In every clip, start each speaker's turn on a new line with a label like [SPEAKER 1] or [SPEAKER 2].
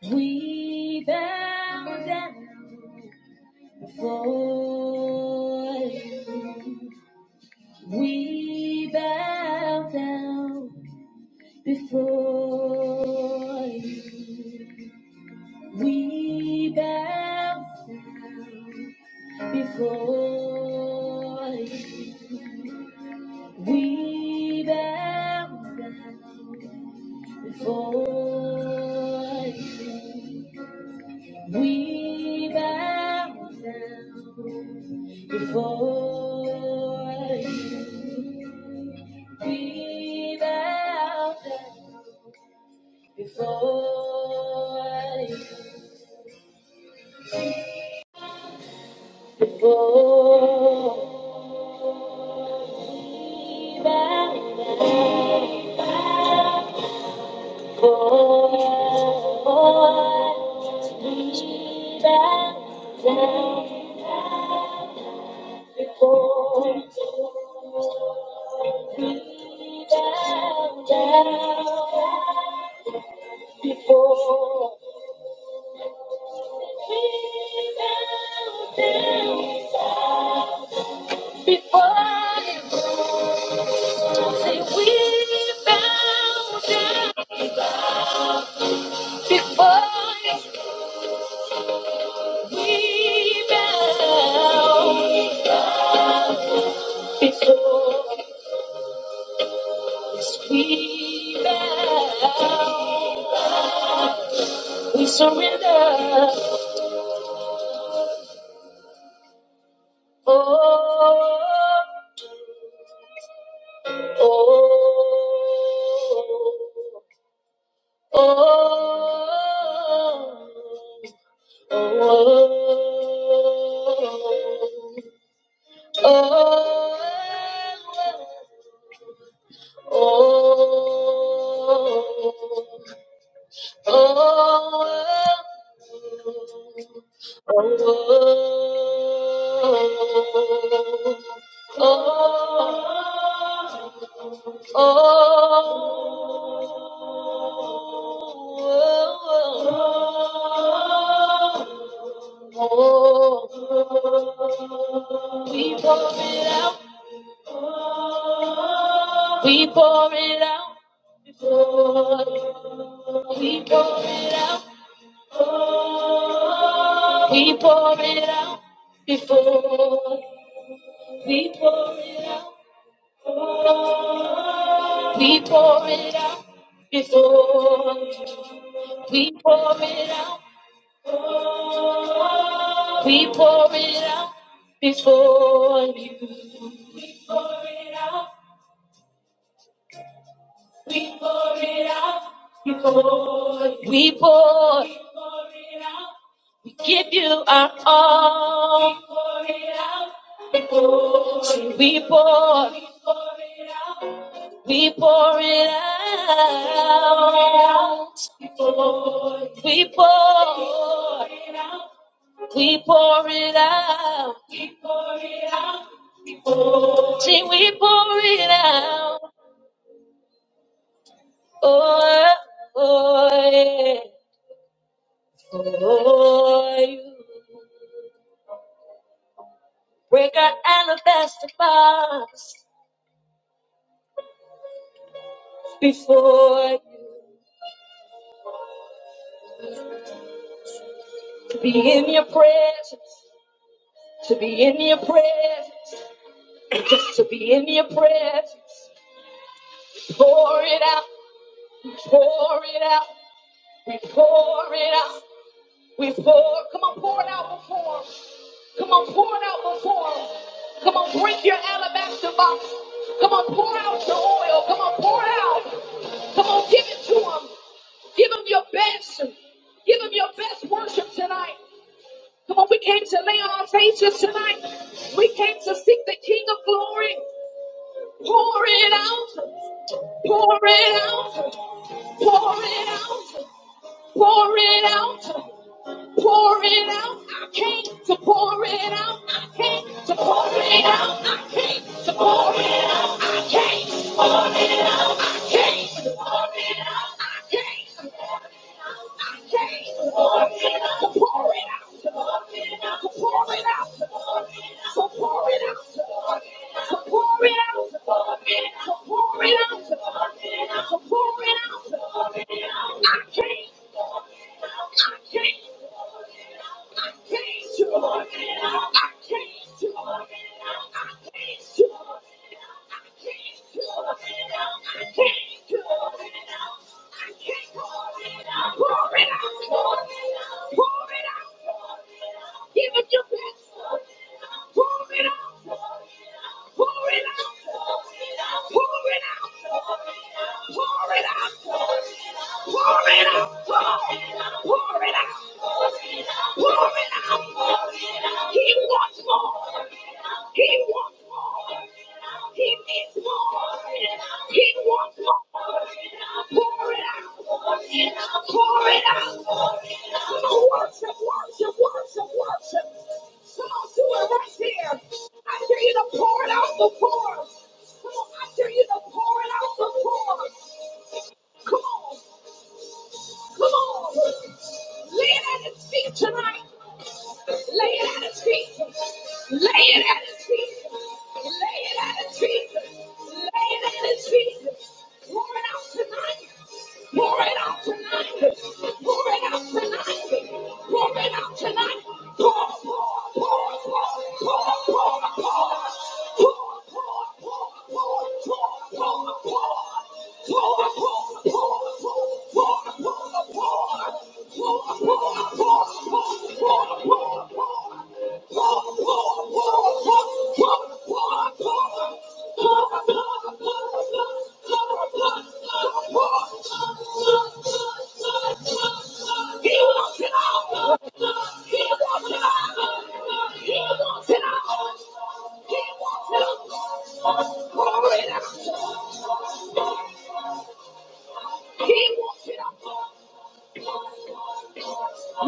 [SPEAKER 1] We bow down before you. We bow down before you. We bow before you. We bow down before you. We bow down Before you be thou there. Before you, before thou there. Before be thou there. Before be thou there. Before we bow down, before you say we bow down, before you we bow, before yes, we bow, we surrender. Oh, oh. Oh, oh, oh, oh, oh, oh, oh oh oh oh Oh, oh, oh, oh. we pour it out. We pour it out before you. We pour it out. We pour it out before you. We pour it out. We pour it out before. you. We pour it out, we pour it out before you. We pour it out, we pour it out before you. We pour, we pour it out. We give you our all. We pour it out. before you. We pour. We pour it out. We pour it out. We pour. it out before you. We pour. we pour it out. We pour it out. we pour it out, See, we pour it out. Oh, oh, yeah. For you. Break our alabaster box before you. To be in your presence. To be in your presence. And just to be in your presence. Pour it out. Pour it out. We pour it out. We pour. Come on, pour it out before. him. Come on, pour it out before him. Come on, break your alabaster box. Come on, pour out your oil. Come on, pour it out. Come on, give it to him. Give him your best. Give him your best worship tonight. Come on, we came to lay on our faces tonight. We came to seek the King of glory. Pour it out. Pour it out. Pour it out. Pour it out. pour it out. I came to pour it out. I came to pour it out. I came to pour it out. I came to pour it out. I came to pour it out. I came to pour it out. I came to pour it out. To pour it out. To pour it out. To pour it out. To pour it out. To pour it out. To pour it out. To pour it out. To pour it out. I came. I came. I came to I came to I came to I came to I came to pour it out, Lord. Pour it out, Lord. Give it your best. Pour it out, Lord. Pour it out, Lord. Pour it out, Lord. Pour it out, Lord. Pour it out, Lord. He wants more. He wants more. He needs more. He wants more. Pour it out. Pour it out. Worship, worship, worship, worship. Come on, do it right here. I dare you to pour it out the pour. Come on, I dare you to pour it out the pour. Come on. Come on. Lay it at his feet tonight. Lay it at his feet. Lay it at his feet. Lay it at his feet. Lay it at his feet. Pour it out tonight. Pour it out tonight. Pour it out tonight. Pour it out tonight. Pour, pour, pour, pour, pour, pour, pour. Pour, pour, pour, pour, pour, pour, pour. Pour, pour, pour, pour, pour, pour.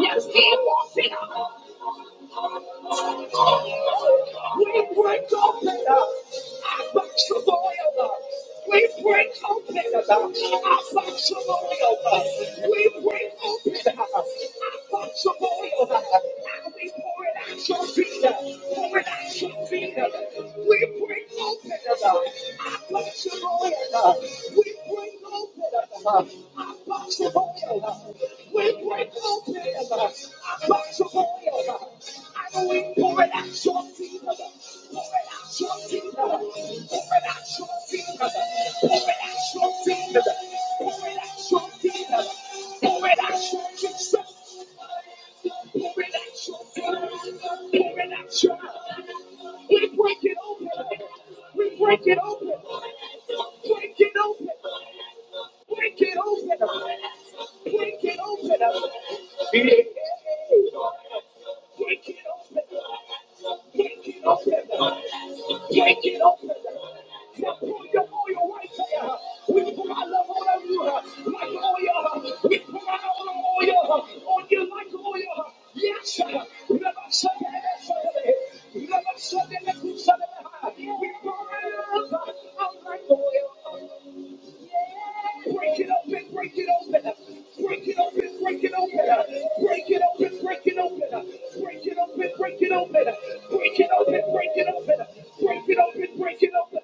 [SPEAKER 1] Yes, he wants it. We break open up our box of oil. We break open up our box of oil. We break open up our box of oil. And we pour it out your feet. Pour it out your feet. We break open up our box of oil. We break open up our I pour it out, we pour it out. I pour it out, and we pour it out, your feet. pour it out, your feet. pour it out, your feet. pour it out, your feet. pour it out, your feet. pour it out, your feet. pour it out, your feet. pour it out, pour it out break it open. We break it open. Break it open. Break it open. Break it open. Yeah. Break it open. Break it open. Break it open. Now pull your oil right there. We pour our love on you like oil. We pour our oil on you like oil. Yes, sir. We pour out our like oil. Break it open, break it open, break it open, break it open, break it open, break it open, break it open, break it open, break it open, break it open, break it open, break it open.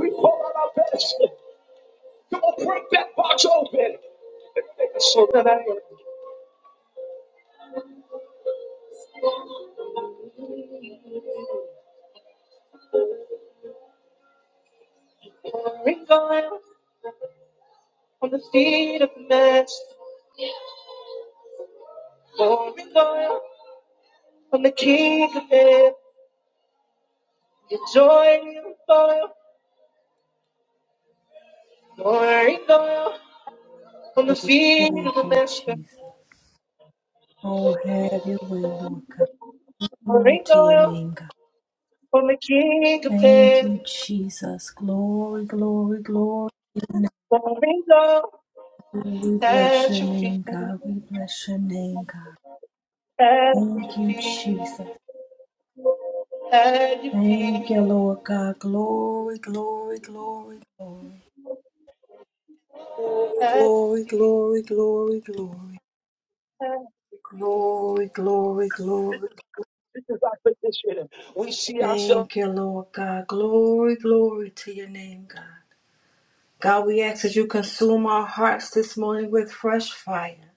[SPEAKER 1] We pour out our best. Come on, break that box open. So that I can wrinkle it, oil, to the feet of
[SPEAKER 2] Thank
[SPEAKER 1] the
[SPEAKER 2] you,
[SPEAKER 1] master.
[SPEAKER 2] Jesus. Oh, have your way, Lord God. Glory to your
[SPEAKER 1] Wrinkle,
[SPEAKER 2] name, God.
[SPEAKER 1] wrinkle,
[SPEAKER 2] Thank you, Jesus. Glory, glory, glory.
[SPEAKER 1] wrinkle,
[SPEAKER 2] We bless
[SPEAKER 1] at
[SPEAKER 2] your
[SPEAKER 1] your feet,
[SPEAKER 2] name,
[SPEAKER 1] at
[SPEAKER 2] God. We bless your name, God. Thank
[SPEAKER 1] your
[SPEAKER 2] you,
[SPEAKER 1] feet,
[SPEAKER 2] Jesus.
[SPEAKER 1] at your
[SPEAKER 2] Thank you,
[SPEAKER 1] feet,
[SPEAKER 2] Lord God. Glory, glory, glory, glory. Glory,
[SPEAKER 1] at your
[SPEAKER 2] glory,
[SPEAKER 1] feet.
[SPEAKER 2] glory, glory, glory. Glory, glory, glory.
[SPEAKER 1] This is our position. We see ourselves.
[SPEAKER 2] Thank you, Lord God. Glory, glory to your name, God. God, we ask that you consume our hearts this morning with fresh fire,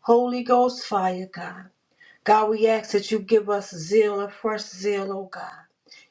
[SPEAKER 2] Holy Ghost fire, God. God, we ask that you give us zeal, a fresh zeal, oh God.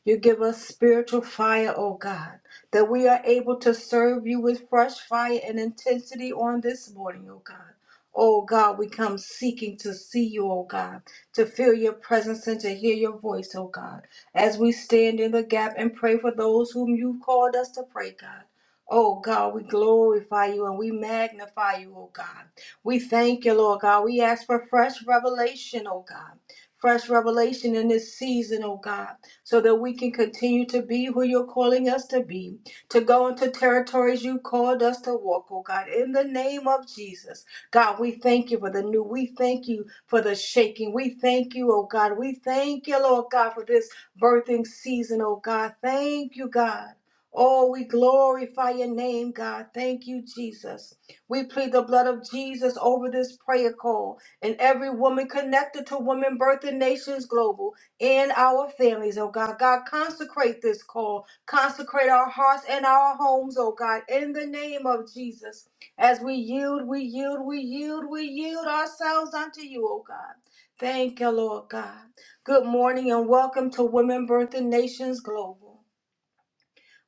[SPEAKER 2] You give us spiritual fire, oh God, that we are able to serve you with fresh fire and intensity on this morning, oh God. Oh God, we come seeking to see you, oh God, to feel your presence and to hear your voice, oh God, as we stand in the gap and pray for those whom you've called us to pray, God. Oh God, we glorify you and we magnify you, oh God. We thank you, Lord God. We ask for fresh revelation, oh God. Fresh revelation in this season, oh God, so that we can continue to be who you're calling us to be, to go into territories you called us to walk, oh God, in the name of Jesus. God, we thank you for the new. We thank you for the shaking. We thank you, oh God. We thank you, Lord God, for this birthing season, oh God. Thank you, God. Oh, we glorify your name, God. Thank you, Jesus. We plead the blood of Jesus over this prayer call and every woman connected to Women Birth Nations Global and our families, oh God. God, consecrate this call. Consecrate our hearts and our homes, oh God, in the name of Jesus. As we yield, we yield, we yield, we yield ourselves unto you, oh God. Thank you, Lord God. Good morning and welcome to Women Birth Nations Global.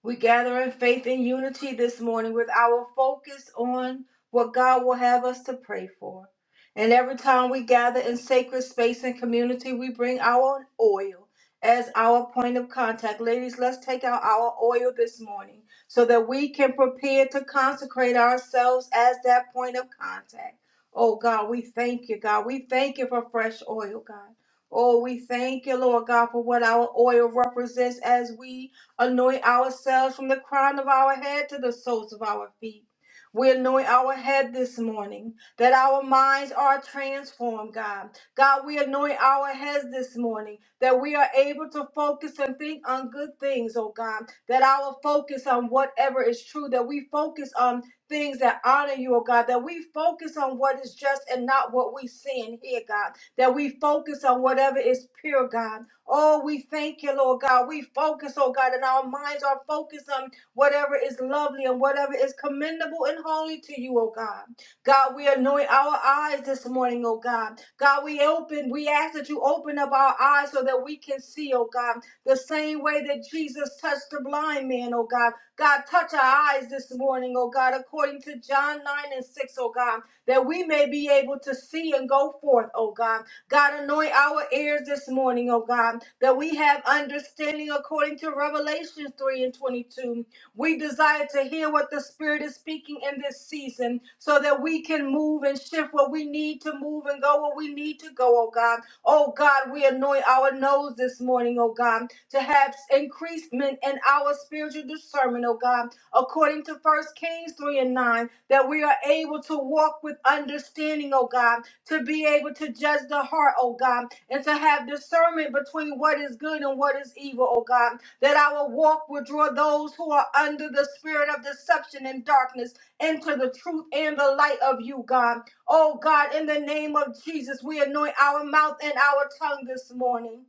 [SPEAKER 2] We gather in faith and unity this morning with our focus on what God will have us to pray for. And every time we gather in sacred space and community, we bring our oil as our point of contact. Ladies, let's take out our oil this morning so that we can prepare to consecrate ourselves as that point of contact. Oh God, we thank you, God. We thank you for fresh oil, God. Oh, we thank you, Lord God, for what our oil represents as we Anoint ourselves from the crown of our head to the soles of our feet. We anoint our head this morning that our minds are transformed, God. God, we anoint our heads this morning that we are able to focus and think on good things, oh God. That our focus on whatever is true, that we focus on things that honor you, oh God. That we focus on what is just and not what we see and hear, God. That we focus on whatever is pure, God Oh, we thank you, Lord God. We focus, oh God, and our minds are focused on whatever is lovely and whatever is commendable and holy to you, oh God. God, we anoint our eyes this morning, oh God. God, we open, we ask that you open up our eyes so that we can see, oh God, the same way that Jesus touched the blind man, oh God. God, touch our eyes this morning, oh God, according to John 9 and 6, O God, that we may be able to see and go forth, oh God. God, anoint our ears this morning, oh God, that we have understanding according to Revelation 3 and 22. We desire to hear what the Spirit is speaking in this season so that we can move and shift where we need to move and go where we need to go, oh God. Oh God, we anoint our nose this morning, oh God, to have increasement in our spiritual discernment, oh God according to First Kings 3 and 9, that we are able to walk with understanding, oh God, to be able to judge the heart, oh God, and to have discernment between what is good and what is evil, oh God, that our walk will draw those who are under the spirit of deception and darkness into the truth and the light of you, God. Oh God, in the name of Jesus, we anoint our mouth and our tongue this morning.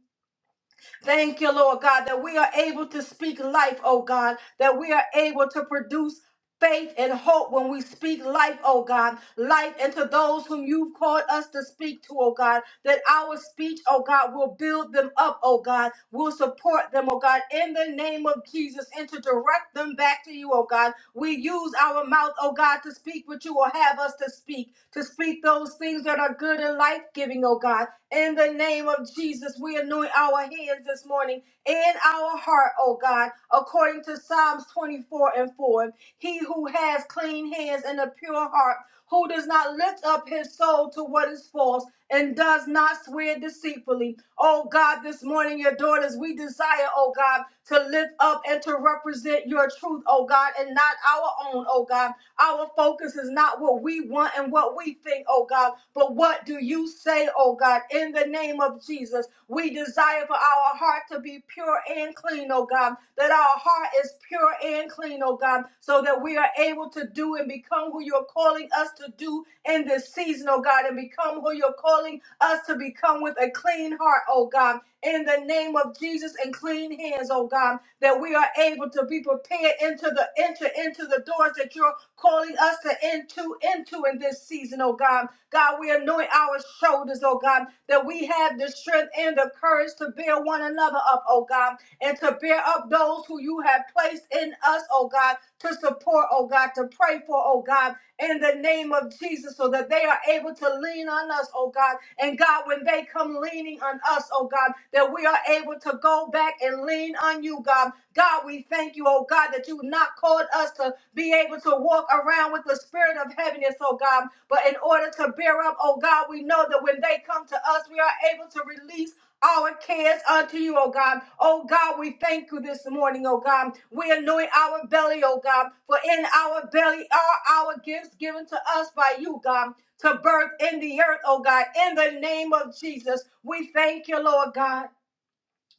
[SPEAKER 2] Thank you, Lord God, that we are able to speak life, oh God, that we are able to produce faith and hope when we speak life, oh God, life into those whom you've called us to speak to, oh God, that our speech, oh God, will build them up, oh God, will support them, oh God, in the name of Jesus, and to direct them back to you, oh God. We use our mouth, oh God, to speak what you will have us to speak, to speak those things that are good and life giving, oh God. In the name of Jesus, we anoint our hands this morning in our heart, O God, according to Psalms 24 and 4. He who has clean hands and a pure heart, who does not lift up his soul to what is false and does not swear deceitfully. Oh God, this morning, your daughters, we desire, oh God, to lift up and to represent your truth, oh God, and not our own, oh God oh God. Our focus is not what we want and what we think, oh God, but what do you say, oh God, in the name of Jesus? We desire for our heart to be pure and clean, oh God, that our heart is pure and clean, oh God, so that we are able to do and become who you're calling us to do in this season, oh God, and become who you're calling us to become with a clean heart, oh God in the name of Jesus and clean hands, oh God, that we are able to be prepared into the enter into the doors that you're calling us to into into in this season, oh God. God, we anoint our shoulders, oh God, that we have the strength and the courage to bear one another up, oh God, and to bear up those who you have placed in us, oh God, to support, oh God, to pray for, oh God, in the name of Jesus so that they are able to lean on us, oh God. And God, when they come leaning on us, oh God, that we are able to go back and lean on you, God. God, we thank you, oh God, that you've not called us to be able to walk around with the spirit of heaviness, oh God. But in order to bear up, oh God, we know that when they come to us, we are able to release our cares unto you, O God. O God, we thank you this morning, O God. We anoint our belly, O God, for in our belly are our gifts given to us by you, God, to birth in the earth, O God. In the name of Jesus, we thank you, Lord God.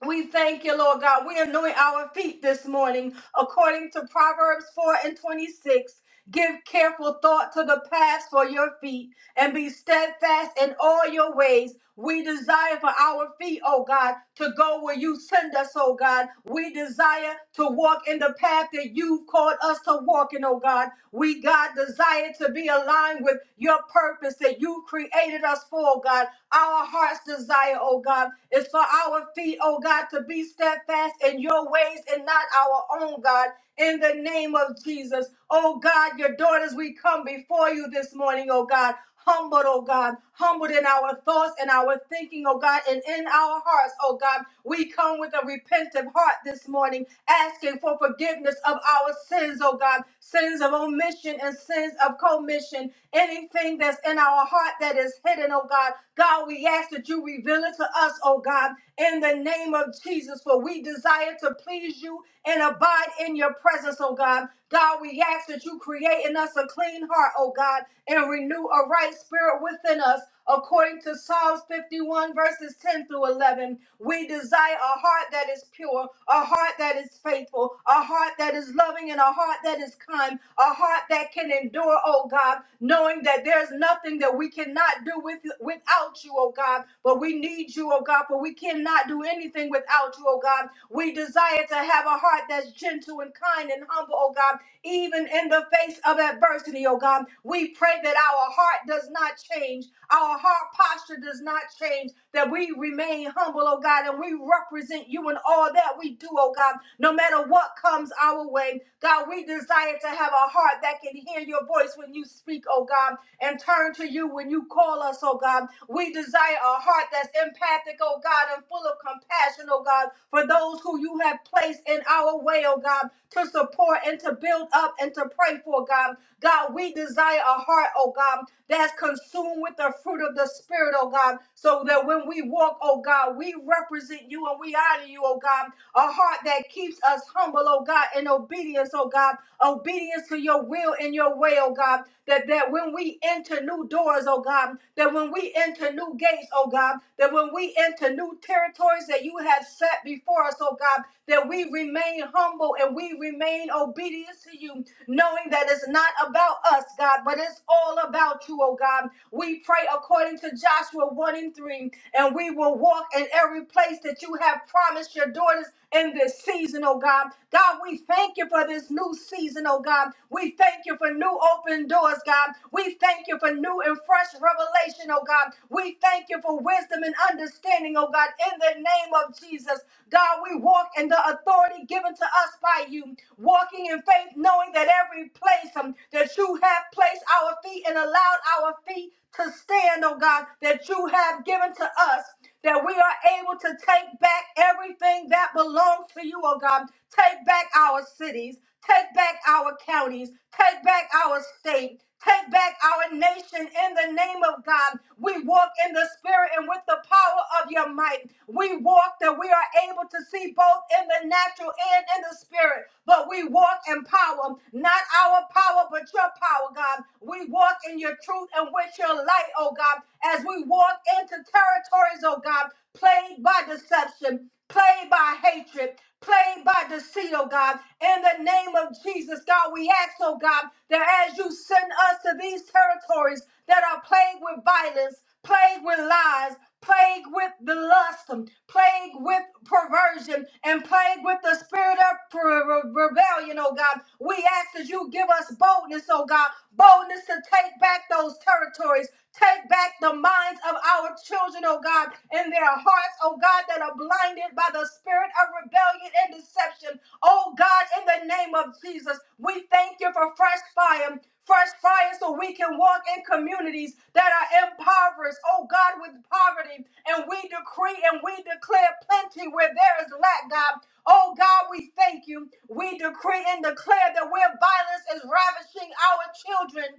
[SPEAKER 2] We thank you, Lord God. We anoint our feet this morning according to Proverbs 4 and 26. Give careful thought to the path for your feet and be steadfast in all your ways. We desire for our feet, oh God, to go where you send us, oh God. We desire to walk in the path that you've called us to walk in, oh God. We, God, desire to be aligned with your purpose that you created us for, oh God. Our heart's desire, oh God, is for our feet, oh God, to be steadfast in your ways and not our own, God in the name of Jesus. Oh God, your daughters, we come before you this morning, oh God. Humbled, oh God, humbled in our thoughts and our thinking, oh God, and in our hearts, oh God. We come with a repentant heart this morning, asking for forgiveness of our sins, oh God, sins of omission and sins of commission, anything that's in our heart that is hidden, oh God. God, we ask that you reveal it to us, oh God, in the name of Jesus, for we desire to please you and abide in your presence, oh God. God, we ask that you create in us a clean heart, oh God and renew a right spirit within us. According to Psalms 51, verses 10 through 11, we desire a heart that is pure, a heart that is faithful, a heart that is loving, and a heart that is kind, a heart that can endure, oh God, knowing that there's nothing that we cannot do with, without you, oh God, but we need you, oh God, but we cannot do anything without you, oh God. We desire to have a heart that's gentle and kind and humble, oh God, even in the face of adversity, oh God. We pray that our heart does not change, our heart posture does not change, that we remain humble, oh God, and we represent you in all that we do, oh God, no matter what comes our way. God, we desire to have a heart that can hear your voice when you speak, oh God and turn to you when you call us, oh God. We desire a heart that's empathic, oh God, and full of compassion, oh God, for those who you have placed in our way, oh God, to support and to build up and to pray for, God. God, we desire a heart, oh God, that's consumed with the fruit of the Spirit, oh God, so that when we walk, oh God, we represent you and we honor you, oh God. A heart that keeps us humble, oh God, in obedience, oh God obedience to your will and your way, oh God. That, that when we enter new doors, oh God, that when we enter new gates, oh God, that when we enter new territories that you have set before us, oh God, that we remain humble and we remain obedient to you, knowing that it's not about us, God, but it's all about you, oh God. We pray according to Joshua 1 and 3, and we will walk in every place that you have promised your daughters in this season, oh God. God, we thank you for this new season, oh God. We thank you for new open doors, God. We thank you for new and fresh revelation, oh God. We thank you for wisdom and understanding, oh God, in the name of Jesus. God, we walk in the authority given to us by you, walking in faith, knowing that every place um, that you have placed our feet and allowed our feet to stand, oh God, that you have given to us that we are able to take back everything that belongs to you, oh God. Take back our cities, take back our counties, take back our state. Take back our nation in the name of God. We walk in the spirit and with the power of your might. We walk that we are able to see both in the natural and in the spirit. But we walk in power, not our power, but your power, God. We walk in your truth and with your light, oh God, as we we walk into territories, oh God, plagued by deception, plagued by hatred, plagued by deceit, oh God. In the name of Jesus, God, we ask, oh God, that as you send us to these territories that are plagued with violence, plagued with lies, plagued with the lust, um, plagued with perversion, and plagued with the spirit of per- re- rebellion, oh God. We ask that you give us boldness, oh God, boldness to take back those territories, take back the minds of our children, oh God, and their hearts, oh God, that are blinded by the spirit of rebellion and deception. Oh God, in the name of Jesus, we thank you for fresh fire fresh fire so we can walk in communities that are impoverished, oh God, with poverty. And we decree and we declare plenty where there is lack, God. Oh God, we thank you. We decree and declare that where violence is ravishing our children,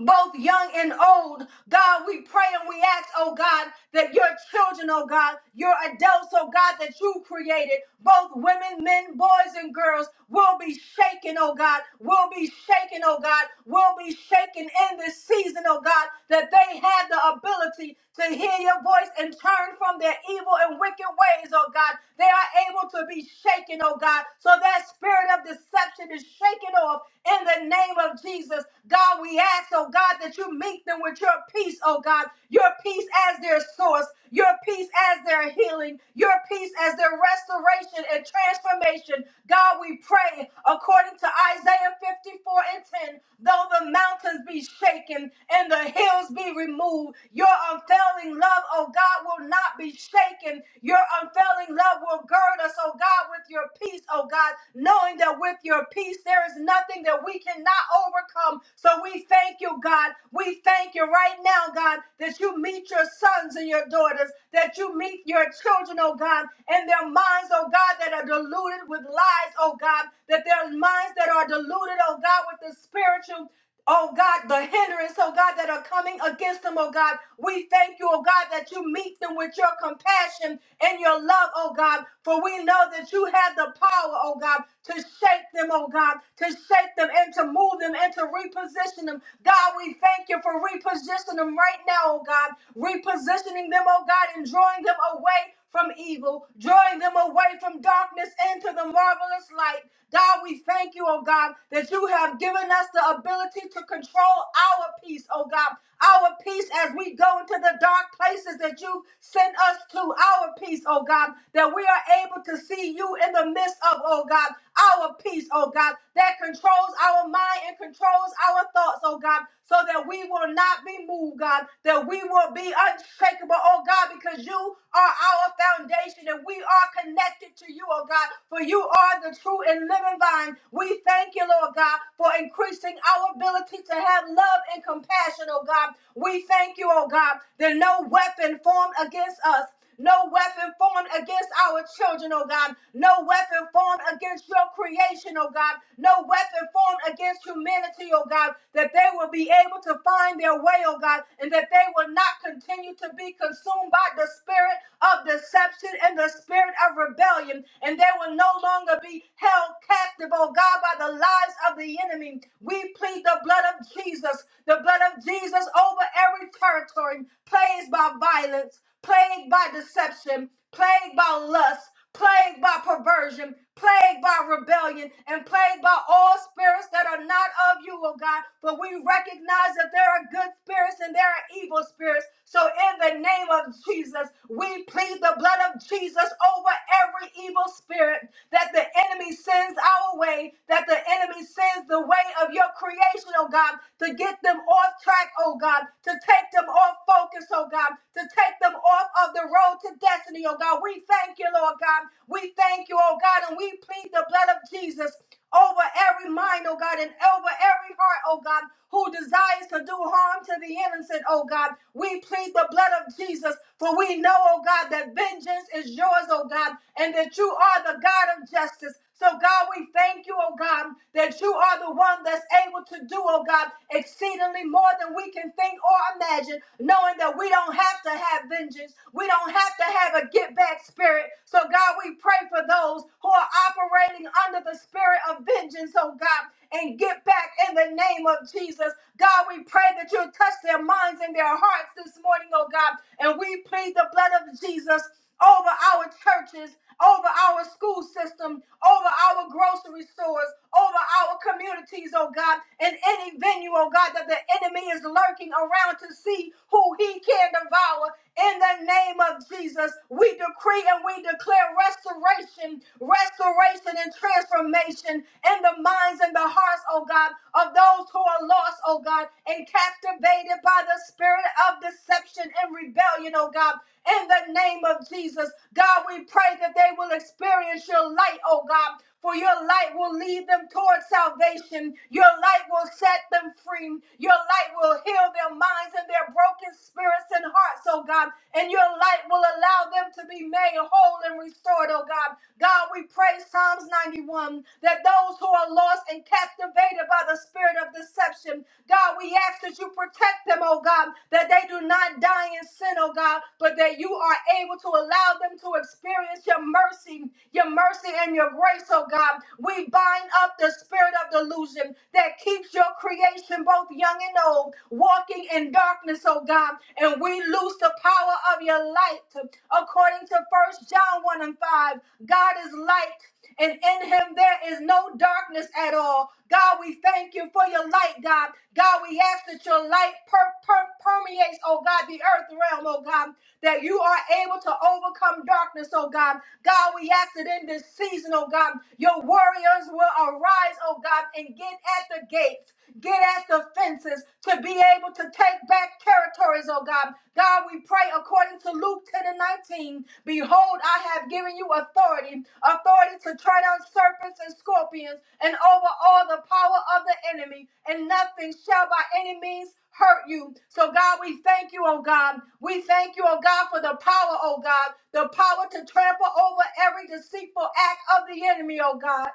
[SPEAKER 2] both young and old. God, we pray and we ask, oh God, that your children, oh God, your adults, oh God, that you created, both women, men, boys, and girls, will be shaken, oh God, will be shaken, oh God, will be shaken in this season, oh God, that they had the ability to hear your voice and turn from their evil and wicked ways, oh God. They are able to be shaken, oh God. So that spirit of deception is shaken off in the name of Jesus. God, we ask, oh God, that you meet them with your peace, oh God. Your peace as their source, your peace as their healing, your peace as their restoration and transformation. God, we pray according to Isaiah 54 and 10 though the mountains be shaken and the hills be removed, your unfailing love, oh God, will not be shaken. Your unfailing love will gird us, oh God, with your peace, oh God, knowing that with your peace there is nothing that we cannot overcome. So we thank you, God. We thank you right now, God that you meet your sons and your daughters, that you meet your children, oh God, and their minds, oh God, that are deluded with lies, oh God, that their minds that are deluded, oh God, with the spiritual Oh God, the hindrance, oh God, that are coming against them, oh God. We thank you, oh God, that you meet them with your compassion and your love, oh God. For we know that you have the power, oh God, to shake them, oh God, to shake them and to move them and to reposition them. God, we thank thank you for repositioning them right now, oh God. Repositioning them, oh God, and drawing them away from evil, drawing them away from darkness into the marvelous light. God, we thank you, oh God, that you have given us the ability to control our peace, oh God. Our peace as we go into the dark places that you sent us to, our peace, oh God, that we are able to see you in the midst of, oh God our peace, oh God, that controls our mind and controls our thoughts, oh God, so that we will not be moved, God, that we will be unshakable, oh God, because you are our foundation and we are connected to you, oh God, for you are the true and living vine. We thank you, Lord God, for increasing our ability to have love and compassion, oh God. We thank you, oh God, that no weapon formed against us no weapon formed against our children, oh God. No weapon formed against your creation, oh God. No weapon formed against humanity, oh God. That they will be able to find their way, oh God. And that they will not continue to be consumed by the spirit of deception and the spirit of rebellion. And they will no longer be held captive, oh God, by the lies of the enemy. We plead the blood of Jesus, the blood of Jesus over every territory plagued by violence plagued by deception, plagued by lust, plagued by perversion, plagued by rebellion, and plagued by all spirits that are not of you, oh God. But we recognize that there are good spirits and there are evil spirits. So in the name of Jesus, we plead the blood of Jesus over every evil spirit that the enemy sends our way, that the enemy sends the way of your creation, oh God, to get them off track, oh God, to take them off focus, spirits, oh God, to take them off of the road to destiny, oh God. We thank you, Lord God. We thank you, oh God, and we plead the blood of Jesus over every mind, oh God, and over every heart, oh God, who desires to do harm to the innocent, oh God. We plead the blood of Jesus, for we know, oh God, that vengeance is yours, oh God, and that you are the God of justice. So, God, we thank you, oh God, that you are the one that's able to do, oh God, exceedingly more than we can think or imagine, knowing that we don't have to have vengeance. We don't have to have a get back spirit. So, God, we pray for those who are operating under the spirit of vengeance, oh God, and get back in the name of Jesus. God, we pray that you'll touch their minds and their hearts this morning, oh God, and we plead the blood of Jesus over our churches, over our school system, over our grocery stores, over our communities, oh God, in any venue, oh God, that the enemy is lurking around to see who he can devour. In the name of Jesus, we decree and we declare restoration, restoration and transformation in the minds and the hearts, oh God, of those who are lost, oh God, and captive activated by the spirit of deception and rebellion, oh God. In the name of Jesus, God, we pray that they will experience your light, oh God. For your light will lead them toward salvation. Your light will set them free. Your light will heal their minds and their broken spirits and hearts, oh God. And your light will allow them to be made whole and restored, oh God. God, we pray Psalms 91 that those who are lost and captivated by the spirit of deception, God, we ask that you protect them, oh God, that they do not die in sin, oh God, but that you are able to allow them to experience your mercy, your mercy and your grace, oh God. We bind up the spirit spirit of delusion that keeps your creation, both young and old, walking in darkness, oh God. And we lose the power of your light. According to First John 1 and 5, God is light, and in him there is no darkness at all. God, we thank you for your light, God. God, we ask that your light per- per- permeates, oh God, the earth realm, oh God, that you are able to overcome darkness, oh God. God, we ask that in this season, oh God, your warriors will arise, oh God, and get at the gates, get at the fences to be able to take back territories, oh God. God, we pray according to Luke 10 and 19. Behold, I have given you authority, authority to tread on serpents and scorpions and over all the power of the enemy, and nothing shall by any means hurt you. So, God, we thank you, oh God. We thank you, oh God, for the power, oh God, the power to trample over every deceitful act of the enemy, oh God.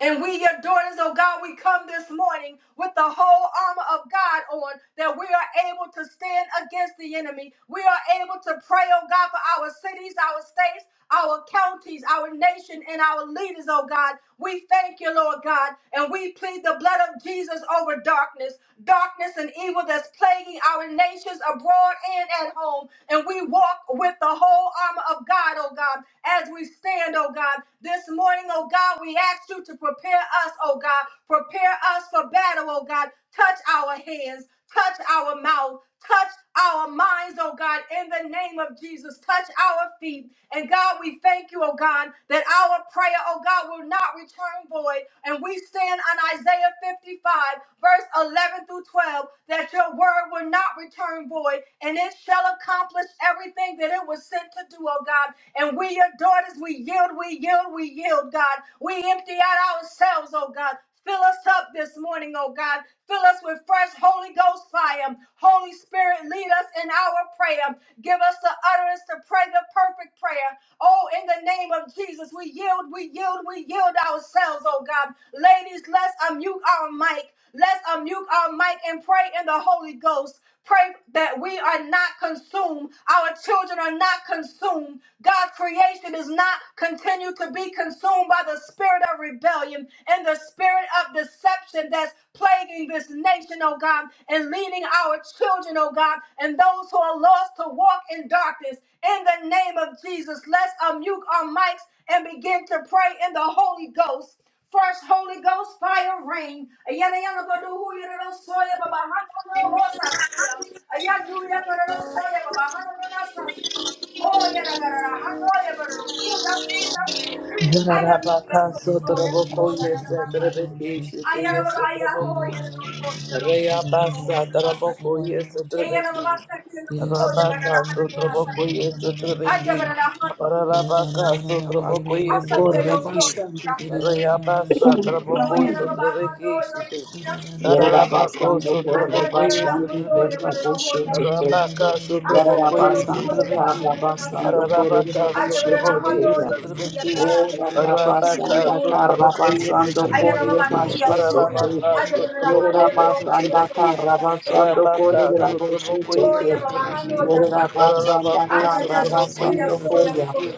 [SPEAKER 2] And we, your daughters, oh God, we come this morning with the whole armor of God on that we are able to stand against the enemy. We are able to pray, oh God, for our cities, our states, our counties, our nation, and our leaders, oh God. We thank you, Lord God, and we plead the blood of Jesus over darkness, darkness and evil that's plaguing our nations abroad and at home. And we walk with the whole armor armor of God, oh God, as we stand, oh God. This morning, oh God, we ask you to prepare us, oh God. Prepare us for battle, oh God. Touch our hands, touch our mouth, touch our minds, oh God, in the name of Jesus. Touch our feet. And God, we thank you, oh God, that our prayer, oh God, will not return void. And we stand on Isaiah 55, verse 11 through 12, that your word word will not return void, and it shall accomplish everything that it was sent to do, oh God. And we, your daughters, we yield, we yield, we yield, God. We empty out ourselves, oh God. Fill us up this morning, oh God. Fill us with fresh Holy Ghost fire. Holy Spirit, lead us in our prayer. Give us the utterance to pray the perfect prayer. Oh, in the name of Jesus, we yield, we yield, we yield ourselves, oh God. Ladies, let's unmute our mic. Let's unmute our mic and pray in the Holy Ghost. Pray that we are not consumed. Our children are not consumed. God's creation is not continue to be consumed by the spirit of rebellion and the spirit of deception that's plaguing this nation, oh God, and leading our children, oh God, and those who are lost to walk in darkness. In the name of Jesus, let's unmute our mics and begin to pray in the Holy Ghost. First Holy Ghost fire rain. Ayana yana go godu hu yana no soya baba hana no hosa siya. Ayana yana godu no soya baba hana no nasa si. Oh yana godu no hana yana godu no suna suna suna. Ayana yana
[SPEAKER 3] Yarabaka
[SPEAKER 2] so
[SPEAKER 4] Shabba
[SPEAKER 2] soya
[SPEAKER 3] Sotraboko,
[SPEAKER 2] soya na
[SPEAKER 3] yes,
[SPEAKER 2] na
[SPEAKER 3] at
[SPEAKER 2] nasa si.
[SPEAKER 3] Rebeki, Shitty,
[SPEAKER 2] Ayana
[SPEAKER 3] yes,
[SPEAKER 2] baba
[SPEAKER 3] at
[SPEAKER 2] ayana ho
[SPEAKER 3] Raboko,
[SPEAKER 2] yana no ho yana no ho yana no ho
[SPEAKER 3] Reabasa,
[SPEAKER 2] yana nasa si.
[SPEAKER 3] Taraboko, yes, at
[SPEAKER 2] Ayana baba
[SPEAKER 3] Rebeki,
[SPEAKER 2] sa kina no soya baba na
[SPEAKER 3] Rabaka
[SPEAKER 2] hana no nasa
[SPEAKER 3] Sotraboko, yes,
[SPEAKER 2] siya.
[SPEAKER 3] at
[SPEAKER 2] Ayana
[SPEAKER 3] Rebeki,
[SPEAKER 2] baba na hana
[SPEAKER 3] Paralabaka Sotraboko, yes, at
[SPEAKER 1] Corre
[SPEAKER 2] no nasa
[SPEAKER 3] Rebeki,
[SPEAKER 1] bastante.
[SPEAKER 2] si.
[SPEAKER 3] Reabasa,
[SPEAKER 2] Oh,
[SPEAKER 3] Taraboko,
[SPEAKER 2] you know, my heart, oh,
[SPEAKER 3] Sotrabeki,
[SPEAKER 2] yes,
[SPEAKER 3] Shitty,
[SPEAKER 2] yes,
[SPEAKER 1] Yere da
[SPEAKER 2] yes.
[SPEAKER 3] Tarabako
[SPEAKER 1] bastando
[SPEAKER 2] I
[SPEAKER 1] corre
[SPEAKER 2] gotta go
[SPEAKER 3] Sotraboko,
[SPEAKER 2] to
[SPEAKER 3] yes,
[SPEAKER 2] that
[SPEAKER 3] at
[SPEAKER 1] jando
[SPEAKER 2] one, oh, yeah,
[SPEAKER 1] terra
[SPEAKER 2] but it'll hold
[SPEAKER 3] Rebeki,
[SPEAKER 2] us
[SPEAKER 1] boshete
[SPEAKER 2] in
[SPEAKER 1] ke.
[SPEAKER 3] Rabaka
[SPEAKER 2] secret. I
[SPEAKER 1] Yere
[SPEAKER 2] said,
[SPEAKER 1] da
[SPEAKER 2] you're
[SPEAKER 3] Sotraboko,
[SPEAKER 2] gonna know,
[SPEAKER 3] yes,
[SPEAKER 2] so,
[SPEAKER 3] at
[SPEAKER 2] yeah,
[SPEAKER 1] bastando
[SPEAKER 2] but my heart,
[SPEAKER 3] Rebeki,
[SPEAKER 2] and I said,
[SPEAKER 1] tando
[SPEAKER 2] see.
[SPEAKER 1] corre
[SPEAKER 3] Paralabaka
[SPEAKER 2] I said, but that
[SPEAKER 1] boshete
[SPEAKER 3] Sotraboko,
[SPEAKER 2] one, oh,
[SPEAKER 3] yes,
[SPEAKER 1] ke.
[SPEAKER 3] at
[SPEAKER 2] yes, see, yeah, but
[SPEAKER 3] Rebeki,
[SPEAKER 2] I said, see, yeah, you'll see, yeah, but
[SPEAKER 3] Rabaka
[SPEAKER 2] it'll
[SPEAKER 1] Orabasanda
[SPEAKER 2] hold us
[SPEAKER 3] Sotrabokoye
[SPEAKER 1] Karabasando
[SPEAKER 2] I
[SPEAKER 5] Ashamba
[SPEAKER 2] gotta go,
[SPEAKER 3] Sotrabeki,
[SPEAKER 1] kore
[SPEAKER 5] yegereye
[SPEAKER 2] yes, so,
[SPEAKER 1] bashete.
[SPEAKER 2] yeah.
[SPEAKER 1] Yere,
[SPEAKER 2] I
[SPEAKER 3] Rabaka
[SPEAKER 2] said,
[SPEAKER 4] Russia.
[SPEAKER 2] but that one, yeah, but
[SPEAKER 3] Sotrabokoye
[SPEAKER 2] it'll
[SPEAKER 1] Yerabasanda
[SPEAKER 3] Sotrabeki,
[SPEAKER 1] Karabasando
[SPEAKER 3] Rabaka
[SPEAKER 5] yegereye
[SPEAKER 3] Sotrabokoye
[SPEAKER 2] Oh, yeah,
[SPEAKER 1] Korebasheteke.
[SPEAKER 2] but my heart, oh,
[SPEAKER 3] Sotrabeki,
[SPEAKER 2] yes, I see.
[SPEAKER 1] Yerabasanda
[SPEAKER 3] Rabako
[SPEAKER 2] I just, just, just, so, yeah,
[SPEAKER 3] Sotrabokoye
[SPEAKER 1] Karabasando
[SPEAKER 2] so, yeah,
[SPEAKER 1] Koya.
[SPEAKER 2] so,
[SPEAKER 3] Sotrabeki,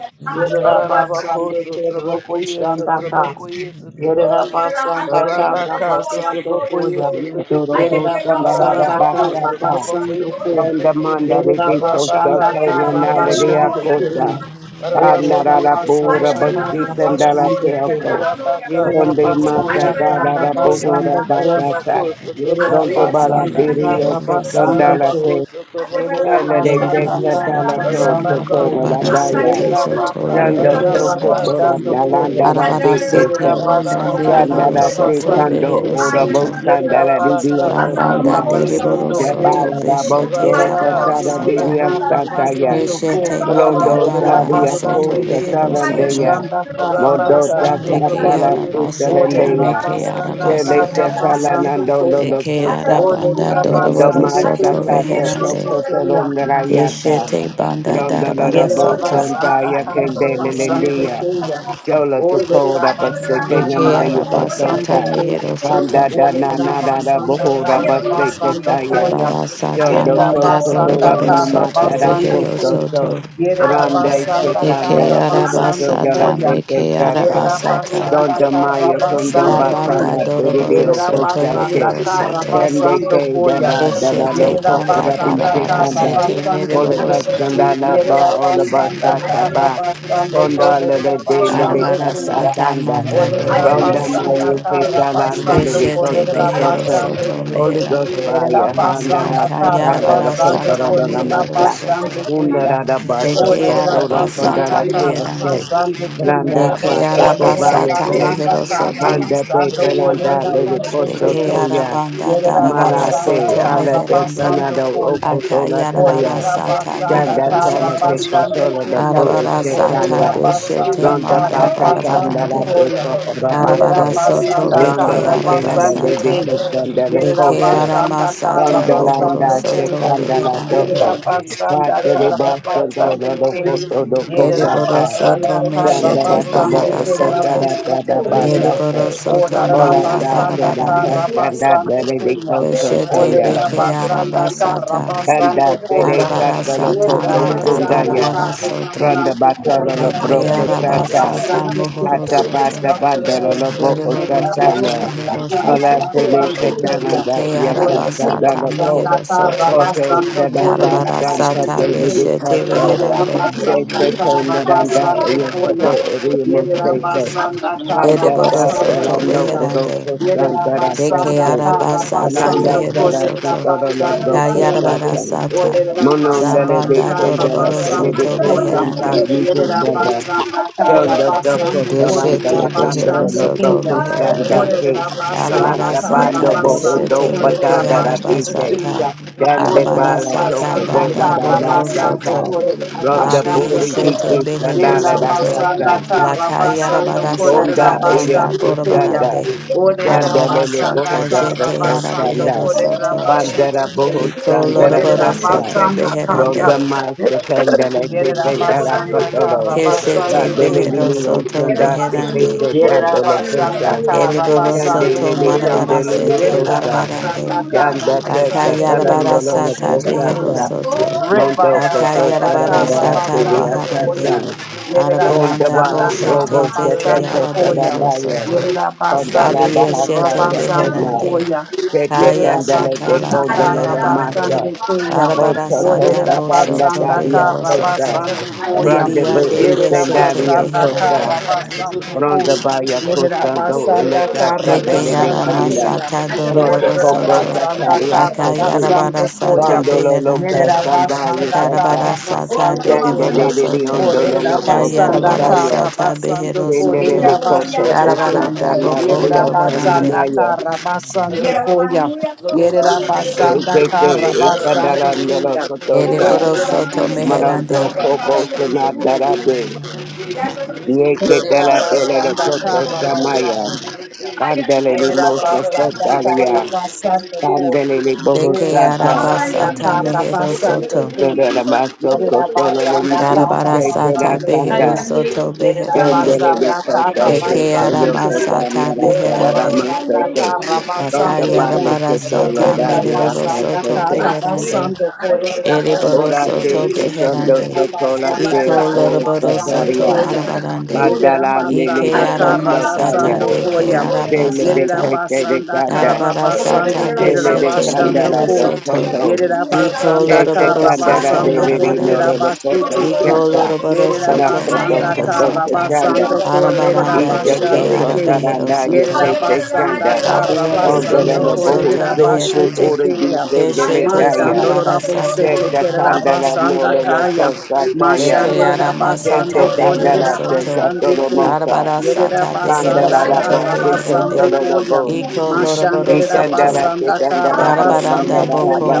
[SPEAKER 3] Ararabako
[SPEAKER 1] Yerabasande
[SPEAKER 3] sotrabokoye
[SPEAKER 1] Kerobushandaka.
[SPEAKER 3] sotrabokoye sotrabeki.
[SPEAKER 2] Oye, de las
[SPEAKER 1] Yerabasanda
[SPEAKER 2] anoye, pero no
[SPEAKER 3] Rabaka
[SPEAKER 2] soy,
[SPEAKER 1] Karabasando
[SPEAKER 2] soy,
[SPEAKER 3] sotrabokoye
[SPEAKER 1] Koya.
[SPEAKER 2] soy.
[SPEAKER 3] sotrabeki.
[SPEAKER 2] Ay, el día yo voy,
[SPEAKER 1] Yerabasanda
[SPEAKER 3] Ararabako
[SPEAKER 2] voy,
[SPEAKER 6] Yadorobosanaradabasaka,
[SPEAKER 1] Karabasando
[SPEAKER 3] sotrabokoye
[SPEAKER 2] en
[SPEAKER 1] Koya.
[SPEAKER 3] sotrabeki.
[SPEAKER 2] la
[SPEAKER 3] Rabaka
[SPEAKER 1] Yerabasanda
[SPEAKER 3] sotrabokoye
[SPEAKER 1] Karabasando
[SPEAKER 6] Rondamandaridisosotonanaliriakosa,
[SPEAKER 3] sotrabeki.
[SPEAKER 1] Koya. O
[SPEAKER 3] Ararabako
[SPEAKER 1] Yerabasanda
[SPEAKER 3] sotrabokoye sotrabeki.
[SPEAKER 1] Karabasando Koya.
[SPEAKER 6] Panararaburabosikandalatelko,
[SPEAKER 3] Rabaka
[SPEAKER 5] igaragaza
[SPEAKER 1] Yerabasanda
[SPEAKER 3] sotrabokoye sotrabeki.
[SPEAKER 1] Karabasando Koya.
[SPEAKER 6] Rondimatatararabohurabasata,
[SPEAKER 3] Ararabako
[SPEAKER 1] Yerera
[SPEAKER 3] sotrabokoye
[SPEAKER 1] basanda
[SPEAKER 3] sotrabeki.
[SPEAKER 1] karra basande ke.
[SPEAKER 3] Ararabako
[SPEAKER 6] Rondobaladiriokosondalate,
[SPEAKER 3] sotrabako
[SPEAKER 1] Yerera
[SPEAKER 3] yesu
[SPEAKER 7] Baby
[SPEAKER 1] basanda
[SPEAKER 3] tribeki.
[SPEAKER 7] Bones,
[SPEAKER 1] karra
[SPEAKER 7] Soto,
[SPEAKER 6] Sheleletekatalato,
[SPEAKER 7] Manda,
[SPEAKER 1] basando
[SPEAKER 3] Arabaka
[SPEAKER 1] ko.
[SPEAKER 7] Barabara,
[SPEAKER 3] sotrabako
[SPEAKER 6] Kotonalandaya,
[SPEAKER 7] Sete,
[SPEAKER 1] Yerera
[SPEAKER 3] yesu.
[SPEAKER 7] Soto,
[SPEAKER 1] basande
[SPEAKER 7] Yoroboro,
[SPEAKER 1] kerera
[SPEAKER 3] Ararabaka
[SPEAKER 7] Sata,
[SPEAKER 1] basando
[SPEAKER 3] sotrabako
[SPEAKER 1] koya.
[SPEAKER 3] yesu
[SPEAKER 7] Arabara, Sete,
[SPEAKER 6] Nandotokotorandalandalabekese,
[SPEAKER 1] Yerera
[SPEAKER 7] Banda,
[SPEAKER 1] basanda
[SPEAKER 3] Ararabako
[SPEAKER 7] Deriboro,
[SPEAKER 1] karra
[SPEAKER 6] Dandalate
[SPEAKER 3] sotrabako
[SPEAKER 7] Soto,
[SPEAKER 1] basande
[SPEAKER 3] yesu
[SPEAKER 2] Hallelujah
[SPEAKER 6] Kando
[SPEAKER 1] ke.
[SPEAKER 7] Behero,
[SPEAKER 2] ay
[SPEAKER 3] tribeki.
[SPEAKER 6] Orabo
[SPEAKER 7] Soto,
[SPEAKER 1] Yerera
[SPEAKER 6] Sandala
[SPEAKER 2] ananasasi,
[SPEAKER 3] Arabaka
[SPEAKER 6] Ribia
[SPEAKER 1] basanda
[SPEAKER 4] Yeah.
[SPEAKER 1] karra
[SPEAKER 7] Rabanda,
[SPEAKER 6] Sotama
[SPEAKER 3] sotrabako
[SPEAKER 2] asamamahoy,
[SPEAKER 3] yesu
[SPEAKER 7] Deriboro,
[SPEAKER 1] basando
[SPEAKER 2] nabohoy,
[SPEAKER 3] tribeki.
[SPEAKER 7] Soto,
[SPEAKER 1] koya.
[SPEAKER 2] naglaluya,
[SPEAKER 7] Beshete,
[SPEAKER 6] Shabaraboso
[SPEAKER 1] Yerera
[SPEAKER 2] hatra
[SPEAKER 3] Arabaka
[SPEAKER 7] Zarabara,
[SPEAKER 6] Tatara
[SPEAKER 2] Josuya,
[SPEAKER 1] basanda
[SPEAKER 7] Sata,
[SPEAKER 6] Diria
[SPEAKER 1] karra
[SPEAKER 2] naglalasaniya,
[SPEAKER 6] Santaya
[SPEAKER 1] basando
[SPEAKER 2] ay
[SPEAKER 1] ko.
[SPEAKER 7] Beshete, Manda,
[SPEAKER 2] nababahoy,
[SPEAKER 6] Murondo
[SPEAKER 3] Ararabako
[SPEAKER 1] Yerera
[SPEAKER 7] Barabara,
[SPEAKER 2] naglaluya,
[SPEAKER 6] Daria
[SPEAKER 3] sotrabako
[SPEAKER 1] basande
[SPEAKER 7] Soto,
[SPEAKER 6] Kusa
[SPEAKER 2] naglasaniya,
[SPEAKER 3] yesu
[SPEAKER 7] Behero,
[SPEAKER 1] kerera
[SPEAKER 2] ay
[SPEAKER 3] tribeki.
[SPEAKER 7] Soto,
[SPEAKER 6] Tarandeya
[SPEAKER 1] basanda karra
[SPEAKER 6] Mondo
[SPEAKER 3] Arabaka
[SPEAKER 7] Deke,
[SPEAKER 3] sotrabako
[SPEAKER 6] Tatala
[SPEAKER 1] basande
[SPEAKER 7] Araba,
[SPEAKER 1] Olerera
[SPEAKER 6] Kusalandeya
[SPEAKER 7] Meke,
[SPEAKER 1] basanda
[SPEAKER 7] Araba,
[SPEAKER 6] Tele
[SPEAKER 1] tarra
[SPEAKER 3] Ararabaka
[SPEAKER 1] basando
[SPEAKER 3] sotrabako
[SPEAKER 6] Tatalanando
[SPEAKER 1] koya.
[SPEAKER 6] Lolo
[SPEAKER 7] Deke,
[SPEAKER 3] yesu
[SPEAKER 6] Kosa
[SPEAKER 7] Arabanda,
[SPEAKER 1] Olerera
[SPEAKER 6] Prondo
[SPEAKER 7] Doroboro,
[SPEAKER 1] basande
[SPEAKER 3] Rabaka,
[SPEAKER 7] Soto,
[SPEAKER 1] kerra
[SPEAKER 6] Masakato
[SPEAKER 1] boşe
[SPEAKER 7] Reherande,
[SPEAKER 6] Toko
[SPEAKER 1] tekeya.
[SPEAKER 2] I
[SPEAKER 6] Tolonarayata
[SPEAKER 7] Deshete, Banda,
[SPEAKER 6] Prondo Lolo
[SPEAKER 7] Darabara,
[SPEAKER 2] Gloria,
[SPEAKER 7] Sata,
[SPEAKER 2] la mamá
[SPEAKER 1] Yerabasanda
[SPEAKER 6] Bosondaya
[SPEAKER 2] salía con el orgullo y
[SPEAKER 1] Karabasanda
[SPEAKER 6] Kendelendia
[SPEAKER 2] para
[SPEAKER 1] Kaya.
[SPEAKER 2] la
[SPEAKER 6] Jolo
[SPEAKER 1] O
[SPEAKER 2] salida.
[SPEAKER 6] Tokoda
[SPEAKER 2] Ay, la
[SPEAKER 6] Basteke
[SPEAKER 2] verdad,
[SPEAKER 1] Lerabasanda
[SPEAKER 2] no,
[SPEAKER 7] Deke
[SPEAKER 2] y
[SPEAKER 6] Namayu
[SPEAKER 2] como
[SPEAKER 7] araba
[SPEAKER 2] hoy en el
[SPEAKER 1] Karabasanda
[SPEAKER 7] sata
[SPEAKER 6] Kotosa
[SPEAKER 2] relato,
[SPEAKER 1] Kaya.
[SPEAKER 7] mehero
[SPEAKER 2] pero
[SPEAKER 7] soto.
[SPEAKER 6] Handa
[SPEAKER 1] O
[SPEAKER 2] suya,
[SPEAKER 6] Dana
[SPEAKER 2] suya,
[SPEAKER 6] Nada
[SPEAKER 2] suya.
[SPEAKER 1] Lerabasanda
[SPEAKER 6] Bohora
[SPEAKER 2] Ay, la mamá,
[SPEAKER 1] Karabasanda
[SPEAKER 2] nuya,
[SPEAKER 6] Basteke
[SPEAKER 1] Koya.
[SPEAKER 2] así.
[SPEAKER 7] Arabara
[SPEAKER 2] Ay, el
[SPEAKER 7] sata
[SPEAKER 2] de
[SPEAKER 6] Yondo
[SPEAKER 2] los
[SPEAKER 6] to
[SPEAKER 7] manda
[SPEAKER 2] hoy, el de
[SPEAKER 1] Yerabasanda
[SPEAKER 6] kotolam
[SPEAKER 7] boroboro
[SPEAKER 2] los
[SPEAKER 6] nama
[SPEAKER 7] soto
[SPEAKER 2] anillos,
[SPEAKER 6] tada
[SPEAKER 2] suya,
[SPEAKER 1] Karabasanda
[SPEAKER 7] behero
[SPEAKER 2] suya.
[SPEAKER 6] koso
[SPEAKER 1] Kaya.
[SPEAKER 4] Thank
[SPEAKER 6] to
[SPEAKER 7] soto.
[SPEAKER 2] Ay, el
[SPEAKER 6] orande
[SPEAKER 2] de los
[SPEAKER 1] Yerabasanda
[SPEAKER 7] Deke
[SPEAKER 6] sekanda
[SPEAKER 2] hoy, el
[SPEAKER 6] toko
[SPEAKER 2] baja,
[SPEAKER 7] araba
[SPEAKER 2] no, tu
[SPEAKER 1] Karabasanda
[SPEAKER 2] suya,
[SPEAKER 6] shundala
[SPEAKER 7] sata
[SPEAKER 6] te
[SPEAKER 1] Koya.
[SPEAKER 6] te
[SPEAKER 7] meke
[SPEAKER 6] kata
[SPEAKER 7] araba
[SPEAKER 2] Ay, la
[SPEAKER 7] sata.
[SPEAKER 2] verdad,
[SPEAKER 1] Yerabasanda
[SPEAKER 6] rondo
[SPEAKER 2] no,
[SPEAKER 6] maya
[SPEAKER 2] pero no
[SPEAKER 6] kondo
[SPEAKER 2] soy,
[SPEAKER 1] Karabasanda
[SPEAKER 2] el
[SPEAKER 1] Kaya.
[SPEAKER 2] baja,
[SPEAKER 6] batana
[SPEAKER 2] no,
[SPEAKER 7] Rabanda
[SPEAKER 2] pero no
[SPEAKER 6] bedidi
[SPEAKER 7] doroboro
[SPEAKER 2] soy, el
[SPEAKER 6] oko
[SPEAKER 7] soto
[SPEAKER 2] baja.
[SPEAKER 6] shashe
[SPEAKER 1] Yerabasanda
[SPEAKER 7] behero
[SPEAKER 2] Ay, el de
[SPEAKER 7] soto.
[SPEAKER 2] los
[SPEAKER 6] kende
[SPEAKER 2] hoy,
[SPEAKER 6] te
[SPEAKER 1] Karabasanda
[SPEAKER 2] el de los
[SPEAKER 1] Koya.
[SPEAKER 6] dada
[SPEAKER 2] hoy,
[SPEAKER 6] dada
[SPEAKER 7] Keshete
[SPEAKER 6] loko
[SPEAKER 7] banda
[SPEAKER 6] orabi
[SPEAKER 2] el
[SPEAKER 1] Yerabasanda
[SPEAKER 2] baja,
[SPEAKER 3] Rabaka,
[SPEAKER 7] darabara
[SPEAKER 6] sekanda
[SPEAKER 7] sete
[SPEAKER 1] Karabasanda
[SPEAKER 6] ole
[SPEAKER 7] mereboro
[SPEAKER 1] Kaya.
[SPEAKER 6] kastanda
[SPEAKER 7] soto.
[SPEAKER 6] la ba
[SPEAKER 1] Lerera
[SPEAKER 6] ole
[SPEAKER 1] basanda
[SPEAKER 6] basata ba
[SPEAKER 1] kara basando ko
[SPEAKER 6] kondo lele
[SPEAKER 1] lerera
[SPEAKER 6] de lele
[SPEAKER 1] basando
[SPEAKER 7] Darabara
[SPEAKER 1] kuya.
[SPEAKER 7] sata
[SPEAKER 6] kasa
[SPEAKER 1] O
[SPEAKER 7] manda
[SPEAKER 1] lerera
[SPEAKER 7] doroboro
[SPEAKER 6] Ronda
[SPEAKER 4] you.
[SPEAKER 1] basanda
[SPEAKER 6] Maya
[SPEAKER 7] soto.
[SPEAKER 1] kara
[SPEAKER 6] Ketalanda
[SPEAKER 1] basando
[SPEAKER 6] de
[SPEAKER 1] ko
[SPEAKER 7] Keshete
[SPEAKER 6] Costa
[SPEAKER 1] lerera
[SPEAKER 7] behero
[SPEAKER 6] Toto.
[SPEAKER 1] basando
[SPEAKER 7] soto
[SPEAKER 1] kuya.
[SPEAKER 6] Holy Ghost
[SPEAKER 7] meherande.
[SPEAKER 6] Fire,
[SPEAKER 1] Lerera
[SPEAKER 6] Handara
[SPEAKER 1] basanda kara
[SPEAKER 6] Satana, the
[SPEAKER 7] Akayarabara
[SPEAKER 1] basando
[SPEAKER 7] sata
[SPEAKER 6] Kotoro
[SPEAKER 1] ko lerera
[SPEAKER 7] mereboro
[SPEAKER 6] Namasa,
[SPEAKER 7] soto.
[SPEAKER 1] basando kuya.
[SPEAKER 6] Undara da
[SPEAKER 7] de
[SPEAKER 1] O
[SPEAKER 6] Basso,
[SPEAKER 7] que
[SPEAKER 1] lerera
[SPEAKER 8] Thank
[SPEAKER 6] Kotoro
[SPEAKER 8] you.
[SPEAKER 1] basanda
[SPEAKER 7] arabasata
[SPEAKER 6] Kondala
[SPEAKER 1] kara
[SPEAKER 6] Tiasco,
[SPEAKER 7] meherande,
[SPEAKER 1] basando kuya.
[SPEAKER 7] de
[SPEAKER 6] Randa
[SPEAKER 7] que
[SPEAKER 1] O
[SPEAKER 6] Batoko
[SPEAKER 1] lerera
[SPEAKER 7] arabasata
[SPEAKER 6] Bayoko,
[SPEAKER 1] basanda
[SPEAKER 7] mejero
[SPEAKER 1] kara
[SPEAKER 7] soto,
[SPEAKER 6] Handa
[SPEAKER 1] basando ko
[SPEAKER 6] Petalanda,
[SPEAKER 1] lerera
[SPEAKER 6] Lady
[SPEAKER 7] de
[SPEAKER 1] basando
[SPEAKER 6] Costa
[SPEAKER 7] que
[SPEAKER 1] kuya.
[SPEAKER 6] Toya,
[SPEAKER 7] arabanda
[SPEAKER 1] Lerera
[SPEAKER 7] darabara
[SPEAKER 4] Russia,
[SPEAKER 1] basanda
[SPEAKER 6] Malate,
[SPEAKER 7] soto
[SPEAKER 1] kara
[SPEAKER 6] Alate,
[SPEAKER 7] meherande,
[SPEAKER 6] Canada,
[SPEAKER 1] basando kuya.
[SPEAKER 6] Okotola
[SPEAKER 7] akayarabara
[SPEAKER 6] Taya,
[SPEAKER 1] Olerera
[SPEAKER 7] sata
[SPEAKER 1] basanda
[SPEAKER 6] Ganda
[SPEAKER 7] behero
[SPEAKER 1] kara
[SPEAKER 6] Tala
[SPEAKER 7] soto,
[SPEAKER 1] basande
[SPEAKER 6] Tekotola, the
[SPEAKER 1] kuya.
[SPEAKER 6] Poet
[SPEAKER 7] arabara sata
[SPEAKER 1] Olerera
[SPEAKER 6] Kanda.
[SPEAKER 7] beshete
[SPEAKER 1] basanda
[SPEAKER 6] Ronda
[SPEAKER 1] kara
[SPEAKER 7] manda
[SPEAKER 6] patata
[SPEAKER 1] basando
[SPEAKER 6] andala
[SPEAKER 7] barabarande,
[SPEAKER 1] koya.
[SPEAKER 6] teco
[SPEAKER 1] Yerera
[SPEAKER 7] arabara soto
[SPEAKER 1] basanda
[SPEAKER 6] Ronda
[SPEAKER 7] beke
[SPEAKER 6] la
[SPEAKER 1] kara
[SPEAKER 6] dela la
[SPEAKER 1] basande
[SPEAKER 6] lady
[SPEAKER 1] ken.
[SPEAKER 7] arabasata,
[SPEAKER 2] Thank
[SPEAKER 6] castanda
[SPEAKER 2] you.
[SPEAKER 6] le
[SPEAKER 1] Yerera
[SPEAKER 7] eke
[SPEAKER 6] coso.
[SPEAKER 1] basanda kara
[SPEAKER 7] aramasata bohoro
[SPEAKER 1] basando
[SPEAKER 6] Ondalanda
[SPEAKER 7] soto
[SPEAKER 1] koya.
[SPEAKER 6] secandala
[SPEAKER 7] beherande,
[SPEAKER 1] Yerera
[SPEAKER 6] doco.
[SPEAKER 1] basanda
[SPEAKER 6] Patele
[SPEAKER 1] kara
[SPEAKER 6] basto
[SPEAKER 1] basande
[SPEAKER 6] dolo lo
[SPEAKER 1] ken.
[SPEAKER 6] coso do
[SPEAKER 1] Yerera
[SPEAKER 7] ereboro
[SPEAKER 6] cosata.
[SPEAKER 1] basanda
[SPEAKER 7] soto
[SPEAKER 1] kara
[SPEAKER 7] meshete
[SPEAKER 6] Sandarato bo
[SPEAKER 1] basande kerera
[SPEAKER 7] baharasata,
[SPEAKER 6] osotarata
[SPEAKER 1] boshete
[SPEAKER 6] da
[SPEAKER 1] kuya.
[SPEAKER 7] Deriboro
[SPEAKER 6] basoco.
[SPEAKER 7] soto
[SPEAKER 1] Olerera
[SPEAKER 7] manda
[SPEAKER 6] Polata
[SPEAKER 1] basanda
[SPEAKER 6] sena
[SPEAKER 3] Arabaka,
[SPEAKER 1] kara
[SPEAKER 7] barabarande.
[SPEAKER 6] cascanda
[SPEAKER 1] basande
[SPEAKER 6] dele di
[SPEAKER 1] kuya.
[SPEAKER 6] coso
[SPEAKER 7] Keshete
[SPEAKER 6] toya.
[SPEAKER 1] Olerera
[SPEAKER 7] beke
[SPEAKER 1] basanda
[SPEAKER 3] Thank
[SPEAKER 1] kara
[SPEAKER 7] arabasata.
[SPEAKER 1] basando
[SPEAKER 6] Anda sede
[SPEAKER 1] koya.
[SPEAKER 6] catalo
[SPEAKER 7] Darabarasata
[SPEAKER 1] Yerera
[SPEAKER 6] coso
[SPEAKER 7] manda
[SPEAKER 1] basanda
[SPEAKER 6] sundaya.
[SPEAKER 7] barabara
[SPEAKER 1] kara
[SPEAKER 7] soto.
[SPEAKER 6] Ronda
[SPEAKER 1] basando
[SPEAKER 6] batolo
[SPEAKER 1] koya.
[SPEAKER 6] lo
[SPEAKER 7] Beke
[SPEAKER 6] broco
[SPEAKER 1] Yerera
[SPEAKER 6] sata.
[SPEAKER 7] arabasata
[SPEAKER 1] basando
[SPEAKER 7] mohoro
[SPEAKER 6] Kata
[SPEAKER 1] kera
[SPEAKER 6] bata
[SPEAKER 7] soto.
[SPEAKER 1] basando
[SPEAKER 6] banda
[SPEAKER 1] koya.
[SPEAKER 6] lolo bo
[SPEAKER 4] Yeah.
[SPEAKER 7] Deriboro
[SPEAKER 1] Yerera
[SPEAKER 6] osata
[SPEAKER 7] soto
[SPEAKER 6] ya.
[SPEAKER 1] basanda
[SPEAKER 7] rehero
[SPEAKER 1] kara
[SPEAKER 6] Ola
[SPEAKER 7] soto.
[SPEAKER 6] tele
[SPEAKER 1] basando koya.
[SPEAKER 6] ketananda
[SPEAKER 7] Beke
[SPEAKER 6] ya
[SPEAKER 1] Olerera
[SPEAKER 6] kasanda
[SPEAKER 7] arabasata
[SPEAKER 6] loko.
[SPEAKER 1] basanda
[SPEAKER 7] mehero
[SPEAKER 1] kara
[SPEAKER 7] soto.
[SPEAKER 6] Koto
[SPEAKER 1] basando
[SPEAKER 6] tada
[SPEAKER 1] kolerera
[SPEAKER 6] basan
[SPEAKER 7] Darabarasata
[SPEAKER 6] tate
[SPEAKER 1] basete ke.
[SPEAKER 6] lili
[SPEAKER 7] beshete
[SPEAKER 6] kaso.
[SPEAKER 1] Yerera
[SPEAKER 7] reherande.
[SPEAKER 2] Hallelujah.
[SPEAKER 1] basanda
[SPEAKER 6] Jete
[SPEAKER 1] kara
[SPEAKER 6] kenaranda
[SPEAKER 1] basando
[SPEAKER 6] ya
[SPEAKER 1] koya.
[SPEAKER 6] sabo ori
[SPEAKER 1] Yerera
[SPEAKER 6] musteke.
[SPEAKER 1] basanda kara
[SPEAKER 6] Panda
[SPEAKER 7] Deriboro
[SPEAKER 6] tada
[SPEAKER 1] basando
[SPEAKER 7] soto
[SPEAKER 6] la no
[SPEAKER 1] koya.
[SPEAKER 6] boro
[SPEAKER 7] beherande.
[SPEAKER 1] Yere
[SPEAKER 6] kusanta ra
[SPEAKER 7] Deke
[SPEAKER 1] abasanda
[SPEAKER 6] kasi.
[SPEAKER 1] kara
[SPEAKER 7] arabasata
[SPEAKER 6] Kananda
[SPEAKER 1] basando
[SPEAKER 7] mehero
[SPEAKER 6] tada
[SPEAKER 1] kolere
[SPEAKER 7] soto.
[SPEAKER 6] saporo no boro
[SPEAKER 1] abasande kuya.
[SPEAKER 7] Kayarabara
[SPEAKER 6] kusanta.
[SPEAKER 7] Sata
[SPEAKER 1] Olere
[SPEAKER 3] you.
[SPEAKER 6] Monondele
[SPEAKER 1] abasanda
[SPEAKER 6] de
[SPEAKER 7] Zabanda
[SPEAKER 1] kara
[SPEAKER 6] kendala
[SPEAKER 7] Doroboro
[SPEAKER 6] tele de
[SPEAKER 1] basando
[SPEAKER 7] Soto
[SPEAKER 1] kuya.
[SPEAKER 6] kusunta
[SPEAKER 7] Beherande
[SPEAKER 1] Yere
[SPEAKER 6] vivi
[SPEAKER 1] abasanda kara
[SPEAKER 6] Dondo doko
[SPEAKER 1] basando kolere
[SPEAKER 6] tolanda
[SPEAKER 7] Beshete
[SPEAKER 6] la kando lo
[SPEAKER 7] Behero
[SPEAKER 6] lo
[SPEAKER 1] abasande
[SPEAKER 7] Soto
[SPEAKER 1] kuya.
[SPEAKER 6] broko skanda
[SPEAKER 7] Meherande
[SPEAKER 1] Olere
[SPEAKER 6] ki.
[SPEAKER 1] abasanda
[SPEAKER 7] Arabara
[SPEAKER 6] Mata
[SPEAKER 1] kara
[SPEAKER 6] pando
[SPEAKER 7] Sata
[SPEAKER 1] basando
[SPEAKER 6] bohoto
[SPEAKER 7] Beshete
[SPEAKER 1] kolere
[SPEAKER 7] Reke
[SPEAKER 4] Thank
[SPEAKER 6] batanda la
[SPEAKER 1] abasande
[SPEAKER 6] dike.
[SPEAKER 7] Arabasata
[SPEAKER 1] kuya.
[SPEAKER 6] Dande
[SPEAKER 1] Olere
[SPEAKER 7] Arabara
[SPEAKER 6] bala
[SPEAKER 7] Sata
[SPEAKER 6] toko
[SPEAKER 1] abasanda
[SPEAKER 6] bona
[SPEAKER 7] Banda
[SPEAKER 6] da
[SPEAKER 1] kara
[SPEAKER 7] Bohoro
[SPEAKER 1] basando
[SPEAKER 6] nasaka.
[SPEAKER 7] Soto
[SPEAKER 1] kolere
[SPEAKER 6] Ronda
[SPEAKER 1] abasande
[SPEAKER 6] buri
[SPEAKER 1] kuya.
[SPEAKER 7] Labieshete
[SPEAKER 6] dike
[SPEAKER 7] Behero
[SPEAKER 1] Yere
[SPEAKER 6] sandala da
[SPEAKER 7] Soto
[SPEAKER 6] kasa.
[SPEAKER 1] abasanda kara basando
[SPEAKER 7] Lakayarabara
[SPEAKER 1] kolere
[SPEAKER 7] Sata
[SPEAKER 6] Ronda ida
[SPEAKER 7] Banda
[SPEAKER 1] abasande kuya.
[SPEAKER 6] kosanda.
[SPEAKER 7] Borobarande
[SPEAKER 1] Olerera
[SPEAKER 6] Danda
[SPEAKER 7] Arabara
[SPEAKER 1] basanda
[SPEAKER 6] boho
[SPEAKER 7] Sata
[SPEAKER 6] da
[SPEAKER 1] kara
[SPEAKER 7] Zete
[SPEAKER 6] koto
[SPEAKER 1] basando
[SPEAKER 7] Arabehero
[SPEAKER 6] sanda.
[SPEAKER 1] kolerera
[SPEAKER 7] Soto
[SPEAKER 6] Pandara
[SPEAKER 1] basheteke.
[SPEAKER 6] boho
[SPEAKER 3] Thank you.
[SPEAKER 7] Iko
[SPEAKER 6] sandara
[SPEAKER 1] Olerera
[SPEAKER 7] Loroboro
[SPEAKER 2] Hallelujah.
[SPEAKER 6] kasa.
[SPEAKER 7] Soto
[SPEAKER 1] basanda kaya.
[SPEAKER 7] Beherande
[SPEAKER 6] Rondama secandele
[SPEAKER 1] Yerera
[SPEAKER 6] secandela
[SPEAKER 1] basanda
[SPEAKER 6] cotolo.
[SPEAKER 1] kara
[SPEAKER 7] Keshete
[SPEAKER 1] basando ke.
[SPEAKER 6] Rabele
[SPEAKER 7] behero
[SPEAKER 6] limi
[SPEAKER 7] soto
[SPEAKER 6] ocean da
[SPEAKER 7] beherande.
[SPEAKER 6] tecese dandolo
[SPEAKER 1] Yerabasanda
[SPEAKER 6] costa.
[SPEAKER 7] Ereboro
[SPEAKER 1] Karabasando
[SPEAKER 6] Candele
[SPEAKER 7] soto
[SPEAKER 6] le
[SPEAKER 1] Koya.
[SPEAKER 7] marabara
[SPEAKER 6] candele
[SPEAKER 7] sete
[SPEAKER 6] costa.
[SPEAKER 7] barabarande.
[SPEAKER 1] Yerabasanda
[SPEAKER 6] Canda te
[SPEAKER 1] Karabasando
[SPEAKER 7] Akayarabara
[SPEAKER 6] catalandolo
[SPEAKER 1] Kerobo
[SPEAKER 6] lo
[SPEAKER 7] sata behero
[SPEAKER 6] costa.
[SPEAKER 1] Shetekeya.
[SPEAKER 7] soto.
[SPEAKER 4] you.
[SPEAKER 6] Monto coto
[SPEAKER 1] Rebarasanda
[SPEAKER 7] Akayarabara
[SPEAKER 4] Yeah.
[SPEAKER 6] tarandara
[SPEAKER 7] sata
[SPEAKER 6] tu di
[SPEAKER 1] Karabasando Koya.
[SPEAKER 7] baharande.
[SPEAKER 6] asasa.
[SPEAKER 7] Arabaranda
[SPEAKER 6] Condava
[SPEAKER 1] Yerabasanda
[SPEAKER 7] boshete
[SPEAKER 6] robo sete
[SPEAKER 7] zete
[SPEAKER 1] Karabasando
[SPEAKER 6] che
[SPEAKER 1] Koya.
[SPEAKER 7] arabehero
[SPEAKER 6] serandaya.
[SPEAKER 7] soto.
[SPEAKER 6] Conda
[SPEAKER 1] Yerabasande
[SPEAKER 6] bahasa
[SPEAKER 7] Kabiyeshete
[SPEAKER 1] Kerabasando
[SPEAKER 6] socona.
[SPEAKER 7] beherande.
[SPEAKER 1] Koya.
[SPEAKER 6] Sete
[SPEAKER 7] Kaya
[SPEAKER 6] candele
[SPEAKER 7] sata
[SPEAKER 6] de
[SPEAKER 7] la
[SPEAKER 1] Yerabasanda
[SPEAKER 6] condolo la
[SPEAKER 7] kayarabarande.
[SPEAKER 6] massa.
[SPEAKER 1] Karabasande Kenya.
[SPEAKER 7] Arabara
[SPEAKER 6] Ponto
[SPEAKER 2] Oh,
[SPEAKER 1] O
[SPEAKER 6] to
[SPEAKER 7] sata
[SPEAKER 6] catanda
[SPEAKER 7] boshoto
[SPEAKER 1] Yerabasanda
[SPEAKER 7] behero
[SPEAKER 2] yeah,
[SPEAKER 6] costa.
[SPEAKER 7] soto.
[SPEAKER 1] Karabasando
[SPEAKER 2] I
[SPEAKER 3] Thank
[SPEAKER 2] am
[SPEAKER 1] Koya.
[SPEAKER 6] Brande bay
[SPEAKER 7] Libiande beshete
[SPEAKER 6] esendaria
[SPEAKER 1] Yerabasanda
[SPEAKER 7] beherande.
[SPEAKER 6] costa.
[SPEAKER 1] Karabasando Koya.
[SPEAKER 6] Brande baya costa do
[SPEAKER 1] Yerabasanda
[SPEAKER 6] leca
[SPEAKER 7] Deke
[SPEAKER 6] sandele
[SPEAKER 7] yara
[SPEAKER 1] Karabasanda
[SPEAKER 6] lecanda.
[SPEAKER 1] Kaya.
[SPEAKER 7] masata
[SPEAKER 6] Pronto
[SPEAKER 7] doroboro
[SPEAKER 6] cobro
[SPEAKER 7] soto.
[SPEAKER 1] Orderabasanda
[SPEAKER 6] tacaria
[SPEAKER 7] Aka yara
[SPEAKER 6] costi.
[SPEAKER 7] bara
[SPEAKER 1] Karabasanda Koya.
[SPEAKER 7] sata
[SPEAKER 6] Brando lo loca
[SPEAKER 7] beherande.
[SPEAKER 6] sandaya
[SPEAKER 1] Yerabasanda
[SPEAKER 6] santa.
[SPEAKER 7] Karabara sata
[SPEAKER 1] Karabasanda
[SPEAKER 6] Sende
[SPEAKER 7] bereboro
[SPEAKER 1] Kaya.
[SPEAKER 6] de de
[SPEAKER 7] soto.
[SPEAKER 6] liondo lo
[SPEAKER 7] Ka
[SPEAKER 6] loco
[SPEAKER 7] yara
[SPEAKER 1] Orderabasanda
[SPEAKER 7] bara
[SPEAKER 6] santaya.
[SPEAKER 7] sata
[SPEAKER 1] Karabasanda
[SPEAKER 7] behero
[SPEAKER 6] Sende le
[SPEAKER 7] soto.
[SPEAKER 6] licoto
[SPEAKER 3] you.
[SPEAKER 1] Koderabashete
[SPEAKER 6] o
[SPEAKER 1] Kaya.
[SPEAKER 6] santa
[SPEAKER 7] Darabaranda
[SPEAKER 6] nala
[SPEAKER 7] boko
[SPEAKER 6] lioco
[SPEAKER 7] lorobarande.
[SPEAKER 1] Yerabasanda
[SPEAKER 6] namaya.
[SPEAKER 3] I'll
[SPEAKER 1] Karabasanda Koya.
[SPEAKER 4] Thank
[SPEAKER 6] E
[SPEAKER 1] Yerabasanda
[SPEAKER 6] kete e
[SPEAKER 2] Hallelujah.
[SPEAKER 1] Karabasanda
[SPEAKER 6] sandalando lo
[SPEAKER 1] Kaya.
[SPEAKER 2] Oya
[SPEAKER 6] cotosa.
[SPEAKER 7] Ereboro soto
[SPEAKER 2] babahanya
[SPEAKER 1] Orderabasanda
[SPEAKER 7] meherande.
[SPEAKER 6] Maranto
[SPEAKER 2] korokoya
[SPEAKER 6] cobo
[SPEAKER 2] babahanya
[SPEAKER 1] Karabasanda
[SPEAKER 6] sonar
[SPEAKER 1] Kaya.
[SPEAKER 2] korosa
[SPEAKER 6] darabe.
[SPEAKER 2] sasia. Ya
[SPEAKER 6] Ye
[SPEAKER 2] korokoya
[SPEAKER 1] Yerera
[SPEAKER 6] ketela
[SPEAKER 2] korokoya
[SPEAKER 6] dolo lo
[SPEAKER 1] basanda
[SPEAKER 2] babahanya
[SPEAKER 1] kara
[SPEAKER 6] cotosa
[SPEAKER 2] korokoya korosa.
[SPEAKER 1] basando koya.
[SPEAKER 2] Hallelujah.
[SPEAKER 6] Pandelele
[SPEAKER 1] Yerera
[SPEAKER 6] moso
[SPEAKER 1] basanda kara
[SPEAKER 6] kotalia.
[SPEAKER 1] basando ko.
[SPEAKER 6] Pandelele boho
[SPEAKER 7] Deke
[SPEAKER 1] Yerera
[SPEAKER 6] santa.
[SPEAKER 7] yara
[SPEAKER 1] basanda
[SPEAKER 7] basata
[SPEAKER 2] Hallelujah.
[SPEAKER 1] kara
[SPEAKER 7] mehero
[SPEAKER 2] Soya
[SPEAKER 1] basanda
[SPEAKER 7] soto.
[SPEAKER 1] kum.
[SPEAKER 6] Sodora
[SPEAKER 2] korokoya
[SPEAKER 6] maso
[SPEAKER 1] Yerera
[SPEAKER 2] korokoya
[SPEAKER 6] kotolo
[SPEAKER 2] soya
[SPEAKER 6] le
[SPEAKER 1] basanda
[SPEAKER 3] Arabaka,
[SPEAKER 6] miti
[SPEAKER 1] kara
[SPEAKER 7] Darabara
[SPEAKER 6] se
[SPEAKER 2] na na.
[SPEAKER 6] tena
[SPEAKER 7] sata
[SPEAKER 1] basanda
[SPEAKER 7] behero
[SPEAKER 6] sanda.
[SPEAKER 1] kum.
[SPEAKER 7] soto
[SPEAKER 2] Hallelujah.
[SPEAKER 1] Yerera
[SPEAKER 7] beherande.
[SPEAKER 6] Gendele
[SPEAKER 2] Hallelujah.
[SPEAKER 6] de
[SPEAKER 1] basanda
[SPEAKER 6] koto
[SPEAKER 1] kara
[SPEAKER 2] Hallelujah.
[SPEAKER 7] Eke
[SPEAKER 1] basanda
[SPEAKER 6] koto
[SPEAKER 7] yara
[SPEAKER 2] Soya
[SPEAKER 6] yo
[SPEAKER 1] kum.
[SPEAKER 2] na
[SPEAKER 6] kota
[SPEAKER 2] na.
[SPEAKER 7] masata
[SPEAKER 6] nara
[SPEAKER 1] Yerera
[SPEAKER 6] tarara
[SPEAKER 2] Oh,
[SPEAKER 7] beherande.
[SPEAKER 2] yeah,
[SPEAKER 1] basanda
[SPEAKER 6] maseke.
[SPEAKER 2] yeah,
[SPEAKER 1] kara
[SPEAKER 6] Tonta
[SPEAKER 1] basanda
[SPEAKER 6] bayo
[SPEAKER 2] yeah.
[SPEAKER 1] kum.
[SPEAKER 7] Akayarabara
[SPEAKER 6] koto
[SPEAKER 7] sata
[SPEAKER 1] Yerera
[SPEAKER 6] landande
[SPEAKER 7] mereboro
[SPEAKER 1] basanda
[SPEAKER 7] soto
[SPEAKER 6] akaseke.
[SPEAKER 1] kara
[SPEAKER 7] beherande.
[SPEAKER 1] basanda korera
[SPEAKER 7] Ereboro
[SPEAKER 6] Ora
[SPEAKER 1] basanda
[SPEAKER 6] te
[SPEAKER 1] kum.
[SPEAKER 7] soto
[SPEAKER 6] se kondo
[SPEAKER 7] beherande.
[SPEAKER 1] Yerera
[SPEAKER 6] tokola te
[SPEAKER 1] basanda
[SPEAKER 7] Iko
[SPEAKER 1] kara
[SPEAKER 6] o
[SPEAKER 7] loroboro
[SPEAKER 1] basanda
[SPEAKER 7] soto
[SPEAKER 6] kataria.
[SPEAKER 1] koyam.
[SPEAKER 7] marabarande.
[SPEAKER 1] Yerera
[SPEAKER 6] Pandala nele
[SPEAKER 7] Ike
[SPEAKER 6] de
[SPEAKER 1] basanda kara
[SPEAKER 6] koto kaya.
[SPEAKER 7] aramasata
[SPEAKER 1] basanda
[SPEAKER 2] Hallelujah.
[SPEAKER 7] deke
[SPEAKER 1] koyam.
[SPEAKER 6] Dele de
[SPEAKER 1] Yerera
[SPEAKER 7] arabasata.
[SPEAKER 6] kete de
[SPEAKER 1] basanda
[SPEAKER 6] kanda.
[SPEAKER 1] kara
[SPEAKER 7] Arabara sata
[SPEAKER 1] basande
[SPEAKER 6] Dele
[SPEAKER 1] kerera
[SPEAKER 6] de
[SPEAKER 7] beshete
[SPEAKER 1] basando
[SPEAKER 6] kandala
[SPEAKER 7] behero
[SPEAKER 6] do
[SPEAKER 1] kom.
[SPEAKER 7] soto.
[SPEAKER 6] koto.
[SPEAKER 1] Yerera
[SPEAKER 7] Iko
[SPEAKER 6] Te
[SPEAKER 1] basanda
[SPEAKER 6] te
[SPEAKER 7] loroboro
[SPEAKER 1] kara
[SPEAKER 6] candara
[SPEAKER 7] soto
[SPEAKER 6] de
[SPEAKER 1] basando ko
[SPEAKER 6] lirino
[SPEAKER 1] lerera
[SPEAKER 7] marabarande.
[SPEAKER 6] lo
[SPEAKER 3] Rabaka,
[SPEAKER 6] koto
[SPEAKER 1] basete ke.
[SPEAKER 7] Iko
[SPEAKER 6] shaka.
[SPEAKER 7] loroboro
[SPEAKER 1] Yerera
[SPEAKER 6] Ana
[SPEAKER 7] soto
[SPEAKER 6] koto
[SPEAKER 1] basanda
[SPEAKER 7] marabara
[SPEAKER 6] koto
[SPEAKER 1] kara
[SPEAKER 7] sata.
[SPEAKER 6] kushanda.
[SPEAKER 1] basando ko lerera
[SPEAKER 7] Arabaranda
[SPEAKER 6] Isha to
[SPEAKER 7] deke
[SPEAKER 1] basande ke.
[SPEAKER 7] arabehero
[SPEAKER 6] kotaranda ye
[SPEAKER 7] soto.
[SPEAKER 6] te
[SPEAKER 1] Yerera
[SPEAKER 4] you.
[SPEAKER 6] te
[SPEAKER 1] basanda
[SPEAKER 6] shanda.
[SPEAKER 1] kara
[SPEAKER 4] Thank
[SPEAKER 7] Kabiende
[SPEAKER 6] Kondo lo
[SPEAKER 1] basando
[SPEAKER 6] lo
[SPEAKER 7] behero
[SPEAKER 1] ko
[SPEAKER 6] bohu
[SPEAKER 7] soto
[SPEAKER 1] lerera
[SPEAKER 6] suku
[SPEAKER 1] basete
[SPEAKER 7] beherande.
[SPEAKER 6] uri
[SPEAKER 1] ke
[SPEAKER 6] di
[SPEAKER 1] ya.
[SPEAKER 6] sendele
[SPEAKER 7] Keshete
[SPEAKER 6] daya.
[SPEAKER 1] Mashando
[SPEAKER 7] zarabara
[SPEAKER 1] rora
[SPEAKER 6] Te
[SPEAKER 7] sata.
[SPEAKER 1] bosete
[SPEAKER 6] te
[SPEAKER 1] kerera
[SPEAKER 6] candala no
[SPEAKER 1] basanda
[SPEAKER 6] lo lo
[SPEAKER 1] kaya.
[SPEAKER 6] kosa taya.
[SPEAKER 7] Deke
[SPEAKER 1] Mashande rera
[SPEAKER 6] Te te
[SPEAKER 7] aramasata
[SPEAKER 1] basando ko
[SPEAKER 7] behero
[SPEAKER 6] candala
[SPEAKER 1] lerera
[SPEAKER 6] te
[SPEAKER 7] soto.
[SPEAKER 1] basande
[SPEAKER 6] katoro
[SPEAKER 1] ke.
[SPEAKER 6] mosa.
[SPEAKER 7] Arabara
[SPEAKER 1] Yerera
[SPEAKER 7] sata behero
[SPEAKER 6] Candala
[SPEAKER 1] basanda
[SPEAKER 6] la
[SPEAKER 1] ka
[SPEAKER 7] soto
[SPEAKER 6] basi te
[SPEAKER 1] rabasando
[SPEAKER 7] beherande.
[SPEAKER 6] tolo lo bo.
[SPEAKER 1] koya.
[SPEAKER 7] Iko
[SPEAKER 6] I
[SPEAKER 7] loroboro
[SPEAKER 1] Mashanderera
[SPEAKER 2] Hallelujah.
[SPEAKER 6] candala
[SPEAKER 7] soto.
[SPEAKER 6] te
[SPEAKER 1] basanda
[SPEAKER 3] Thank you.
[SPEAKER 1] ka
[SPEAKER 6] candala te
[SPEAKER 2] Hallelujah.
[SPEAKER 7] Darabaranda
[SPEAKER 1] rabasando
[SPEAKER 2] Hallelujah.
[SPEAKER 6] candala la
[SPEAKER 7] boko
[SPEAKER 1] koya.
[SPEAKER 6] ba.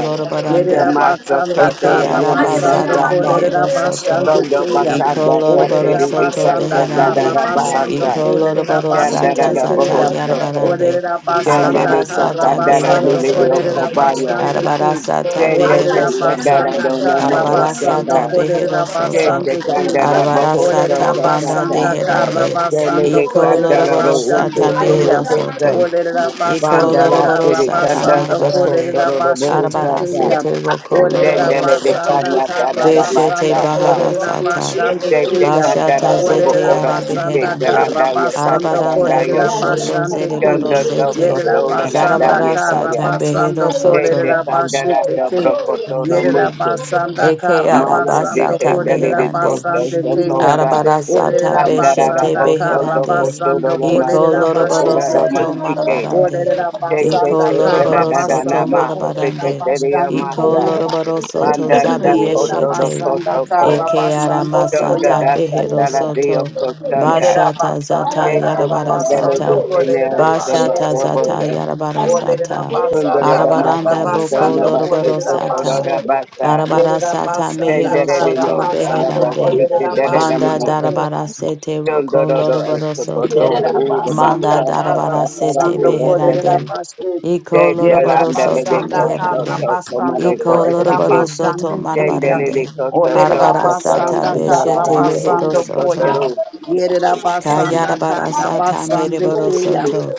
[SPEAKER 6] Te
[SPEAKER 7] lorobarande.
[SPEAKER 1] Yerera
[SPEAKER 6] maso
[SPEAKER 1] basanda
[SPEAKER 6] koto
[SPEAKER 1] ka
[SPEAKER 7] Eke
[SPEAKER 6] lo no
[SPEAKER 7] araba
[SPEAKER 2] Hallelujah.
[SPEAKER 1] rabasando
[SPEAKER 6] mihasaka.
[SPEAKER 2] Hallelujah.
[SPEAKER 1] kolerera
[SPEAKER 7] mehero soto.
[SPEAKER 1] basando
[SPEAKER 2] Soya,
[SPEAKER 6] Rondo
[SPEAKER 2] soya,
[SPEAKER 1] koya.
[SPEAKER 2] nana,
[SPEAKER 6] Basanda
[SPEAKER 7] Ikoloroboro
[SPEAKER 2] hallelujah,
[SPEAKER 1] Olerera
[SPEAKER 6] Sasidi
[SPEAKER 2] soya.
[SPEAKER 7] soto
[SPEAKER 6] Ika
[SPEAKER 1] basanda
[SPEAKER 6] Sanda
[SPEAKER 1] ka
[SPEAKER 7] beherande.
[SPEAKER 6] Dada
[SPEAKER 2] Hallelujah, no
[SPEAKER 1] rabasando
[SPEAKER 6] Bahasa
[SPEAKER 2] kuduna,
[SPEAKER 1] kolerera
[SPEAKER 7] Ikoloroboro
[SPEAKER 2] samo
[SPEAKER 6] Sanda
[SPEAKER 7] sata
[SPEAKER 1] basete
[SPEAKER 2] gloria,
[SPEAKER 6] Dada
[SPEAKER 2] kerera
[SPEAKER 7] zata
[SPEAKER 1] koya.
[SPEAKER 2] sana na soya.
[SPEAKER 6] Bohosoko
[SPEAKER 7] yarabarande.
[SPEAKER 1] Olerera
[SPEAKER 6] Sanda
[SPEAKER 1] basanda
[SPEAKER 2] Hallelujah,
[SPEAKER 7] Arabara
[SPEAKER 1] ka
[SPEAKER 6] Nite
[SPEAKER 7] sata
[SPEAKER 2] hallelujah,
[SPEAKER 6] Sanda
[SPEAKER 2] baba,
[SPEAKER 6] Dada
[SPEAKER 7] behero
[SPEAKER 1] rabasando
[SPEAKER 2] hallelujah,
[SPEAKER 6] Nulidi
[SPEAKER 2] kerera
[SPEAKER 7] soto.
[SPEAKER 1] kolerera
[SPEAKER 2] soya, baba,
[SPEAKER 6] Okobaya
[SPEAKER 2] onia,
[SPEAKER 1] basando
[SPEAKER 2] rera
[SPEAKER 7] Arabara
[SPEAKER 1] koya.
[SPEAKER 2] sana.
[SPEAKER 7] sata
[SPEAKER 6] Sanda
[SPEAKER 7] behero
[SPEAKER 6] Te
[SPEAKER 1] Olerera
[SPEAKER 2] Asani,
[SPEAKER 6] Sanda Dada
[SPEAKER 7] soto.
[SPEAKER 1] basanda
[SPEAKER 2] asani,
[SPEAKER 1] ka
[SPEAKER 2] asani,
[SPEAKER 6] Nomo
[SPEAKER 7] Arabara
[SPEAKER 2] no kuduna,
[SPEAKER 1] rabasando
[SPEAKER 7] sata
[SPEAKER 6] Osaka
[SPEAKER 2] kerera
[SPEAKER 7] behero
[SPEAKER 1] kolerera
[SPEAKER 2] sana.
[SPEAKER 7] soto.
[SPEAKER 6] Sete
[SPEAKER 1] basando koya.
[SPEAKER 2] Hallelujah,
[SPEAKER 6] Sanda
[SPEAKER 2] baba,
[SPEAKER 6] Dada
[SPEAKER 7] Arabara
[SPEAKER 4] you.
[SPEAKER 2] hallelujah,
[SPEAKER 7] sata
[SPEAKER 1] Olerera
[SPEAKER 2] soya,
[SPEAKER 6] Bohosoko
[SPEAKER 2] baba,
[SPEAKER 7] banda
[SPEAKER 6] Kata
[SPEAKER 1] basanda
[SPEAKER 2] hallelujah, kerera
[SPEAKER 1] kara
[SPEAKER 7] deherande.
[SPEAKER 2] soya,
[SPEAKER 6] Sanda
[SPEAKER 1] basando
[SPEAKER 2] kerera
[SPEAKER 6] Te
[SPEAKER 2] hona, kerera
[SPEAKER 6] Sanda
[SPEAKER 1] kolerera
[SPEAKER 6] Dada
[SPEAKER 7] Ikoloroboro
[SPEAKER 1] basande
[SPEAKER 7] sata
[SPEAKER 6] Uko Duru
[SPEAKER 1] keya.
[SPEAKER 7] mehero
[SPEAKER 2] soya.
[SPEAKER 6] Kose
[SPEAKER 7] soto.
[SPEAKER 1] Olerera
[SPEAKER 2] Hallelujah,
[SPEAKER 6] Sanda
[SPEAKER 1] basanda
[SPEAKER 6] Dada
[SPEAKER 2] hallelujah,
[SPEAKER 7] Ikoloroboro
[SPEAKER 1] kara
[SPEAKER 6] Tiri
[SPEAKER 7] sata
[SPEAKER 6] Sanda
[SPEAKER 1] basando
[SPEAKER 6] Soko
[SPEAKER 7] marabarande.
[SPEAKER 1] kolerera
[SPEAKER 6] Toro
[SPEAKER 3] Thank you.
[SPEAKER 1] basete
[SPEAKER 7] Arabara
[SPEAKER 6] Bohosaka
[SPEAKER 1] keya.
[SPEAKER 7] sete
[SPEAKER 4] Russia,
[SPEAKER 7] roko
[SPEAKER 3] Rabaka,
[SPEAKER 1] Olerera
[SPEAKER 7] loroboro
[SPEAKER 6] Sendele Te
[SPEAKER 7] soto.
[SPEAKER 1] basanda
[SPEAKER 6] Sanda Dada Kana
[SPEAKER 1] kara
[SPEAKER 6] Dada
[SPEAKER 7] Beshete
[SPEAKER 1] basando
[SPEAKER 6] Basaka
[SPEAKER 7] bahara
[SPEAKER 1] kolerera
[SPEAKER 7] sata.
[SPEAKER 1] basande
[SPEAKER 6] de de
[SPEAKER 1] keya.
[SPEAKER 6] candara
[SPEAKER 7] Bashata
[SPEAKER 6] dobo
[SPEAKER 7] zete
[SPEAKER 1] Olerera
[SPEAKER 6] ora kise
[SPEAKER 1] basanda
[SPEAKER 7] arabeherande.
[SPEAKER 1] kara
[SPEAKER 6] tarandaya
[SPEAKER 1] basando
[SPEAKER 7] Arabaranda
[SPEAKER 6] katarandaya
[SPEAKER 1] kolerera
[SPEAKER 7] boshoto
[SPEAKER 1] basande keya.
[SPEAKER 6] chanda doko
[SPEAKER 7] zereborosete.
[SPEAKER 1] Yerera
[SPEAKER 6] kotola
[SPEAKER 1] basanda kara
[SPEAKER 7] Zarabarasata
[SPEAKER 6] kaya
[SPEAKER 1] basando
[SPEAKER 6] de
[SPEAKER 7] beherosoto.
[SPEAKER 6] de
[SPEAKER 1] kolerera
[SPEAKER 6] candara
[SPEAKER 1] basete keya.
[SPEAKER 6] dobro kotono
[SPEAKER 1] Yerera
[SPEAKER 6] muse
[SPEAKER 1] basanda
[SPEAKER 7] Eke
[SPEAKER 1] kara
[SPEAKER 6] malan de
[SPEAKER 1] basando
[SPEAKER 7] arabasata
[SPEAKER 6] te tele
[SPEAKER 1] kolerera
[SPEAKER 6] de
[SPEAKER 7] meherande.
[SPEAKER 6] koto
[SPEAKER 1] basande keya.
[SPEAKER 6] sokota
[SPEAKER 7] Arabarasata
[SPEAKER 1] Olerera
[SPEAKER 6] andara da
[SPEAKER 7] beshete
[SPEAKER 1] basanda
[SPEAKER 6] boso
[SPEAKER 1] kara
[SPEAKER 6] do
[SPEAKER 7] beherande.
[SPEAKER 6] kotono
[SPEAKER 1] basando
[SPEAKER 6] lo
[SPEAKER 7] Iko
[SPEAKER 1] kolerera
[SPEAKER 6] masoko
[SPEAKER 7] loroboro
[SPEAKER 6] ora
[SPEAKER 1] basete
[SPEAKER 6] da
[SPEAKER 7] soto
[SPEAKER 1] keya.
[SPEAKER 6] masike
[SPEAKER 7] marabarande.
[SPEAKER 1] Olerera
[SPEAKER 6] te te
[SPEAKER 7] Iko
[SPEAKER 1] basanda
[SPEAKER 6] te te da
[SPEAKER 1] kara
[SPEAKER 7] loroboro
[SPEAKER 6] da da
[SPEAKER 7] soto
[SPEAKER 1] basando
[SPEAKER 2] Hallelujah.
[SPEAKER 6] nama te
[SPEAKER 1] kolerera
[SPEAKER 6] te
[SPEAKER 7] marabarande.
[SPEAKER 6] te
[SPEAKER 1] basande
[SPEAKER 7] Iko
[SPEAKER 2] Thank
[SPEAKER 6] amasa
[SPEAKER 1] keya.
[SPEAKER 7] loroboro soto
[SPEAKER 6] anda da
[SPEAKER 4] Thank
[SPEAKER 1] Yerera
[SPEAKER 6] koto do
[SPEAKER 7] zabiyeshete.
[SPEAKER 6] koto
[SPEAKER 1] basanda
[SPEAKER 6] ko
[SPEAKER 1] kara
[SPEAKER 7] Eke
[SPEAKER 1] basando
[SPEAKER 6] chanda
[SPEAKER 1] koya.
[SPEAKER 7] aramasata
[SPEAKER 6] da
[SPEAKER 7] behero
[SPEAKER 6] satala de
[SPEAKER 7] soto.
[SPEAKER 6] okostanda
[SPEAKER 1] Yerera
[SPEAKER 7] Bashata zata
[SPEAKER 1] basanda
[SPEAKER 6] Deka
[SPEAKER 1] kara
[SPEAKER 6] kandale
[SPEAKER 1] basando
[SPEAKER 7] yarabarasata.
[SPEAKER 6] deka ne
[SPEAKER 1] kolerera
[SPEAKER 6] sama
[SPEAKER 7] Bashata
[SPEAKER 1] basete
[SPEAKER 7] zata
[SPEAKER 1] keya.
[SPEAKER 6] robota
[SPEAKER 1] Olerera
[SPEAKER 7] yarabarasata.
[SPEAKER 6] sundara
[SPEAKER 1] basanda kara
[SPEAKER 6] damasa
[SPEAKER 7] Arabaranda boko
[SPEAKER 6] sama
[SPEAKER 1] basando
[SPEAKER 6] basa
[SPEAKER 7] loroboro
[SPEAKER 1] kolerera
[SPEAKER 6] kotora
[SPEAKER 7] sata.
[SPEAKER 1] basete
[SPEAKER 6] damasa
[SPEAKER 7] Darabara
[SPEAKER 1] Yerera
[SPEAKER 7] sata
[SPEAKER 1] basanda
[SPEAKER 7] mehero
[SPEAKER 6] tendere
[SPEAKER 1] kara
[SPEAKER 6] limo
[SPEAKER 7] soto
[SPEAKER 6] sama
[SPEAKER 1] basando
[SPEAKER 6] basi
[SPEAKER 7] beherande.
[SPEAKER 1] kolerera
[SPEAKER 6] tendere
[SPEAKER 7] Banda
[SPEAKER 1] basete
[SPEAKER 6] damasa
[SPEAKER 1] ke.
[SPEAKER 7] darabara sete roko
[SPEAKER 6] sundoro do
[SPEAKER 7] lorobaro
[SPEAKER 6] eskoto
[SPEAKER 7] soto.
[SPEAKER 6] ura
[SPEAKER 7] Manda
[SPEAKER 6] basa
[SPEAKER 1] Yerabasanda
[SPEAKER 6] tata
[SPEAKER 7] darabara
[SPEAKER 6] tara
[SPEAKER 7] sete
[SPEAKER 6] de
[SPEAKER 1] Karabasando
[SPEAKER 6] osesa
[SPEAKER 7] beherande.
[SPEAKER 1] Kolerabashe.
[SPEAKER 7] Iko
[SPEAKER 6] deka
[SPEAKER 7] lorobaro
[SPEAKER 6] landale
[SPEAKER 7] soto
[SPEAKER 6] deko
[SPEAKER 1] Yerabasanda
[SPEAKER 6] soto
[SPEAKER 7] meherande.
[SPEAKER 6] komare
[SPEAKER 1] Karabasando
[SPEAKER 6] to
[SPEAKER 7] Iko
[SPEAKER 6] eskiti
[SPEAKER 7] lorobaro
[SPEAKER 2] you.
[SPEAKER 7] soto
[SPEAKER 1] Kolerabashande Kaya.
[SPEAKER 6] tendele
[SPEAKER 7] marabarande.
[SPEAKER 6] deko soto
[SPEAKER 7] Arabara
[SPEAKER 6] kotoro
[SPEAKER 7] sata
[SPEAKER 1] Olerabasanda
[SPEAKER 6] kandara
[SPEAKER 7] beshete
[SPEAKER 6] ramo
[SPEAKER 7] rehero
[SPEAKER 6] usko
[SPEAKER 1] Karabasando Koya.
[SPEAKER 7] soto.
[SPEAKER 6] kotoro
[SPEAKER 1] Yerabasanda
[SPEAKER 7] Kayarabara sata
[SPEAKER 1] Karabasande
[SPEAKER 7] mereboro
[SPEAKER 4] you.
[SPEAKER 1] Kaya.
[SPEAKER 7] soto.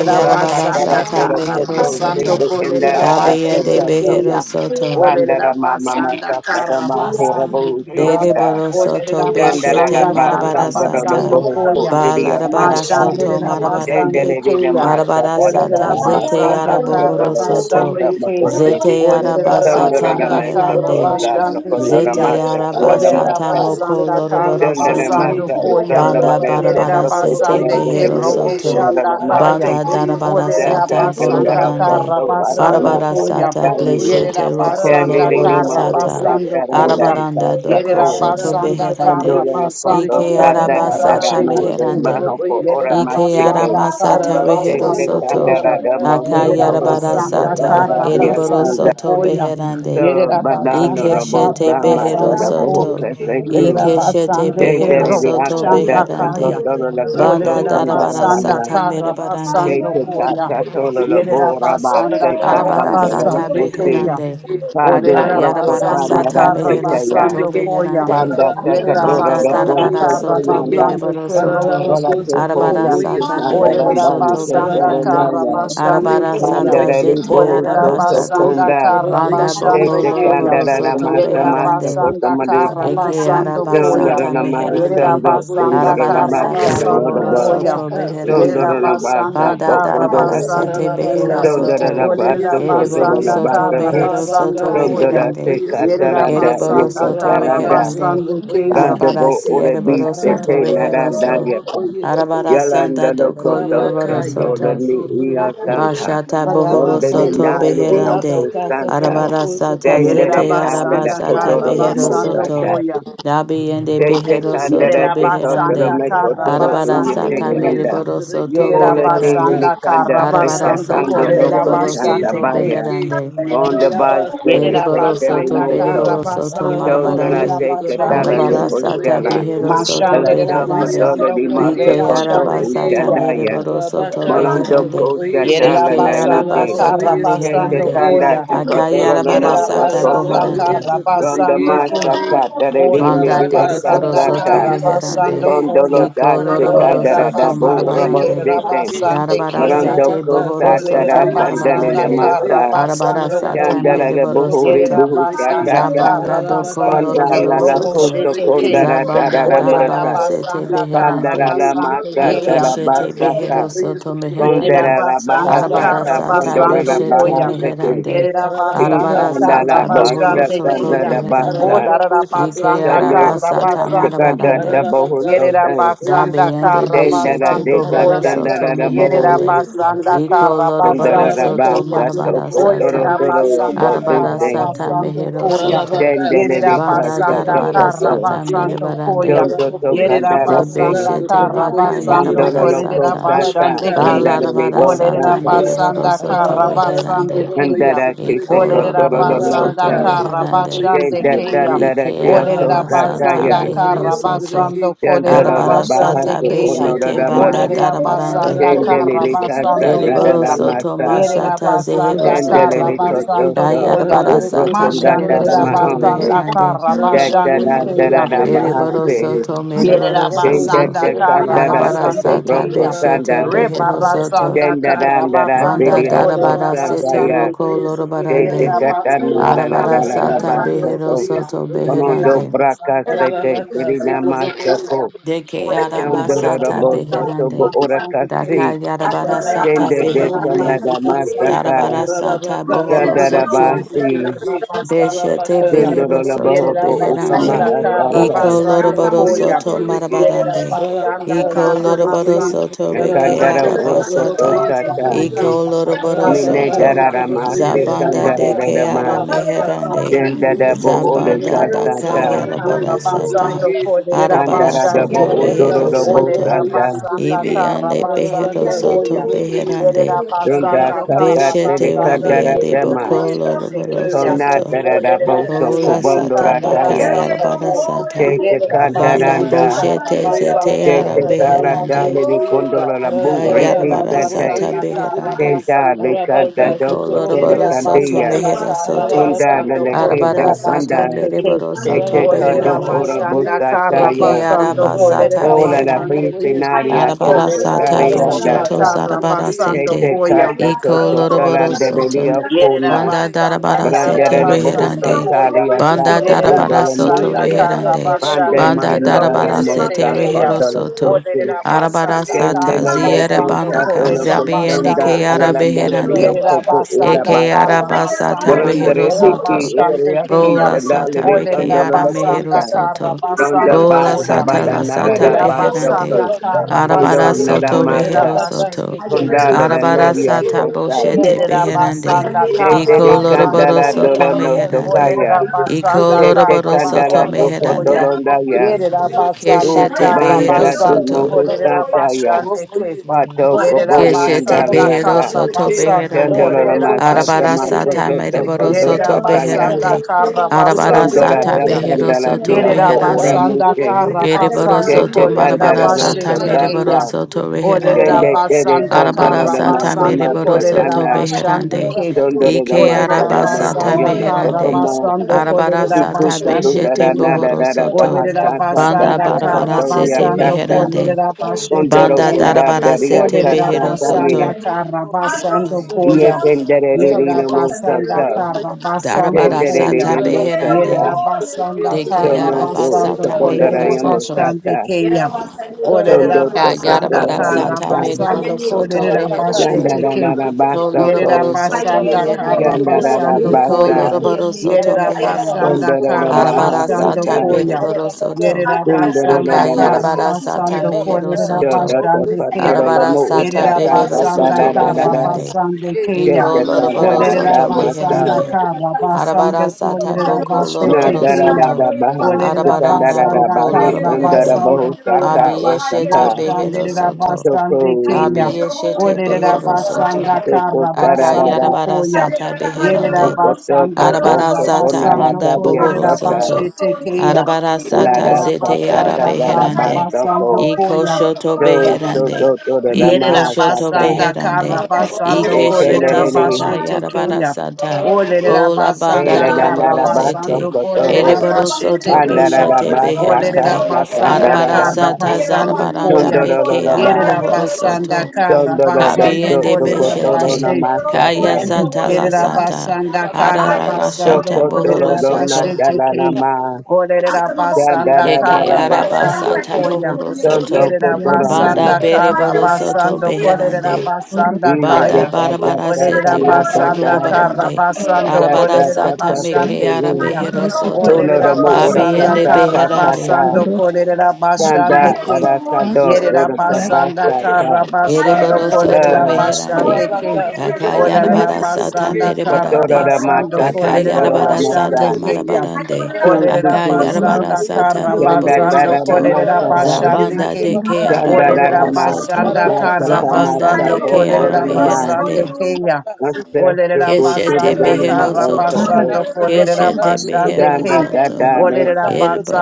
[SPEAKER 4] Thank
[SPEAKER 6] rakatara
[SPEAKER 7] sata
[SPEAKER 6] kotoro
[SPEAKER 7] mehero
[SPEAKER 6] koto
[SPEAKER 1] Karabasando
[SPEAKER 6] sebe
[SPEAKER 7] soto.
[SPEAKER 6] indara
[SPEAKER 7] Dabeyende
[SPEAKER 1] Kolerabashete
[SPEAKER 6] tata
[SPEAKER 7] behero
[SPEAKER 1] Kaya.
[SPEAKER 7] soto.
[SPEAKER 2] Hallelujah.
[SPEAKER 6] Bandara mama
[SPEAKER 1] Olerabasanda
[SPEAKER 6] masa kadama
[SPEAKER 2] Hallelujah.
[SPEAKER 1] Karabasande
[SPEAKER 6] horrible
[SPEAKER 1] Kaya.
[SPEAKER 7] Dede
[SPEAKER 6] shopata.
[SPEAKER 7] Soto
[SPEAKER 6] Dandara
[SPEAKER 7] Beshete
[SPEAKER 1] Olerabasanda
[SPEAKER 6] ba
[SPEAKER 7] Marabara
[SPEAKER 6] santa do
[SPEAKER 7] Sata
[SPEAKER 1] Karabasando
[SPEAKER 6] boho so
[SPEAKER 1] Koya.
[SPEAKER 6] diria
[SPEAKER 7] Balarabara
[SPEAKER 6] santa.
[SPEAKER 7] Soto
[SPEAKER 1] Mashandere Rabasande
[SPEAKER 6] Dendele
[SPEAKER 7] Marabarande
[SPEAKER 6] de
[SPEAKER 1] Kaya.
[SPEAKER 6] masa
[SPEAKER 7] Arabara
[SPEAKER 6] dara
[SPEAKER 1] Olere
[SPEAKER 7] Sata
[SPEAKER 6] dara
[SPEAKER 7] Zete
[SPEAKER 6] masa
[SPEAKER 1] Rabasanda
[SPEAKER 6] basso do
[SPEAKER 7] Arabohoro
[SPEAKER 6] do da desta
[SPEAKER 1] Karabasande Kay.
[SPEAKER 6] masoso.
[SPEAKER 7] Zete
[SPEAKER 1] Olere
[SPEAKER 7] Arabasata
[SPEAKER 6] Sondora la
[SPEAKER 1] Rabasanda
[SPEAKER 6] mesa
[SPEAKER 7] Meherande
[SPEAKER 6] costa
[SPEAKER 1] Karabasande
[SPEAKER 6] socondora
[SPEAKER 1] Kaya.
[SPEAKER 7] Zete
[SPEAKER 6] masa condora
[SPEAKER 1] Olere
[SPEAKER 7] arabasata
[SPEAKER 6] masa.
[SPEAKER 7] moko
[SPEAKER 1] Rabasanda
[SPEAKER 7] loroboro
[SPEAKER 6] Dandara
[SPEAKER 7] soto.
[SPEAKER 1] Karabasando
[SPEAKER 6] masa
[SPEAKER 1] Koya.
[SPEAKER 6] itzanda
[SPEAKER 7] Banda
[SPEAKER 6] mare
[SPEAKER 1] Yere
[SPEAKER 7] barabara
[SPEAKER 6] costa costa
[SPEAKER 7] sete
[SPEAKER 1] Rabasande
[SPEAKER 6] de de
[SPEAKER 1] K
[SPEAKER 7] behero
[SPEAKER 6] de
[SPEAKER 7] soto.
[SPEAKER 6] sondora
[SPEAKER 1] Roboshanda
[SPEAKER 6] la
[SPEAKER 3] Araraba
[SPEAKER 6] masa.
[SPEAKER 1] Kaya.
[SPEAKER 7] Banda
[SPEAKER 3] koye sutreki
[SPEAKER 7] darabara
[SPEAKER 1] Olere
[SPEAKER 6] Santa
[SPEAKER 7] sata
[SPEAKER 1] Rabasanda
[SPEAKER 6] andara
[SPEAKER 3] sutrabaka.
[SPEAKER 7] borobarande.
[SPEAKER 6] costa masa
[SPEAKER 1] Karabasando
[SPEAKER 7] Barabara
[SPEAKER 3] Ararabacoso,
[SPEAKER 1] Koya.
[SPEAKER 7] sata
[SPEAKER 6] masa
[SPEAKER 3] Trabacoye,
[SPEAKER 1] Yere
[SPEAKER 7] bleshete roko
[SPEAKER 2] Hallelujah.
[SPEAKER 6] Yande
[SPEAKER 1] Rabasanda
[SPEAKER 6] de de
[SPEAKER 7] loroboro
[SPEAKER 3] Ararabacoso,
[SPEAKER 6] mo
[SPEAKER 7] sata.
[SPEAKER 6] osa
[SPEAKER 3] Trabacoye,
[SPEAKER 1] Karabasando
[SPEAKER 6] karanda
[SPEAKER 1] Koya.
[SPEAKER 3] Sutrabeke,
[SPEAKER 6] de
[SPEAKER 7] Arabaranda
[SPEAKER 6] sasa
[SPEAKER 1] Yere
[SPEAKER 7] doko
[SPEAKER 6] ko.
[SPEAKER 7] shoto
[SPEAKER 3] Arabacaso,
[SPEAKER 1] Rabasanda
[SPEAKER 7] beherande.
[SPEAKER 3] Trabacoye,
[SPEAKER 6] Pandoro lo koto
[SPEAKER 1] Karabasando
[SPEAKER 3] Sutrabeke,
[SPEAKER 7] Ike
[SPEAKER 6] sa da
[SPEAKER 1] Kolere
[SPEAKER 6] da da da
[SPEAKER 7] arabasata
[SPEAKER 1] Rabashete
[SPEAKER 3] Ararabacoso,
[SPEAKER 6] mase
[SPEAKER 1] Kay.
[SPEAKER 7] meherande.
[SPEAKER 6] maho
[SPEAKER 3] Trabacoye,
[SPEAKER 6] ora
[SPEAKER 1] Yerera
[SPEAKER 7] Ike
[SPEAKER 3] Sutrabeke,
[SPEAKER 6] masike.
[SPEAKER 1] basanda
[SPEAKER 7] aramasata
[SPEAKER 1] karra
[SPEAKER 6] Te
[SPEAKER 7] rehero
[SPEAKER 6] te
[SPEAKER 3] Ararabacoye,
[SPEAKER 1] basando
[SPEAKER 6] kanda
[SPEAKER 7] soto.
[SPEAKER 6] da
[SPEAKER 1] koya.
[SPEAKER 6] da mo
[SPEAKER 3] Sutrabacaso,
[SPEAKER 6] so ko
[SPEAKER 1] Yerera
[SPEAKER 6] ho
[SPEAKER 3] Trabaco,
[SPEAKER 7] Akayarabara
[SPEAKER 6] so ko
[SPEAKER 1] basanda
[SPEAKER 6] da da
[SPEAKER 7] sata.
[SPEAKER 6] da
[SPEAKER 1] karra
[SPEAKER 6] dia
[SPEAKER 3] Arabacaso,
[SPEAKER 7] Ereboro
[SPEAKER 1] basando
[SPEAKER 6] sanda.
[SPEAKER 7] soto
[SPEAKER 3] Trabacoye,
[SPEAKER 1] koya.
[SPEAKER 7] beherande.
[SPEAKER 3] Sutrabeke,
[SPEAKER 6] So
[SPEAKER 1] Yerera
[SPEAKER 6] banano ro
[SPEAKER 1] basanda
[SPEAKER 6] mo
[SPEAKER 3] Ararabacoso,
[SPEAKER 1] karra
[SPEAKER 6] sa
[SPEAKER 7] Ikeshete
[SPEAKER 6] mata
[SPEAKER 7] behero
[SPEAKER 3] Trabacoye,
[SPEAKER 6] da
[SPEAKER 1] basando
[SPEAKER 6] boho
[SPEAKER 1] ko.
[SPEAKER 7] soto.
[SPEAKER 3] Sutrabeke,
[SPEAKER 6] kese tu.
[SPEAKER 1] Yerera
[SPEAKER 7] Ikeshete
[SPEAKER 6] Te
[SPEAKER 1] basande
[SPEAKER 3] Arabacaso,
[SPEAKER 1] ke
[SPEAKER 6] te
[SPEAKER 7] behero
[SPEAKER 6] de de
[SPEAKER 1] robo
[SPEAKER 3] Trabacoye,
[SPEAKER 7] soto
[SPEAKER 6] akanda
[SPEAKER 1] shanda
[SPEAKER 6] so ko
[SPEAKER 3] Sutrabeke,
[SPEAKER 1] kaya.
[SPEAKER 7] beherande.
[SPEAKER 6] toro lo koto
[SPEAKER 7] Banda
[SPEAKER 1] Olerera
[SPEAKER 3] Ararabacos,
[SPEAKER 6] kanda da
[SPEAKER 7] darabara
[SPEAKER 6] da
[SPEAKER 1] basanda
[SPEAKER 6] ma.
[SPEAKER 7] sata
[SPEAKER 1] karra
[SPEAKER 6] Te
[SPEAKER 7] merebarande.
[SPEAKER 1] basando
[SPEAKER 6] te ta
[SPEAKER 1] koya.
[SPEAKER 6] ta tolo lo bo
[SPEAKER 1] Yerera
[SPEAKER 6] ra
[SPEAKER 4] you.
[SPEAKER 6] ma se
[SPEAKER 1] basanda
[SPEAKER 6] te
[SPEAKER 1] karra
[SPEAKER 7] Arabara
[SPEAKER 4] It
[SPEAKER 6] kanda lo lo
[SPEAKER 7] sata
[SPEAKER 1] basande
[SPEAKER 6] kosi.
[SPEAKER 1] keya.
[SPEAKER 7] beherande.
[SPEAKER 4] is
[SPEAKER 6] Pandu
[SPEAKER 1] Olerera
[SPEAKER 6] broko
[SPEAKER 7] Akayarabara
[SPEAKER 1] basanda
[SPEAKER 7] sata
[SPEAKER 6] tanarate
[SPEAKER 1] karra
[SPEAKER 7] mehero
[SPEAKER 6] saya.
[SPEAKER 7] soto
[SPEAKER 1] basando koya.
[SPEAKER 7] beherande.
[SPEAKER 6] Panda
[SPEAKER 1] Yerera
[SPEAKER 2] Hallelujah.
[SPEAKER 6] takatoro
[SPEAKER 7] Banda
[SPEAKER 6] no
[SPEAKER 1] basanda
[SPEAKER 7] darabara
[SPEAKER 6] boso
[SPEAKER 1] kara
[SPEAKER 7] soto
[SPEAKER 6] koyanda.
[SPEAKER 1] basande
[SPEAKER 7] merebaro
[SPEAKER 1] ke
[SPEAKER 7] soto.
[SPEAKER 1] robo
[SPEAKER 6] Wala
[SPEAKER 1] sete
[SPEAKER 3] the
[SPEAKER 6] tefo
[SPEAKER 7] Arabara
[SPEAKER 1] keya.
[SPEAKER 6] uche
[SPEAKER 3] Bokoyes,
[SPEAKER 7] sata
[SPEAKER 3] the
[SPEAKER 6] kanda
[SPEAKER 7] behero
[SPEAKER 3] Vicky,
[SPEAKER 1] Olerera
[SPEAKER 6] lamba
[SPEAKER 7] soto
[SPEAKER 6] yuko
[SPEAKER 1] basanda
[SPEAKER 3] Arabaka
[SPEAKER 7] beherande.
[SPEAKER 1] kara
[SPEAKER 6] selenaya.
[SPEAKER 1] basande
[SPEAKER 3] sotrabokoye
[SPEAKER 7] Arabara
[SPEAKER 1] keya.
[SPEAKER 6] Panda
[SPEAKER 7] sata
[SPEAKER 3] sotrabeki.
[SPEAKER 6] rari
[SPEAKER 7] zete
[SPEAKER 1] Olerera
[SPEAKER 6] boso
[SPEAKER 9] Thank
[SPEAKER 3] Arabako
[SPEAKER 7] arabasata.
[SPEAKER 1] basanda
[SPEAKER 6] tokonda.
[SPEAKER 1] kara
[SPEAKER 3] sotrabokoye
[SPEAKER 7] Banda boko
[SPEAKER 1] basando
[SPEAKER 6] Tete
[SPEAKER 3] sotrabeki.
[SPEAKER 1] koya.
[SPEAKER 6] kanda
[SPEAKER 7] loroboro
[SPEAKER 6] rana
[SPEAKER 7] soto
[SPEAKER 6] masa
[SPEAKER 3] Arabaka
[SPEAKER 1] Yerera
[SPEAKER 6] masa
[SPEAKER 7] beherande.
[SPEAKER 6] koto
[SPEAKER 1] basanda
[SPEAKER 3] sotrabokoye
[SPEAKER 6] madu.
[SPEAKER 1] kara
[SPEAKER 7] Eke
[SPEAKER 3] sotrabeki.
[SPEAKER 1] basando
[SPEAKER 7] araba
[SPEAKER 1] koya.
[SPEAKER 6] Chondoro
[SPEAKER 7] sata
[SPEAKER 6] na
[SPEAKER 3] Arabaka
[SPEAKER 1] Yerera
[SPEAKER 7] meherande.
[SPEAKER 6] masondo.
[SPEAKER 3] sotrabokoye
[SPEAKER 1] basanda
[SPEAKER 6] Kundoro na
[SPEAKER 7] Arabara
[SPEAKER 1] kara
[SPEAKER 3] sotrabeki.
[SPEAKER 7] sata
[SPEAKER 6] masondo
[SPEAKER 1] basando
[SPEAKER 2] Hallelujah.
[SPEAKER 7] bohoro
[SPEAKER 6] norobo.
[SPEAKER 1] koya.
[SPEAKER 7] soto
[SPEAKER 3] Arabaka
[SPEAKER 7] beherande.
[SPEAKER 1] Yerera
[SPEAKER 6] Chondoro na
[SPEAKER 3] sotrabokoye.
[SPEAKER 6] basa
[SPEAKER 1] basanda
[SPEAKER 7] Banda
[SPEAKER 1] kara
[SPEAKER 7] darabara
[SPEAKER 6] bokondora.
[SPEAKER 1] basande
[SPEAKER 7] sete behero
[SPEAKER 1] keya.
[SPEAKER 3] Ararabaka
[SPEAKER 6] Chondoro
[SPEAKER 7] soto.
[SPEAKER 6] na
[SPEAKER 3] sotraboko
[SPEAKER 1] Olerera
[SPEAKER 6] basa kotoro
[SPEAKER 7] Ereboro
[SPEAKER 6] na
[SPEAKER 1] basanda
[SPEAKER 3] yesutrabeki.
[SPEAKER 7] soto
[SPEAKER 6] basa.
[SPEAKER 1] kara
[SPEAKER 7] behero
[SPEAKER 3] Ararabaka
[SPEAKER 1] basando
[SPEAKER 7] soto
[SPEAKER 1] koya.
[SPEAKER 6] Chondoro
[SPEAKER 3] sotraboko
[SPEAKER 7] beherande.
[SPEAKER 6] te
[SPEAKER 1] Yerera
[SPEAKER 3] yesutrabeki.
[SPEAKER 6] kataranda
[SPEAKER 7] Ereboro
[SPEAKER 1] basanda
[SPEAKER 6] yeke
[SPEAKER 7] soto
[SPEAKER 1] kara
[SPEAKER 3] Ararabaka
[SPEAKER 6] taranda.
[SPEAKER 7] beherande.
[SPEAKER 1] basando
[SPEAKER 3] sotraboko
[SPEAKER 4] a
[SPEAKER 1] keya.
[SPEAKER 7] Arabara
[SPEAKER 6] Randebo
[SPEAKER 7] si
[SPEAKER 3] yesutrabeki.
[SPEAKER 6] ore
[SPEAKER 7] ereboro
[SPEAKER 6] bise
[SPEAKER 4] It is a
[SPEAKER 7] soto
[SPEAKER 6] te
[SPEAKER 3] Ararabaka
[SPEAKER 7] behero so.
[SPEAKER 3] sotraboko
[SPEAKER 6] naranda
[SPEAKER 7] Arabara
[SPEAKER 3] yesutrabeki.
[SPEAKER 7] sanda
[SPEAKER 6] Yolanda
[SPEAKER 7] doko
[SPEAKER 6] Locoto
[SPEAKER 7] yoroboro
[SPEAKER 3] Rabaka
[SPEAKER 7] soto.
[SPEAKER 6] Sotola
[SPEAKER 3] yabaso
[SPEAKER 6] Ia
[SPEAKER 3] turboko.
[SPEAKER 6] Santa.
[SPEAKER 7] Bashata bohoro
[SPEAKER 3] Arabaka
[SPEAKER 6] Ordene
[SPEAKER 7] soto
[SPEAKER 3] ya
[SPEAKER 6] Nali
[SPEAKER 7] beherande.
[SPEAKER 6] Oco
[SPEAKER 3] olabaka
[SPEAKER 6] Santa.
[SPEAKER 7] Arabara
[SPEAKER 3] sotraboko
[SPEAKER 7] sata
[SPEAKER 3] sotraboko
[SPEAKER 1] Yerera
[SPEAKER 6] Tendere
[SPEAKER 7] zete
[SPEAKER 6] Tale
[SPEAKER 7] araba
[SPEAKER 6] la
[SPEAKER 1] basanda
[SPEAKER 3] yesutrabeki.
[SPEAKER 7] sata
[SPEAKER 6] Cotoro
[SPEAKER 1] kara
[SPEAKER 6] la
[SPEAKER 7] behero
[SPEAKER 1] basando
[SPEAKER 7] soto.
[SPEAKER 3] Ararabaka
[SPEAKER 6] Mosacha.
[SPEAKER 1] koya.
[SPEAKER 3] sotraboko
[SPEAKER 7] Dabiende
[SPEAKER 6] Tete
[SPEAKER 7] behero
[SPEAKER 3] yesutrabeki
[SPEAKER 7] soto
[SPEAKER 6] Sandere
[SPEAKER 1] Yerera
[SPEAKER 6] Te
[SPEAKER 3] sotrabaka.
[SPEAKER 6] Cotoro
[SPEAKER 7] beherande.
[SPEAKER 1] basanda
[SPEAKER 6] Me
[SPEAKER 1] kara
[SPEAKER 3] Rabaka
[SPEAKER 6] Cotoro
[SPEAKER 7] Arabara
[SPEAKER 6] Uye
[SPEAKER 1] basande
[SPEAKER 7] sata
[SPEAKER 3] sotraboko
[SPEAKER 1] ke.
[SPEAKER 6] Secanda.
[SPEAKER 7] meriboro
[SPEAKER 3] yesutrabeki
[SPEAKER 7] soto
[SPEAKER 1] Yerera
[SPEAKER 6] Pola
[SPEAKER 3] sotrabaka.
[SPEAKER 6] kanda,
[SPEAKER 7] berebarande.
[SPEAKER 1] basanda
[SPEAKER 6] Lilicanda
[SPEAKER 1] kara
[SPEAKER 7] Arabara
[SPEAKER 3] Araraba
[SPEAKER 1] basando
[SPEAKER 3] foi
[SPEAKER 7] sata
[SPEAKER 6] kando
[SPEAKER 3] essa
[SPEAKER 1] kolerera
[SPEAKER 6] Rocco
[SPEAKER 7] meriboro
[SPEAKER 3] trabequei,
[SPEAKER 6] Santa
[SPEAKER 3] essa
[SPEAKER 7] soto
[SPEAKER 1] basande
[SPEAKER 2] Hallelujah.
[SPEAKER 1] ke.
[SPEAKER 6] Baya.
[SPEAKER 3] trabequei.
[SPEAKER 7] beherande.
[SPEAKER 6] On the Base
[SPEAKER 1] Yerera
[SPEAKER 6] Te
[SPEAKER 7] Deriboro
[SPEAKER 6] Tele
[SPEAKER 7] soto
[SPEAKER 1] basanda
[SPEAKER 3] Reki,
[SPEAKER 6] Moso.
[SPEAKER 1] kara
[SPEAKER 7] beriboro soto
[SPEAKER 1] basando
[SPEAKER 6] Tonora
[SPEAKER 3] Ararabako,
[SPEAKER 1] kolerera
[SPEAKER 7] marabarande.
[SPEAKER 6] Te
[SPEAKER 3] Sotraboko,
[SPEAKER 1] basande
[SPEAKER 6] Catala
[SPEAKER 3] yes,
[SPEAKER 6] Nu
[SPEAKER 7] Arabara
[SPEAKER 1] ke.
[SPEAKER 7] sata
[SPEAKER 6] Ostela.
[SPEAKER 3] Sotrabeki,
[SPEAKER 7] behero soto
[SPEAKER 6] Ela Te
[SPEAKER 1] Mashanderera
[SPEAKER 3] Araraboko,
[SPEAKER 7] beherande.
[SPEAKER 3] yes,
[SPEAKER 6] Cotoro
[SPEAKER 1] basando
[SPEAKER 6] Di
[SPEAKER 1] kore
[SPEAKER 6] Masa
[SPEAKER 3] Sotrabeki,
[SPEAKER 7] Ike
[SPEAKER 6] Coto
[SPEAKER 7] araba
[SPEAKER 1] basande
[SPEAKER 3] Sotrabeki,
[SPEAKER 7] sata
[SPEAKER 1] keya.
[SPEAKER 6] Usandaya.
[SPEAKER 7] meriboro soto
[SPEAKER 3] Rabaka,
[SPEAKER 6] Molondo
[SPEAKER 7] beherande.
[SPEAKER 3] Sotraboko, yes,
[SPEAKER 1] Yerera
[SPEAKER 6] Koshatala
[SPEAKER 7] Ike
[SPEAKER 1] basanda
[SPEAKER 7] araba
[SPEAKER 6] Naike,
[SPEAKER 3] Araraboko,
[SPEAKER 7] sata
[SPEAKER 1] kara
[SPEAKER 3] yes,
[SPEAKER 6] Tete
[SPEAKER 1] basando
[SPEAKER 7] meherande.
[SPEAKER 3] Sotrabeki,
[SPEAKER 6] Kanda
[SPEAKER 1] koya.
[SPEAKER 7] Akai
[SPEAKER 6] Takotoro
[SPEAKER 3] Sotrabeki,
[SPEAKER 6] le
[SPEAKER 7] arabara
[SPEAKER 1] Yerera
[SPEAKER 6] masa
[SPEAKER 7] sata
[SPEAKER 1] basanda
[SPEAKER 6] Masakoto,
[SPEAKER 3] Araraboko,
[SPEAKER 7] bohorande.
[SPEAKER 4] Thank
[SPEAKER 3] yes,
[SPEAKER 1] kara
[SPEAKER 6] Ronda
[SPEAKER 1] basande
[SPEAKER 3] Sotrabeki,
[SPEAKER 1] ke.
[SPEAKER 3] Sotrabeki,
[SPEAKER 6] Masakata Redini
[SPEAKER 1] Olerera
[SPEAKER 7] Banda
[SPEAKER 3] Rabaka,
[SPEAKER 7] deriboro
[SPEAKER 1] basanda
[SPEAKER 3] Sotraboko,
[SPEAKER 7] soto
[SPEAKER 6] Kasata,
[SPEAKER 1] kara
[SPEAKER 3] yes,
[SPEAKER 7] meherande.
[SPEAKER 1] basando
[SPEAKER 3] Sotrabeki,
[SPEAKER 6] Kondolo
[SPEAKER 1] koya.
[SPEAKER 7] Iko loroboro
[SPEAKER 1] Olerera
[SPEAKER 6] Dasikandara
[SPEAKER 3] Ararabaka,
[SPEAKER 7] soto
[SPEAKER 3] Sotraboko,
[SPEAKER 1] basande
[SPEAKER 6] Daburabo
[SPEAKER 3] yes,
[SPEAKER 7] marabarande.
[SPEAKER 1] kerera
[SPEAKER 6] Sete,
[SPEAKER 3] Sotrabeki,
[SPEAKER 1] basande
[SPEAKER 7] Darabara
[SPEAKER 1] keya.
[SPEAKER 6] Molondo
[SPEAKER 7] sete
[SPEAKER 3] Ararabaka,
[SPEAKER 7] bohoro
[SPEAKER 1] Olerera
[SPEAKER 7] soto
[SPEAKER 6] Kosatara
[SPEAKER 3] Sotraboko, yes,
[SPEAKER 6] Kandale the
[SPEAKER 1] basanda
[SPEAKER 7] marabarande.
[SPEAKER 1] kara
[SPEAKER 3] Sotrabeki,
[SPEAKER 6] Masa,
[SPEAKER 7] Arabara
[SPEAKER 1] basando
[SPEAKER 7] sata
[SPEAKER 1] koya.
[SPEAKER 3] Paralabako
[SPEAKER 6] Kandala le le
[SPEAKER 7] mereboro
[SPEAKER 3] sotaboko
[SPEAKER 6] Buhuri
[SPEAKER 1] Yerera
[SPEAKER 7] soto.
[SPEAKER 3] sotabeki.
[SPEAKER 1] basanda
[SPEAKER 6] Buhusatata,
[SPEAKER 7] Zabanda
[SPEAKER 1] kara
[SPEAKER 7] doko
[SPEAKER 3] Paralabaka
[SPEAKER 1] basande
[SPEAKER 6] Kondala
[SPEAKER 1] ke
[SPEAKER 6] La
[SPEAKER 7] loroboro
[SPEAKER 3] sotaboko
[SPEAKER 6] la
[SPEAKER 1] robo
[SPEAKER 7] soto.
[SPEAKER 6] Koto
[SPEAKER 1] shete
[SPEAKER 3] sotabeki.
[SPEAKER 1] ke.
[SPEAKER 6] Kondara
[SPEAKER 7] Zabanda
[SPEAKER 6] Darara
[SPEAKER 3] Rabaka
[SPEAKER 1] Olerera
[SPEAKER 7] darabara
[SPEAKER 6] Masa,
[SPEAKER 7] sete
[SPEAKER 3] sotaboko
[SPEAKER 1] basanda kara
[SPEAKER 6] Pandara
[SPEAKER 7] beherande.
[SPEAKER 3] sotabeki.
[SPEAKER 6] La
[SPEAKER 1] basande
[SPEAKER 6] Masa
[SPEAKER 7] Ike
[SPEAKER 1] keya.
[SPEAKER 3] Paralabaka
[SPEAKER 7] shete
[SPEAKER 6] Tarabasaka,
[SPEAKER 7] behero
[SPEAKER 3] sotaboko
[SPEAKER 7] soto
[SPEAKER 3] sotabeki.
[SPEAKER 1] Yerera
[SPEAKER 7] meherande.
[SPEAKER 6] Kondala la
[SPEAKER 1] basanda
[SPEAKER 7] Arabara
[SPEAKER 3] Rabaka
[SPEAKER 1] kara,
[SPEAKER 6] bahasata,
[SPEAKER 7] sata
[SPEAKER 6] kondola
[SPEAKER 1] basando
[SPEAKER 6] la
[SPEAKER 3] sotaboko
[SPEAKER 7] beshete
[SPEAKER 1] koya.
[SPEAKER 6] bahasatu.
[SPEAKER 3] sotabeki.
[SPEAKER 7] meherande.
[SPEAKER 1] Yerera
[SPEAKER 6] He
[SPEAKER 3] Paralabaka
[SPEAKER 1] basanda
[SPEAKER 7] Arabara
[SPEAKER 6] onda
[SPEAKER 1] karra
[SPEAKER 6] la
[SPEAKER 3] sotaboko
[SPEAKER 7] sata
[SPEAKER 6] basa,
[SPEAKER 7] bohoro
[SPEAKER 1] basande
[SPEAKER 7] soto
[SPEAKER 6] konda
[SPEAKER 3] sotabeki.
[SPEAKER 1] keya.
[SPEAKER 6] la
[SPEAKER 1] O
[SPEAKER 7] beherande.
[SPEAKER 6] basa.
[SPEAKER 3] Paralabako
[SPEAKER 1] larara
[SPEAKER 7] Ike
[SPEAKER 1] basanda
[SPEAKER 3] sotaboko
[SPEAKER 6] Sono,
[SPEAKER 1] kara,
[SPEAKER 7] arabasata
[SPEAKER 3] sotabeki.
[SPEAKER 1] basande
[SPEAKER 6] sakanda
[SPEAKER 1] ke.
[SPEAKER 7] marabarande.
[SPEAKER 6] da boho
[SPEAKER 3] Paralabaka
[SPEAKER 1] Yerera
[SPEAKER 6] sotan.
[SPEAKER 3] sotaboko
[SPEAKER 1] basanda
[SPEAKER 7] Dabiende
[SPEAKER 1] kara,
[SPEAKER 3] sotabeki.
[SPEAKER 6] Tenda la
[SPEAKER 7] Beshete
[SPEAKER 1] basando
[SPEAKER 6] deka,
[SPEAKER 7] Bohoro
[SPEAKER 1] koya.
[SPEAKER 3] Ararabaka,
[SPEAKER 6] sanda
[SPEAKER 7] Soto
[SPEAKER 6] la la moho.
[SPEAKER 1] Yerera
[SPEAKER 3] Sotraboko,
[SPEAKER 7] Meherande
[SPEAKER 3] yes,
[SPEAKER 1] basanda
[SPEAKER 3] Sotrabeki.
[SPEAKER 7] Iko
[SPEAKER 1] kara,
[SPEAKER 7] Loroboro
[SPEAKER 6] Kondala la
[SPEAKER 1] basando
[SPEAKER 3] Ararabako,
[SPEAKER 7] Soto
[SPEAKER 1] keya.
[SPEAKER 6] basa,
[SPEAKER 7] Marabara
[SPEAKER 3] Sotraboko,
[SPEAKER 6] toko
[SPEAKER 1] O
[SPEAKER 3] yes,
[SPEAKER 6] toro
[SPEAKER 7] Sata
[SPEAKER 1] lerera
[SPEAKER 6] toro
[SPEAKER 3] Sotrabeki.
[SPEAKER 6] robo
[SPEAKER 1] basanda
[SPEAKER 7] Arabara
[SPEAKER 1] kara,
[SPEAKER 6] duse.
[SPEAKER 7] Sata
[SPEAKER 1] basando
[SPEAKER 2] Hallelujah.
[SPEAKER 7] Mehero
[SPEAKER 1] koya.
[SPEAKER 7] Soto
[SPEAKER 3] Ararabaka,
[SPEAKER 6] Tenda la
[SPEAKER 1] Yerera
[SPEAKER 6] deka,
[SPEAKER 7] Banda
[SPEAKER 3] sotrabokoye,
[SPEAKER 1] basanda
[SPEAKER 6] sato
[SPEAKER 2] Thank
[SPEAKER 7] Darabara
[SPEAKER 3] sotrabeke,
[SPEAKER 1] kara,
[SPEAKER 6] koto.
[SPEAKER 7] Sata
[SPEAKER 1] basando
[SPEAKER 7] Merebarande
[SPEAKER 1] koya.
[SPEAKER 6] Jondo to
[SPEAKER 3] Ararabokoye,
[SPEAKER 1] Yerera
[SPEAKER 6] kandala
[SPEAKER 3] sotrabaka,
[SPEAKER 6] te.
[SPEAKER 1] basanda
[SPEAKER 7] Zebeshete
[SPEAKER 1] kara
[SPEAKER 7] Baka
[SPEAKER 3] sotrabokoye,
[SPEAKER 1] basando
[SPEAKER 6] Kandolo
[SPEAKER 7] Yarabara
[SPEAKER 3] sotrabeke,
[SPEAKER 6] lo
[SPEAKER 1] kolerera
[SPEAKER 7] Sata
[SPEAKER 6] kosata,
[SPEAKER 3] Arabaka,
[SPEAKER 1] basande ke.
[SPEAKER 6] andala de
[SPEAKER 3] sotraboko,
[SPEAKER 7] Balarabara
[SPEAKER 1] Olerera
[SPEAKER 7] Sata
[SPEAKER 6] bosata.
[SPEAKER 3] sotrabeke,
[SPEAKER 7] Mereboro
[SPEAKER 1] basanda
[SPEAKER 7] Soto
[SPEAKER 1] kara
[SPEAKER 3] Ararabaka,
[SPEAKER 1] basande
[SPEAKER 7] Reherande
[SPEAKER 3] sotrabokoye,
[SPEAKER 1] keya.
[SPEAKER 6] Andala kise
[SPEAKER 3] sotrabeke,
[SPEAKER 7] Iko
[SPEAKER 1] Olerera
[SPEAKER 6] kotoro
[SPEAKER 7] Loroboro
[SPEAKER 1] basanda
[SPEAKER 3] Arabaka,
[SPEAKER 7] Soto
[SPEAKER 6] donosa.
[SPEAKER 1] kara
[SPEAKER 7] Reherande
[SPEAKER 3] sotrabokoye,
[SPEAKER 1] basande
[SPEAKER 6] Yenda
[SPEAKER 3] sotrabeke,
[SPEAKER 1] keya.
[SPEAKER 6] tanda da
[SPEAKER 7] Ike
[SPEAKER 6] tia
[SPEAKER 1] Olerera
[SPEAKER 3] Ararabaka,
[SPEAKER 6] kosa
[SPEAKER 7] aramasata
[SPEAKER 1] basanda
[SPEAKER 6] taya.
[SPEAKER 7] behero
[SPEAKER 3] sotrabokoye,
[SPEAKER 1] kara
[SPEAKER 7] soto.
[SPEAKER 3] sotrabeke,
[SPEAKER 1] basando
[SPEAKER 6] Yenda
[SPEAKER 1] kolerera
[SPEAKER 6] da da
[SPEAKER 7] Arabara
[SPEAKER 3] Ararabaka,
[SPEAKER 6] baha
[SPEAKER 1] basande
[SPEAKER 7] sata
[SPEAKER 6] soko
[SPEAKER 1] keya.
[SPEAKER 6] no
[SPEAKER 3] sotrabokoye,
[SPEAKER 6] da
[SPEAKER 7] beshete
[SPEAKER 6] da ma.
[SPEAKER 7] banda
[SPEAKER 3] sotrabeke,
[SPEAKER 1] Olerera
[SPEAKER 7] darabarande.
[SPEAKER 1] basanda
[SPEAKER 6] Yenda
[SPEAKER 3] Ararabokoye,
[SPEAKER 1] kara
[SPEAKER 6] lili kasa
[SPEAKER 1] basando
[SPEAKER 6] da
[SPEAKER 3] sotrabeke,
[SPEAKER 6] da
[SPEAKER 7] Deriboro
[SPEAKER 6] da
[SPEAKER 1] koya.
[SPEAKER 7] soto
[SPEAKER 6] masa.
[SPEAKER 1] Yerera
[SPEAKER 3] Ararabaka,
[SPEAKER 7] mashata zehero
[SPEAKER 1] basanda
[SPEAKER 3] Sotraboko,
[SPEAKER 6] Yenda
[SPEAKER 3] yes,
[SPEAKER 1] kara
[SPEAKER 6] lili
[SPEAKER 7] soto.
[SPEAKER 6] koto
[SPEAKER 3] Sotrabeki,
[SPEAKER 1] basando
[SPEAKER 6] so.
[SPEAKER 1] koya.
[SPEAKER 7] Kayarabara
[SPEAKER 6] Soko
[SPEAKER 3] Ararabako,
[SPEAKER 6] broko
[SPEAKER 7] sata
[SPEAKER 6] da da
[SPEAKER 7] mehero
[SPEAKER 3] Sotrabaka,
[SPEAKER 6] da
[SPEAKER 1] Mashanderera
[SPEAKER 6] ma
[SPEAKER 7] soto
[SPEAKER 6] on.
[SPEAKER 1] basanda
[SPEAKER 3] Sotrabeki,
[SPEAKER 7] beherande.
[SPEAKER 1] kara
[SPEAKER 6] Da da
[SPEAKER 3] Ararabako,
[SPEAKER 1] basande
[SPEAKER 6] da da da
[SPEAKER 1] keya.
[SPEAKER 3] Sotraboko, yes,
[SPEAKER 6] baha
[SPEAKER 7] Deriboro
[SPEAKER 6] se.
[SPEAKER 3] Sotrabeki,
[SPEAKER 7] soto meriboro
[SPEAKER 3] Ararabako,
[SPEAKER 6] Yenda
[SPEAKER 7] soto.
[SPEAKER 1] Yerabasanda
[SPEAKER 6] da
[SPEAKER 3] Sotraboko, yes,
[SPEAKER 6] kanda da
[SPEAKER 7] Arabara
[SPEAKER 6] soko
[SPEAKER 1] Karabasande
[SPEAKER 3] Sotrabeki,
[SPEAKER 4] you.
[SPEAKER 7] sata
[SPEAKER 6] broko
[SPEAKER 1] Kaya.
[SPEAKER 6] sanda.
[SPEAKER 7] beshete
[SPEAKER 3] Ararabaka,
[SPEAKER 4] Come
[SPEAKER 7] behero
[SPEAKER 3] Sotrabaka,
[SPEAKER 7] soto.
[SPEAKER 1] Rebarasanda
[SPEAKER 6] Yenda da da
[SPEAKER 3] Sotraboko,
[SPEAKER 6] da
[SPEAKER 1] Karabasando
[SPEAKER 7] Banda
[SPEAKER 6] bili oko
[SPEAKER 7] darabara
[SPEAKER 3] Ararabaka,
[SPEAKER 6] santa
[SPEAKER 7] sete
[SPEAKER 6] ya.
[SPEAKER 1] Kolerabasande
[SPEAKER 3] Sotraboko,
[SPEAKER 7] roko
[SPEAKER 1] Kaya.
[SPEAKER 3] yes, Sotrabeki,
[SPEAKER 6] Shete
[SPEAKER 7] lorobarande.
[SPEAKER 3] Shitty,
[SPEAKER 6] katana
[SPEAKER 1] Yerabasanda
[SPEAKER 6] da da da
[SPEAKER 7] Arabara
[SPEAKER 6] da
[SPEAKER 3] Rabaka,
[SPEAKER 6] da
[SPEAKER 7] sata
[SPEAKER 1] Karabasando
[SPEAKER 6] basa
[SPEAKER 7] behero
[SPEAKER 3] Sotraboko,
[SPEAKER 6] so.
[SPEAKER 3] yes,
[SPEAKER 1] Kaya.
[SPEAKER 7] soto
[SPEAKER 6] Kono
[SPEAKER 3] Sotrabeki,
[SPEAKER 6] do
[SPEAKER 7] beherande.
[SPEAKER 3] Shitty,
[SPEAKER 6] braka
[SPEAKER 1] Yerabasande
[SPEAKER 6] sete.
[SPEAKER 3] Ararabaka,
[SPEAKER 6] Dirina
[SPEAKER 1] Kerabasande
[SPEAKER 3] Sotraboko,
[SPEAKER 2] you.
[SPEAKER 1] Kaya.
[SPEAKER 6] masoko.
[SPEAKER 7] De Keara Masata
[SPEAKER 1] Kolerabasanda
[SPEAKER 6] Dondorobosa
[SPEAKER 3] Rabaka,
[SPEAKER 6] tobo
[SPEAKER 7] Beherande,
[SPEAKER 6] ora
[SPEAKER 1] Karabasande Kaya.
[SPEAKER 6] Orakasi,
[SPEAKER 7] Dakayarabara Sata
[SPEAKER 6] Tende de
[SPEAKER 1] Yerabasanda
[SPEAKER 3] Rabako, you
[SPEAKER 7] Beherande,
[SPEAKER 6] Kanada
[SPEAKER 3] sit
[SPEAKER 1] Karabasande
[SPEAKER 6] Masaka,
[SPEAKER 7] Darabara
[SPEAKER 1] Kaya.
[SPEAKER 7] Sata Bohoro Soto,
[SPEAKER 1] Yerabasande
[SPEAKER 6] Dandarabasi,
[SPEAKER 1] Kerabasando
[SPEAKER 7] Beshete
[SPEAKER 1] Koya.
[SPEAKER 7] behero
[SPEAKER 6] Dundorola
[SPEAKER 7] soto
[SPEAKER 1] Yerera
[SPEAKER 6] Bohoko Ukama
[SPEAKER 1] basanda
[SPEAKER 7] beherande.
[SPEAKER 1] kara
[SPEAKER 6] Asata,
[SPEAKER 7] Iko
[SPEAKER 1] basanda
[SPEAKER 7] loroboro
[SPEAKER 1] koya.
[SPEAKER 7] soto
[SPEAKER 1] Yerera
[SPEAKER 7] marabarande.
[SPEAKER 1] basanda
[SPEAKER 7] Iko
[SPEAKER 1] kara
[SPEAKER 7] loroboro
[SPEAKER 1] basanda
[SPEAKER 7] soto
[SPEAKER 1] kenya.
[SPEAKER 7] reke
[SPEAKER 6] Kandara
[SPEAKER 1] Yerera
[SPEAKER 6] Orokoto
[SPEAKER 7] arabasata.
[SPEAKER 1] basanda
[SPEAKER 6] Sata,
[SPEAKER 7] Iko
[SPEAKER 1] kara
[SPEAKER 7] loroboro
[SPEAKER 1] basanda
[SPEAKER 6] Mine
[SPEAKER 7] soto.
[SPEAKER 1] koya.
[SPEAKER 6] Dararamasi,
[SPEAKER 1] Yerera
[SPEAKER 7] Zabanda de
[SPEAKER 6] Kandara
[SPEAKER 7] ke
[SPEAKER 1] basanda
[SPEAKER 7] ara
[SPEAKER 6] Darama,
[SPEAKER 1] kara basanda
[SPEAKER 7] meherande.
[SPEAKER 1] kenya.
[SPEAKER 6] Dendada Bo
[SPEAKER 7] Zabanda
[SPEAKER 6] Oreka
[SPEAKER 7] da ka
[SPEAKER 6] Sata,
[SPEAKER 1] Yerabasanda
[SPEAKER 7] yarabara
[SPEAKER 3] the
[SPEAKER 7] sata.
[SPEAKER 1] Karabasando
[SPEAKER 3] vacation, sit the vacation.
[SPEAKER 7] Arabara
[SPEAKER 6] Kandara
[SPEAKER 1] Kolerabashando
[SPEAKER 6] Dabo
[SPEAKER 7] soto
[SPEAKER 1] King.
[SPEAKER 3] Rabaka
[SPEAKER 7] rehero
[SPEAKER 6] Bo
[SPEAKER 3] sotraboko
[SPEAKER 7] soto.
[SPEAKER 6] Santa,
[SPEAKER 1] Olerabasanda
[SPEAKER 3] yesotrabeke.
[SPEAKER 7] Ibiande
[SPEAKER 1] Karabasando
[SPEAKER 3] Ararabaka
[SPEAKER 7] behero soto
[SPEAKER 1] Koya.
[SPEAKER 3] sotraboko yesi.
[SPEAKER 7] beherande.
[SPEAKER 2] Hallelujah.
[SPEAKER 6] Dunda
[SPEAKER 1] Yerabasanda
[SPEAKER 3] Ararabako
[SPEAKER 6] Sata
[SPEAKER 7] Beshete
[SPEAKER 6] Tere
[SPEAKER 3] yesotrabaka
[SPEAKER 2] Oh,
[SPEAKER 1] Karabasando
[SPEAKER 6] Kandara
[SPEAKER 7] rabiande
[SPEAKER 3] sotraboko
[SPEAKER 6] Dama,
[SPEAKER 7] boko
[SPEAKER 3] ye.
[SPEAKER 1] Kolerabashande
[SPEAKER 2] yes,
[SPEAKER 7] loroboro
[SPEAKER 1] Kenya.
[SPEAKER 3] Ararabaka
[SPEAKER 6] Kona
[SPEAKER 7] soto.
[SPEAKER 6] Darada
[SPEAKER 3] sotraboko
[SPEAKER 6] Boso
[SPEAKER 7] Bola
[SPEAKER 3] sotrabeke.
[SPEAKER 1] Olerabasanda
[SPEAKER 6] Kobondo
[SPEAKER 7] sata baka
[SPEAKER 6] Rataya,
[SPEAKER 3] Ararabaka
[SPEAKER 1] Karabasando
[SPEAKER 7] yarabara
[SPEAKER 1] Kom.
[SPEAKER 3] sotraboko
[SPEAKER 7] sata.
[SPEAKER 6] Kete
[SPEAKER 3] yesotrabeke
[SPEAKER 7] Banda
[SPEAKER 6] kandaranda,
[SPEAKER 1] Yerabasanda
[SPEAKER 3] yesu.
[SPEAKER 7] boshete zete
[SPEAKER 1] Karabasando
[SPEAKER 3] Arayabasa
[SPEAKER 7] yara
[SPEAKER 6] kete
[SPEAKER 3] tabako
[SPEAKER 6] kala
[SPEAKER 7] beherande.
[SPEAKER 6] dali di
[SPEAKER 3] sotraboko
[SPEAKER 1] Kolerabashete
[SPEAKER 3] ye.
[SPEAKER 1] Kenya.
[SPEAKER 6] kondolo lambu
[SPEAKER 7] Ka
[SPEAKER 3] Ararabaka
[SPEAKER 6] riti
[SPEAKER 7] yarabara
[SPEAKER 6] sente,
[SPEAKER 3] sotraboko
[SPEAKER 7] sata
[SPEAKER 1] Olerabasanda
[SPEAKER 3] yesotrabeke.
[SPEAKER 7] beherande.
[SPEAKER 6] kenta li
[SPEAKER 1] Karabasando
[SPEAKER 6] kanta
[SPEAKER 3] Arabaka
[SPEAKER 1] Koya.
[SPEAKER 7] Iko
[SPEAKER 6] doko
[SPEAKER 3] sotraboko
[SPEAKER 6] tola
[SPEAKER 1] Yerera
[SPEAKER 7] loroboro soto
[SPEAKER 6] kandia,
[SPEAKER 3] yesotrabeke.
[SPEAKER 1] basanda
[SPEAKER 7] mehero
[SPEAKER 1] kara
[SPEAKER 7] soto.
[SPEAKER 6] runda
[SPEAKER 3] Ararabaka
[SPEAKER 1] basando,
[SPEAKER 6] lele
[SPEAKER 3] sotraboko
[SPEAKER 6] kenta
[SPEAKER 7] Arabara
[SPEAKER 1] Karabasando
[SPEAKER 6] anda,
[SPEAKER 7] sata
[SPEAKER 1] basande
[SPEAKER 3] yesotrabeke.
[SPEAKER 1] ke.
[SPEAKER 7] mereboro
[SPEAKER 6] kete
[SPEAKER 7] soto
[SPEAKER 3] Ararabako
[SPEAKER 6] kando
[SPEAKER 7] beherande.
[SPEAKER 6] ora
[SPEAKER 3] sotraboko
[SPEAKER 1] Karabasando basanda
[SPEAKER 6] busa
[SPEAKER 1] kara
[SPEAKER 6] taya,
[SPEAKER 7] Eke
[SPEAKER 3] yesotrabeke.
[SPEAKER 7] yaraba sata
[SPEAKER 3] Rabaka,
[SPEAKER 6] ola la
[SPEAKER 7] meherande.
[SPEAKER 3] Sotoboko,
[SPEAKER 6] bisi
[SPEAKER 3] yes, a
[SPEAKER 2] I am
[SPEAKER 6] naria
[SPEAKER 2] a
[SPEAKER 3] Trebeki,
[SPEAKER 7] Arabara
[SPEAKER 6] kosa
[SPEAKER 2] Rahana to be
[SPEAKER 7] sata
[SPEAKER 6] tari
[SPEAKER 3] Arabaka,
[SPEAKER 7] boshoto
[SPEAKER 6] andasa,
[SPEAKER 2] Rahana.
[SPEAKER 3] Sotoboko,
[SPEAKER 7] zarabara
[SPEAKER 3] yes,
[SPEAKER 1] basando
[SPEAKER 3] a
[SPEAKER 6] kete
[SPEAKER 7] sete.
[SPEAKER 1] Koya.
[SPEAKER 3] Trebeki,
[SPEAKER 6] kato
[SPEAKER 2] Hallelujah,
[SPEAKER 7] Iko
[SPEAKER 6] toko
[SPEAKER 7] loroboro
[SPEAKER 3] Arabako,
[SPEAKER 6] talande
[SPEAKER 3] yes, a
[SPEAKER 7] soto.
[SPEAKER 6] lilio
[SPEAKER 1] Yerera
[SPEAKER 6] kuna,
[SPEAKER 7] Banda
[SPEAKER 3] Trebeki,
[SPEAKER 1] basanda
[SPEAKER 7] darabara
[SPEAKER 1] kara
[SPEAKER 6] brandere
[SPEAKER 7] sete
[SPEAKER 6] le
[SPEAKER 3] Arabako, yes,
[SPEAKER 1] basando
[SPEAKER 6] bohuson
[SPEAKER 2] hallelujah,
[SPEAKER 7] reherande.
[SPEAKER 1] koya.
[SPEAKER 6] talia
[SPEAKER 3] Trebeki, Trebeki,
[SPEAKER 7] Banda
[SPEAKER 6] kasi
[SPEAKER 1] Yerera
[SPEAKER 3] Sotobeki,
[SPEAKER 7] darabara
[SPEAKER 6] kondolo
[SPEAKER 7] soto
[SPEAKER 1] basanda
[SPEAKER 6] muke,
[SPEAKER 3] Reabasa,
[SPEAKER 1] kara
[SPEAKER 7] reherande.
[SPEAKER 3] Tabako,
[SPEAKER 1] basande
[SPEAKER 7] Banda
[SPEAKER 6] Pandemana
[SPEAKER 1] kerera
[SPEAKER 3] Sotoboko,
[SPEAKER 7] darabara
[SPEAKER 1] boshete
[SPEAKER 7] sete
[SPEAKER 6] Ramosa
[SPEAKER 1] keya.
[SPEAKER 7] rehero
[SPEAKER 3] Rabaka,
[SPEAKER 6] Condolo
[SPEAKER 7] soto.
[SPEAKER 3] Sotoboko, yes,
[SPEAKER 1] Olerera
[SPEAKER 3] a
[SPEAKER 7] Arabara
[SPEAKER 1] basanda
[SPEAKER 3] Trebeki,
[SPEAKER 7] sata
[SPEAKER 1] kara
[SPEAKER 7] ziere
[SPEAKER 1] basando
[SPEAKER 3] Arabako,
[SPEAKER 7] banda ka
[SPEAKER 1] kolerera
[SPEAKER 3] Sotoboko, yes,
[SPEAKER 7] zabiende
[SPEAKER 3] a
[SPEAKER 6] Shandelelekekatolokotonda
[SPEAKER 2] soy
[SPEAKER 1] basande
[SPEAKER 7] ke ara
[SPEAKER 1] ke.
[SPEAKER 3] Trebeki,
[SPEAKER 7] beherande.
[SPEAKER 1] Yerera
[SPEAKER 2] una
[SPEAKER 6] alalalalalilokopo
[SPEAKER 3] Arabaka,
[SPEAKER 1] basanda
[SPEAKER 7] Eke
[SPEAKER 3] Sotoboko,
[SPEAKER 2] I got my own home. I got my own family. I got my own business.
[SPEAKER 6] urabasa.
[SPEAKER 3] yes,
[SPEAKER 1] kara
[SPEAKER 3] a
[SPEAKER 7] arabasata
[SPEAKER 1] basando
[SPEAKER 3] Trebeki,
[SPEAKER 7] rehero
[SPEAKER 6] Morandere
[SPEAKER 1] kolerera
[SPEAKER 7] soto.
[SPEAKER 3] Arabaka,
[SPEAKER 6] hiki
[SPEAKER 1] basande
[SPEAKER 6] ereaki
[SPEAKER 3] Sotoboko,
[SPEAKER 1] keya.
[SPEAKER 7] Bola
[SPEAKER 3] yes, a
[SPEAKER 7] sata
[SPEAKER 6] sandalere
[SPEAKER 3] Trebeki,
[SPEAKER 1] Olerera
[SPEAKER 7] rekeara mehero
[SPEAKER 1] basanda
[SPEAKER 6] kandololokosa.
[SPEAKER 1] kara
[SPEAKER 7] soto.
[SPEAKER 2] I got my
[SPEAKER 6] Ronda
[SPEAKER 2] own
[SPEAKER 1] basando
[SPEAKER 7] Bola
[SPEAKER 2] house. I
[SPEAKER 6] basa
[SPEAKER 2] got
[SPEAKER 1] koya.
[SPEAKER 2] my
[SPEAKER 7] sata la
[SPEAKER 2] own car.
[SPEAKER 7] sata
[SPEAKER 6] badanarada
[SPEAKER 2] I
[SPEAKER 1] Yerera
[SPEAKER 2] got
[SPEAKER 6] basa
[SPEAKER 2] my
[SPEAKER 7] beherande.
[SPEAKER 1] basanda
[SPEAKER 6] ko-
[SPEAKER 1] kara
[SPEAKER 7] Arabara
[SPEAKER 6] kondo
[SPEAKER 1] basando
[SPEAKER 7] soto
[SPEAKER 2] own
[SPEAKER 1] kolerera
[SPEAKER 2] money.
[SPEAKER 7] rehero
[SPEAKER 6] nadamasa.
[SPEAKER 1] basete
[SPEAKER 7] soto.
[SPEAKER 2] I got my own wife. I got
[SPEAKER 1] ke.
[SPEAKER 6] Kondala
[SPEAKER 2] my
[SPEAKER 7] Arabara
[SPEAKER 2] own
[SPEAKER 6] nandaria
[SPEAKER 7] sata
[SPEAKER 4] on,
[SPEAKER 6] kosa.
[SPEAKER 7] boshete
[SPEAKER 2] kids.
[SPEAKER 1] Yerera
[SPEAKER 2] I got my own house. I got my own business. I got my
[SPEAKER 7] beherande.
[SPEAKER 2] own money. I got my
[SPEAKER 1] basanda
[SPEAKER 6] Tete
[SPEAKER 1] kara
[SPEAKER 7] Iko
[SPEAKER 6] de
[SPEAKER 2] own
[SPEAKER 1] basande
[SPEAKER 7] loroboro
[SPEAKER 6] kandala
[SPEAKER 1] kenya.
[SPEAKER 7] soto
[SPEAKER 6] dolono
[SPEAKER 7] meherande.
[SPEAKER 6] sokaya.
[SPEAKER 1] Olerera
[SPEAKER 7] Iko
[SPEAKER 2] wife.
[SPEAKER 3] Rabaka,
[SPEAKER 1] basanda kara
[SPEAKER 6] Tete
[SPEAKER 7] loroboro soto
[SPEAKER 6] kandala
[SPEAKER 1] basando
[SPEAKER 3] Rabaka, so
[SPEAKER 1] koya.
[SPEAKER 7] meherande.
[SPEAKER 3] the
[SPEAKER 6] dokotolondaya.
[SPEAKER 1] Yerera basanda
[SPEAKER 7] Keshete
[SPEAKER 1] kara
[SPEAKER 7] behero
[SPEAKER 6] Ukibandara
[SPEAKER 1] basando
[SPEAKER 7] soto.
[SPEAKER 1] kolerera
[SPEAKER 6] dimohusataya.
[SPEAKER 1] basande ke.
[SPEAKER 6] Pato
[SPEAKER 1] Yerera
[SPEAKER 6] koboni
[SPEAKER 7] Keshete
[SPEAKER 1] basanda
[SPEAKER 7] behero
[SPEAKER 6] andaliata.
[SPEAKER 1] kara
[SPEAKER 7] soto
[SPEAKER 2] I
[SPEAKER 1] basando
[SPEAKER 2] got
[SPEAKER 7] beherande.
[SPEAKER 6] Chandora
[SPEAKER 2] my own
[SPEAKER 1] kolerera
[SPEAKER 2] kids.
[SPEAKER 7] Arabara
[SPEAKER 1] basete ke.
[SPEAKER 7] sata
[SPEAKER 6] soto
[SPEAKER 7] mereboro
[SPEAKER 6] Kondo
[SPEAKER 1] Yerera
[SPEAKER 7] soto
[SPEAKER 6] Sakaya
[SPEAKER 1] basanda
[SPEAKER 7] beherande.
[SPEAKER 1] kara
[SPEAKER 7] Arabara
[SPEAKER 1] basando
[SPEAKER 6] Sondora
[SPEAKER 7] sata
[SPEAKER 1] koya.
[SPEAKER 7] behero
[SPEAKER 6] Takandala
[SPEAKER 7] soto
[SPEAKER 6] Dioko
[SPEAKER 1] Yerera
[SPEAKER 6] Ora
[SPEAKER 7] beherande.
[SPEAKER 1] basanda
[SPEAKER 6] Muse
[SPEAKER 1] kara
[SPEAKER 7] Ereboro
[SPEAKER 1] basando
[SPEAKER 7] soto
[SPEAKER 6] Tete
[SPEAKER 1] kolerera
[SPEAKER 7] marabara
[SPEAKER 6] Kandara
[SPEAKER 7] sata
[SPEAKER 6] Loko
[SPEAKER 1] basete
[SPEAKER 7] mereboro
[SPEAKER 1] keya.
[SPEAKER 6] Tasa
[SPEAKER 7] soto
[SPEAKER 1] Olerera
[SPEAKER 7] beherande.
[SPEAKER 6] Tende Tede
[SPEAKER 1] basanda
[SPEAKER 7] Arabara
[SPEAKER 6] Kandora
[SPEAKER 1] kara
[SPEAKER 7] sata
[SPEAKER 3] book
[SPEAKER 1] basando
[SPEAKER 3] is
[SPEAKER 7] mereboro
[SPEAKER 1] kolerera
[SPEAKER 7] soto
[SPEAKER 3] the
[SPEAKER 6] Masakana
[SPEAKER 1] basande
[SPEAKER 7] beherande.
[SPEAKER 1] ke.
[SPEAKER 3] Rabako
[SPEAKER 6] Sondora
[SPEAKER 4] Russia.
[SPEAKER 7] Ike
[SPEAKER 3] sotraboko
[SPEAKER 1] Olerera
[SPEAKER 6] Masana
[SPEAKER 7] araba
[SPEAKER 3] yesu
[SPEAKER 4] Yeah.
[SPEAKER 7] sata
[SPEAKER 6] Masaya
[SPEAKER 1] basanda
[SPEAKER 3] trebeke.
[SPEAKER 1] kara
[SPEAKER 7] meherande.
[SPEAKER 6] Masokomo
[SPEAKER 3] Rabaka
[SPEAKER 1] basando
[SPEAKER 7] Arabara
[SPEAKER 1] kolerera
[SPEAKER 3] sotraboko
[SPEAKER 6] Tutu
[SPEAKER 7] sata
[SPEAKER 3] yesu
[SPEAKER 6] Kutu
[SPEAKER 1] basande ke
[SPEAKER 7] beshete
[SPEAKER 6] Dara
[SPEAKER 2] Hallelujah.
[SPEAKER 3] trebeke.
[SPEAKER 1] ya.
[SPEAKER 6] Nara
[SPEAKER 7] bohoro
[SPEAKER 6] Dara
[SPEAKER 7] soto.
[SPEAKER 3] Rabaka
[SPEAKER 1] Olerera
[SPEAKER 6] Bahasata
[SPEAKER 7] Banda
[SPEAKER 3] sotraboko
[SPEAKER 1] basanda
[SPEAKER 6] Dato
[SPEAKER 3] yesu
[SPEAKER 7] barabara
[SPEAKER 1] kara
[SPEAKER 6] Kotoria
[SPEAKER 3] trebeke.
[SPEAKER 7] sete
[SPEAKER 1] basando
[SPEAKER 6] Kasa
[SPEAKER 7] beherande.
[SPEAKER 1] kolerera
[SPEAKER 3] Rabaka
[SPEAKER 1] basete
[SPEAKER 6] Kondoro
[SPEAKER 1] ke
[SPEAKER 3] sotraboko
[SPEAKER 7] Banda
[SPEAKER 1] ya.
[SPEAKER 3] yesu
[SPEAKER 7] darabara
[SPEAKER 3] trebeke.
[SPEAKER 6] Kondaria
[SPEAKER 7] sete
[SPEAKER 1] Olerera
[SPEAKER 6] Kasa
[SPEAKER 7] behero soto.
[SPEAKER 6] Taye
[SPEAKER 3] Rabaka
[SPEAKER 1] basanda kara
[SPEAKER 3] sotraboko yesu
[SPEAKER 1] basando
[SPEAKER 6] Iye
[SPEAKER 1] koya.
[SPEAKER 3] trebeke.
[SPEAKER 6] Kendere Lili
[SPEAKER 1] Yerera
[SPEAKER 3] Rabako yesu
[SPEAKER 1] basanda
[SPEAKER 6] Musata
[SPEAKER 3] trebeka
[SPEAKER 1] kara
[SPEAKER 3] yesu
[SPEAKER 1] basando
[SPEAKER 3] trebeke.
[SPEAKER 7] Darabara
[SPEAKER 6] Tendere
[SPEAKER 1] koya.
[SPEAKER 7] sata
[SPEAKER 6] Lili
[SPEAKER 3] Rabako
[SPEAKER 7] beherande.
[SPEAKER 6] Musata
[SPEAKER 1] Yerera
[SPEAKER 3] yesu trebeke
[SPEAKER 1] basanda
[SPEAKER 7] De
[SPEAKER 3] yesu
[SPEAKER 7] que
[SPEAKER 6] Yo
[SPEAKER 1] kara
[SPEAKER 6] no
[SPEAKER 3] trebeke.
[SPEAKER 7] araba
[SPEAKER 6] yo
[SPEAKER 1] basando
[SPEAKER 7] sata mehero
[SPEAKER 3] Rabako
[SPEAKER 1] kolerera
[SPEAKER 6] sokondaraya
[SPEAKER 3] yesu
[SPEAKER 7] soto.
[SPEAKER 3] trebeke
[SPEAKER 1] basande
[SPEAKER 6] masata
[SPEAKER 1] ke
[SPEAKER 3] yesu
[SPEAKER 1] ya.
[SPEAKER 3] Arabacos,
[SPEAKER 1] Olerera
[SPEAKER 6] sondo
[SPEAKER 7] Ka
[SPEAKER 1] basanda
[SPEAKER 7] yarabara
[SPEAKER 6] sokotorara
[SPEAKER 1] kara
[SPEAKER 7] sata
[SPEAKER 6] masa
[SPEAKER 7] mehero
[SPEAKER 1] basando
[SPEAKER 2] Ayah
[SPEAKER 7] soto
[SPEAKER 1] kolerera
[SPEAKER 7] beherande.
[SPEAKER 1] basheteke.
[SPEAKER 6] yandarara
[SPEAKER 7] To
[SPEAKER 1] Yerera
[SPEAKER 7] lorabaro
[SPEAKER 6] basako
[SPEAKER 7] soto
[SPEAKER 1] basanda kara
[SPEAKER 7] meherande.
[SPEAKER 6] yandarara
[SPEAKER 1] basando
[SPEAKER 7] Iko
[SPEAKER 1] koya.
[SPEAKER 6] basa
[SPEAKER 7] lorabaro soto
[SPEAKER 1] Yerera
[SPEAKER 7] meherande.
[SPEAKER 1] basanda
[SPEAKER 6] sondarara
[SPEAKER 1] kara
[SPEAKER 7] Arabara
[SPEAKER 4] Thank
[SPEAKER 1] basando
[SPEAKER 6] bahasata
[SPEAKER 7] sata
[SPEAKER 1] koya.
[SPEAKER 7] berebaro soto.
[SPEAKER 1] Yerera basanda
[SPEAKER 7] Aka
[SPEAKER 6] sundarara ma
[SPEAKER 1] kara
[SPEAKER 7] yarabara sata
[SPEAKER 1] basando
[SPEAKER 7] mehero
[SPEAKER 1] kolerera
[SPEAKER 6] yoto
[SPEAKER 7] soto.
[SPEAKER 1] bashandeke.
[SPEAKER 6] sokotorolo
[SPEAKER 7] Arabara
[SPEAKER 6] mo
[SPEAKER 7] sata
[SPEAKER 1] Yerera
[SPEAKER 6] usaka
[SPEAKER 7] behero
[SPEAKER 1] basanda
[SPEAKER 7] soto
[SPEAKER 1] kara
[SPEAKER 6] tatarara
[SPEAKER 7] beherande.
[SPEAKER 1] basande keya.
[SPEAKER 7] Iko loroboro
[SPEAKER 6] shekatandara
[SPEAKER 1] Olerera
[SPEAKER 7] soto
[SPEAKER 6] damasa
[SPEAKER 1] basanda
[SPEAKER 7] beherande.
[SPEAKER 1] kara
[SPEAKER 7] Arabara
[SPEAKER 1] basando
[SPEAKER 7] sata
[SPEAKER 1] kolerera
[SPEAKER 7] boko loroboro
[SPEAKER 1] basheteke
[SPEAKER 6] nadarara
[SPEAKER 2] Hallelujah.
[SPEAKER 1] ya.
[SPEAKER 7] soto.
[SPEAKER 6] baha
[SPEAKER 1] Olerera
[SPEAKER 7] Arabaranda
[SPEAKER 6] sukandara
[SPEAKER 1] basanda
[SPEAKER 7] boko
[SPEAKER 6] bahi
[SPEAKER 2] Ay, Ay,
[SPEAKER 1] kara
[SPEAKER 2] pero
[SPEAKER 6] undara
[SPEAKER 7] lorobarande.
[SPEAKER 1] basando
[SPEAKER 6] bahusaka
[SPEAKER 1] koya.
[SPEAKER 7] Abiyeshete
[SPEAKER 6] wasaka
[SPEAKER 7] behero
[SPEAKER 1] Mashandera
[SPEAKER 7] soto.
[SPEAKER 6] soko
[SPEAKER 1] basande keya.
[SPEAKER 7] Abiyeshete
[SPEAKER 1] Olerera
[SPEAKER 7] behero
[SPEAKER 1] basanda
[SPEAKER 7] soto.
[SPEAKER 6] soko
[SPEAKER 1] kara basando
[SPEAKER 6] Tarara,
[SPEAKER 7] Akayarabara
[SPEAKER 1] koya.
[SPEAKER 7] sata
[SPEAKER 1] Yerera
[SPEAKER 7] beherande.
[SPEAKER 6] Okototo
[SPEAKER 1] basanda
[SPEAKER 7] Arabara
[SPEAKER 1] kara
[SPEAKER 6] Gosoko
[SPEAKER 7] sata
[SPEAKER 1] basando
[SPEAKER 7] manda
[SPEAKER 6] Nalatadia
[SPEAKER 7] bohoro
[SPEAKER 1] kolerera
[SPEAKER 6] Kota
[SPEAKER 7] soto.
[SPEAKER 1] bashete keya.
[SPEAKER 7] Arabara sata
[SPEAKER 6] Lada
[SPEAKER 1] Olerera
[SPEAKER 7] zete yara
[SPEAKER 1] basanda
[SPEAKER 6] Satata Dada
[SPEAKER 1] kara
[SPEAKER 7] beherande.
[SPEAKER 1] basando
[SPEAKER 6] Basoko
[SPEAKER 4] you.
[SPEAKER 7] Iko
[SPEAKER 1] koya.
[SPEAKER 7] shoto
[SPEAKER 4] Thank
[SPEAKER 6] Doso
[SPEAKER 7] beherande.
[SPEAKER 6] Doto Dada
[SPEAKER 7] Iko shoto
[SPEAKER 6] Mahasaka
[SPEAKER 1] Yerabasanda
[SPEAKER 7] beherande.
[SPEAKER 1] Karabasando
[SPEAKER 7] Ike shete
[SPEAKER 6] Ekeneri
[SPEAKER 7] zata
[SPEAKER 1] Kolerabashete
[SPEAKER 7] yarabara
[SPEAKER 1] Kaya.
[SPEAKER 7] sata. Ola banda
[SPEAKER 1] Olerabasanda
[SPEAKER 6] Elada Nada
[SPEAKER 7] doroboro sete.
[SPEAKER 1] Karabasando
[SPEAKER 6] Basoko To
[SPEAKER 7] Ereboro
[SPEAKER 2] va a ser
[SPEAKER 1] Kolerabashete
[SPEAKER 7] soto
[SPEAKER 2] yo
[SPEAKER 8] Thank
[SPEAKER 1] Kaya.
[SPEAKER 2] soy,
[SPEAKER 6] Pandada
[SPEAKER 7] beshete
[SPEAKER 2] yo soy, yo
[SPEAKER 6] Basaka
[SPEAKER 7] beherande.
[SPEAKER 2] soy.
[SPEAKER 1] Olerabasanda
[SPEAKER 6] Sakandada
[SPEAKER 7] Arabara
[SPEAKER 6] Daba
[SPEAKER 7] sata
[SPEAKER 1] Karabasando
[SPEAKER 7] zarabaranda
[SPEAKER 1] Koya.
[SPEAKER 6] Dondoro
[SPEAKER 7] beke yara
[SPEAKER 6] Daba
[SPEAKER 7] mohoro soto.
[SPEAKER 1] Yerabasanda
[SPEAKER 6] Dondoro
[SPEAKER 1] Karabasando
[SPEAKER 7] Kabiende
[SPEAKER 6] Dokotoro
[SPEAKER 7] Beshete,
[SPEAKER 1] Kolerabashe.
[SPEAKER 7] Kaya
[SPEAKER 6] Namasata
[SPEAKER 7] Sata La Sata,
[SPEAKER 1] Yerabasanda
[SPEAKER 7] Arara
[SPEAKER 1] Karabasando
[SPEAKER 7] Shata
[SPEAKER 6] Dokotoro
[SPEAKER 7] Bohoro Soto,
[SPEAKER 1] Kolerabashete
[SPEAKER 6] Donatala
[SPEAKER 1] Kaya.
[SPEAKER 6] Nama
[SPEAKER 1] Olerabasanda
[SPEAKER 6] Dandada
[SPEAKER 7] Eke
[SPEAKER 6] Dada
[SPEAKER 7] Araba
[SPEAKER 1] Karabasando
[SPEAKER 7] Sata
[SPEAKER 1] Koya.
[SPEAKER 7] Mohoro
[SPEAKER 6] Dondo
[SPEAKER 7] Soto,
[SPEAKER 1] Yerera
[SPEAKER 6] Kotorona
[SPEAKER 7] Banda
[SPEAKER 1] basanda kara
[SPEAKER 7] Bereboro Soto
[SPEAKER 1] basando kolerera
[SPEAKER 7] Beherande,
[SPEAKER 1] basanda
[SPEAKER 6] Ine de
[SPEAKER 7] Banda
[SPEAKER 1] kaya.
[SPEAKER 6] ka da
[SPEAKER 7] Barabara
[SPEAKER 6] da
[SPEAKER 4] you.
[SPEAKER 6] ka
[SPEAKER 1] Olerera
[SPEAKER 7] Sete
[SPEAKER 6] na da
[SPEAKER 7] Roko
[SPEAKER 6] da
[SPEAKER 4] Thank
[SPEAKER 1] basanda kara
[SPEAKER 7] Lorobarande,
[SPEAKER 1] basando
[SPEAKER 6] da da
[SPEAKER 7] Arabara
[SPEAKER 1] kolerera
[SPEAKER 6] da
[SPEAKER 7] Sata
[SPEAKER 6] ka to
[SPEAKER 7] Meke
[SPEAKER 6] to
[SPEAKER 1] basande
[SPEAKER 6] u.
[SPEAKER 1] kaya.
[SPEAKER 7] Arabehero Soto,
[SPEAKER 6] Tuno da
[SPEAKER 1] Olerera
[SPEAKER 6] mo ora
[SPEAKER 1] basanda
[SPEAKER 7] Abiende
[SPEAKER 6] kasa ta
[SPEAKER 1] kara
[SPEAKER 6] ta
[SPEAKER 7] Beherande,
[SPEAKER 6] ta
[SPEAKER 1] basando kolerera
[SPEAKER 6] kanda
[SPEAKER 1] basande kaya.
[SPEAKER 6] ara kando
[SPEAKER 1] Yerera
[SPEAKER 6] ora
[SPEAKER 2] Hallelujah.
[SPEAKER 1] basanda
[SPEAKER 6] kabasa ta
[SPEAKER 1] kara basando
[SPEAKER 7] Ereboro soto
[SPEAKER 1] kolerera
[SPEAKER 6] ah
[SPEAKER 7] meherande.
[SPEAKER 1] basande kaya.
[SPEAKER 3] Rabaka, Sotrabokoye,
[SPEAKER 1] Olerera
[SPEAKER 7] Akayarabara sata
[SPEAKER 1] basanda
[SPEAKER 3] Sotrabekesi,
[SPEAKER 1] kara
[SPEAKER 6] kotora
[SPEAKER 7] merebarande.
[SPEAKER 6] da
[SPEAKER 1] basando
[SPEAKER 6] masa
[SPEAKER 3] Ararabokoye,
[SPEAKER 1] kolerera
[SPEAKER 6] katora da
[SPEAKER 7] Akayarabara
[SPEAKER 3] Sotrabeke,
[SPEAKER 6] masa
[SPEAKER 7] sata
[SPEAKER 1] basande
[SPEAKER 3] Sotrabeke,
[SPEAKER 1] kaya.
[SPEAKER 7] marabarande.
[SPEAKER 6] tu tu
[SPEAKER 3] Ararabaka,
[SPEAKER 1] Olerera
[SPEAKER 6] tu
[SPEAKER 7] Akayarabara
[SPEAKER 1] basanda
[SPEAKER 2] I
[SPEAKER 3] Sotrabokoye,
[SPEAKER 7] sata
[SPEAKER 1] kara
[SPEAKER 6] kanda
[SPEAKER 7] moroboro
[SPEAKER 6] da
[SPEAKER 3] Sotrabekesi,
[SPEAKER 6] da
[SPEAKER 1] basando
[SPEAKER 6] da
[SPEAKER 7] soto.
[SPEAKER 1] kolerera
[SPEAKER 6] masa ka
[SPEAKER 3] Ararabokoye,
[SPEAKER 1] basande
[SPEAKER 7] Zabanda de
[SPEAKER 1] ke.
[SPEAKER 3] Sotrabaka,
[SPEAKER 7] ke
[SPEAKER 6] kanda da da
[SPEAKER 1] Olerera
[SPEAKER 3] Sotraboko,
[SPEAKER 7] arabohoro
[SPEAKER 6] masa
[SPEAKER 7] soto.
[SPEAKER 1] basanda
[SPEAKER 6] masa
[SPEAKER 3] Ararabaka,
[SPEAKER 1] kara
[SPEAKER 6] ka
[SPEAKER 7] Zabanda
[SPEAKER 6] masa
[SPEAKER 7] de
[SPEAKER 1] basando
[SPEAKER 6] ko
[SPEAKER 3] Sotrabokoye,
[SPEAKER 7] ke ara
[SPEAKER 6] doro
[SPEAKER 1] kolerera
[SPEAKER 6] na ma
[SPEAKER 1] basande
[SPEAKER 7] meherande.
[SPEAKER 1] ke ya.
[SPEAKER 3] Sotrabeke,
[SPEAKER 6] asa tu
[SPEAKER 1] Olerera
[SPEAKER 6] ko
[SPEAKER 7] Keshete
[SPEAKER 6] doro
[SPEAKER 1] basanda
[SPEAKER 6] na ma
[SPEAKER 7] mehero
[SPEAKER 1] kara
[SPEAKER 6] oso
[SPEAKER 7] soto.
[SPEAKER 6] ko
[SPEAKER 1] basando
[SPEAKER 3] Arabacas,
[SPEAKER 1] kolerera
[SPEAKER 7] Keshete
[SPEAKER 1] basande
[SPEAKER 7] mehero
[SPEAKER 6] kanda
[SPEAKER 1] ke.
[SPEAKER 6] da da
[SPEAKER 7] soto.
[SPEAKER 6] ne
[SPEAKER 1] Olerera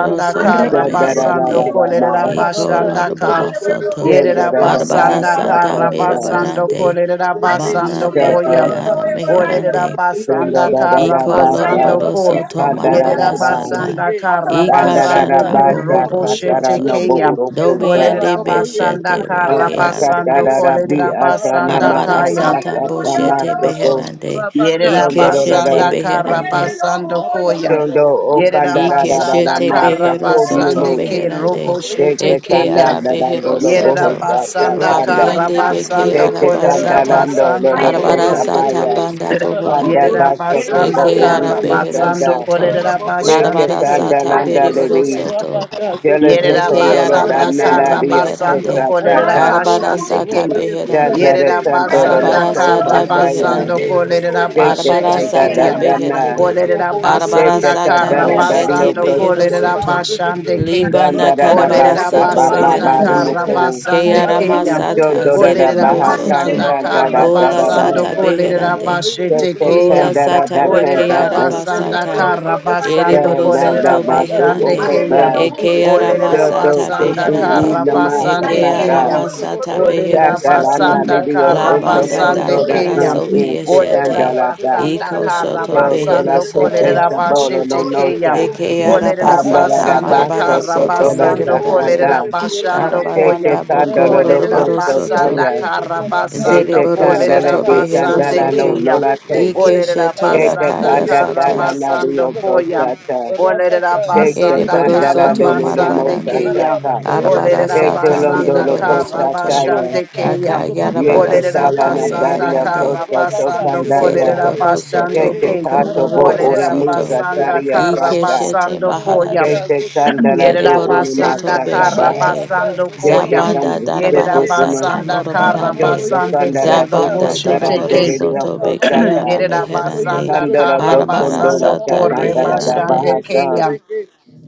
[SPEAKER 4] you.
[SPEAKER 7] soto
[SPEAKER 1] kara
[SPEAKER 6] kanda
[SPEAKER 4] Thank
[SPEAKER 6] da da
[SPEAKER 1] basando
[SPEAKER 6] da
[SPEAKER 7] meherande,
[SPEAKER 6] da ma
[SPEAKER 1] kolerera
[SPEAKER 7] Iko
[SPEAKER 1] basanda
[SPEAKER 3] the
[SPEAKER 1] ka.
[SPEAKER 7] loroboro soto.
[SPEAKER 6] Danda da
[SPEAKER 1] Yerera
[SPEAKER 6] da da ba
[SPEAKER 7] Barabara
[SPEAKER 1] basanda
[SPEAKER 6] sa sa
[SPEAKER 7] sata
[SPEAKER 1] kara
[SPEAKER 6] sa
[SPEAKER 1] basando
[SPEAKER 7] merebarande.
[SPEAKER 1] kolerera
[SPEAKER 7] Mana
[SPEAKER 1] basando
[SPEAKER 6] sa
[SPEAKER 7] beke
[SPEAKER 1] koya.
[SPEAKER 6] to
[SPEAKER 7] ana
[SPEAKER 1] Olerera
[SPEAKER 7] meherande.
[SPEAKER 6] danda da
[SPEAKER 1] basanda
[SPEAKER 6] da da
[SPEAKER 1] kara
[SPEAKER 6] da
[SPEAKER 7] Iko
[SPEAKER 6] ba sa
[SPEAKER 1] basando
[SPEAKER 7] loroboro
[SPEAKER 1] ko.
[SPEAKER 7] soto
[SPEAKER 6] danda
[SPEAKER 3] book,
[SPEAKER 6] da da da
[SPEAKER 1] Yerera
[SPEAKER 7] marabara
[SPEAKER 3] yes,
[SPEAKER 6] ba
[SPEAKER 7] sata.
[SPEAKER 1] basanda
[SPEAKER 3] Sutrabeke,
[SPEAKER 2] Hasta
[SPEAKER 1] kara
[SPEAKER 2] para la
[SPEAKER 7] Ika
[SPEAKER 6] danda da da da
[SPEAKER 3] Ararabaka,
[SPEAKER 1] Yerabasanda Karabasande
[SPEAKER 7] shata
[SPEAKER 6] ba sa
[SPEAKER 1] Kerobo
[SPEAKER 6] sa
[SPEAKER 7] bohoro
[SPEAKER 3] Sutrabokoye,
[SPEAKER 6] da da
[SPEAKER 7] soto.
[SPEAKER 6] no bo
[SPEAKER 3] Sutrabeke,
[SPEAKER 1] Shetekeya.
[SPEAKER 6] uro ko
[SPEAKER 7] Dobi
[SPEAKER 6] sa
[SPEAKER 7] and de
[SPEAKER 2] mano,
[SPEAKER 3] Ararabokoye,
[SPEAKER 1] Olerabasanda
[SPEAKER 7] Beshete
[SPEAKER 6] ma
[SPEAKER 3] Sutrabeke,
[SPEAKER 7] Reke
[SPEAKER 6] sa sa da
[SPEAKER 3] Sutrabeke,
[SPEAKER 1] Karabasando
[SPEAKER 6] da da bi
[SPEAKER 7] Arabasata.
[SPEAKER 6] a sa na
[SPEAKER 3] Ararabaka,
[SPEAKER 1] Kolerabasanda
[SPEAKER 6] ma a
[SPEAKER 1] Kaya.
[SPEAKER 6] sa
[SPEAKER 7] Arabarasata
[SPEAKER 6] sa
[SPEAKER 3] Sutrabokoye,
[SPEAKER 6] da ma
[SPEAKER 7] Boshete
[SPEAKER 3] Sutrabeke,
[SPEAKER 6] so ko
[SPEAKER 7] Beherande.
[SPEAKER 3] Rabaka,
[SPEAKER 6] danda da da da
[SPEAKER 7] Ikeshete
[SPEAKER 1] Yerabasanda
[SPEAKER 3] Sutrabokoye, Sutrabeke,
[SPEAKER 7] Beherande.
[SPEAKER 1] Karabasando Koya.
[SPEAKER 3] Ararabaka,
[SPEAKER 6] danda o kanda da da da da da
[SPEAKER 1] Yerabasanda
[SPEAKER 7] Ikeshete
[SPEAKER 6] ma sa
[SPEAKER 7] Behero
[SPEAKER 6] ko di o
[SPEAKER 7] Soto
[SPEAKER 6] mo
[SPEAKER 1] Karabasande
[SPEAKER 7] Meherande.
[SPEAKER 6] de de
[SPEAKER 7] Eke
[SPEAKER 6] kanda da da da do
[SPEAKER 7] Arabehero
[SPEAKER 6] lo bo ho
[SPEAKER 7] Soto.
[SPEAKER 6] sa sa
[SPEAKER 1] basanda
[SPEAKER 7] Rabi
[SPEAKER 6] kanda
[SPEAKER 7] and
[SPEAKER 1] kara
[SPEAKER 7] de Beke
[SPEAKER 6] de
[SPEAKER 1] basando Karabasando
[SPEAKER 6] de kanda da da
[SPEAKER 7] Arabasata.
[SPEAKER 6] do lo
[SPEAKER 1] Kolerabasando
[SPEAKER 4] you.
[SPEAKER 6] lo ko sa
[SPEAKER 1] Koya.
[SPEAKER 6] ba
[SPEAKER 7] Arabarasata
[SPEAKER 6] ya
[SPEAKER 4] Thank
[SPEAKER 7] Banda
[SPEAKER 6] Panda
[SPEAKER 7] Bohorande.
[SPEAKER 1] Yerera
[SPEAKER 6] Basokobo
[SPEAKER 1] basanda
[SPEAKER 7] Eke
[SPEAKER 6] Ori
[SPEAKER 1] kara
[SPEAKER 7] Arabehero
[SPEAKER 6] Kusanda,
[SPEAKER 1] basando Karabasando
[SPEAKER 7] Soto.
[SPEAKER 6] Jete
[SPEAKER 1] Kolerabasande Keya.
[SPEAKER 7] Larabarasata
[SPEAKER 2] I am
[SPEAKER 6] Sandalanda
[SPEAKER 2] your
[SPEAKER 7] Beriboro
[SPEAKER 6] Lady,
[SPEAKER 2] soul.
[SPEAKER 7] Soto.
[SPEAKER 6] Jeleto
[SPEAKER 1] Yerera
[SPEAKER 7] Reke
[SPEAKER 6] Condolo
[SPEAKER 1] basanda
[SPEAKER 7] araba
[SPEAKER 2] Hallelujah.
[SPEAKER 7] sata
[SPEAKER 1] kara
[SPEAKER 6] Danadaria
[SPEAKER 1] basando
[SPEAKER 6] Costa
[SPEAKER 7] meherande.
[SPEAKER 2] holy
[SPEAKER 1] kolerera
[SPEAKER 6] Tata,
[SPEAKER 7] Arabara
[SPEAKER 1] bashande
[SPEAKER 7] sata
[SPEAKER 1] ke.
[SPEAKER 7] beherande.
[SPEAKER 6] Dandare
[SPEAKER 1] Yerera
[SPEAKER 6] Condolo
[SPEAKER 1] basanda
[SPEAKER 7] Arabara
[SPEAKER 6] Loco
[SPEAKER 1] kara
[SPEAKER 7] sata
[SPEAKER 6] Sataya,
[SPEAKER 1] basando
[SPEAKER 7] beherande.
[SPEAKER 1] kolerera
[SPEAKER 3] Ararabacá,
[SPEAKER 6] Jete
[SPEAKER 7] Arabara
[SPEAKER 1] bashete
[SPEAKER 6] Sanda
[SPEAKER 3] Ararabako
[SPEAKER 7] sata
[SPEAKER 1] keya.
[SPEAKER 6] Dadana,
[SPEAKER 3] yesutreke
[SPEAKER 7] beherande.
[SPEAKER 1] Olerera
[SPEAKER 3] sutreke.
[SPEAKER 7] Arabara
[SPEAKER 1] basanda
[SPEAKER 6] Jete
[SPEAKER 7] sata
[SPEAKER 1] kara
[SPEAKER 6] Sandana
[SPEAKER 3] Ararabako
[SPEAKER 7] boshete
[SPEAKER 6] Dario
[SPEAKER 1] basando
[SPEAKER 7] behero
[SPEAKER 3] sutrabako
[SPEAKER 1] kolerera
[SPEAKER 7] soto.
[SPEAKER 3] yesutreke.
[SPEAKER 1] bashande ke.
[SPEAKER 7] Libana
[SPEAKER 6] Sandara
[SPEAKER 3] Rabaka
[SPEAKER 7] karabara
[SPEAKER 1] Olerera
[SPEAKER 6] Basa
[SPEAKER 7] soto
[SPEAKER 3] sutrabako
[SPEAKER 6] Baba
[SPEAKER 1] basanda
[SPEAKER 7] reherande.
[SPEAKER 1] kara
[SPEAKER 3] yesutreke.
[SPEAKER 6] Baroko,
[SPEAKER 7] Ke
[SPEAKER 1] basande
[SPEAKER 7] arama
[SPEAKER 1] keya.
[SPEAKER 3] Ararabako
[SPEAKER 7] sata
[SPEAKER 6] Jondora
[SPEAKER 3] yesutrabako
[SPEAKER 1] Olerera
[SPEAKER 7] zereboro
[SPEAKER 6] Baha
[SPEAKER 7] soto.
[SPEAKER 1] basanda
[SPEAKER 3] yesutreke.
[SPEAKER 2] and
[SPEAKER 1] kara
[SPEAKER 6] Sanda
[SPEAKER 2] the
[SPEAKER 7] Bola
[SPEAKER 2] holy
[SPEAKER 1] basando
[SPEAKER 6] Dadada,
[SPEAKER 2] and
[SPEAKER 7] sata
[SPEAKER 3] Rabaka
[SPEAKER 1] kolerera
[SPEAKER 7] beherande.
[SPEAKER 2] the
[SPEAKER 3] sutrabako
[SPEAKER 1] bashete
[SPEAKER 6] Jete
[SPEAKER 3] yesutreke.
[SPEAKER 1] keya.
[SPEAKER 7] Bola
[SPEAKER 6] Sandara
[SPEAKER 2] I I
[SPEAKER 7] sata reke
[SPEAKER 6] Dakanda
[SPEAKER 1] Olerera
[SPEAKER 3] Rabaka
[SPEAKER 7] araba
[SPEAKER 1] basanda
[SPEAKER 3] sutrabako
[SPEAKER 7] sata.
[SPEAKER 1] kara
[SPEAKER 3] yesutreke.
[SPEAKER 1] basando
[SPEAKER 7] Ereboro
[SPEAKER 6] Janda
[SPEAKER 1] kolerera
[SPEAKER 7] soto
[SPEAKER 3] Ararabaka
[SPEAKER 6] Dadu
[SPEAKER 1] bashande
[SPEAKER 7] beherande.
[SPEAKER 1] keya.
[SPEAKER 3] sutrabako
[SPEAKER 6] Okoba,
[SPEAKER 7] Eke arama
[SPEAKER 1] Olerera
[SPEAKER 3] sutreke.
[SPEAKER 6] Yoto
[SPEAKER 7] sata
[SPEAKER 1] basanda
[SPEAKER 6] kutu u
[SPEAKER 7] beherande.
[SPEAKER 1] kara
[SPEAKER 3] Ararabacoia,
[SPEAKER 6] lama
[SPEAKER 1] basande
[SPEAKER 7] Eke
[SPEAKER 3] Sotrabacá,
[SPEAKER 6] sakata.
[SPEAKER 1] keya.
[SPEAKER 7] arama sata
[SPEAKER 3] Sotrabacoia,
[SPEAKER 7] behero
[SPEAKER 1] Olerera
[SPEAKER 6] Kata lana
[SPEAKER 7] soto.
[SPEAKER 1] basanda
[SPEAKER 3] Rabacá,
[SPEAKER 6] lidio
[SPEAKER 7] La
[SPEAKER 1] kara
[SPEAKER 2] I
[SPEAKER 6] oso
[SPEAKER 2] am
[SPEAKER 3] Sotrabacoia,
[SPEAKER 7] banda
[SPEAKER 2] am
[SPEAKER 1] basande
[SPEAKER 6] koto da
[SPEAKER 7] darabara
[SPEAKER 1] keya.
[SPEAKER 6] uh
[SPEAKER 3] Sotrabequeice,
[SPEAKER 7] sobi
[SPEAKER 6] in
[SPEAKER 1] Olerera
[SPEAKER 7] eshete.
[SPEAKER 6] sikandala
[SPEAKER 3] Arabacá,
[SPEAKER 6] da.
[SPEAKER 1] basanda
[SPEAKER 7] Iko
[SPEAKER 3] Sotrabacoia,
[SPEAKER 1] kara
[SPEAKER 7] shoto
[SPEAKER 3] Sotrabequei,
[SPEAKER 6] Yoto
[SPEAKER 2] am
[SPEAKER 6] la
[SPEAKER 7] behero
[SPEAKER 1] basando
[SPEAKER 6] kete
[SPEAKER 7] soto.
[SPEAKER 1] kolerera
[SPEAKER 6] sabolo
[SPEAKER 3] Ararabacoia,
[SPEAKER 6] no
[SPEAKER 1] bashete keya.
[SPEAKER 6] nocha.
[SPEAKER 7] Eke
[SPEAKER 3] Sotrabequeice,
[SPEAKER 7] araba
[SPEAKER 1] Olerera
[SPEAKER 6] Pandala
[SPEAKER 7] sata
[SPEAKER 6] da
[SPEAKER 1] basanda
[SPEAKER 3] Ararabacoia,
[SPEAKER 7] marabara
[SPEAKER 6] baso
[SPEAKER 1] kara
[SPEAKER 6] koto
[SPEAKER 7] soto
[SPEAKER 6] la
[SPEAKER 3] Sotrabacá,
[SPEAKER 1] basando
[SPEAKER 6] sakanda.
[SPEAKER 7] merebarande.
[SPEAKER 1] kolerera
[SPEAKER 3] Sotrabacoia,
[SPEAKER 1] bashando
[SPEAKER 3] Sotrabequeice,
[SPEAKER 6] Jete
[SPEAKER 1] koya.
[SPEAKER 7] Arabaranda boko
[SPEAKER 6] kandala do
[SPEAKER 1] Olerera
[SPEAKER 3] Ararabacoia,
[SPEAKER 7] loroboro
[SPEAKER 6] koso
[SPEAKER 7] soto.
[SPEAKER 1] basanda
[SPEAKER 6] saya.
[SPEAKER 3] Sotrabequei,
[SPEAKER 1] kara
[SPEAKER 3] Sotrabacá,
[SPEAKER 6] Jete
[SPEAKER 1] basando
[SPEAKER 7] Zeriboro
[SPEAKER 6] kandala
[SPEAKER 1] kolerera
[SPEAKER 7] soto
[SPEAKER 6] de
[SPEAKER 3] Rabacá,
[SPEAKER 7] behero
[SPEAKER 1] basande
[SPEAKER 6] kandala
[SPEAKER 3] Sotrabacoia,
[SPEAKER 6] no
[SPEAKER 7] soto.
[SPEAKER 1] keya.
[SPEAKER 6] nolate.
[SPEAKER 7] Ike
[SPEAKER 3] Sotrabequeice,
[SPEAKER 1] Olerera
[SPEAKER 7] shete la
[SPEAKER 6] Jete
[SPEAKER 1] basanda
[SPEAKER 7] kaya
[SPEAKER 3] Ararabacoia,
[SPEAKER 1] kara
[SPEAKER 6] kandala
[SPEAKER 7] sata.
[SPEAKER 6] na
[SPEAKER 3] Sotrabacá,
[SPEAKER 1] basando
[SPEAKER 6] lidio
[SPEAKER 3] Sotrabacô,
[SPEAKER 1] koya.
[SPEAKER 4] you.
[SPEAKER 6] kosata.
[SPEAKER 1] Olerera
[SPEAKER 3] Rabacá,
[SPEAKER 4] Yeah.
[SPEAKER 6] Jete
[SPEAKER 1] basanda
[SPEAKER 7] Ereboro
[SPEAKER 3] Sotrabacoia,
[SPEAKER 6] kandala
[SPEAKER 1] kara
[SPEAKER 7] soto
[SPEAKER 6] lidio
[SPEAKER 3] Sotrabequei,
[SPEAKER 1] basande
[SPEAKER 7] marabarande.
[SPEAKER 1] keya.
[SPEAKER 6] mosataka.
[SPEAKER 3] Ararabacoia, se
[SPEAKER 7] Arabara
[SPEAKER 1] Olerera
[SPEAKER 6] Jete
[SPEAKER 3] provocou,
[SPEAKER 7] sata
[SPEAKER 3] se
[SPEAKER 6] londo
[SPEAKER 1] basanda
[SPEAKER 6] lo
[SPEAKER 7] mereboro
[SPEAKER 3] provocou.
[SPEAKER 1] kara
[SPEAKER 7] soto.
[SPEAKER 6] kosataya.
[SPEAKER 1] basande
[SPEAKER 3] Rabacá, se
[SPEAKER 1] keya.
[SPEAKER 3] provocou,
[SPEAKER 7] Akayarabara
[SPEAKER 6] Yete
[SPEAKER 3] isso
[SPEAKER 1] Olerera
[SPEAKER 3] tudo
[SPEAKER 6] kala
[SPEAKER 3] que
[SPEAKER 7] sata
[SPEAKER 6] na
[SPEAKER 3] isso.
[SPEAKER 1] basanda
[SPEAKER 6] daria
[SPEAKER 7] meherande.
[SPEAKER 1] kara
[SPEAKER 6] kosa to
[SPEAKER 3] Rabacá,
[SPEAKER 1] basando
[SPEAKER 3] se
[SPEAKER 6] kandaya.
[SPEAKER 3] provocou,
[SPEAKER 1] kolerera
[SPEAKER 7] Zereboro
[SPEAKER 3] isso tudo
[SPEAKER 7] soto
[SPEAKER 1] basande
[SPEAKER 6] Kete
[SPEAKER 3] que.
[SPEAKER 1] ke.
[SPEAKER 7] boko
[SPEAKER 6] kato bo
[SPEAKER 7] loroboro
[SPEAKER 6] ora
[SPEAKER 3] Ararabacá,
[SPEAKER 1] Olerera
[SPEAKER 3] se
[SPEAKER 7] soto.
[SPEAKER 6] musa
[SPEAKER 3] provocou,
[SPEAKER 1] basanda
[SPEAKER 3] isso
[SPEAKER 6] taria
[SPEAKER 1] kara
[SPEAKER 3] tudo que.
[SPEAKER 6] kasa.
[SPEAKER 7] Ikeshete
[SPEAKER 1] basando koya.
[SPEAKER 7] maharande.
[SPEAKER 3] Ararabacá,
[SPEAKER 6] Kete
[SPEAKER 3] se provocou,
[SPEAKER 6] kandala
[SPEAKER 3] isso
[SPEAKER 6] do
[SPEAKER 1] Yerera
[SPEAKER 3] tudo
[SPEAKER 7] Ereboro
[SPEAKER 3] que
[SPEAKER 6] unima
[SPEAKER 3] isso.
[SPEAKER 7] soto
[SPEAKER 1] basanda kara
[SPEAKER 6] sakaba.
[SPEAKER 7] beshete.
[SPEAKER 3] Ararabacá,
[SPEAKER 1] basando
[SPEAKER 3] se
[SPEAKER 6] Kete
[SPEAKER 1] koya.
[SPEAKER 3] provocou,
[SPEAKER 7] Zabanda
[SPEAKER 6] kambu
[SPEAKER 3] isso tudo
[SPEAKER 1] Yerera
[SPEAKER 7] darabara
[SPEAKER 6] toko
[SPEAKER 3] que
[SPEAKER 6] kuma.
[SPEAKER 3] isso.
[SPEAKER 7] sata
[SPEAKER 1] basanda kara
[SPEAKER 3] Ararabacó,
[SPEAKER 7] morobarande.
[SPEAKER 6] Kyoto
[SPEAKER 3] isso
[SPEAKER 1] basande ke
[SPEAKER 6] kandara
[SPEAKER 3] provocá,
[SPEAKER 6] tuko
[SPEAKER 3] se
[SPEAKER 7] Zabanda
[SPEAKER 1] roboshe
[SPEAKER 6] taram
[SPEAKER 7] doroboro
[SPEAKER 3] provocou.
[SPEAKER 1] teke.
[SPEAKER 6] deririo
[SPEAKER 7] soto
[SPEAKER 3] Rabacá,
[SPEAKER 7] bekeara
[SPEAKER 6] kosaka.
[SPEAKER 3] se
[SPEAKER 1] Yerera
[SPEAKER 3] provocou,
[SPEAKER 7] meherande.
[SPEAKER 3] isso
[SPEAKER 1] basanda
[SPEAKER 3] tudo
[SPEAKER 6] Kandara
[SPEAKER 1] kara
[SPEAKER 6] do
[SPEAKER 7] Arabara
[SPEAKER 6] kondola
[SPEAKER 1] basando
[SPEAKER 6] ta
[SPEAKER 7] sata
[SPEAKER 1] kore
[SPEAKER 6] kandara da
[SPEAKER 1] basande
[SPEAKER 7] beherande.
[SPEAKER 6] bahasa.
[SPEAKER 1] keya.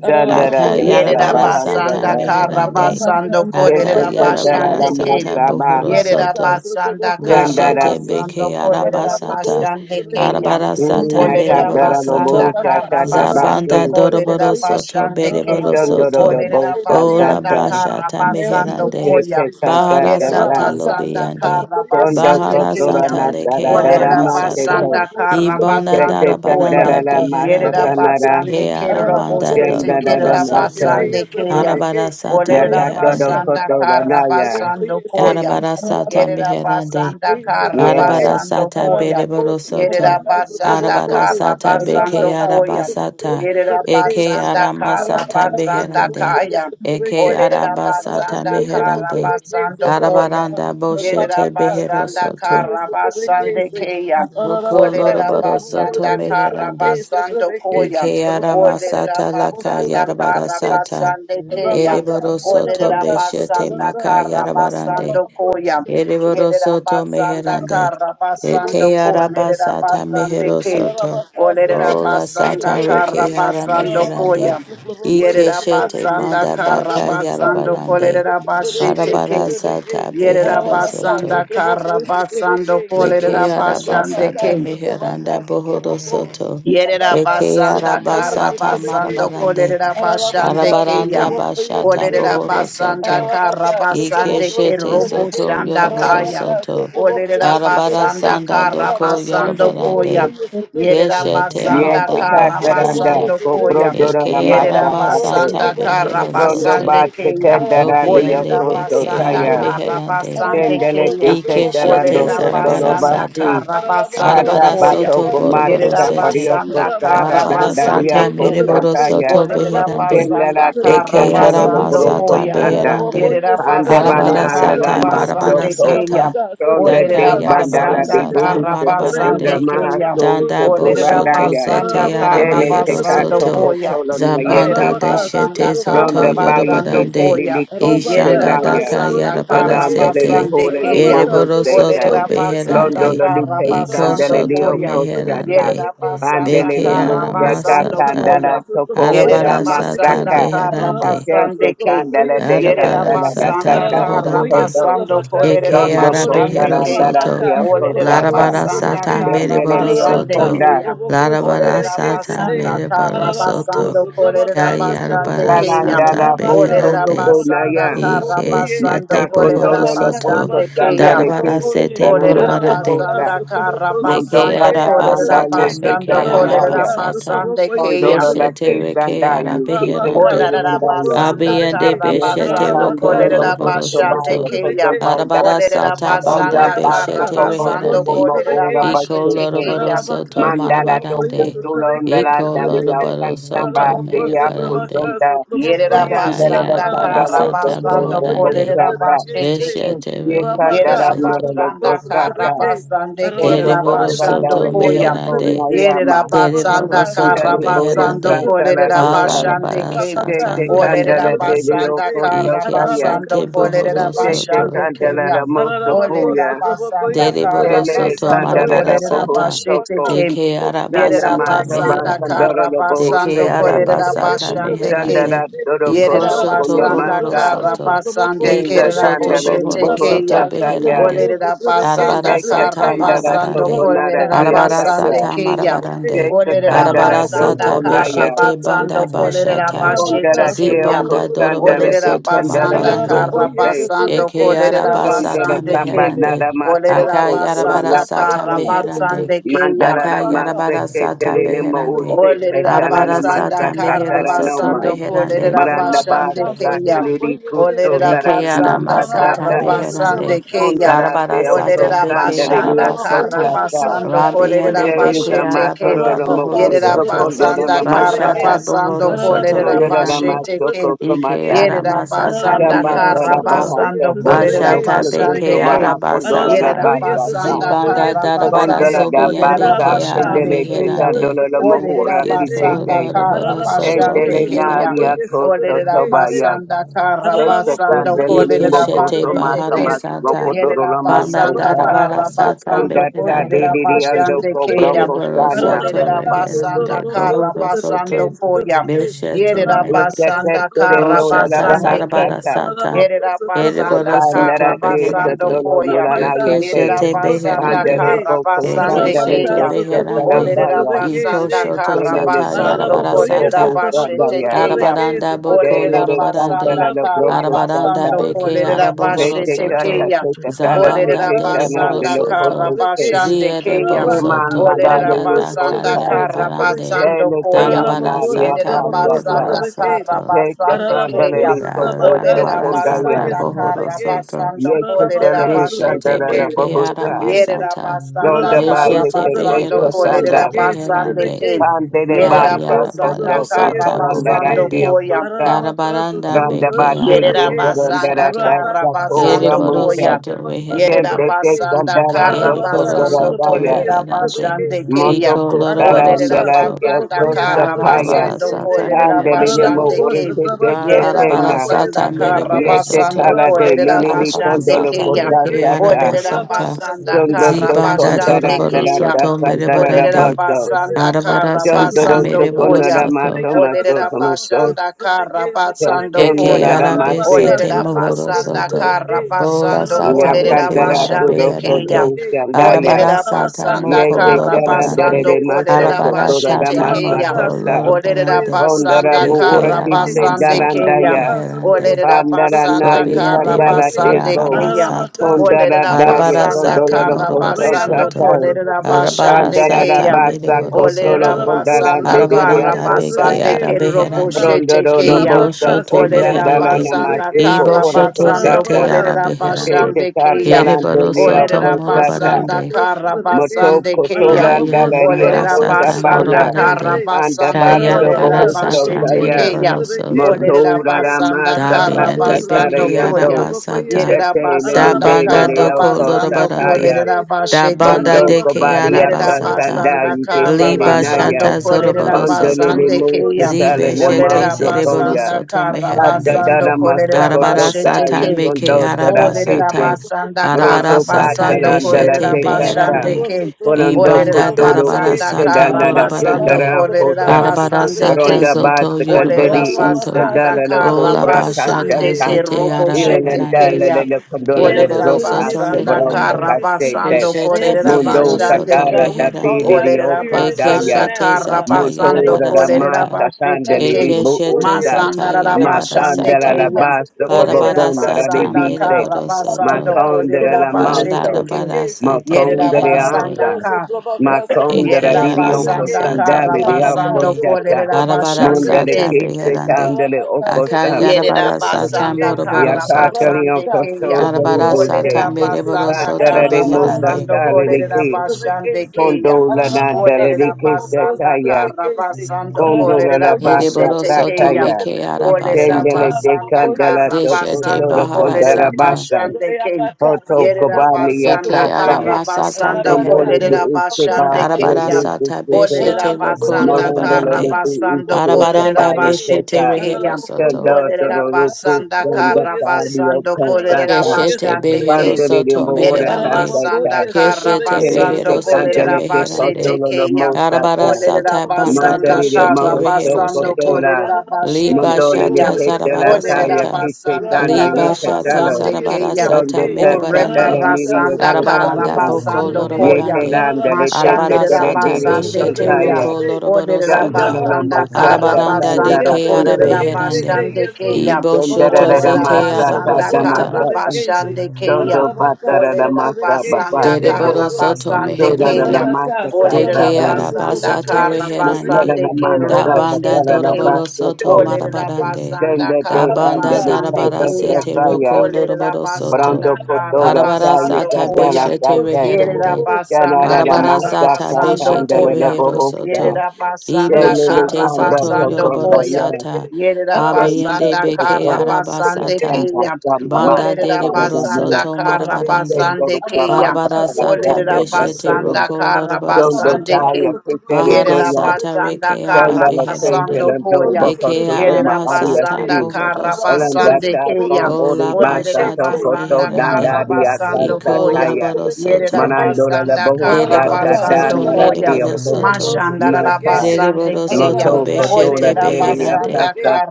[SPEAKER 6] Sandara
[SPEAKER 7] Aka
[SPEAKER 6] da
[SPEAKER 3] Ararabakoye
[SPEAKER 6] la la
[SPEAKER 1] Yerera
[SPEAKER 7] yarabara sata
[SPEAKER 1] basanda
[SPEAKER 3] sotrabekeshete.
[SPEAKER 6] bahasa.
[SPEAKER 1] kara
[SPEAKER 7] meherande.
[SPEAKER 3] Rabaka
[SPEAKER 1] basando
[SPEAKER 6] Kete
[SPEAKER 7] Aka
[SPEAKER 1] kolerera
[SPEAKER 3] sotrabaka
[SPEAKER 6] kandara
[SPEAKER 7] yarabara
[SPEAKER 4] Thank
[SPEAKER 6] la
[SPEAKER 1] basande
[SPEAKER 4] you.
[SPEAKER 1] ke.
[SPEAKER 3] sotrabakoye.
[SPEAKER 7] sata
[SPEAKER 6] masaba.
[SPEAKER 7] bohoro
[SPEAKER 1] Yerera
[SPEAKER 3] Rabaka
[SPEAKER 7] soto.
[SPEAKER 1] basanda
[SPEAKER 3] sotrabako
[SPEAKER 1] kara
[SPEAKER 6] Kandara
[SPEAKER 7] Beshete
[SPEAKER 3] sotrabekese.
[SPEAKER 1] basando
[SPEAKER 7] beke
[SPEAKER 1] kolerera
[SPEAKER 3] Ararabakoye
[SPEAKER 7] arabasata
[SPEAKER 1] basande ke
[SPEAKER 3] sotrabeke
[SPEAKER 1] ya.
[SPEAKER 6] mm,
[SPEAKER 7] arabarasata
[SPEAKER 1] Olerera
[SPEAKER 3] sotrabekeshete.
[SPEAKER 6] nakandara no
[SPEAKER 1] basanda
[SPEAKER 7] meriborosoto
[SPEAKER 6] musa
[SPEAKER 3] Rabaka
[SPEAKER 1] kara
[SPEAKER 3] sotrabako
[SPEAKER 1] basando
[SPEAKER 7] zabanda
[SPEAKER 6] tatabasi.
[SPEAKER 1] kolerera
[SPEAKER 3] sotrabakoye.
[SPEAKER 7] doroborosoto
[SPEAKER 1] basande ke.
[SPEAKER 3] Ararabako
[SPEAKER 6] Dondo do do
[SPEAKER 7] beriborosoto
[SPEAKER 6] bo
[SPEAKER 3] sotrabeke.
[SPEAKER 1] Olerera
[SPEAKER 6] san
[SPEAKER 3] Believe
[SPEAKER 6] da
[SPEAKER 7] ola
[SPEAKER 3] and
[SPEAKER 1] basanda
[SPEAKER 6] ta.
[SPEAKER 3] receive.
[SPEAKER 1] kara
[SPEAKER 7] blashata
[SPEAKER 3] Answer
[SPEAKER 9] you.
[SPEAKER 1] basando
[SPEAKER 3] to the
[SPEAKER 7] meherande
[SPEAKER 1] koya.
[SPEAKER 6] Jake
[SPEAKER 3] mysteries,
[SPEAKER 6] kan
[SPEAKER 3] God.
[SPEAKER 6] da da
[SPEAKER 1] Yerera
[SPEAKER 6] da.
[SPEAKER 7] baharasata
[SPEAKER 3] Rabaka,
[SPEAKER 1] basanda
[SPEAKER 7] lobiyande
[SPEAKER 1] kara
[SPEAKER 3] Satrabakoya,
[SPEAKER 6] Kondo
[SPEAKER 1] basande ke
[SPEAKER 3] Satrabakishi,
[SPEAKER 6] kotora
[SPEAKER 1] ya.
[SPEAKER 7] baharasata
[SPEAKER 6] na da
[SPEAKER 7] leke
[SPEAKER 6] da da da
[SPEAKER 1] Olerera
[SPEAKER 3] Rabaka,
[SPEAKER 6] ma se
[SPEAKER 7] aramasata
[SPEAKER 6] ko.
[SPEAKER 1] basanda
[SPEAKER 3] Satrabako,
[SPEAKER 1] kara
[SPEAKER 7] ibana
[SPEAKER 3] Satrabako,
[SPEAKER 6] Jete
[SPEAKER 1] basando
[SPEAKER 6] kan da
[SPEAKER 1] koya.
[SPEAKER 6] la
[SPEAKER 7] darabaranda
[SPEAKER 6] la
[SPEAKER 3] Rabaka,
[SPEAKER 6] ma sa
[SPEAKER 1] Yerera
[SPEAKER 7] beherande
[SPEAKER 3] Satrabakoya,
[SPEAKER 6] kanara.
[SPEAKER 1] basande
[SPEAKER 7] ke
[SPEAKER 1] kerera
[SPEAKER 7] aramanda
[SPEAKER 3] Rabako,
[SPEAKER 6] Shen
[SPEAKER 1] boshete
[SPEAKER 6] da da da
[SPEAKER 1] kerera
[SPEAKER 3] Satrabaka,
[SPEAKER 6] ma so.
[SPEAKER 7] doroborosoto
[SPEAKER 1] basande
[SPEAKER 3] Shetea,
[SPEAKER 1] keya.
[SPEAKER 3] Satrabaki,
[SPEAKER 7] arabarasata
[SPEAKER 1] Olerera
[SPEAKER 6] Nakato do
[SPEAKER 3] Rayabasa,
[SPEAKER 7] meherande
[SPEAKER 1] basanda
[SPEAKER 6] kotora
[SPEAKER 3] Rabaka,
[SPEAKER 6] na
[SPEAKER 1] kara
[SPEAKER 6] ya.
[SPEAKER 1] basando
[SPEAKER 9] We give
[SPEAKER 3] Satrabakoya,
[SPEAKER 1] koya.
[SPEAKER 9] you
[SPEAKER 7] arabarasata
[SPEAKER 1] Yerera
[SPEAKER 3] Rabaka,
[SPEAKER 7] meherande
[SPEAKER 1] basanda
[SPEAKER 3] Trabocoí, se
[SPEAKER 1] kara
[SPEAKER 6] Yeah.
[SPEAKER 7] Arabara
[SPEAKER 3] trabequei.
[SPEAKER 1] basando
[SPEAKER 7] sata
[SPEAKER 1] koya.
[SPEAKER 3] Arabacô,
[SPEAKER 7] bereboro
[SPEAKER 3] se
[SPEAKER 4] Thank
[SPEAKER 1] Yerera
[SPEAKER 7] soto.
[SPEAKER 3] trabacá, se
[SPEAKER 1] basanda
[SPEAKER 7] Arabara
[SPEAKER 3] trabocoí.
[SPEAKER 1] kara
[SPEAKER 7] sata beke
[SPEAKER 1] basando
[SPEAKER 3] Rabacá, se
[SPEAKER 1] koya.
[SPEAKER 3] trabocoí,
[SPEAKER 7] arabasata.
[SPEAKER 3] se
[SPEAKER 1] Yerera
[SPEAKER 7] Eke
[SPEAKER 3] trabequei.
[SPEAKER 1] basanda kara
[SPEAKER 7] aramasata
[SPEAKER 3] Arabacá, se
[SPEAKER 1] basanda
[SPEAKER 7] beherande.
[SPEAKER 3] trabocoí,
[SPEAKER 1] kaya.
[SPEAKER 3] se
[SPEAKER 7] Eke
[SPEAKER 3] trabequei.
[SPEAKER 1] Olerera
[SPEAKER 7] arabasata
[SPEAKER 1] basanda
[SPEAKER 3] Arabacá, se
[SPEAKER 1] kara
[SPEAKER 7] meherande.
[SPEAKER 3] trabequei, se
[SPEAKER 1] basando koya.
[SPEAKER 3] trabacá.
[SPEAKER 7] Arabaranda
[SPEAKER 1] Yerera
[SPEAKER 7] boshete
[SPEAKER 3] Rabacá, se
[SPEAKER 7] behero
[SPEAKER 1] basanda
[SPEAKER 7] soto.
[SPEAKER 3] trabocoí,
[SPEAKER 1] kara
[SPEAKER 3] se
[SPEAKER 1] basande
[SPEAKER 3] trabequei.
[SPEAKER 1] keya.
[SPEAKER 7] Loko
[SPEAKER 3] Arabacá,
[SPEAKER 1] Olerera
[SPEAKER 3] se
[SPEAKER 7] loroboro soto
[SPEAKER 1] basanda
[SPEAKER 3] trabocoí, se
[SPEAKER 1] kara
[SPEAKER 3] trabequei,
[SPEAKER 7] meherande.
[SPEAKER 3] se
[SPEAKER 1] basando
[SPEAKER 3] trabequei.
[SPEAKER 1] koya.
[SPEAKER 7] Ike
[SPEAKER 3] Rabacá,
[SPEAKER 1] Olerera
[SPEAKER 3] se
[SPEAKER 7] aramasata laka
[SPEAKER 3] trabocou,
[SPEAKER 1] basanda
[SPEAKER 3] se
[SPEAKER 7] yarabara
[SPEAKER 1] kara
[SPEAKER 4] you.
[SPEAKER 3] trabequei.
[SPEAKER 7] sata.
[SPEAKER 1] basande keya.
[SPEAKER 3] Rabacá,
[SPEAKER 7] Ereboro
[SPEAKER 3] se
[SPEAKER 7] soto
[SPEAKER 1] Olerera
[SPEAKER 3] trabacá, se
[SPEAKER 7] beshete
[SPEAKER 1] basanda
[SPEAKER 3] trabacá.
[SPEAKER 7] maka
[SPEAKER 1] kara
[SPEAKER 7] yarabarande.
[SPEAKER 1] basando koya.
[SPEAKER 3] Yes,
[SPEAKER 7] Ereboro
[SPEAKER 1] Yerera
[SPEAKER 7] soto
[SPEAKER 1] basanda
[SPEAKER 7] meherande.
[SPEAKER 1] kara basando
[SPEAKER 7] Eke
[SPEAKER 1] ko
[SPEAKER 7] araba
[SPEAKER 1] lerera
[SPEAKER 7] sata
[SPEAKER 1] basande
[SPEAKER 7] mehero
[SPEAKER 1] ke.
[SPEAKER 7] soto.
[SPEAKER 1] Olerera
[SPEAKER 7] Ola
[SPEAKER 1] basanda
[SPEAKER 7] sata
[SPEAKER 1] kara
[SPEAKER 7] reke ara
[SPEAKER 1] basando
[SPEAKER 7] meherande.
[SPEAKER 1] koya.
[SPEAKER 7] Ike
[SPEAKER 1] Yerera
[SPEAKER 7] shete
[SPEAKER 1] basanda
[SPEAKER 7] manda
[SPEAKER 1] kara
[SPEAKER 7] baka
[SPEAKER 1] basando
[SPEAKER 7] yarabarande.
[SPEAKER 1] kolerera basete ke.
[SPEAKER 7] Barabara sata
[SPEAKER 4] Thank
[SPEAKER 1] Yerera
[SPEAKER 4] you.
[SPEAKER 7] behero soto.
[SPEAKER 1] basanda kara basando
[SPEAKER 7] Leke
[SPEAKER 3] Lord.
[SPEAKER 1] kolerera
[SPEAKER 7] araba
[SPEAKER 1] basande
[SPEAKER 3] Rabaka,
[SPEAKER 7] sata
[SPEAKER 1] ke.
[SPEAKER 3] Sotrabaka,
[SPEAKER 7] meheranda bohoro
[SPEAKER 3] Sotraboko,
[SPEAKER 7] soto.
[SPEAKER 1] Yerera
[SPEAKER 7] Eke
[SPEAKER 1] basanda
[SPEAKER 7] araba
[SPEAKER 1] kara
[SPEAKER 7] sata
[SPEAKER 1] basando
[SPEAKER 7] marabarande.
[SPEAKER 1] kolerera basande keya.
[SPEAKER 7] Arabaranda bashata
[SPEAKER 1] Olerera
[SPEAKER 7] bohoro
[SPEAKER 1] basanda
[SPEAKER 7] soto.
[SPEAKER 1] kara
[SPEAKER 7] Ike
[SPEAKER 1] basande ke
[SPEAKER 7] shete
[SPEAKER 1] robo
[SPEAKER 7] soto
[SPEAKER 1] shanda
[SPEAKER 7] yoroboro
[SPEAKER 1] kaya.
[SPEAKER 7] soto.
[SPEAKER 1] Olerera
[SPEAKER 7] Arabara
[SPEAKER 1] basanda
[SPEAKER 7] sanda
[SPEAKER 1] kara
[SPEAKER 7] doko
[SPEAKER 1] basando
[SPEAKER 7] yorobarande.
[SPEAKER 1] koya. Yerera
[SPEAKER 7] Keshete
[SPEAKER 6] Yes,
[SPEAKER 1] basanda
[SPEAKER 7] manda
[SPEAKER 1] kara
[SPEAKER 6] Kataranda,
[SPEAKER 7] baharande.
[SPEAKER 1] basando
[SPEAKER 6] Cobro
[SPEAKER 1] koya.
[SPEAKER 6] Dora
[SPEAKER 7] Eke
[SPEAKER 1] Yerera
[SPEAKER 6] Masa
[SPEAKER 7] arama
[SPEAKER 6] Pape,
[SPEAKER 7] sata
[SPEAKER 1] basanda kara
[SPEAKER 7] behero
[SPEAKER 6] Rondo
[SPEAKER 7] soto.
[SPEAKER 1] basande
[SPEAKER 6] Bat
[SPEAKER 1] keya.
[SPEAKER 6] Secandara Rio
[SPEAKER 7] Dobiende
[SPEAKER 1] Olerera
[SPEAKER 6] Costo
[SPEAKER 7] beke
[SPEAKER 1] basanda
[SPEAKER 7] ara
[SPEAKER 6] Taya,
[SPEAKER 1] kara
[SPEAKER 7] meherande.
[SPEAKER 1] basande
[SPEAKER 6] Sendele
[SPEAKER 1] keya.
[SPEAKER 6] Tese
[SPEAKER 7] Ikeshete
[SPEAKER 6] Talando
[SPEAKER 3] Arabacos,
[SPEAKER 1] Olerera
[SPEAKER 7] zarabara
[SPEAKER 6] Cotolo
[SPEAKER 1] basanda
[SPEAKER 7] sata.
[SPEAKER 1] kara basando
[SPEAKER 6] Panta
[SPEAKER 7] Arabara
[SPEAKER 6] bato
[SPEAKER 1] koya.
[SPEAKER 7] soto
[SPEAKER 6] gomata
[SPEAKER 7] boroboro
[SPEAKER 1] Yerera
[SPEAKER 7] sete.
[SPEAKER 6] kaparioko
[SPEAKER 1] basanda
[SPEAKER 6] santa
[SPEAKER 1] kara
[SPEAKER 7] Arabara
[SPEAKER 6] nanda dia
[SPEAKER 1] basande
[SPEAKER 7] sata
[SPEAKER 6] costa
[SPEAKER 1] keya.
[SPEAKER 7] mereboro
[SPEAKER 6] taya.
[SPEAKER 7] soto
[SPEAKER 1] Olerera
[SPEAKER 7] beherande.
[SPEAKER 6] Kendala
[SPEAKER 1] basanda
[SPEAKER 6] te
[SPEAKER 1] kara
[SPEAKER 7] Eke
[SPEAKER 6] candelo lo
[SPEAKER 7] arama
[SPEAKER 1] basando
[SPEAKER 6] broco
[SPEAKER 7] sata
[SPEAKER 1] koya.
[SPEAKER 6] sanda.
[SPEAKER 7] beherande.
[SPEAKER 1] Yerera
[SPEAKER 6] Panda
[SPEAKER 1] basanda
[SPEAKER 7] Arabara
[SPEAKER 6] bandala la
[SPEAKER 1] kara
[SPEAKER 7] sata barabara
[SPEAKER 1] basande
[SPEAKER 6] masoko.
[SPEAKER 1] keya.
[SPEAKER 7] sata.
[SPEAKER 6] Sonda
[SPEAKER 7] Daka
[SPEAKER 6] de
[SPEAKER 1] Olerera
[SPEAKER 7] yarabara
[SPEAKER 6] bandala de
[SPEAKER 1] basanda
[SPEAKER 7] sata
[SPEAKER 1] kara
[SPEAKER 6] buhusa te
[SPEAKER 7] marabarande.
[SPEAKER 6] la
[SPEAKER 1] basande keya.
[SPEAKER 6] mahaso
[SPEAKER 7] Danda
[SPEAKER 6] koto
[SPEAKER 1] Olerera
[SPEAKER 7] Boshoto
[SPEAKER 6] bandaya.
[SPEAKER 7] Zete
[SPEAKER 1] basanda
[SPEAKER 7] Yara
[SPEAKER 1] kara
[SPEAKER 6] Dele te
[SPEAKER 7] Behero
[SPEAKER 1] basando
[SPEAKER 6] kato
[SPEAKER 7] Soto
[SPEAKER 6] koto
[SPEAKER 1] koya.
[SPEAKER 6] la
[SPEAKER 3] Rabaka,
[SPEAKER 6] na
[SPEAKER 1] Yerera
[SPEAKER 7] Zabanda de
[SPEAKER 6] ye
[SPEAKER 3] Ararabaka,
[SPEAKER 1] basanda
[SPEAKER 7] Shete
[SPEAKER 3] Sotraboko, yes,
[SPEAKER 1] kara
[SPEAKER 7] Soto
[SPEAKER 6] Ronda Baye
[SPEAKER 1] basando
[SPEAKER 6] Kete
[SPEAKER 3] Sotrabekese,
[SPEAKER 7] Yorobadande
[SPEAKER 1] koya.
[SPEAKER 6] Lili
[SPEAKER 3] Arabaka,
[SPEAKER 1] Yerera
[SPEAKER 7] Ishanda
[SPEAKER 6] Konshondaya,
[SPEAKER 7] Daka
[SPEAKER 3] Sotraboko,
[SPEAKER 1] basanda
[SPEAKER 7] Yarabara
[SPEAKER 1] kara
[SPEAKER 6] Alanda
[SPEAKER 3] Sotrabekese,
[SPEAKER 6] Lelu
[SPEAKER 7] Sete
[SPEAKER 1] basande
[SPEAKER 6] Hore
[SPEAKER 1] keya.
[SPEAKER 6] Libo
[SPEAKER 3] Arabaka,
[SPEAKER 7] Ereboro
[SPEAKER 6] Hoseta,
[SPEAKER 3] Sotraboko,
[SPEAKER 7] Soto
[SPEAKER 1] Olerera
[SPEAKER 3] yes,
[SPEAKER 1] basanda
[SPEAKER 6] Londo
[SPEAKER 3] Sotrabekese,
[SPEAKER 7] Beherande
[SPEAKER 1] kara
[SPEAKER 6] Lolite
[SPEAKER 7] Iko
[SPEAKER 6] Sandele
[SPEAKER 1] basando
[SPEAKER 3] Arabaka,
[SPEAKER 7] Soto
[SPEAKER 6] Leo
[SPEAKER 1] koya.
[SPEAKER 3] Sotraboko, yes,
[SPEAKER 6] Kostata,
[SPEAKER 7] Meherande
[SPEAKER 1] Yerera
[SPEAKER 3] Sotrabekese,
[SPEAKER 1] basanda
[SPEAKER 7] Beke
[SPEAKER 6] Bandelele
[SPEAKER 1] kara
[SPEAKER 7] Yara
[SPEAKER 3] Arabako,
[SPEAKER 6] Musata
[SPEAKER 3] yes,
[SPEAKER 1] basando
[SPEAKER 7] Masata
[SPEAKER 6] Kandala
[SPEAKER 3] Sotrabaka,
[SPEAKER 1] koya.
[SPEAKER 6] Toko
[SPEAKER 3] Sotraboko,
[SPEAKER 1] Yerera
[SPEAKER 3] yes,
[SPEAKER 6] Ura
[SPEAKER 7] Arabara Sata
[SPEAKER 3] Sotrabekese,
[SPEAKER 1] basanda
[SPEAKER 6] Masaka,
[SPEAKER 1] kara
[SPEAKER 7] Beherande
[SPEAKER 3] Arabaka,
[SPEAKER 1] basande
[SPEAKER 6] Kete
[SPEAKER 1] ke.
[SPEAKER 3] Sotraboko,
[SPEAKER 6] Kandala
[SPEAKER 3] yes,
[SPEAKER 6] Deka
[SPEAKER 1] Yerera
[SPEAKER 7] Arabara
[SPEAKER 3] Sotrabekese,
[SPEAKER 4] Yeah.
[SPEAKER 6] Dalala
[SPEAKER 7] Sata
[SPEAKER 1] basanda
[SPEAKER 6] Tata
[SPEAKER 1] kara
[SPEAKER 3] Arabako,
[SPEAKER 7] Bohorande
[SPEAKER 3] yes,
[SPEAKER 6] Soto,
[SPEAKER 1] basando
[SPEAKER 3] Sotrabaka,
[SPEAKER 1] kolerera
[SPEAKER 7] Eke
[SPEAKER 6] Dondo
[SPEAKER 3] Sotraboko,
[SPEAKER 1] basande
[SPEAKER 7] arabehero
[SPEAKER 1] ke.
[SPEAKER 6] Kostarandara
[SPEAKER 7] soto.
[SPEAKER 6] Pia
[SPEAKER 3] Rabaka,
[SPEAKER 1] Olerera
[SPEAKER 3] Sotraboko,
[SPEAKER 6] Kostata,
[SPEAKER 7] Larabara
[SPEAKER 1] basanda
[SPEAKER 7] sata
[SPEAKER 3] Sotrabekese,
[SPEAKER 1] kara
[SPEAKER 6] Dendele
[SPEAKER 7] mereboro
[SPEAKER 6] Leo
[SPEAKER 1] basande
[SPEAKER 3] Arabaka,
[SPEAKER 1] ke
[SPEAKER 7] soto.
[SPEAKER 6] Konda,
[SPEAKER 1] ya.
[SPEAKER 3] Sotraboko,
[SPEAKER 7] Larabara
[SPEAKER 1] Olerera
[SPEAKER 7] sata
[SPEAKER 1] basanda
[SPEAKER 3] Sotrabekese,
[SPEAKER 7] mereboro
[SPEAKER 1] kara
[SPEAKER 3] Ararabako,
[SPEAKER 7] soto.
[SPEAKER 1] basando
[SPEAKER 3] Sotabaka,
[SPEAKER 1] kolerera basande
[SPEAKER 3] Sotabako,
[SPEAKER 7] Kayarabara
[SPEAKER 1] ke ya.
[SPEAKER 7] sata
[SPEAKER 6] Kalandala
[SPEAKER 3] Rabaka,
[SPEAKER 1] Olerera
[SPEAKER 6] Bosoto
[SPEAKER 7] beherande.
[SPEAKER 3] Sotabaka,
[SPEAKER 1] basanda
[SPEAKER 6] Gonaya,
[SPEAKER 1] kara
[SPEAKER 3] Sotabako,
[SPEAKER 7] Ike
[SPEAKER 3] ye,
[SPEAKER 1] basando
[SPEAKER 7] shete
[SPEAKER 6] Mata
[SPEAKER 1] kolerera
[SPEAKER 7] pohoro
[SPEAKER 6] condolo
[SPEAKER 3] Reabasa,
[SPEAKER 7] soto.
[SPEAKER 6] poruto
[SPEAKER 1] basande
[SPEAKER 3] Tabaka,
[SPEAKER 1] ke
[SPEAKER 6] sandale
[SPEAKER 7] Darabara
[SPEAKER 6] ke
[SPEAKER 3] Sotabako,
[SPEAKER 6] se
[SPEAKER 3] ye,
[SPEAKER 7] sete
[SPEAKER 6] salando
[SPEAKER 1] Olerera
[SPEAKER 7] morobarande.
[SPEAKER 3] Ararabaka,
[SPEAKER 6] poposa.
[SPEAKER 1] basanda
[SPEAKER 3] Sotabako,
[SPEAKER 1] kara
[SPEAKER 6] Mondo
[SPEAKER 7] Deke
[SPEAKER 1] basando
[SPEAKER 3] Sotabeke,
[SPEAKER 1] kolerera
[SPEAKER 6] catalanda ye
[SPEAKER 7] arabasata
[SPEAKER 3] Sotabeke,
[SPEAKER 6] ke
[SPEAKER 1] basando
[SPEAKER 7] meke
[SPEAKER 1] kolerera
[SPEAKER 6] salandaya.
[SPEAKER 3] Ararabaka,
[SPEAKER 7] arabasata.
[SPEAKER 1] basande
[SPEAKER 3] Sotabako, ye,
[SPEAKER 1] keya.
[SPEAKER 6] Condolo la
[SPEAKER 3] Sotabeke,
[SPEAKER 7] Beshete
[SPEAKER 6] ke
[SPEAKER 7] reke
[SPEAKER 3] Shide,
[SPEAKER 6] sandaye ke se
[SPEAKER 3] Rabaka,
[SPEAKER 7] arabeherande.
[SPEAKER 1] Olerera
[SPEAKER 3] Sotabako,
[SPEAKER 6] salandaya.
[SPEAKER 1] basanda
[SPEAKER 7] Abiende
[SPEAKER 3] Sotabeke,
[SPEAKER 1] kara
[SPEAKER 6] Yes,
[SPEAKER 7] beshete
[SPEAKER 1] basando
[SPEAKER 3] Ararabaka,
[SPEAKER 7] roko
[SPEAKER 6] sandalo lo
[SPEAKER 1] kolerera
[SPEAKER 7] loroboro
[SPEAKER 3] Sotabako,
[SPEAKER 6] costo
[SPEAKER 3] ye,
[SPEAKER 1] basande
[SPEAKER 6] bayo
[SPEAKER 7] soto.
[SPEAKER 1] keya.
[SPEAKER 6] costo
[SPEAKER 3] Sotabeke,
[SPEAKER 6] banda.
[SPEAKER 7] Barabara
[SPEAKER 1] Olerera
[SPEAKER 3] Sotabaka,
[SPEAKER 7] sata banda
[SPEAKER 6] Onda
[SPEAKER 1] basanda
[SPEAKER 6] bato
[SPEAKER 3] Rayabasa,
[SPEAKER 1] kara
[SPEAKER 7] beshete
[SPEAKER 3] Traboco,
[SPEAKER 6] popoto
[SPEAKER 1] basando
[SPEAKER 7] reherande.
[SPEAKER 6] como
[SPEAKER 4] Thank
[SPEAKER 1] kolerera
[SPEAKER 3] Sutraveke,
[SPEAKER 6] ora
[SPEAKER 7] Iko
[SPEAKER 1] basete
[SPEAKER 6] bachete.
[SPEAKER 7] loroboro
[SPEAKER 1] keya.
[SPEAKER 3] Aralabaka,
[SPEAKER 7] soto
[SPEAKER 6] Mandala to
[SPEAKER 3] Sutraboko, yes,
[SPEAKER 7] marabarande.
[SPEAKER 6] putulo onda
[SPEAKER 3] Sutraveke,
[SPEAKER 6] la
[SPEAKER 7] Iko
[SPEAKER 6] dalia o
[SPEAKER 3] Sutraveke,
[SPEAKER 7] loroboro
[SPEAKER 6] cansamba
[SPEAKER 7] soto
[SPEAKER 6] te
[SPEAKER 3] Aralaboko, Sutravaka,
[SPEAKER 7] merabarande.
[SPEAKER 6] acusonda.
[SPEAKER 3] Sutraboko,
[SPEAKER 1] Yerera
[SPEAKER 3] yes,
[SPEAKER 6] Sandala da
[SPEAKER 7] Akaya
[SPEAKER 1] basanda
[SPEAKER 6] sandala
[SPEAKER 3] Aralabako,
[SPEAKER 1] kara
[SPEAKER 7] barasata
[SPEAKER 1] basando
[SPEAKER 3] Sutraboko, yes,
[SPEAKER 7] bohorande.
[SPEAKER 1] kolerera
[SPEAKER 6] se se
[SPEAKER 3] Sutraveke,
[SPEAKER 1] basete
[SPEAKER 3] say,
[SPEAKER 1] ke.
[SPEAKER 7] Beshete rehero
[SPEAKER 3] Rabaka,
[SPEAKER 1] Yerera
[SPEAKER 7] soto.
[SPEAKER 3] Sutraboko,
[SPEAKER 1] basanda
[SPEAKER 6] Yekadarandorokosata,
[SPEAKER 1] kara
[SPEAKER 3] Sutraveke,
[SPEAKER 1] basande kerera
[SPEAKER 3] Aralabakoye
[SPEAKER 7] Deriboro
[SPEAKER 1] basando
[SPEAKER 7] soto
[SPEAKER 3] satrabeke
[SPEAKER 1] koya.
[SPEAKER 7] meherande.
[SPEAKER 3] satrabeke.
[SPEAKER 6] Kondobosandaladeyokonayama,
[SPEAKER 1] Yerera
[SPEAKER 3] Aralabaka
[SPEAKER 7] Deriboro
[SPEAKER 1] basanda
[SPEAKER 7] soto
[SPEAKER 1] kara
[SPEAKER 3] satrabokoye
[SPEAKER 1] basando
[SPEAKER 7] meherande.
[SPEAKER 3] satrabeke
[SPEAKER 1] kolerera
[SPEAKER 3] shiri.
[SPEAKER 6] Idalibohusantalakuta,
[SPEAKER 1] basande
[SPEAKER 7] Balarabara
[SPEAKER 1] ke.
[SPEAKER 3] Rabaka
[SPEAKER 7] sata
[SPEAKER 3] satraboko
[SPEAKER 1] Olerera
[SPEAKER 7] meherande.
[SPEAKER 1] basanda
[SPEAKER 3] satrabeke.
[SPEAKER 1] kara
[SPEAKER 6] Tetekandaladeleyokosotaya,
[SPEAKER 3] Aralabaka
[SPEAKER 1] basando
[SPEAKER 7] Ikeshete
[SPEAKER 1] kolerera
[SPEAKER 7] bohoro
[SPEAKER 3] satraboko
[SPEAKER 7] soto.
[SPEAKER 1] basande ke
[SPEAKER 3] satrabeke.
[SPEAKER 1] ya.
[SPEAKER 3] Aralabako
[SPEAKER 6] Tetekandalamosokuya,
[SPEAKER 1] Olerera
[SPEAKER 3] satrabokoye
[SPEAKER 1] basanda
[SPEAKER 7] Dere boro
[SPEAKER 1] kara
[SPEAKER 3] satrabeke.
[SPEAKER 7] soto
[SPEAKER 1] basando
[SPEAKER 7] marabara
[SPEAKER 1] kolerera
[SPEAKER 3] Reyabasa
[SPEAKER 7] sata.
[SPEAKER 1] basete
[SPEAKER 6] Telelekandalabohusoko,
[SPEAKER 3] trabaka
[SPEAKER 1] ke.
[SPEAKER 7] Deke
[SPEAKER 3] satrabokoye
[SPEAKER 1] Yerera
[SPEAKER 7] arabasata
[SPEAKER 3] satrabeke.
[SPEAKER 1] basanda
[SPEAKER 7] meherande.
[SPEAKER 1] kara
[SPEAKER 3] Rabaka,
[SPEAKER 7] Deke
[SPEAKER 1] basando
[SPEAKER 6] Danamasabasandarolobohusete,
[SPEAKER 1] kolerera
[SPEAKER 7] arabasata
[SPEAKER 1] basande ke.
[SPEAKER 7] meherande. Iko
[SPEAKER 1] Yerera
[SPEAKER 7] shoto
[SPEAKER 1] basanda
[SPEAKER 7] bohoro
[SPEAKER 6] Dandaradorokotokonomasa,
[SPEAKER 1] kara
[SPEAKER 7] soto.
[SPEAKER 1] basande
[SPEAKER 7] Iko
[SPEAKER 1] kerera
[SPEAKER 7] shoto
[SPEAKER 1] boshete
[SPEAKER 7] bohoro soto
[SPEAKER 1] keya.
[SPEAKER 6] Tenzakandalalibohusataya,
[SPEAKER 7] beherande.
[SPEAKER 1] Olerera basanda
[SPEAKER 7] Arabara sata
[SPEAKER 1] kara basando
[SPEAKER 6] Tekatandalatoko
[SPEAKER 7] marabarande.
[SPEAKER 6] nara
[SPEAKER 1] kolerera
[SPEAKER 6] dia
[SPEAKER 7] Arabara
[SPEAKER 6] sasa.
[SPEAKER 1] basande
[SPEAKER 7] sata
[SPEAKER 1] keya.
[SPEAKER 7] marabarande.
[SPEAKER 6] Kete
[SPEAKER 1] Olerera
[SPEAKER 6] kandala
[SPEAKER 7] Arabara
[SPEAKER 6] do
[SPEAKER 1] basanda
[SPEAKER 7] sata
[SPEAKER 4] you.
[SPEAKER 6] kondaya.
[SPEAKER 1] kara
[SPEAKER 7] beshete banda
[SPEAKER 1] basando
[SPEAKER 4] Russia.
[SPEAKER 1] kolerera
[SPEAKER 7] bashata.
[SPEAKER 6] Kondala
[SPEAKER 1] bashete
[SPEAKER 6] teo
[SPEAKER 1] keya.
[SPEAKER 7] Zibanda
[SPEAKER 6] kosandala
[SPEAKER 7] doroboro
[SPEAKER 6] de
[SPEAKER 1] Olerera
[SPEAKER 7] soto
[SPEAKER 6] kandala le
[SPEAKER 1] basanda
[SPEAKER 7] marabarande.
[SPEAKER 1] kara
[SPEAKER 6] brokose.
[SPEAKER 1] basando
[SPEAKER 7] Eke
[SPEAKER 1] kolerera
[SPEAKER 7] araba
[SPEAKER 6] Kondala
[SPEAKER 7] sata
[SPEAKER 1] basande
[SPEAKER 6] samba
[SPEAKER 1] ke.
[SPEAKER 7] meherande.
[SPEAKER 6] nada maso
[SPEAKER 1] Olerera
[SPEAKER 7] Aka
[SPEAKER 6] kotora
[SPEAKER 7] yarabara
[SPEAKER 6] la
[SPEAKER 1] basanda
[SPEAKER 7] sata
[SPEAKER 6] basa.
[SPEAKER 1] kara
[SPEAKER 7] meherande.
[SPEAKER 1] basande keya.
[SPEAKER 6] Mandala
[SPEAKER 7] Aka
[SPEAKER 6] la masa
[SPEAKER 7] yarabara
[SPEAKER 6] kete
[SPEAKER 7] sata
[SPEAKER 6] le le mo
[SPEAKER 7] meherande.
[SPEAKER 6] use
[SPEAKER 1] Olerera
[SPEAKER 6] katana na
[SPEAKER 7] Arabara
[SPEAKER 1] basanda
[SPEAKER 6] masa
[SPEAKER 1] kara
[SPEAKER 7] mehero
[SPEAKER 6] katara no
[SPEAKER 7] soto
[SPEAKER 1] basando
[SPEAKER 7] beherande.
[SPEAKER 1] kolerera
[SPEAKER 6] Maranda
[SPEAKER 3] Rabba
[SPEAKER 1] basande
[SPEAKER 6] basa
[SPEAKER 3] Santo
[SPEAKER 6] kata
[SPEAKER 1] keya.
[SPEAKER 6] di
[SPEAKER 3] Tobacoyese,
[SPEAKER 1] Olerera
[SPEAKER 6] kusundara
[SPEAKER 7] Deke arama
[SPEAKER 1] basanda
[SPEAKER 3] Rabaka,
[SPEAKER 6] masasa
[SPEAKER 7] sata
[SPEAKER 1] kara
[SPEAKER 6] ka.
[SPEAKER 7] beherande.
[SPEAKER 1] basande keya.
[SPEAKER 6] Kondala
[SPEAKER 7] Darabara
[SPEAKER 6] teo
[SPEAKER 7] sata
[SPEAKER 1] Olerera
[SPEAKER 7] beke
[SPEAKER 6] kosandala le
[SPEAKER 1] basanda
[SPEAKER 7] araba
[SPEAKER 3] Ararabako,
[SPEAKER 1] kara
[SPEAKER 7] sata.
[SPEAKER 3] yes,
[SPEAKER 6] kosata.
[SPEAKER 1] basando kolerera
[SPEAKER 6] Jesus
[SPEAKER 7] beke
[SPEAKER 1] basete ke.
[SPEAKER 6] amatoro
[SPEAKER 7] arabanda
[SPEAKER 6] mo
[SPEAKER 7] bohoro
[SPEAKER 1] Yerera
[SPEAKER 6] kiso
[SPEAKER 7] soto.
[SPEAKER 6] kondolo
[SPEAKER 1] basanda
[SPEAKER 6] na
[SPEAKER 1] kara
[SPEAKER 7] Bashata
[SPEAKER 1] basando
[SPEAKER 7] bohoro soto
[SPEAKER 1] kolerera
[SPEAKER 6] Yonder da da
[SPEAKER 7] reherande.
[SPEAKER 1] basete ke.
[SPEAKER 6] masoko
[SPEAKER 7] Ike
[SPEAKER 6] komata.
[SPEAKER 1] Yerera
[SPEAKER 7] aramasata
[SPEAKER 1] basanda
[SPEAKER 7] meherosoto
[SPEAKER 6] Yamata
[SPEAKER 1] kara
[SPEAKER 6] da bahasa
[SPEAKER 1] basando kolerera
[SPEAKER 6] brokuno
[SPEAKER 7] Bashata
[SPEAKER 6] kunukuso
[SPEAKER 7] beke
[SPEAKER 1] basande
[SPEAKER 6] baha
[SPEAKER 1] ke.
[SPEAKER 6] Kondola la
[SPEAKER 7] arabasata.
[SPEAKER 1] Yerera
[SPEAKER 6] basa sa.
[SPEAKER 1] basanda
[SPEAKER 3] Tabako,
[SPEAKER 7] Zibanda
[SPEAKER 1] kara
[SPEAKER 3] yes,
[SPEAKER 7] darabara
[SPEAKER 6] kondola
[SPEAKER 1] basando
[SPEAKER 7] sobiende
[SPEAKER 1] kolerera
[SPEAKER 6] bahasa
[SPEAKER 7] ke
[SPEAKER 6] Kondoramasokokomata. Yamatarabahasa brokonokonokosobaha kondorabasasa. Kondoradabasa
[SPEAKER 7] ara
[SPEAKER 1] basande
[SPEAKER 6] kedelete
[SPEAKER 1] keya.
[SPEAKER 7] meherande.
[SPEAKER 1] Olerera
[SPEAKER 6] kandololomohura
[SPEAKER 7] Iko
[SPEAKER 6] kisete.
[SPEAKER 1] basanda kara
[SPEAKER 7] lorabara soto
[SPEAKER 1] bashande
[SPEAKER 6] Tentele
[SPEAKER 1] keya.
[SPEAKER 6] naria
[SPEAKER 7] beherande.
[SPEAKER 1] Olerera
[SPEAKER 3] Tabake, say.
[SPEAKER 6] kosotobaya.
[SPEAKER 1] basanda kara
[SPEAKER 6] Tete
[SPEAKER 3] Araraboko,
[SPEAKER 1] basando
[SPEAKER 6] kandelele
[SPEAKER 7] Ike
[SPEAKER 1] kolerera
[SPEAKER 3] Sotrobokoye,
[SPEAKER 7] shete
[SPEAKER 1] bashete
[SPEAKER 7] bahara
[SPEAKER 3] Sotrobokoye,
[SPEAKER 6] mokosomakama
[SPEAKER 1] ke.
[SPEAKER 7] sata.
[SPEAKER 3] Sotrobeke,
[SPEAKER 1] Yerera
[SPEAKER 7] Banda
[SPEAKER 1] basanda
[SPEAKER 6] mokodorolomosota.
[SPEAKER 3] Rabaka,
[SPEAKER 7] darabara
[SPEAKER 1] kara
[SPEAKER 7] sata
[SPEAKER 1] basando
[SPEAKER 3] Sotrobokoye,
[SPEAKER 6] Kondata
[SPEAKER 1] kolerera
[SPEAKER 7] beherande.
[SPEAKER 6] dediri
[SPEAKER 3] Sotrobokoye,
[SPEAKER 1] bashande
[SPEAKER 6] andoko
[SPEAKER 3] Sotrobeke,
[SPEAKER 1] keya.
[SPEAKER 7] Kiriboro soto
[SPEAKER 1] Olerera
[SPEAKER 3] Ararabaka,
[SPEAKER 1] basanda
[SPEAKER 7] beherande.
[SPEAKER 3] Sotoroboko,
[SPEAKER 1] kara
[SPEAKER 7] Bohoro
[SPEAKER 3] Sotrobeke,
[SPEAKER 1] basando
[SPEAKER 7] soto.
[SPEAKER 1] koya.
[SPEAKER 3] Sotrobeke,
[SPEAKER 1] Yerera
[SPEAKER 7] Beshete
[SPEAKER 3] Rabaka,
[SPEAKER 1] basanda
[SPEAKER 3] Sotroboko,
[SPEAKER 1] kara
[SPEAKER 6] la
[SPEAKER 7] Boshata
[SPEAKER 1] basande
[SPEAKER 3] Sotrobeke,
[SPEAKER 6] bahasa
[SPEAKER 1] ke.
[SPEAKER 7] Zarabara
[SPEAKER 6] ta.
[SPEAKER 7] Sata,
[SPEAKER 3] Araraboko,
[SPEAKER 1] Yerera
[SPEAKER 6] O
[SPEAKER 3] Sotroboka,
[SPEAKER 1] basanda
[SPEAKER 7] Ereboro Soto
[SPEAKER 6] bandara
[SPEAKER 1] kara
[SPEAKER 3] Sotrobokoye,
[SPEAKER 6] de
[SPEAKER 1] basando
[SPEAKER 7] Beherande,
[SPEAKER 6] Catolo
[SPEAKER 1] koya.
[SPEAKER 3] Rabaka
[SPEAKER 6] Nolanaya say,
[SPEAKER 1] Yerera
[SPEAKER 7] Ekeshete
[SPEAKER 3] Sotoboko
[SPEAKER 1] basanda
[SPEAKER 7] Beherande,
[SPEAKER 6] Bandale
[SPEAKER 3] Sotoreke,
[SPEAKER 1] kara
[SPEAKER 6] Boko
[SPEAKER 1] basande
[SPEAKER 6] Sandali
[SPEAKER 3] Rabaka
[SPEAKER 7] Ekeshete
[SPEAKER 1] keya.
[SPEAKER 3] Sotoboko
[SPEAKER 7] Beherande,
[SPEAKER 1] Olerera
[SPEAKER 6] Costanandaya,
[SPEAKER 3] Sotoreke,
[SPEAKER 7] Iko
[SPEAKER 1] basanda
[SPEAKER 3] say,
[SPEAKER 7] Shoto
[SPEAKER 1] kara
[SPEAKER 6] Dele
[SPEAKER 7] Zata
[SPEAKER 1] basando
[SPEAKER 6] Sato
[SPEAKER 7] Yarabara
[SPEAKER 3] Araraboko, yes,
[SPEAKER 1] kolerera
[SPEAKER 6] Topo
[SPEAKER 7] Sata,
[SPEAKER 1] bashe
[SPEAKER 3] Sotoboko
[SPEAKER 6] Sandaya,
[SPEAKER 1] tekeya.
[SPEAKER 3] Sotoreke,
[SPEAKER 7] Arabaranda Boko
[SPEAKER 3] Sotoreke,
[SPEAKER 1] Olerera
[SPEAKER 6] Dele
[SPEAKER 7] Lorobarande,
[SPEAKER 1] basanda
[SPEAKER 6] Santana de
[SPEAKER 3] Araraboko,
[SPEAKER 1] kara
[SPEAKER 6] Broco
[SPEAKER 3] yes,
[SPEAKER 7] Arabaranda
[SPEAKER 1] basando
[SPEAKER 3] Sotoboko
[SPEAKER 6] Satan,
[SPEAKER 7] Beke
[SPEAKER 1] kolerera
[SPEAKER 3] Sotoboko, yes,
[SPEAKER 7] Araboro
[SPEAKER 1] bashe
[SPEAKER 6] Kete
[SPEAKER 7] Soto,
[SPEAKER 6] Kata
[SPEAKER 3] Sotoreke,
[SPEAKER 1] tekeya.
[SPEAKER 6] Keta Kala
[SPEAKER 7] Zabanda
[SPEAKER 1] Olerera
[SPEAKER 6] Teke
[SPEAKER 3] Ararabaka
[SPEAKER 6] Tana
[SPEAKER 7] Dereboro
[SPEAKER 6] de
[SPEAKER 1] basanda
[SPEAKER 3] Sotoboko
[SPEAKER 1] kara
[SPEAKER 7] Soto,
[SPEAKER 6] Locoto say,
[SPEAKER 3] Sotoreke,
[SPEAKER 1] basande
[SPEAKER 8] you.
[SPEAKER 1] keya.
[SPEAKER 7] Zierebo
[SPEAKER 3] Rabaka
[SPEAKER 7] Soto,
[SPEAKER 6] Kemana
[SPEAKER 1] Olerera
[SPEAKER 7] Banda
[SPEAKER 3] Sotoboko
[SPEAKER 6] Dale
[SPEAKER 7] Daka
[SPEAKER 1] basanda
[SPEAKER 6] Costa,
[SPEAKER 3] Sotoreke,
[SPEAKER 1] kara
[SPEAKER 8] Thank
[SPEAKER 7] Yarabarande,
[SPEAKER 3] Sotoreke,
[SPEAKER 1] basando
[SPEAKER 6] Dele
[SPEAKER 1] koya.
[SPEAKER 6] Tena
[SPEAKER 7] Darabara
[SPEAKER 3] Araraboko
[SPEAKER 6] Naria
[SPEAKER 1] Nerera
[SPEAKER 7] Sata
[SPEAKER 3] Sotoboko
[SPEAKER 6] Casata,
[SPEAKER 1] basanda
[SPEAKER 7] Mereboro
[SPEAKER 3] Sotoreke,
[SPEAKER 1] kara
[SPEAKER 7] Soto.
[SPEAKER 6] Kete
[SPEAKER 1] basande
[SPEAKER 3] Ararabako
[SPEAKER 1] keya.
[SPEAKER 6] Candele Coto
[SPEAKER 3] satabaka
[SPEAKER 1] Olerera
[SPEAKER 7] Darabara
[SPEAKER 3] satabako
[SPEAKER 6] Socondaya,
[SPEAKER 7] sata
[SPEAKER 1] basanda
[SPEAKER 7] bohoro
[SPEAKER 1] kara
[SPEAKER 3] yesatabake.
[SPEAKER 7] soto.
[SPEAKER 1] basando
[SPEAKER 3] Ararabaka
[SPEAKER 1] kolerera
[SPEAKER 6] Yekele de
[SPEAKER 1] bashe
[SPEAKER 7] Beshete
[SPEAKER 3] satabako
[SPEAKER 6] Candela
[SPEAKER 1] tekeya.
[SPEAKER 7] beke yara
[SPEAKER 6] Bohosa,
[SPEAKER 3] yesatabake se.
[SPEAKER 1] Yerera
[SPEAKER 7] masata.
[SPEAKER 1] basanda
[SPEAKER 6] Ronda
[SPEAKER 3] Ararabako
[SPEAKER 1] kara
[SPEAKER 6] Valle
[SPEAKER 7] Beshete
[SPEAKER 6] que te
[SPEAKER 3] satabako
[SPEAKER 1] basando
[SPEAKER 7] behero soto
[SPEAKER 1] kolerera
[SPEAKER 6] sanda.
[SPEAKER 3] satabake
[SPEAKER 1] basande
[SPEAKER 7] beherande.
[SPEAKER 3] satabake.
[SPEAKER 1] te.
[SPEAKER 6] Pandele
[SPEAKER 7] Ka
[SPEAKER 1] Yerera
[SPEAKER 4] Thank you.
[SPEAKER 3] Ararabako
[SPEAKER 6] basto
[SPEAKER 7] yarabara
[SPEAKER 1] basanda
[SPEAKER 6] foto
[SPEAKER 3] satabako
[SPEAKER 1] kara
[SPEAKER 4] Thank
[SPEAKER 7] sata
[SPEAKER 6] controlanda la
[SPEAKER 3] yesatabake.
[SPEAKER 1] basando
[SPEAKER 6] Dios
[SPEAKER 7] bohorande.
[SPEAKER 1] koya.
[SPEAKER 6] está.
[SPEAKER 3] Ararabaka
[SPEAKER 7] Darabaranda
[SPEAKER 6] Ronda
[SPEAKER 3] satabako
[SPEAKER 7] beke
[SPEAKER 6] Valle
[SPEAKER 7] yara
[SPEAKER 1] Yerera
[SPEAKER 6] teke
[SPEAKER 3] satabake.
[SPEAKER 7] bohoro
[SPEAKER 6] coronda la
[SPEAKER 1] basanda
[SPEAKER 7] soto.
[SPEAKER 1] kara
[SPEAKER 6] tasa
[SPEAKER 3] Rabaka
[SPEAKER 6] cora
[SPEAKER 1] basando
[SPEAKER 7] Yeriboro
[SPEAKER 3] satabako
[SPEAKER 6] mucha.
[SPEAKER 1] koya.
[SPEAKER 7] soto
[SPEAKER 3] satabaka
[SPEAKER 1] Yerera
[SPEAKER 7] beherande.
[SPEAKER 6] Gente que
[SPEAKER 3] satabake.
[SPEAKER 1] basanda
[SPEAKER 6] cantara
[SPEAKER 1] kara
[SPEAKER 6] to
[SPEAKER 3] Ararabaka
[SPEAKER 7] Yeriboro
[SPEAKER 6] foto la
[SPEAKER 1] basando
[SPEAKER 7] soto
[SPEAKER 3] satabako
[SPEAKER 6] talla.
[SPEAKER 1] kolerera
[SPEAKER 7] beherande.
[SPEAKER 3] yesatabake
[SPEAKER 1] basande keya.
[SPEAKER 6] Moto
[SPEAKER 7] Iko loroboro
[SPEAKER 6] cotaranda
[SPEAKER 3] Ararabaka,
[SPEAKER 1] Olerera
[SPEAKER 6] la
[SPEAKER 7] soto.
[SPEAKER 6] teo
[SPEAKER 1] basanda
[SPEAKER 3] Sotobokoye,
[SPEAKER 6] costa
[SPEAKER 1] kara
[SPEAKER 3] Sotobeke,
[SPEAKER 6] paya.
[SPEAKER 7] Balarabara
[SPEAKER 1] basando
[SPEAKER 3] Sete,
[SPEAKER 7] sata
[SPEAKER 1] kolerera
[SPEAKER 6] Pandele de
[SPEAKER 7] beherande.
[SPEAKER 6] mo
[SPEAKER 1] basande
[SPEAKER 3] Ararabako,
[SPEAKER 1] ke.
[SPEAKER 6] orese te
[SPEAKER 3] Sotobaka,
[SPEAKER 1] Yerera
[SPEAKER 7] Balarabara
[SPEAKER 6] kena.
[SPEAKER 3] Sotobokoye,
[SPEAKER 1] basanda
[SPEAKER 7] sata
[SPEAKER 1] kara
[SPEAKER 3] Sotobeke,
[SPEAKER 7] meriboro
[SPEAKER 6] Yete
[SPEAKER 7] soto.
[SPEAKER 1] basando
[SPEAKER 6] kala de
[SPEAKER 3] Rabaka,
[SPEAKER 1] kolerera
[SPEAKER 6] lili ni
[SPEAKER 3] Sotoboko,
[SPEAKER 1] basande
[SPEAKER 7] sata
[SPEAKER 1] keya.
[SPEAKER 6] kota
[SPEAKER 7] beke
[SPEAKER 3] Sotobeke,
[SPEAKER 6] sata.
[SPEAKER 1] Olerera
[SPEAKER 7] arabasata.
[SPEAKER 3] Rabaka,
[SPEAKER 1] basanda
[SPEAKER 6] Dondo
[SPEAKER 1] kara
[SPEAKER 6] to
[SPEAKER 3] Sotobokoye,
[SPEAKER 7] Zibanda
[SPEAKER 6] contara
[SPEAKER 1] basande
[SPEAKER 3] Sotobeke,
[SPEAKER 1] keya.
[SPEAKER 6] tarata
[SPEAKER 7] doroborosoto
[SPEAKER 3] Sotobeke,
[SPEAKER 6] cantara la
[SPEAKER 1] Olerera
[SPEAKER 7] merebarande.
[SPEAKER 6] basto.
[SPEAKER 3] Ararabakoye,
[SPEAKER 1] basanda kara
[SPEAKER 3] Sotobaka,
[SPEAKER 7] Arabarasata
[SPEAKER 6] Shandoro
[SPEAKER 1] basando
[SPEAKER 3] Sotoboko,
[SPEAKER 6] Chokondara
[SPEAKER 1] koya.
[SPEAKER 7] mereborosoto.
[SPEAKER 6] Maso Maso
[SPEAKER 1] Olerera
[SPEAKER 3] Rayabasatamoco
[SPEAKER 6] Tomaso
[SPEAKER 1] basanda
[SPEAKER 3] Satabeke
[SPEAKER 1] kara basando
[SPEAKER 3] Satabeke
[SPEAKER 7] Eke
[SPEAKER 6] Shandara
[SPEAKER 1] koya.
[SPEAKER 3] Rabaka
[SPEAKER 6] Ramasi
[SPEAKER 7] arabesete
[SPEAKER 1] Olerera
[SPEAKER 3] Satamoco
[SPEAKER 1] basanda
[SPEAKER 7] mohorosoto.
[SPEAKER 3] Satabeke
[SPEAKER 1] kara
[SPEAKER 7] Bola
[SPEAKER 1] basando
[SPEAKER 7] sata
[SPEAKER 3] Paranamoco
[SPEAKER 1] kolerera
[SPEAKER 7] reke
[SPEAKER 6] Inyakandara
[SPEAKER 3] Sataboko
[SPEAKER 6] Turo
[SPEAKER 1] basande keya.
[SPEAKER 7] arabeherande.
[SPEAKER 6] Koto
[SPEAKER 3] Satabeke
[SPEAKER 6] Shandaya
[SPEAKER 1] Olerera
[SPEAKER 7] Arabarasata
[SPEAKER 3] Paranabaka
[SPEAKER 1] basanda
[SPEAKER 7] moko
[SPEAKER 6] Yeke
[SPEAKER 3] Satamoco
[SPEAKER 1] kara
[SPEAKER 6] Tela Dere
[SPEAKER 7] lorobarande.
[SPEAKER 3] Satabeke
[SPEAKER 1] basando
[SPEAKER 6] de
[SPEAKER 3] Sete
[SPEAKER 6] Maso
[SPEAKER 1] kolerera
[SPEAKER 6] Koto
[SPEAKER 1] bashete
[SPEAKER 7] Arabarasata
[SPEAKER 6] Ramasa
[SPEAKER 1] keya.
[SPEAKER 3] Paranabaka
[SPEAKER 7] moko
[SPEAKER 4] you.
[SPEAKER 6] Kasa
[SPEAKER 3] Sataboko
[SPEAKER 1] Olerera
[SPEAKER 7] lorobarande.
[SPEAKER 6] Ondara
[SPEAKER 3] Satabeke
[SPEAKER 4] Thank
[SPEAKER 1] basanda
[SPEAKER 7] Eke
[SPEAKER 6] Buura
[SPEAKER 1] kara
[SPEAKER 3] Satabeke
[SPEAKER 6] Kise
[SPEAKER 1] basande
[SPEAKER 7] aramasata
[SPEAKER 1] keya.
[SPEAKER 3] Rabaka
[SPEAKER 6] Darandaya
[SPEAKER 7] beherande.
[SPEAKER 3] Satamoco
[SPEAKER 1] Olerera
[SPEAKER 6] Pandara
[SPEAKER 1] basanda
[SPEAKER 3] Satabeke
[SPEAKER 6] Naya
[SPEAKER 7] Dobiende
[SPEAKER 1] kara
[SPEAKER 6] Kandala
[SPEAKER 3] Satabeke
[SPEAKER 7] beke
[SPEAKER 1] basande
[SPEAKER 6] Teko
[SPEAKER 1] keya.
[SPEAKER 3] Ararabaka
[SPEAKER 7] aramasata.
[SPEAKER 6] Ondara
[SPEAKER 1] Olerera
[SPEAKER 3] sotraboko
[SPEAKER 6] Daya
[SPEAKER 7] Arabara
[SPEAKER 1] basanda
[SPEAKER 3] sotrabeke.
[SPEAKER 7] sata
[SPEAKER 6] Kondoloro
[SPEAKER 1] kara
[SPEAKER 7] moroboro
[SPEAKER 6] Koto
[SPEAKER 3] Rayaba
[SPEAKER 1] basando
[SPEAKER 7] soto.
[SPEAKER 6] satai
[SPEAKER 1] kolerera
[SPEAKER 3] sotraboko
[SPEAKER 7] Arabara
[SPEAKER 1] basande
[SPEAKER 3] sotrabeke
[SPEAKER 6] Pandara
[SPEAKER 7] sata
[SPEAKER 1] keya.
[SPEAKER 3] sotrabeke.
[SPEAKER 6] Rabasa
[SPEAKER 7] mereboro
[SPEAKER 6] Kotoro
[SPEAKER 1] Olerera
[SPEAKER 7] soto.
[SPEAKER 3] Ararabako
[SPEAKER 6] Kondara
[SPEAKER 1] basanda
[SPEAKER 3] sotraboko
[SPEAKER 6] Mediria
[SPEAKER 1] kara
[SPEAKER 3] ye
[SPEAKER 7] Arabaranda
[SPEAKER 6] Kosa
[SPEAKER 7] beke
[SPEAKER 3] sotrabeke
[SPEAKER 1] basande kerro
[SPEAKER 3] sotrabaka.
[SPEAKER 7] arabeherande.
[SPEAKER 6] Rondo
[SPEAKER 1] boshete
[SPEAKER 6] rondo
[SPEAKER 1] keya.
[SPEAKER 7] Ibo
[SPEAKER 3] Rabaka
[SPEAKER 6] bosa
[SPEAKER 7] shoto
[SPEAKER 6] se
[SPEAKER 1] Olerera
[SPEAKER 3] sotraboko
[SPEAKER 6] candala
[SPEAKER 7] meherande.
[SPEAKER 1] basanda
[SPEAKER 3] sotrabeke se.
[SPEAKER 7] Ibo
[SPEAKER 6] namaseco
[SPEAKER 1] kara
[SPEAKER 6] ora
[SPEAKER 7] shoto
[SPEAKER 1] basando
[SPEAKER 6] sensata
[SPEAKER 7] zete
[SPEAKER 3] Ararabaka
[SPEAKER 1] kolerera
[SPEAKER 3] sotraboko
[SPEAKER 6] che
[SPEAKER 7] arabeherande.
[SPEAKER 6] che
[SPEAKER 1] basande keya.
[SPEAKER 3] sotrabeke.
[SPEAKER 6] candala
[SPEAKER 7] Kereboro
[SPEAKER 6] delia
[SPEAKER 7] soto
[SPEAKER 1] Olerera
[SPEAKER 3] Ararabako
[SPEAKER 6] cosata
[SPEAKER 1] basanda
[SPEAKER 7] morobarande.
[SPEAKER 3] sotraboko
[SPEAKER 1] kara
[SPEAKER 3] sotrabeke.
[SPEAKER 6] moto
[SPEAKER 1] basande keya.
[SPEAKER 3] Ararabako
[SPEAKER 6] cotolanda varia
[SPEAKER 7] Kayarabara
[SPEAKER 1] Olerera
[SPEAKER 3] sotraboko ye
[SPEAKER 6] cosa
[SPEAKER 7] sata
[SPEAKER 1] basanda
[SPEAKER 6] paya
[SPEAKER 3] sotrabeke
[SPEAKER 1] kara
[SPEAKER 3] se.
[SPEAKER 7] morobarande.
[SPEAKER 6] panda
[SPEAKER 1] basando
[SPEAKER 6] bari do
[SPEAKER 3] Ararabaka,
[SPEAKER 1] kolerera
[SPEAKER 7] Kayarabara
[SPEAKER 6] bohoso
[SPEAKER 7] sata
[SPEAKER 1] basete
[SPEAKER 3] Sotrabokoye,
[SPEAKER 6] taya
[SPEAKER 1] keya.
[SPEAKER 7] mereboro
[SPEAKER 3] Sotrabeke,
[SPEAKER 7] soto.
[SPEAKER 6] moto
[SPEAKER 1] Olerera
[SPEAKER 3] Sotrabeke,
[SPEAKER 6] rara
[SPEAKER 1] basanda
[SPEAKER 6] masa
[SPEAKER 1] kara
[SPEAKER 3] Arabako,
[SPEAKER 6] sata
[SPEAKER 7] Dabiende
[SPEAKER 1] basando
[SPEAKER 7] beke
[SPEAKER 3] Sotraboko,
[SPEAKER 1] koya.
[SPEAKER 6] tarayando
[SPEAKER 3] Sotrabokoye,
[SPEAKER 7] arabasata.
[SPEAKER 1] Yerera
[SPEAKER 6] tete
[SPEAKER 7] Da
[SPEAKER 1] basanda
[SPEAKER 6] lelinde
[SPEAKER 3] Ararabako,
[SPEAKER 7] banda
[SPEAKER 1] kara
[SPEAKER 6] lelio
[SPEAKER 7] doko
[SPEAKER 3] Sotrabokoye,
[SPEAKER 6] cosa
[SPEAKER 1] basando
[SPEAKER 7] lorobarande.
[SPEAKER 6] paya
[SPEAKER 3] Sotrabeke,
[SPEAKER 1] kolerera
[SPEAKER 3] yes.
[SPEAKER 7] Da
[SPEAKER 1] basete
[SPEAKER 7] banda
[SPEAKER 1] keya.
[SPEAKER 6] bondo
[SPEAKER 7] de
[SPEAKER 3] Ararabaka,
[SPEAKER 7] ke
[SPEAKER 6] kobari
[SPEAKER 1] Yerera
[SPEAKER 6] ata
[SPEAKER 3] Sotraboko,
[SPEAKER 7] arabasata.
[SPEAKER 6] sanda
[SPEAKER 1] basanda
[SPEAKER 3] Sotrabeke,
[SPEAKER 6] yike
[SPEAKER 1] kara
[SPEAKER 6] tele
[SPEAKER 7] Liba
[SPEAKER 3] Sotrabeke,
[SPEAKER 6] naya
[SPEAKER 1] basando
[SPEAKER 7] shata
[SPEAKER 1] kolerera
[SPEAKER 3] Ararabaka,
[SPEAKER 6] Onda
[SPEAKER 7] zoroborosoto.
[SPEAKER 6] lele
[SPEAKER 1] basande
[SPEAKER 6] musa
[SPEAKER 3] Sotrabokoye,
[SPEAKER 1] keya.
[SPEAKER 6] tala
[SPEAKER 7] Zibe
[SPEAKER 3] Sotrabeke,
[SPEAKER 7] shete
[SPEAKER 1] Olerera
[SPEAKER 6] namasa koya
[SPEAKER 1] basanda
[SPEAKER 7] zereborosoto
[SPEAKER 1] kara
[SPEAKER 7] meherande.
[SPEAKER 1] basando
[SPEAKER 6] Patadana
[SPEAKER 3] Arabacas,
[SPEAKER 1] kolerera
[SPEAKER 6] Masokoto
[SPEAKER 1] basete
[SPEAKER 6] Daya
[SPEAKER 7] Arabarasata meke
[SPEAKER 6] Kondo
[SPEAKER 3] Ora la
[SPEAKER 1] Olerera
[SPEAKER 3] vaca,
[SPEAKER 6] Tarakese
[SPEAKER 7] arabasata.
[SPEAKER 3] se
[SPEAKER 1] basanda
[SPEAKER 3] trabocó y
[SPEAKER 1] kara
[SPEAKER 6] Mononto
[SPEAKER 7] Arabarasata
[SPEAKER 1] basando
[SPEAKER 6] Katarandala
[SPEAKER 7] beshete
[SPEAKER 1] kolerera
[SPEAKER 6] Tekata
[SPEAKER 1] basande
[SPEAKER 7] beherande.
[SPEAKER 1] ke.
[SPEAKER 6] Ponando
[SPEAKER 7] Ibanda
[SPEAKER 1] Olerera
[SPEAKER 6] Kotodo
[SPEAKER 1] basanda
[SPEAKER 7] darabarasata
[SPEAKER 1] kara
[SPEAKER 6] Koshendana
[SPEAKER 1] basando
[SPEAKER 7] borobarande.
[SPEAKER 6] Kindara
[SPEAKER 1] kolerera
[SPEAKER 6] Kota
[SPEAKER 1] basande
[SPEAKER 7] Arabarasata
[SPEAKER 1] ke.
[SPEAKER 6] Baronda
[SPEAKER 7] zoto
[SPEAKER 6] Basta
[SPEAKER 1] Olerera
[SPEAKER 6] Kandari
[SPEAKER 7] yoroborosoto.
[SPEAKER 1] basanda
[SPEAKER 6] Isandala
[SPEAKER 4] you.
[SPEAKER 6] Loko
[SPEAKER 1] kara
[SPEAKER 7] Ola
[SPEAKER 3] se
[SPEAKER 7] bashata
[SPEAKER 1] basande
[SPEAKER 3] trabeque,
[SPEAKER 6] Bratastanta
[SPEAKER 1] ke
[SPEAKER 3] se
[SPEAKER 7] zete
[SPEAKER 1] robo
[SPEAKER 3] trabaca.
[SPEAKER 1] shete
[SPEAKER 3] Believe we
[SPEAKER 1] ke
[SPEAKER 7] arabeherande.
[SPEAKER 6] Ilanandala
[SPEAKER 1] ya.
[SPEAKER 6] Lele
[SPEAKER 3] receive the
[SPEAKER 6] Kondola Le
[SPEAKER 3] answers
[SPEAKER 1] Olerera
[SPEAKER 7] Kereboro
[SPEAKER 4] Shaba,
[SPEAKER 3] to the
[SPEAKER 7] soto
[SPEAKER 6] Brocaste
[SPEAKER 3] mysteries.
[SPEAKER 1] basanda
[SPEAKER 3] Believe
[SPEAKER 6] Broto
[SPEAKER 3] we
[SPEAKER 7] meherande.
[SPEAKER 1] kara
[SPEAKER 3] receive
[SPEAKER 6] Castete
[SPEAKER 1] basando
[SPEAKER 3] the
[SPEAKER 7] Keshete
[SPEAKER 3] answers
[SPEAKER 1] kolerera
[SPEAKER 3] to the
[SPEAKER 7] behero
[SPEAKER 6] Mundo
[SPEAKER 1] basande
[SPEAKER 3] mysteries,
[SPEAKER 7] soto
[SPEAKER 6] Katala
[SPEAKER 1] ke.
[SPEAKER 3] God. We call it
[SPEAKER 7] beherande.
[SPEAKER 3] out
[SPEAKER 6] Tadiri
[SPEAKER 3] of
[SPEAKER 1] Olerera
[SPEAKER 3] spirit into the
[SPEAKER 6] Okotaya
[SPEAKER 1] basanda
[SPEAKER 7] Ekeshete
[SPEAKER 3] natural,
[SPEAKER 1] kara
[SPEAKER 3] God.
[SPEAKER 7] zata
[SPEAKER 3] Thank
[SPEAKER 1] basando
[SPEAKER 6] Montora
[SPEAKER 3] you,
[SPEAKER 7] yarabara
[SPEAKER 6] la
[SPEAKER 3] Lord
[SPEAKER 1] kolerera
[SPEAKER 3] God.
[SPEAKER 7] sata.
[SPEAKER 6] masa
[SPEAKER 1] basete
[SPEAKER 3] Rabaka
[SPEAKER 6] candele di
[SPEAKER 1] ke.
[SPEAKER 3] sotroboko
[SPEAKER 7] Ekeshete
[SPEAKER 6] buusa.
[SPEAKER 1] Masanda
[SPEAKER 7] zata
[SPEAKER 1] rara
[SPEAKER 3] yesotrobeke.
[SPEAKER 6] Ma
[SPEAKER 7] yarabara
[SPEAKER 1] basande
[SPEAKER 6] candela
[SPEAKER 1] ke
[SPEAKER 6] la
[SPEAKER 7] sata.
[SPEAKER 3] Rabaka
[SPEAKER 1] ya.
[SPEAKER 6] basa
[SPEAKER 3] sotroboko
[SPEAKER 1] Olerera
[SPEAKER 7] Barabara
[SPEAKER 6] cobobona la
[SPEAKER 7] sata
[SPEAKER 3] sotrobeke
[SPEAKER 6] di
[SPEAKER 1] basanda
[SPEAKER 3] shede.
[SPEAKER 6] vise.
[SPEAKER 1] kara
[SPEAKER 7] mereboro
[SPEAKER 6] Ma
[SPEAKER 1] basando
[SPEAKER 7] soto.
[SPEAKER 3] Rabaka
[SPEAKER 6] condera
[SPEAKER 1] kolerera
[SPEAKER 6] la
[SPEAKER 3] sotroboko
[SPEAKER 1] bashete
[SPEAKER 6] masa.
[SPEAKER 1] ke.
[SPEAKER 7] Alarabara
[SPEAKER 3] yesotrobeke
[SPEAKER 6] Ma
[SPEAKER 3] se.
[SPEAKER 7] sata
[SPEAKER 1] Yerera
[SPEAKER 6] condere
[SPEAKER 7] meherande.
[SPEAKER 3] Arabako
[SPEAKER 1] basanda
[SPEAKER 6] asa.
[SPEAKER 1] ka.
[SPEAKER 6] Ma
[SPEAKER 3] sotrobaka
[SPEAKER 6] condera
[SPEAKER 7] Eke
[SPEAKER 1] Yerera
[SPEAKER 3] sotroboko
[SPEAKER 6] di di
[SPEAKER 7] arama
[SPEAKER 6] oco
[SPEAKER 1] basanda
[SPEAKER 3] sotrobeke.
[SPEAKER 7] sata
[SPEAKER 1] kara
[SPEAKER 6] sandale di
[SPEAKER 3] Rabaka
[SPEAKER 6] oco
[SPEAKER 1] basando
[SPEAKER 7] beherande.
[SPEAKER 6] chata.
[SPEAKER 3] sotroboko
[SPEAKER 1] kolerera
[SPEAKER 7] Arabara
[SPEAKER 1] bashande
[SPEAKER 6] Mondele
[SPEAKER 3] yesotrobeke
[SPEAKER 7] sata
[SPEAKER 3] se.
[SPEAKER 6] kese
[SPEAKER 7] beherande.
[SPEAKER 6] candele
[SPEAKER 3] Arabaka
[SPEAKER 6] oco
[SPEAKER 3] sotroboko
[SPEAKER 1] Yerera
[SPEAKER 7] Akayarabara sata
[SPEAKER 1] basanda
[SPEAKER 3] yesotrobeke se.
[SPEAKER 7] moroboro
[SPEAKER 1] kara
[SPEAKER 6] Yakata
[SPEAKER 7] soto.
[SPEAKER 6] di
[SPEAKER 1] basande
[SPEAKER 3] Rabaka,
[SPEAKER 6] oco
[SPEAKER 1] keya.
[SPEAKER 6] sota
[SPEAKER 3] Sotraboko,
[SPEAKER 6] di
[SPEAKER 7] Arabara
[SPEAKER 6] buce.
[SPEAKER 7] sata
[SPEAKER 1] Olerera
[SPEAKER 3] Sotrabekese,
[SPEAKER 7] mereboro
[SPEAKER 1] basanda
[SPEAKER 7] soto
[SPEAKER 6] Patara di
[SPEAKER 1] kara
[SPEAKER 3] Ararabaka,
[SPEAKER 6] musa
[SPEAKER 7] beherande.
[SPEAKER 1] basando
[SPEAKER 6] sale
[SPEAKER 3] Sotraboko,
[SPEAKER 6] di
[SPEAKER 1] kolerera
[SPEAKER 6] ki.
[SPEAKER 1] basande
[SPEAKER 3] Sotrabekese,
[SPEAKER 1] keya.
[SPEAKER 6] Condola
[SPEAKER 3] Ararabaka,
[SPEAKER 6] nadale di
[SPEAKER 1] Olerera
[SPEAKER 3] Sotraboko,
[SPEAKER 6] kese
[SPEAKER 1] basanda
[SPEAKER 6] taya.
[SPEAKER 1] kara
[SPEAKER 3] Sotrabekese,
[SPEAKER 1] basando
[SPEAKER 6] Kondola
[SPEAKER 3] Ararabako,
[SPEAKER 1] kolerera
[SPEAKER 6] la basa
[SPEAKER 7] Ereboro
[SPEAKER 1] basete
[SPEAKER 3] Sotrabaka,
[SPEAKER 7] soto
[SPEAKER 1] keya.
[SPEAKER 6] kataya.
[SPEAKER 7] meke
[SPEAKER 3] Sotraboko,
[SPEAKER 1] Olerera
[SPEAKER 6] Dendele
[SPEAKER 7] arabasata.
[SPEAKER 6] de
[SPEAKER 1] basanda
[SPEAKER 3] Ararabako,
[SPEAKER 6] candela
[SPEAKER 1] kara
[SPEAKER 6] toko
[SPEAKER 3] Sotrabaka,
[SPEAKER 7] Deshete
[SPEAKER 1] basando
[SPEAKER 6] sola
[SPEAKER 7] bahara
[SPEAKER 3] Sotraboko,
[SPEAKER 6] condara
[SPEAKER 1] kolerera
[SPEAKER 7] sata.
[SPEAKER 6] basa.
[SPEAKER 1] basande keya.
[SPEAKER 3] Rayabaka,
[SPEAKER 6] Hoto
[SPEAKER 1] Yerera
[SPEAKER 3] Sotrabaka,
[SPEAKER 6] kobani ya
[SPEAKER 1] basanda
[SPEAKER 7] Eke
[SPEAKER 3] Sotraboko,
[SPEAKER 6] kasa.
[SPEAKER 1] kara
[SPEAKER 7] aramasata
[SPEAKER 1] basando
[SPEAKER 3] Rabaka,
[SPEAKER 6] Condole de
[SPEAKER 7] beherande.
[SPEAKER 1] kolerera
[SPEAKER 6] uste
[SPEAKER 3] Sotraboko,
[SPEAKER 1] basande
[SPEAKER 6] baso
[SPEAKER 7] Arabara
[SPEAKER 3] Sotrabeke,
[SPEAKER 1] keya.
[SPEAKER 6] hutu
[SPEAKER 7] sata
[SPEAKER 6] site.
[SPEAKER 1] Olerera
[SPEAKER 7] beshete roko
[SPEAKER 3] Aralabokoye
[SPEAKER 1] basanda
[SPEAKER 6] Molandele
[SPEAKER 1] kara
[SPEAKER 6] de
[SPEAKER 3] satabaka
[SPEAKER 7] lorobarande.
[SPEAKER 6] de
[SPEAKER 1] basando
[SPEAKER 3] sataboko
[SPEAKER 6] uste
[SPEAKER 1] kolerera
[SPEAKER 7] Arabaranda
[SPEAKER 6] kabaya
[SPEAKER 3] satabiki.
[SPEAKER 1] basete
[SPEAKER 7] beshete
[SPEAKER 6] kosa.
[SPEAKER 7] rehero
[SPEAKER 1] keya.
[SPEAKER 3] Aralabokoye
[SPEAKER 7] soto.
[SPEAKER 6] Chandor
[SPEAKER 1] Olerera
[SPEAKER 6] toro
[SPEAKER 3] satabaka
[SPEAKER 6] ruku
[SPEAKER 1] basanda
[SPEAKER 6] sanda
[SPEAKER 1] kara
[SPEAKER 3] satabokoye se.
[SPEAKER 6] tari o
[SPEAKER 1] basando kolerera
[SPEAKER 6] kostanta.
[SPEAKER 3] Aralabokoye
[SPEAKER 7] Keshete
[SPEAKER 1] basande
[SPEAKER 3] satabiki
[SPEAKER 7] behero
[SPEAKER 1] ke.
[SPEAKER 3] se.
[SPEAKER 6] Pandele de
[SPEAKER 7] soto
[SPEAKER 6] mohora
[SPEAKER 1] Yerera
[SPEAKER 7] meherande.
[SPEAKER 6] kasa ta.
[SPEAKER 1] basanda
[SPEAKER 3] Aralabokoye
[SPEAKER 1] kara
[SPEAKER 7] Keshete
[SPEAKER 3] satabiki
[SPEAKER 6] Dele de
[SPEAKER 1] basando
[SPEAKER 7] behero
[SPEAKER 3] satabiki
[SPEAKER 7] soto
[SPEAKER 6] candele
[SPEAKER 1] kolerera
[SPEAKER 6] de
[SPEAKER 3] satabiki.
[SPEAKER 1] basete
[SPEAKER 7] meherande.
[SPEAKER 6] kotolo lo
[SPEAKER 1] ke ya.
[SPEAKER 6] mosata.
[SPEAKER 7] Arabara
[SPEAKER 1] Olerera
[SPEAKER 7] sata
[SPEAKER 3] Rabaka,
[SPEAKER 7] banda
[SPEAKER 1] basanda
[SPEAKER 6] Mantari de
[SPEAKER 7] doshete
[SPEAKER 1] kara
[SPEAKER 6] mahosto
[SPEAKER 7] rehero
[SPEAKER 1] basando
[SPEAKER 7] soto.
[SPEAKER 6] kotola.
[SPEAKER 1] kolerera basete
[SPEAKER 7] Liba
[SPEAKER 6] Mondole
[SPEAKER 1] ke
[SPEAKER 6] le
[SPEAKER 1] ya.
[SPEAKER 7] shata
[SPEAKER 6] te la
[SPEAKER 7] zarabara
[SPEAKER 1] Olerera
[SPEAKER 6] taya
[SPEAKER 7] sata.
[SPEAKER 6] ki se
[SPEAKER 1] basanda
[SPEAKER 6] gana ye
[SPEAKER 7] Liba
[SPEAKER 1] kara
[SPEAKER 6] te
[SPEAKER 7] shata
[SPEAKER 6] talo.
[SPEAKER 1] basande ke
[SPEAKER 7] zarabara
[SPEAKER 1] ya.
[SPEAKER 7] sata
[SPEAKER 6] Prondo te catele
[SPEAKER 7] merebarande.
[SPEAKER 1] Orebara
[SPEAKER 6] nirio
[SPEAKER 1] sanda kara
[SPEAKER 7] Arabaranda
[SPEAKER 6] costanta.
[SPEAKER 7] boko
[SPEAKER 1] basando
[SPEAKER 6] Ye
[SPEAKER 1] koya.
[SPEAKER 6] te
[SPEAKER 7] lorobarande.
[SPEAKER 6] landa le te
[SPEAKER 7] Arabara
[SPEAKER 1] Mashanderera
[SPEAKER 6] catele
[SPEAKER 7] sata
[SPEAKER 6] nirio
[SPEAKER 1] basande
[SPEAKER 7] beshete
[SPEAKER 1] ke ya.
[SPEAKER 6] santaya.
[SPEAKER 7] roko lorobaro
[SPEAKER 1] Olerera
[SPEAKER 7] sata.
[SPEAKER 6] Dandolo la
[SPEAKER 1] basanda kara
[SPEAKER 6] mosata
[SPEAKER 7] Arabaranda de
[SPEAKER 1] basando
[SPEAKER 6] sandara
[SPEAKER 7] ke
[SPEAKER 6] tutu.
[SPEAKER 1] kolerera
[SPEAKER 7] arabeherande.
[SPEAKER 1] basande keya.
[SPEAKER 7] Ibo
[SPEAKER 6] Dandara
[SPEAKER 7] shoto
[SPEAKER 6] la
[SPEAKER 1] Olerera
[SPEAKER 7] zete
[SPEAKER 6] masata
[SPEAKER 1] basanda
[SPEAKER 7] arabasata.
[SPEAKER 1] kara
[SPEAKER 6] damasata.
[SPEAKER 4] Oh,
[SPEAKER 1] basande
[SPEAKER 6] Sondo
[SPEAKER 1] keya.
[SPEAKER 3] Rabaka,
[SPEAKER 6] batara la
[SPEAKER 1] Olerera
[SPEAKER 6] masa
[SPEAKER 3] Satrabeke,
[SPEAKER 1] basanda
[SPEAKER 3] Shete,
[SPEAKER 6] bapasato.
[SPEAKER 1] kara
[SPEAKER 7] Dereboro
[SPEAKER 3] Yesu,
[SPEAKER 7] soto
[SPEAKER 1] basande
[SPEAKER 6] Soda la
[SPEAKER 1] keya.
[SPEAKER 7] meherande.
[SPEAKER 3] Orabaka,
[SPEAKER 6] masa
[SPEAKER 7] De
[SPEAKER 6] kata
[SPEAKER 1] Olerera
[SPEAKER 3] Sotrabaka,
[SPEAKER 6] um.
[SPEAKER 1] basanda
[SPEAKER 7] basata
[SPEAKER 3] Sotrabokoye,
[SPEAKER 1] kara
[SPEAKER 3] Sotrabeke,
[SPEAKER 6] Mera
[SPEAKER 7] reherande.
[SPEAKER 1] basande
[SPEAKER 6] la
[SPEAKER 1] ke
[SPEAKER 6] mama
[SPEAKER 7] Da
[SPEAKER 1] robo
[SPEAKER 6] sata
[SPEAKER 7] banda
[SPEAKER 3] Arabaka,
[SPEAKER 6] tala
[SPEAKER 1] shete
[SPEAKER 6] la
[SPEAKER 1] ke.
[SPEAKER 7] doroboro
[SPEAKER 3] Sotrabokoye,
[SPEAKER 7] soto
[SPEAKER 6] basato.
[SPEAKER 1] Olerera
[SPEAKER 3] Sotrabeke,
[SPEAKER 7] marabarande.
[SPEAKER 1] basanda
[SPEAKER 6] Dende te
[SPEAKER 7] Da
[SPEAKER 1] kara
[SPEAKER 7] banda
[SPEAKER 3] Rabaka,
[SPEAKER 6] andele
[SPEAKER 1] basande
[SPEAKER 7] darabara
[SPEAKER 6] tanto
[SPEAKER 1] keya.
[SPEAKER 3] Sotrabokoye,
[SPEAKER 7] sete
[SPEAKER 6] sokaya.
[SPEAKER 7] roko
[SPEAKER 3] Sotrabeke,
[SPEAKER 1] Olerera
[SPEAKER 7] loroboro soto.
[SPEAKER 1] basanda
[SPEAKER 6] Brando
[SPEAKER 3] Rabaka,
[SPEAKER 1] kara
[SPEAKER 6] Cotola
[SPEAKER 7] Arabara
[SPEAKER 6] Taye
[SPEAKER 1] basando
[SPEAKER 3] Sotrabaka,
[SPEAKER 7] sata
[SPEAKER 6] Cardala
[SPEAKER 1] koya.
[SPEAKER 3] Sotraboko,
[SPEAKER 7] beshete
[SPEAKER 6] Tase,
[SPEAKER 1] Yerera
[SPEAKER 3] Sotraboko,
[SPEAKER 7] reherande.
[SPEAKER 1] basanda
[SPEAKER 6] Janara
[SPEAKER 7] Arabara
[SPEAKER 1] kara
[SPEAKER 3] Rayabasa,
[SPEAKER 6] Masa
[SPEAKER 7] sata
[SPEAKER 1] basando
[SPEAKER 3] Trabaka,
[SPEAKER 7] beshete
[SPEAKER 6] Catandela de
[SPEAKER 1] koya.
[SPEAKER 7] rehero
[SPEAKER 3] Sotrabokoye,
[SPEAKER 6] Bohosa,
[SPEAKER 7] soto.
[SPEAKER 1] Yerida
[SPEAKER 3] Sotrabeke,
[SPEAKER 1] basanda
[SPEAKER 6] Jelly
[SPEAKER 3] Rabaka,
[SPEAKER 7] Ibeshete
[SPEAKER 1] kara
[SPEAKER 6] Sanda
[SPEAKER 7] zoto
[SPEAKER 1] basando
[SPEAKER 3] Sotrabokoye,
[SPEAKER 6] Toconda,
[SPEAKER 7] yoroboro
[SPEAKER 1] koya.
[SPEAKER 7] sata.
[SPEAKER 3] Sotrabeke,
[SPEAKER 1] Yerida
[SPEAKER 6] Jelly
[SPEAKER 3] Arabaka,
[SPEAKER 7] Abiyende
[SPEAKER 1] basanda
[SPEAKER 7] beke
[SPEAKER 1] kara
[SPEAKER 3] Sotraboko,
[SPEAKER 1] basande
[SPEAKER 3] Sotrabeke,
[SPEAKER 7] arabasata.
[SPEAKER 6] Sanda
[SPEAKER 1] keya.
[SPEAKER 6] Sama
[SPEAKER 3] Rabaka,
[SPEAKER 8] you.
[SPEAKER 7] Banda
[SPEAKER 6] Masa
[SPEAKER 1] Olerida
[SPEAKER 7] deriboro
[SPEAKER 6] Tanamana,
[SPEAKER 1] basanda
[SPEAKER 7] soto
[SPEAKER 3] Sotraboko,
[SPEAKER 1] kara
[SPEAKER 7] marabarande.
[SPEAKER 6] Jelly
[SPEAKER 1] basande keya.
[SPEAKER 6] Masa
[SPEAKER 8] Thank
[SPEAKER 3] Arabaka,
[SPEAKER 7] Barabara sata
[SPEAKER 1] Olerida
[SPEAKER 6] Tanakasa,
[SPEAKER 3] Sotomokoi,
[SPEAKER 7] beshete
[SPEAKER 6] Blessum,
[SPEAKER 1] basanda
[SPEAKER 7] roko
[SPEAKER 3] Sotomokoi,
[SPEAKER 1] kara
[SPEAKER 7] loroboro
[SPEAKER 6] Dondo
[SPEAKER 1] basande
[SPEAKER 3] Rabaka,
[SPEAKER 7] soto.
[SPEAKER 6] Taya,
[SPEAKER 1] keya.
[SPEAKER 6] Kitele
[SPEAKER 3] Sotomokoi,
[SPEAKER 7] Bahara
[SPEAKER 1] Yerida
[SPEAKER 6] Taya,
[SPEAKER 7] sata
[SPEAKER 3] Sotomokoi,
[SPEAKER 1] basanda
[SPEAKER 7] reke ara
[SPEAKER 6] Donda
[SPEAKER 1] kara
[SPEAKER 6] La
[SPEAKER 3] Rabaka,
[SPEAKER 6] Tation
[SPEAKER 7] beherande.
[SPEAKER 1] basando
[SPEAKER 6] and
[SPEAKER 3] Sotomokoi,
[SPEAKER 1] koya.
[SPEAKER 6] Dobo
[SPEAKER 3] Sotomokoi,
[SPEAKER 7] Eke
[SPEAKER 6] Cotuto
[SPEAKER 7] ara
[SPEAKER 1] Yerida
[SPEAKER 6] Maaria
[SPEAKER 7] masata
[SPEAKER 3] Sotomokoi,
[SPEAKER 1] basanda
[SPEAKER 6] Si,
[SPEAKER 7] bohoro
[SPEAKER 1] kara
[SPEAKER 3] Arabako,
[SPEAKER 6] Alanda
[SPEAKER 7] soto.
[SPEAKER 1] basande
[SPEAKER 6] Tason
[SPEAKER 1] keya.
[SPEAKER 3] Sotomokoi,
[SPEAKER 6] Ori
[SPEAKER 7] Ola
[SPEAKER 1] Olerida
[SPEAKER 3] Sotomokoi,
[SPEAKER 6] Masanto
[SPEAKER 7] bashata
[SPEAKER 3] Say,
[SPEAKER 6] Coto
[SPEAKER 1] basanda
[SPEAKER 7] meherande.
[SPEAKER 6] Nanda
[SPEAKER 1] kara
[SPEAKER 3] Rabaka,
[SPEAKER 1] basando
[SPEAKER 7] Iko
[SPEAKER 3] Sotomoko,
[SPEAKER 6] Diakasa
[SPEAKER 1] koya.
[SPEAKER 7] loroboro
[SPEAKER 3] Sotomokoi,
[SPEAKER 1] Yerera
[SPEAKER 7] soto.
[SPEAKER 3] Say,
[SPEAKER 6] Manandola la
[SPEAKER 1] basanda
[SPEAKER 6] boho
[SPEAKER 1] kara
[SPEAKER 6] sa
[SPEAKER 7] Deriboro
[SPEAKER 3] Arabaka,
[SPEAKER 6] da
[SPEAKER 1] basando
[SPEAKER 7] soto
[SPEAKER 6] na da
[SPEAKER 3] Sotomaka,
[SPEAKER 1] Koya.
[SPEAKER 6] dio
[SPEAKER 7] meriboro
[SPEAKER 6] ko
[SPEAKER 3] Sotomoko,
[SPEAKER 7] soto.
[SPEAKER 1] Mashanda
[SPEAKER 6] na ta
[SPEAKER 3] Sotomokoi, Say,
[SPEAKER 1] basande
[SPEAKER 7] Zeriboro
[SPEAKER 1] Keya.
[SPEAKER 6] moto
[SPEAKER 7] soto
[SPEAKER 3] Arabaka,
[SPEAKER 6] kotola
[SPEAKER 7] beshete
[SPEAKER 3] Sotomoko,
[SPEAKER 6] teli
[SPEAKER 7] beherande.
[SPEAKER 1] Olerabasanda
[SPEAKER 6] akasa
[SPEAKER 3] Sotomokoi,